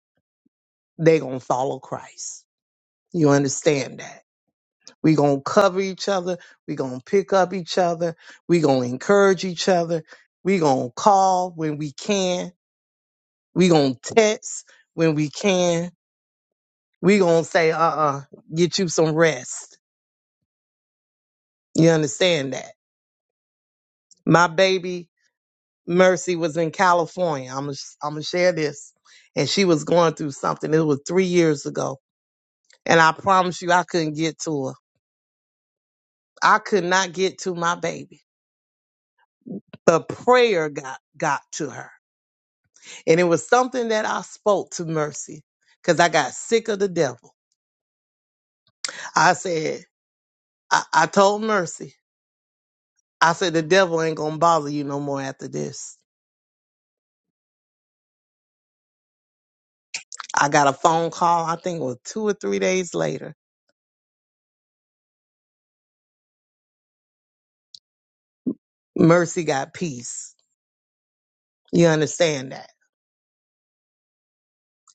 Speaker 14: they going to follow Christ. You understand that? we going to cover each other. we going to pick up each other. we going to encourage each other. we going to call when we can. we going to text when we can. we going to say, uh uh, get you some rest. You understand that? My baby Mercy was in California. I'm gonna I'm gonna share this, and she was going through something. It was three years ago, and I promise you, I couldn't get to her. I could not get to my baby, but prayer got got to her, and it was something that I spoke to Mercy because I got sick of the devil. I said, I, I told Mercy, I said the devil ain't gonna bother you no more after this. I got a phone call. I think it was two or three days later. Mercy got peace. You understand that?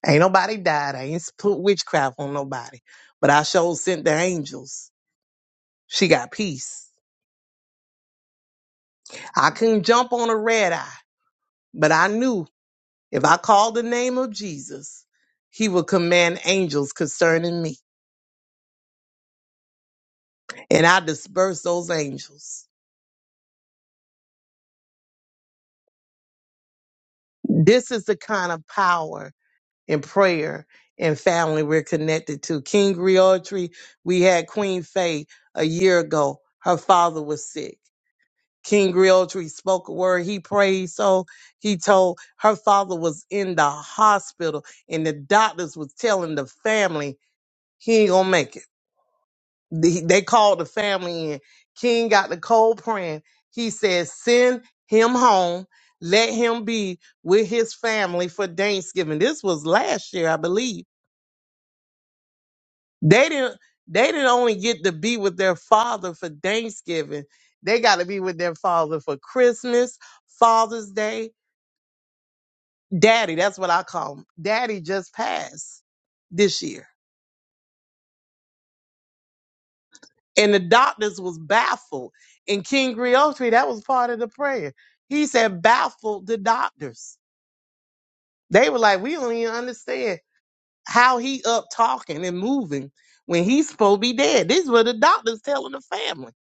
Speaker 14: Ain't nobody died. I ain't put witchcraft on nobody. But I sure sent the angels. She got peace. I couldn't jump on a red eye, but I knew if I called the name of Jesus, he would command angels concerning me. And I dispersed those angels. This is the kind of power in prayer and family we're connected to. King Griotry, we had Queen Faye a year ago. Her father was sick. King Realtree spoke a word. He prayed. So he told her father was in the hospital and the doctors was telling the family he ain't gonna make it. They they called the family in. King got the cold praying. He said, send him home. Let him be with his family for Thanksgiving. This was last year, I believe. They didn't they didn't only get to be with their father for Thanksgiving. They got to be with their father for Christmas, Father's Day, Daddy, that's what I call him. Daddy just passed this year. And the doctors was baffled. And King Griotri, that was part of the prayer. He said, baffled the doctors. They were like, we don't even understand how he up talking and moving when he's supposed to be dead. This is what the doctors telling the family.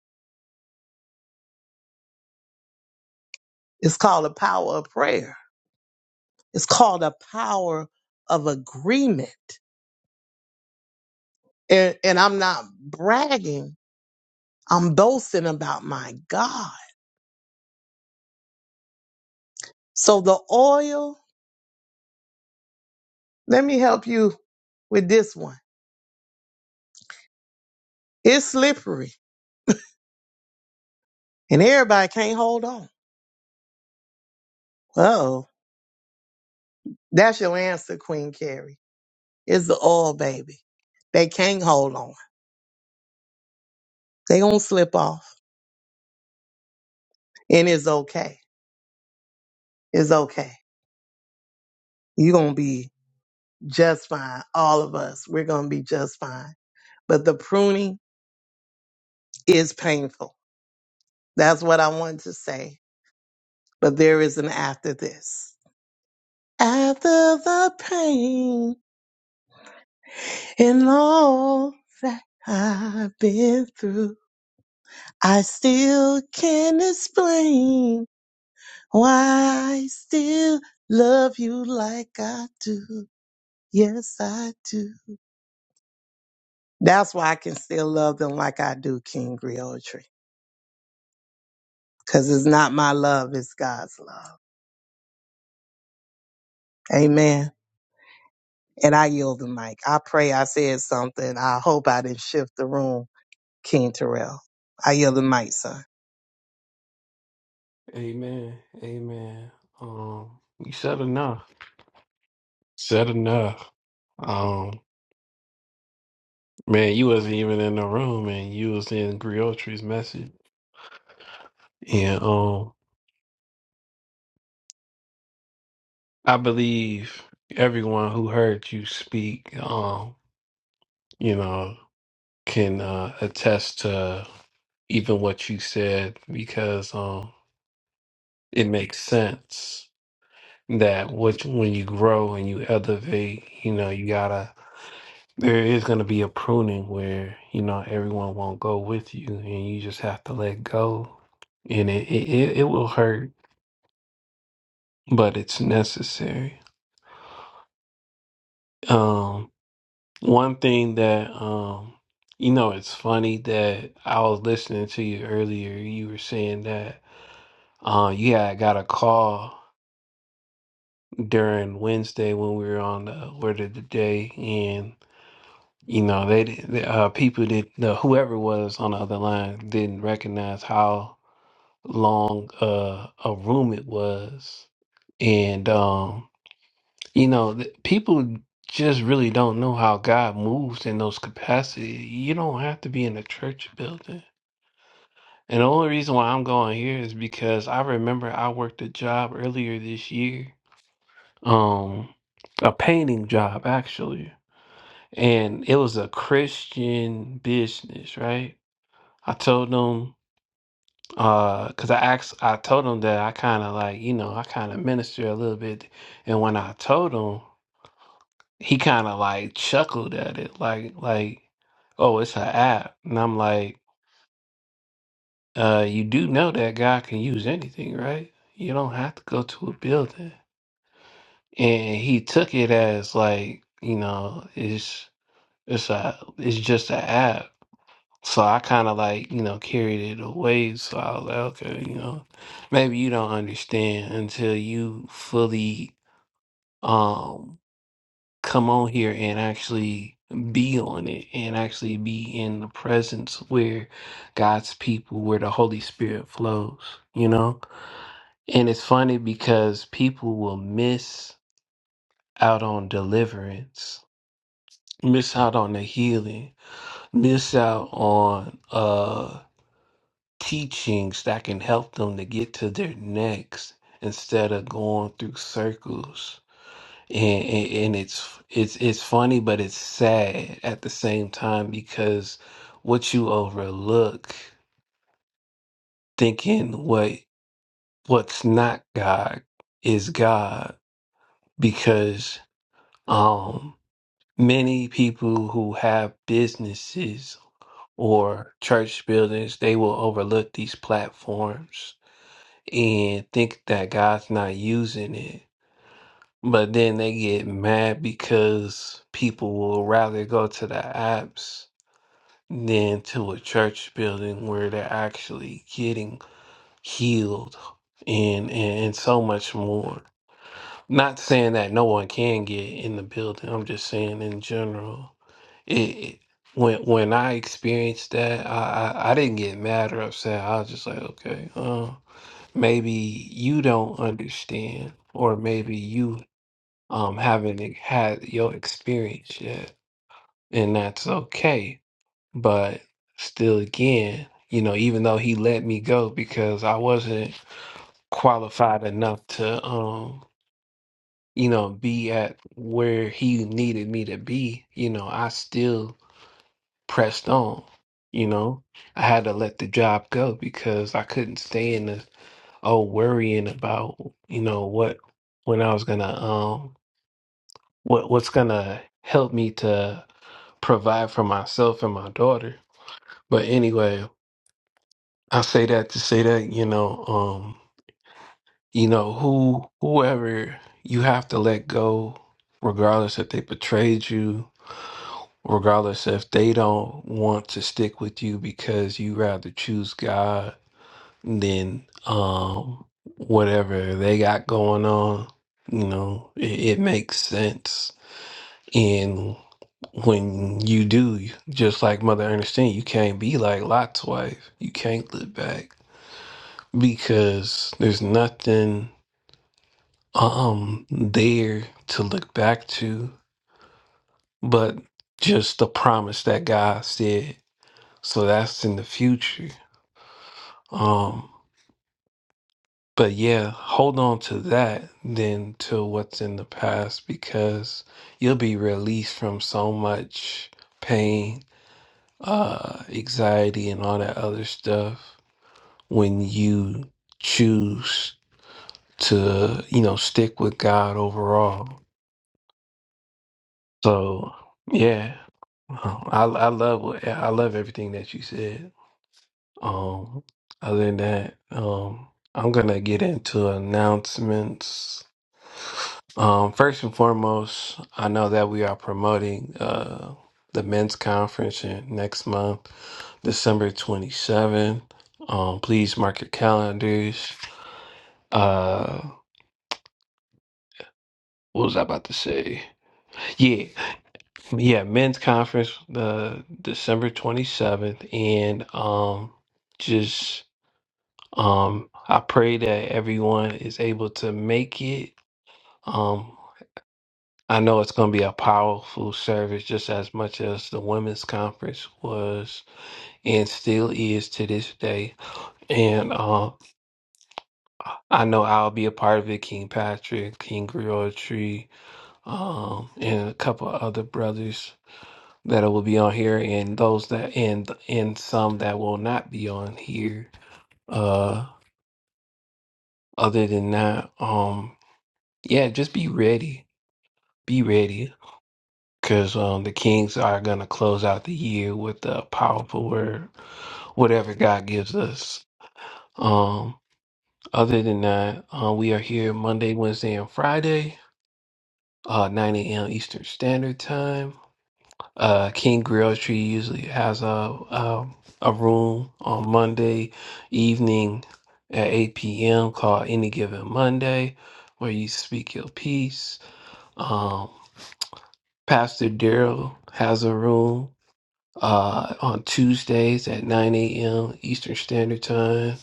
Speaker 14: It's called the power of prayer. It's called the power of agreement. And, and I'm not bragging. I'm boasting about my God So the oil, let me help you with this one. It's slippery and everybody can't hold on. Uh-oh. That's your answer, Queen Carrie. It's the oil, baby. They can't hold on. They gonna slip off. And it's okay. It's okay. you gonna be just fine. All of us, we're gonna be just fine. But the pruning is painful. That's what I wanted to say. But there is an after this. After the pain. And all that I've been through, I still can't explain why I still love you like I do. Yes, I do. That's why I can still love them like I do, King Griotry. Because it's not my love, it's God's love. Amen. And I yield the mic. I pray I said something. I hope I didn't shift the room, King Terrell. I yield the mic, son.
Speaker 1: Amen. Amen. Um, you said enough. Said enough. Um, man, you wasn't even in the room, and you was in Griotry's message. And um, I believe everyone who heard you speak, um, you know, can uh, attest to even what you said because um, it makes sense. that which when you grow and you elevate, you know, you gotta there is gonna be a pruning where, you know, everyone won't go with you and you just have to let go. And it it, it it will hurt, but it's necessary. Um one thing that um you know it's funny that I was listening to you earlier, you were saying that uh you had got a call during Wednesday when we were on the word of the day You know, they, di- the uh, people that the whoever was on the other line didn't recognize how long uh, a room it was, and um, you know, th- people just really don't know how God moves in those capacities. You don't have to be in a church building. And the only reason why I'm going here is because I remember I worked a job earlier this year, um, a painting job actually, and it was a Christian business, right? I told them, uh, cause I asked, I told them that I kind of like, you know, I kind of minister a little bit, and when I told him, he kind of like chuckled at it, like, like, oh, it's an app, and I'm like, uh, you do know that God can use anything, right? You don't have to go to a building, and he took it as like, you know, it's it's a, it's just an app. So I kind of like, you know, carried it away. So I was like, okay, you know, maybe you don't understand until you fully um come on here and actually be on it and actually be in the presence where God's people, where the Holy Spirit flows, you know? And it's funny because people will miss out on deliverance, miss out on the healing, miss out on uh teachings that can help them to get to their next instead of going through circles. And, and, and it's it's it's funny, but it's sad at the same time because what you overlook, thinking what what's not God is God, because um many people who have businesses or church buildings, they will overlook these platforms and think that God's not using it. But then they get mad because people will rather go to the apps than to a church building where they're actually getting healed and, and, and so much more. Not saying that no one can get in the building, I'm just saying in general. It, it, when when I experienced that, I, I, I didn't get mad or upset. I was just like, okay, uh, maybe you don't understand or maybe you um haven't e- had your experience yet and that's okay but still again you know even though he let me go because i wasn't qualified enough to um you know be at where he needed me to be you know i still pressed on you know i had to let the job go because i couldn't stay in the oh worrying about you know what when I was gonna um what what's gonna help me to provide for myself and my daughter. But anyway, I say that to say that you know um you know who whoever you have to let go, regardless if they betrayed you, regardless if they don't want to stick with you because you rather choose God then um whatever they got going on you know it, it makes sense and when you do just like mother ernestine you can't be like lot's wife you can't look back because there's nothing um there to look back to but just the promise that god said so that's in the future Um. but yeah, hold on to that than to what's in the past because you'll be released from so much pain, uh, anxiety, and all that other stuff when you choose to, you know, stick with God overall. So yeah, um, I I love what- I love everything that you said. Um, other than that, um, I'm gonna get into announcements Um, first and foremost, I know that we are promoting uh, the men's conference in next month, December 27th. Um, please mark your calendars. Uh, what was I about to say? Yeah, yeah, men's conference the December 27th, and um, just um, I pray that everyone is able to make it. Um, I know it's going to be a powerful service just as much as the women's conference was and still is to this day. And um, I know I'll be a part of it. King Patrick, King Griotry, um, and a couple of other brothers that will be on here, and those that and and some that will not be on here. Uh, other than that, um, yeah, just be ready. Be ready. because um, the Kings are going to close out the year with a powerful word, whatever God gives us. Um, other than that, uh, we are here Monday, Wednesday, and Friday, uh, 9 a.m. Eastern Standard Time. Uh, King Grill Tree usually has a, a a room on Monday evening at 8 p.m. called Any Given Monday, where you speak your piece. Um, Pastor Daryl has a room uh, on Tuesdays at 9 a.m. Eastern Standard Time.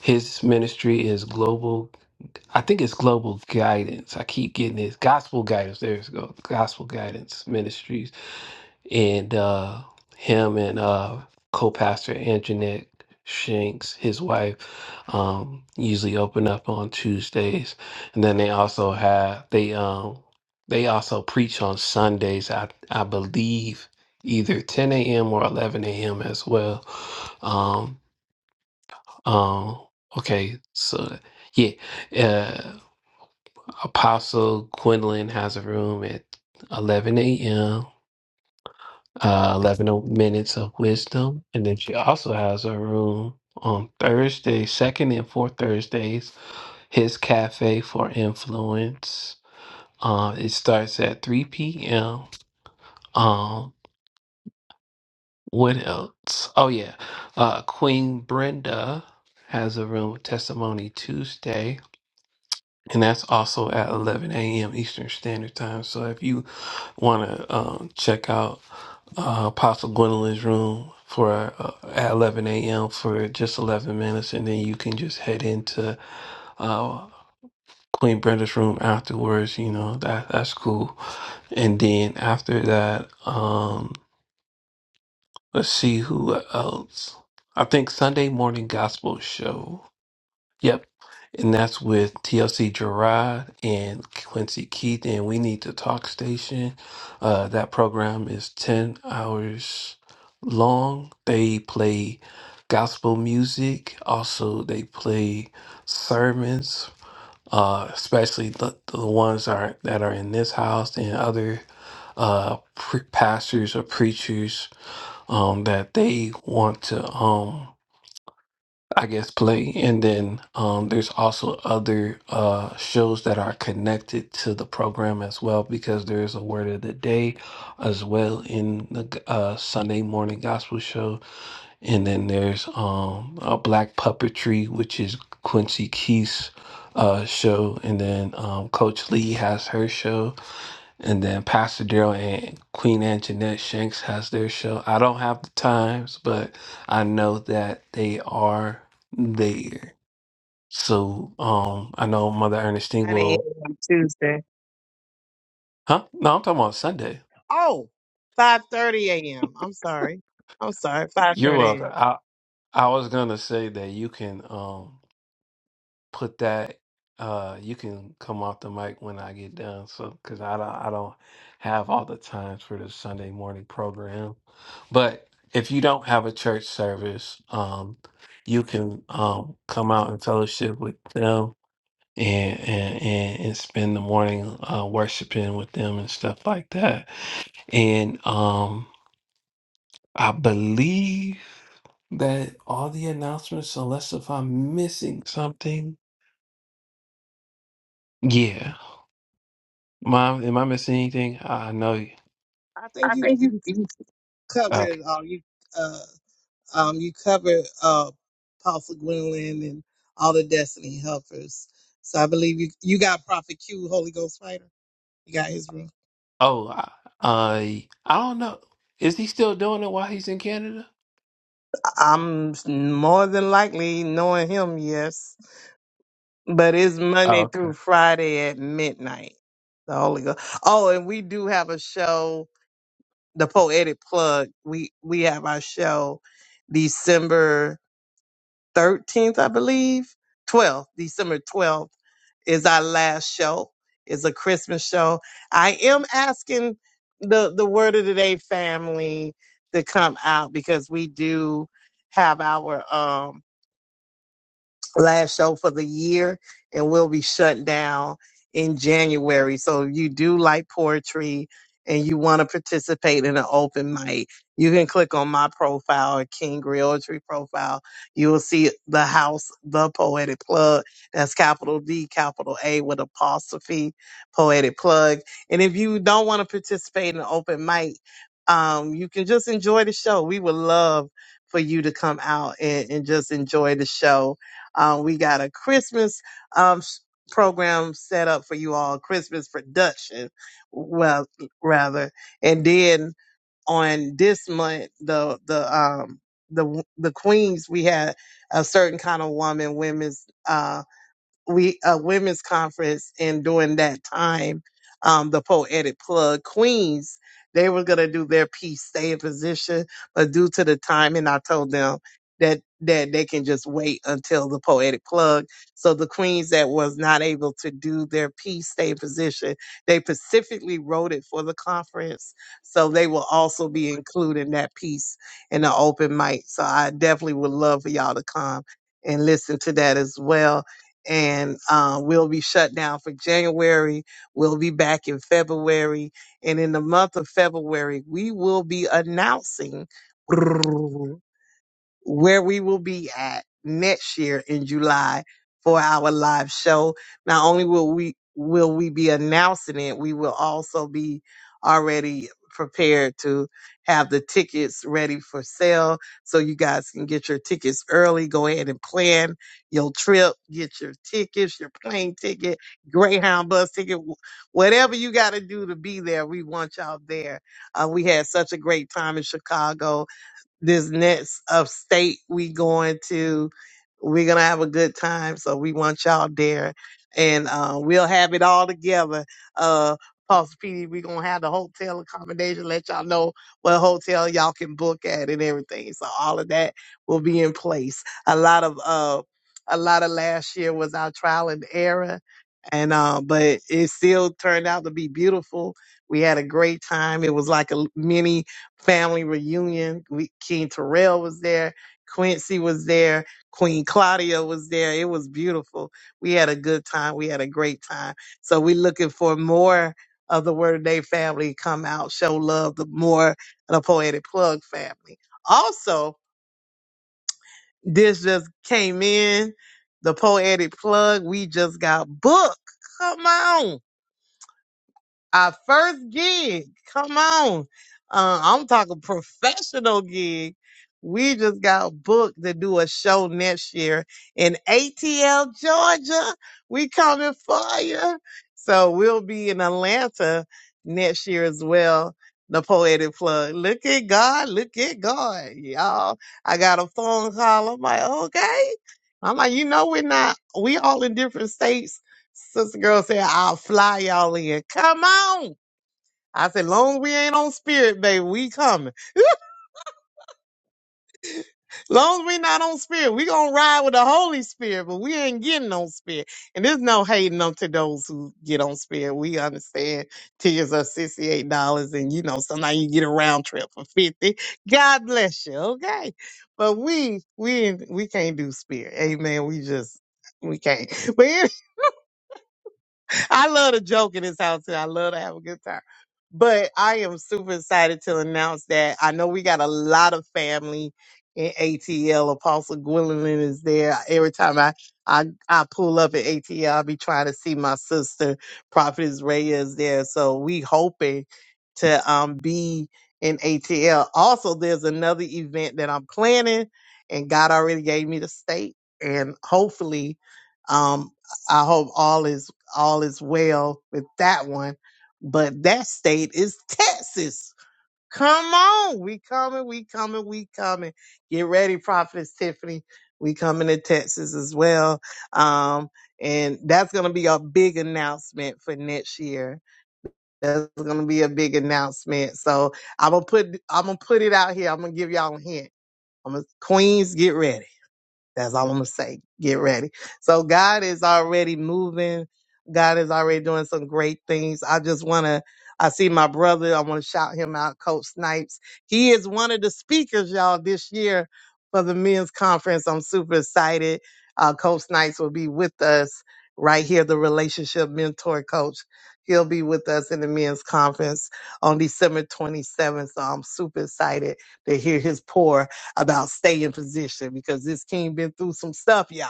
Speaker 1: His ministry is Global, I think it's Global Guidance. I keep getting this Gospel Guidance. There's go. Gospel Guidance Ministries and uh, him and uh, co-pastor Anjanette Shanks, his wife, um, usually open up on Tuesdays, and then they also have they um they also preach on Sundays. I I believe either 10 a.m. or 11 a.m. as well. Um, um, okay, so yeah, uh, Apostle Gwendolyn has a room at 11 a.m. uh, 11 minutes of wisdom. And then she also has her room on Thursday, second and fourth Thursdays, his cafe for influence. Uh, it starts at 3 p.m. Um, what else? Oh, yeah. Uh, Queen Brenda has a room with testimony Tuesday. and that's also at 11 a.m. Eastern Standard Time. So if you want to um, check out uh, Apostle Gwendolyn's room for uh, at 11 a.m. for just 11 minutes, and then you can just head into uh, Queen Brenda's room afterwards. You know that that's cool. And then after that, um, let's see who else. I think Sunday Morning Gospel Show. Yep, and that's with TLC Gerard and Quincy Keith and We Need to Talk Station. Uh, that program is 10 hours long. They play gospel music, also, they play sermons. Uh, especially the, the ones are, that are in this house and other uh, pre- pastors or preachers um, that they want to. Um, I guess play and then um there's also other uh shows that are connected to the program as well because there is a word of the day as well in the uh Sunday morning gospel show and then there's um a black puppetry which is Quincy Keith's uh show and then um Coach Lee has her show and then Pastor Daryl and Queen Anjanette Shanks has their show. I don't have the times, but I know that they are there. So um I know Mother Ernestine
Speaker 14: I didn't hear
Speaker 1: will
Speaker 14: you on Tuesday.
Speaker 1: huh? No, I'm talking about Sunday.
Speaker 14: Oh, five thirty 5:30 a.m. I'm sorry. I'm sorry.
Speaker 1: You're
Speaker 14: 5:30
Speaker 1: welcome.
Speaker 14: a.m.
Speaker 1: I I was gonna say that you can um put that uh you can come off the mic when I get done so cuz I don't I don't have all the times for the Sunday morning program but if you don't have a church service um you can um come out and fellowship with them and and and, and spend the morning uh worshiping with them and stuff like that and um I believe that all the announcements unless if I'm missing something yeah Mom, am I missing anything? I know. you-
Speaker 14: I think
Speaker 1: I
Speaker 14: you,
Speaker 1: think you,
Speaker 14: you
Speaker 1: you
Speaker 14: covered
Speaker 1: Uh,
Speaker 14: it all. You uh um you covered uh Apostle Gwendolyn and all the Destiny helpers. So I believe you you got Prophet Q, Holy Ghost fighter. You got his room.
Speaker 1: oh, I, I I don't know. Is he still doing it while he's in Canada?
Speaker 14: I'm more than likely knowing him, yes. But it's
Speaker 1: Oh,
Speaker 14: Monday
Speaker 1: okay.
Speaker 14: through Friday at midnight. The Holy Ghost. Oh, and we do have a show the poetic plug. We we have our show December thirteenth, I believe. Twelfth, December twelfth is our last show. It's a Christmas show. I am asking the the word of the day family to come out because we do have our um last show for the year and we'll be shut down in January. So if you do like poetry and you want to participate in an open mic, you can click on my profile or King Realtree profile. You will see the house, the poetic plug. That's capital D, capital A with apostrophe, poetic plug. And if you don't want to participate in an open mic, um, you can just enjoy the show. We would love for you to come out and, and just enjoy the show uh, we got a Christmas um, s- program set up for you all, Christmas production, well, rather. And then on this month, the the um the the queens, we had a certain kind of woman, women's uh, we a women's conference and during that time um the poetic plug queens they were going to do their piece stay in position but due to the time and i told them that that they can just wait until the poetic plug so the queens that was not able to do their piece stay in position they specifically wrote it for the conference so they will also be including that piece in the open mic so i definitely would love for y'all to come and listen to that as well and uh, we'll be shut down for January. We'll be back in February. And in the month of February, we will be announcing. where we will be at next year in July for our live show. Not only will we will we be announcing it, we will also be already prepared to have the tickets ready for sale so you guys can get your tickets early. Go ahead and plan your trip, get your tickets, your plane ticket, Greyhound bus ticket, wh- whatever you got to do to be there. We want y'all there. Uh, we had such a great time in Chicago this next upstate we going to. We're gonna have a good time, so we want y'all there, and uh, we'll have it all together. Uh, Pastor PD, we're gonna have the hotel accommodation. Let y'all know what hotel y'all can book at and everything. So all of that will be in place. A lot of uh, a lot of last year was our trial and error, and uh, but it still turned out to be beautiful. We had a great time. It was like a mini family reunion. We, King Terrell was there. Quincy was there. Queen Claudia was there. It was beautiful. We had a good time. We had a great time. So we're looking for more of the Word of Day family to come out, show love, the more of the Poetic Plug family. Also, this just came in. The Poetic Plug, we just got booked. Come on our first gig. Come on. Uh, I'm talking professional gig. We just got booked to do a show next year in ATL, Georgia. We coming for you. So we'll be in Atlanta next year as well. The poetic plug. Look at God. Look at God, y'all. I got a phone call. I'm like, okay. I'm like, you know, we're not, we all in different states Sister girl said, I'll fly y'all in. Come on. I said, long as we ain't on spirit, baby, we coming. Long as we not on spirit, we gonna ride with the Holy Spirit, but we ain't getting on spirit. And there's no hating on to those who get on spirit. We understand tickets are $68 and you know, sometimes you get a round trip for 50. God bless you. Okay. But we, we, we can't do spirit. Amen. We just, we can't. But." I love to joke in this house and I love to have a good time. But I am super excited to announce that I know we got a lot of family in ATL. Apostle Gwendolyn is there. Every time I, I I pull up at ATL, I'll be trying to see my sister, Prophetess Raya is there. So we hoping to um be in ATL. Also, there's another event that I'm planning and God already gave me the state. And hopefully, um, I hope all is all is well with that one. But that state is Texas. Come on. We coming, we coming, we coming. Get ready, Prophetess Tiffany. We coming to Texas as well. Um, and that's gonna be a big announcement for next year. That's gonna be a big announcement. So I'm gonna put I'm gonna put it out here. I'm gonna give y'all a hint. I'm gonna Queens, get ready. That's all I'm gonna say. Get ready. So God is already moving. God is already doing some great things. I just wanna I see my brother, I wanna shout him out, Coach Snipes. He is one of the speakers, y'all, this year for the men's conference. I'm super excited. Uh, coach Snipes will be with us right here, the relationship mentor coach. He'll be with us in the men's conference on December 27th. So I'm super excited to hear his pour about staying in position because this king been through some stuff, y'all.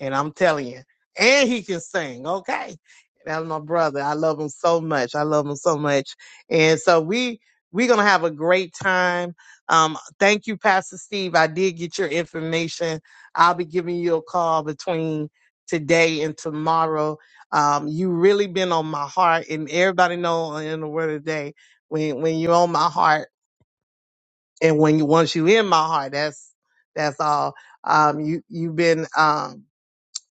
Speaker 14: And I'm telling you, and he can sing, okay? That's my brother. I love him so much. I love him so much. And so we we're gonna have a great time. Um, thank you, Pastor Steve. I did get your information. I'll be giving you a call between today and tomorrow. Um, you really been on my heart, and everybody know in the word of the day when when you're on my heart. And when you once you in my heart, that's that's all. Um, you you've been um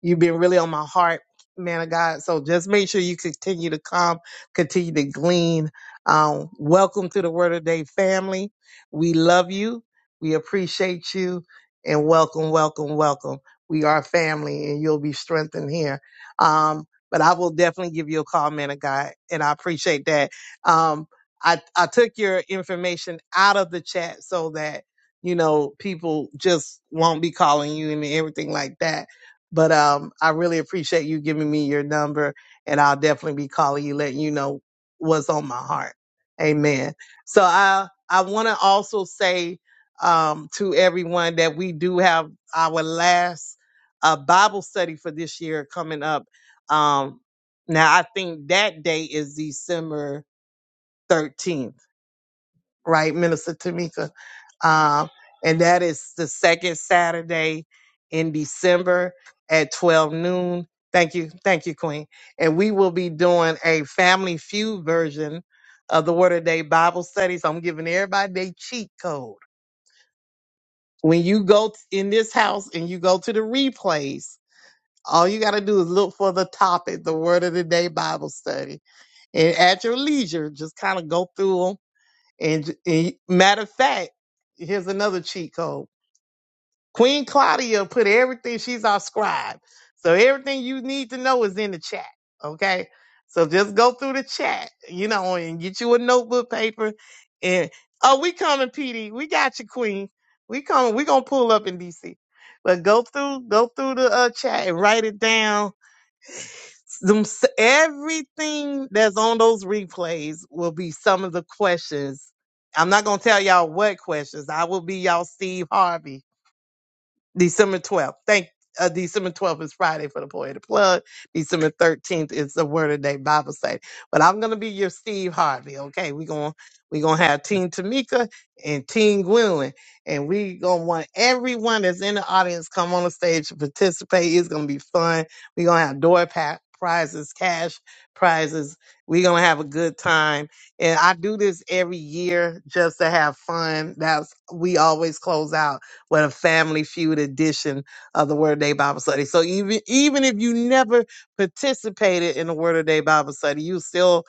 Speaker 14: You've been really on my heart, man of God. So just make sure you continue to come, continue to glean. Um, welcome to the Word of Day family. We love you. We appreciate you. And welcome, welcome, welcome. We are family and you'll be strengthened here. Um, but I will definitely give you a call, man of God. And I appreciate that. Um, I, I took your information out of the chat so that, you know, people just won't be calling you and everything like that but um, I really appreciate you giving me your number, and I'll definitely be calling you, letting you know what's on my heart. Amen. So I I want to also say um, to everyone that we do have our last uh, Bible study for this year coming up. Um, now I think that day is December 13th right, Minister Tamika? Um, and that is the second Saturday in December at 12 noon. Thank you. Thank you, Queen. And we will be doing a Family Feud version of the Word of the Day Bible studies. I'm giving everybody their cheat code. When you go t- in this house and you go to the replays, all you got to do is look for the topic, the Word of the Day Bible study. And at your leisure, just kind of go through 'em and, and matter of fact, here's another cheat code. Queen Claudia put everything, she's our scribe. So everything you need to know is in the chat. Okay. So just go through the chat, you know, and get you a notebook paper. And oh, we coming, PD. We got you, Queen. We coming. We gonna pull up in DC. But go through, go through the uh, chat and write it down them, s- everything that's on those replays will be some of the questions. I'm not gonna tell y'all what questions. I will be y'all Steve Harvey December 12th. Thank uh, December 12th is Friday for the Poetic Plug. December 13th is the Word of Day Bible study. But I'm gonna be your Steve Harvey, okay? We're gonna we gonna have Teen Tamika and Teen Gwendolyn, and we gonna want everyone that's in the audience come on the stage to participate. It's gonna be fun. We're gonna have door pack prizes, cash prizes. We're gonna have a good time. And I do this every year just to have fun. That's we always close out with a family feud edition of the Word of Day Bible study. So even even if you never participated in the Word of Day Bible study, you still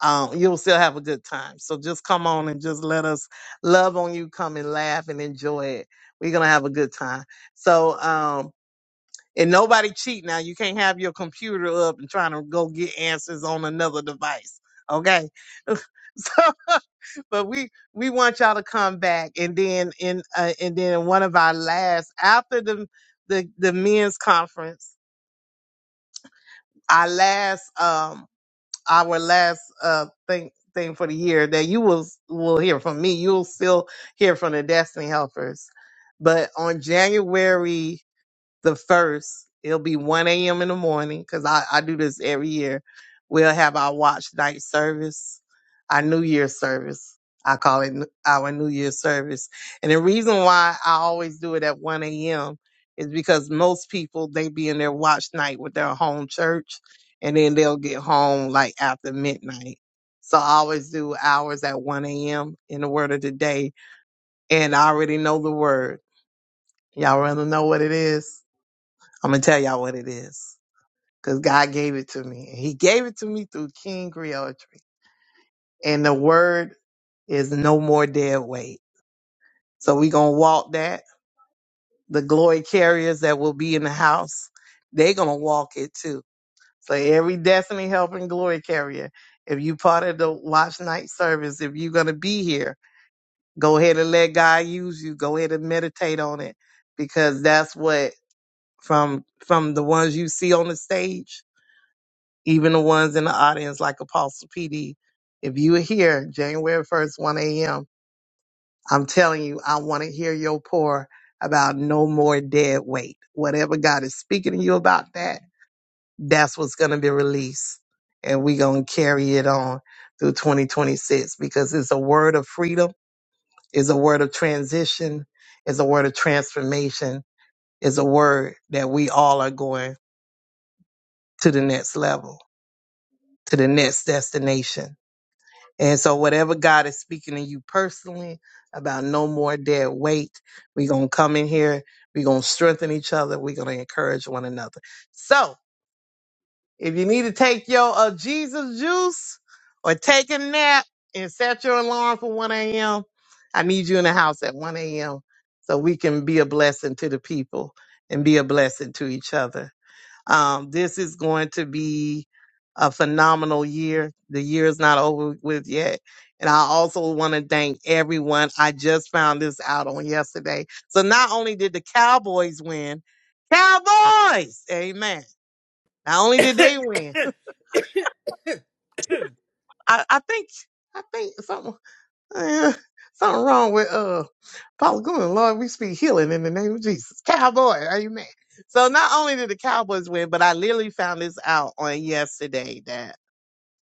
Speaker 14: um, you'll still have a good time. So just come on and just let us love on you, come and laugh and enjoy it. We're gonna have a good time. So um and nobody cheat now. You can't have your computer up and trying to go get answers on another device. Okay. so but we we want y'all to come back and then in uh, and then in one of our last after the the the men's conference our last um our last uh thing thing for the year that you will will hear from me you'll still hear from the destiny helpers but on january the first. It'll be 1 a.m. in the morning because I, I do this every year. We'll have our watch night service, our New Year's service. I call it n- our New Year's service. And the reason why I always do it at 1 a.m. is because most people, they be in their watch night with their home church and then they'll get home like after midnight. So I always do hours at 1 a.m. in the word of the day. And I already know the word. Y'all want to know what it is? I'm gonna tell y'all what it is. Cause God gave it to me. He gave it to me through King Creoletry. And the word is no more dead weight. So we gonna walk that. The glory carriers that will be in the house, they gonna walk it too. So every destiny helping glory carrier, if you part of the watch night service, if you're gonna be here, go ahead and let God use you. Go ahead and meditate on it. Because that's what from from the ones you see on the stage even the ones in the audience like Apostle PD, if you are here January 1st, 1 a.m., I'm telling you, I want to hear your pour about no more dead weight. Whatever God is speaking to you about that, that's what's going to be released. And we're going to carry it on through 2026 because it's a word of freedom, it's a word of transition, it's a word of transformation, it's a word that we all are going to the next level, to the next destination And so, whatever God is speaking to you personally about no more dead weight, we're going to come in here. We're going to strengthen each other. We're going to encourage one another. So, if you need to take your uh, Jesus juice or take a nap and set your alarm for 1 a.m., I need you in the house at 1 a.m. so we can be a blessing to the people and be a blessing to each other. Um, this is going to be a phenomenal year. The year is not over with yet. And I also want to thank everyone. I just found this out on yesterday. So not only did the Cowboys win, Cowboys, amen. Not only did they win, I, I think, I think something, eh, something wrong with uh Paula Goon. Lord, we speak healing in the name of Jesus. Cowboy, amen. So not only did the Cowboys win, but I literally found this out on yesterday that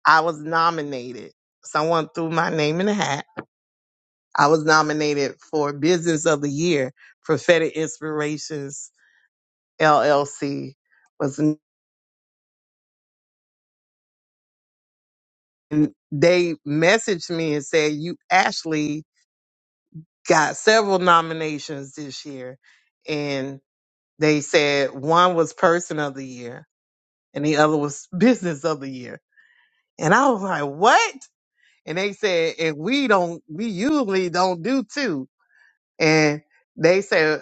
Speaker 14: I was nominated. Someone threw my name in the hat. I was nominated for Business of the Year. Prophetic Inspirations LLC was. and They messaged me and said, "You actually got several nominations this year," and they said one was Person of the Year and the other was Business of the Year. And I was like, "What?" And they said, "And we don't. We usually don't do not do two." And they said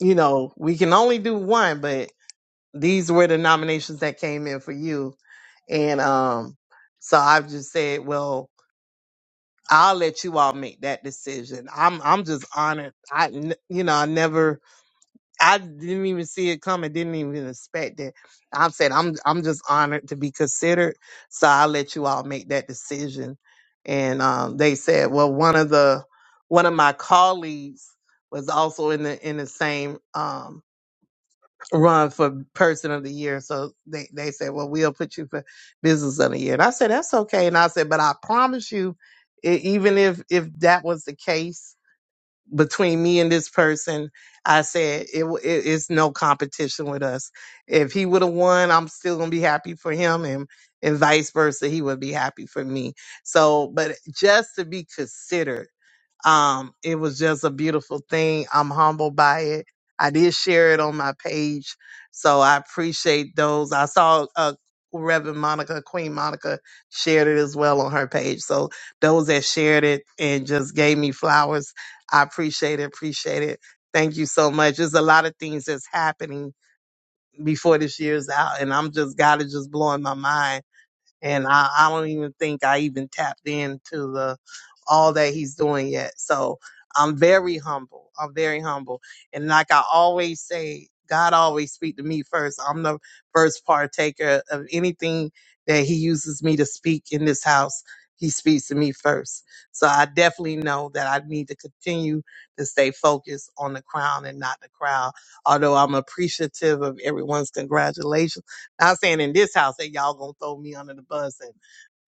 Speaker 14: you know, we can only do one, but these were the nominations that came in for you. And um, so I've just said, well, I'll let you all make that decision. I'm I'm just honored. I n- you know I never I didn't even see it coming. Didn't even expect it. I've said I'm I'm just honored to be considered. So I'll let you all make that decision. And um, they said, well, one of the one of my colleagues was also in the in the same um, run for person of the year. So they, they said, well, we'll put you for business of the year. And I said, that's okay. And I said, but I promise you, e- even if, if that was the case between me and this person, I said, it, w- it it's no competition with us. If he would have won, I'm still going to be happy for him and, and vice versa. He would be happy for me. So, but just to be considered um, it was just a beautiful thing. I'm humbled by it. I did share it on my page, so I appreciate those. I saw uh, Reverend Monica, Queen Monica, shared it as well on her page. So those that shared it and just gave me flowers, I appreciate it. Appreciate it. Thank you so much. There's a lot of things that's happening before this year's out, and I'm just God is just blowing my mind and I, I don't even think I even tapped into the all that he's doing yet. So I'm very humble. I'm very humble, and like I always say, God always speak to me first. I'm the first partaker of anything that He uses me to speak in this house. He speaks to me first. So I definitely know that I need to continue to stay focused on the crown and not the crowd. Although I'm appreciative of everyone's congratulations not saying in this house that y'all gonna throw me under the bus and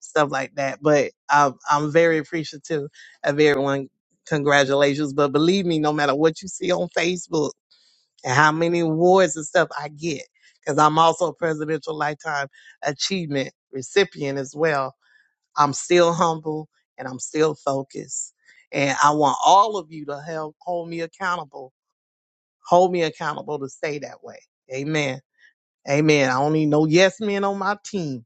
Speaker 14: stuff like that, but I'm I'm very appreciative of everyone. Congratulations, but believe me, no matter what you see on Facebook and how many awards and stuff I get, because I'm also a Presidential Lifetime Achievement recipient as well. I'm still humble and I'm still focused, and I want all of you to help hold me accountable. Hold me accountable to stay that way. Amen. Amen. I don't need no yes men on my team.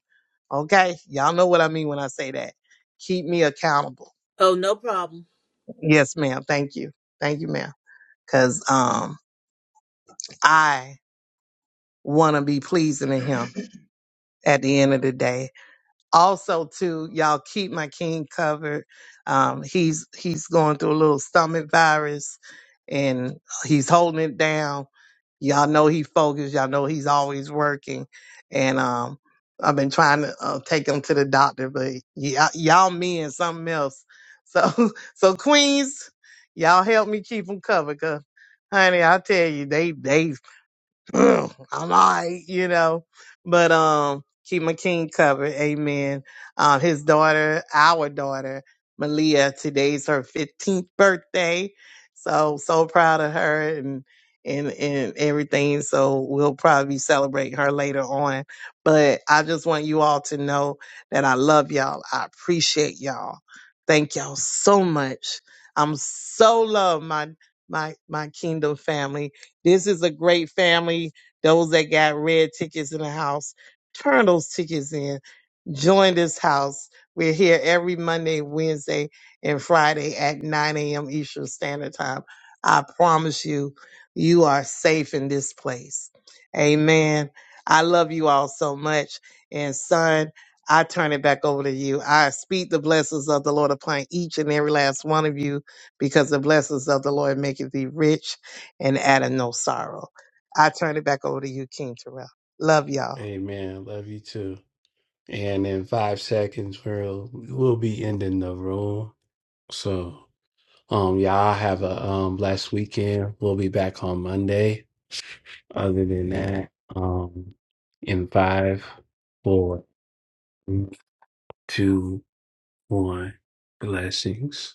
Speaker 14: Okay. Y'all know what I mean when I say that. Keep me accountable.
Speaker 4: Oh, no problem.
Speaker 14: Yes, ma'am. Thank you. Thank you, ma'am. Cause um I wanna be pleasing to him at the end of the day. also too y'all keep my king covered um he's he's going through a little stomach virus and he's holding it down y'all know he focused y'all know he's always working and um i've been trying to uh, take him to the doctor but y'all, y'all me and something else so so queens y'all help me keep him covered cause honey i tell you they they Ugh, I'm all right, you know. But um keep my king covered, amen. Um his daughter, our daughter, Malia, today's her fifteenth birthday. So so proud of her and and and everything. So we'll probably celebrate her later on. But I just want you all to know that I love y'all. I appreciate y'all. Thank y'all so much. I'm so love my my my kingdom family this is a great family. Those that got red tickets in the house, turn those tickets in join this house. We're here every Monday, Wednesday, and Friday at 9 a.m. Eastern Standard Time. I promise you, you are safe in this place. Amen. I love you all so much. And son, I turn it back over to you. I speak the blessings of the Lord upon each and every last one of you because the blessings of the Lord maketh thee rich and addeth no sorrow. I turn it back over to you, King Terrell. Love y'all.
Speaker 1: Amen. Love you too. And in five seconds, we'll we'll be ending the room. So, um, y'all have a um blessed weekend. We'll be back on Monday. Other than that, um, in five, four, two, one, blessings.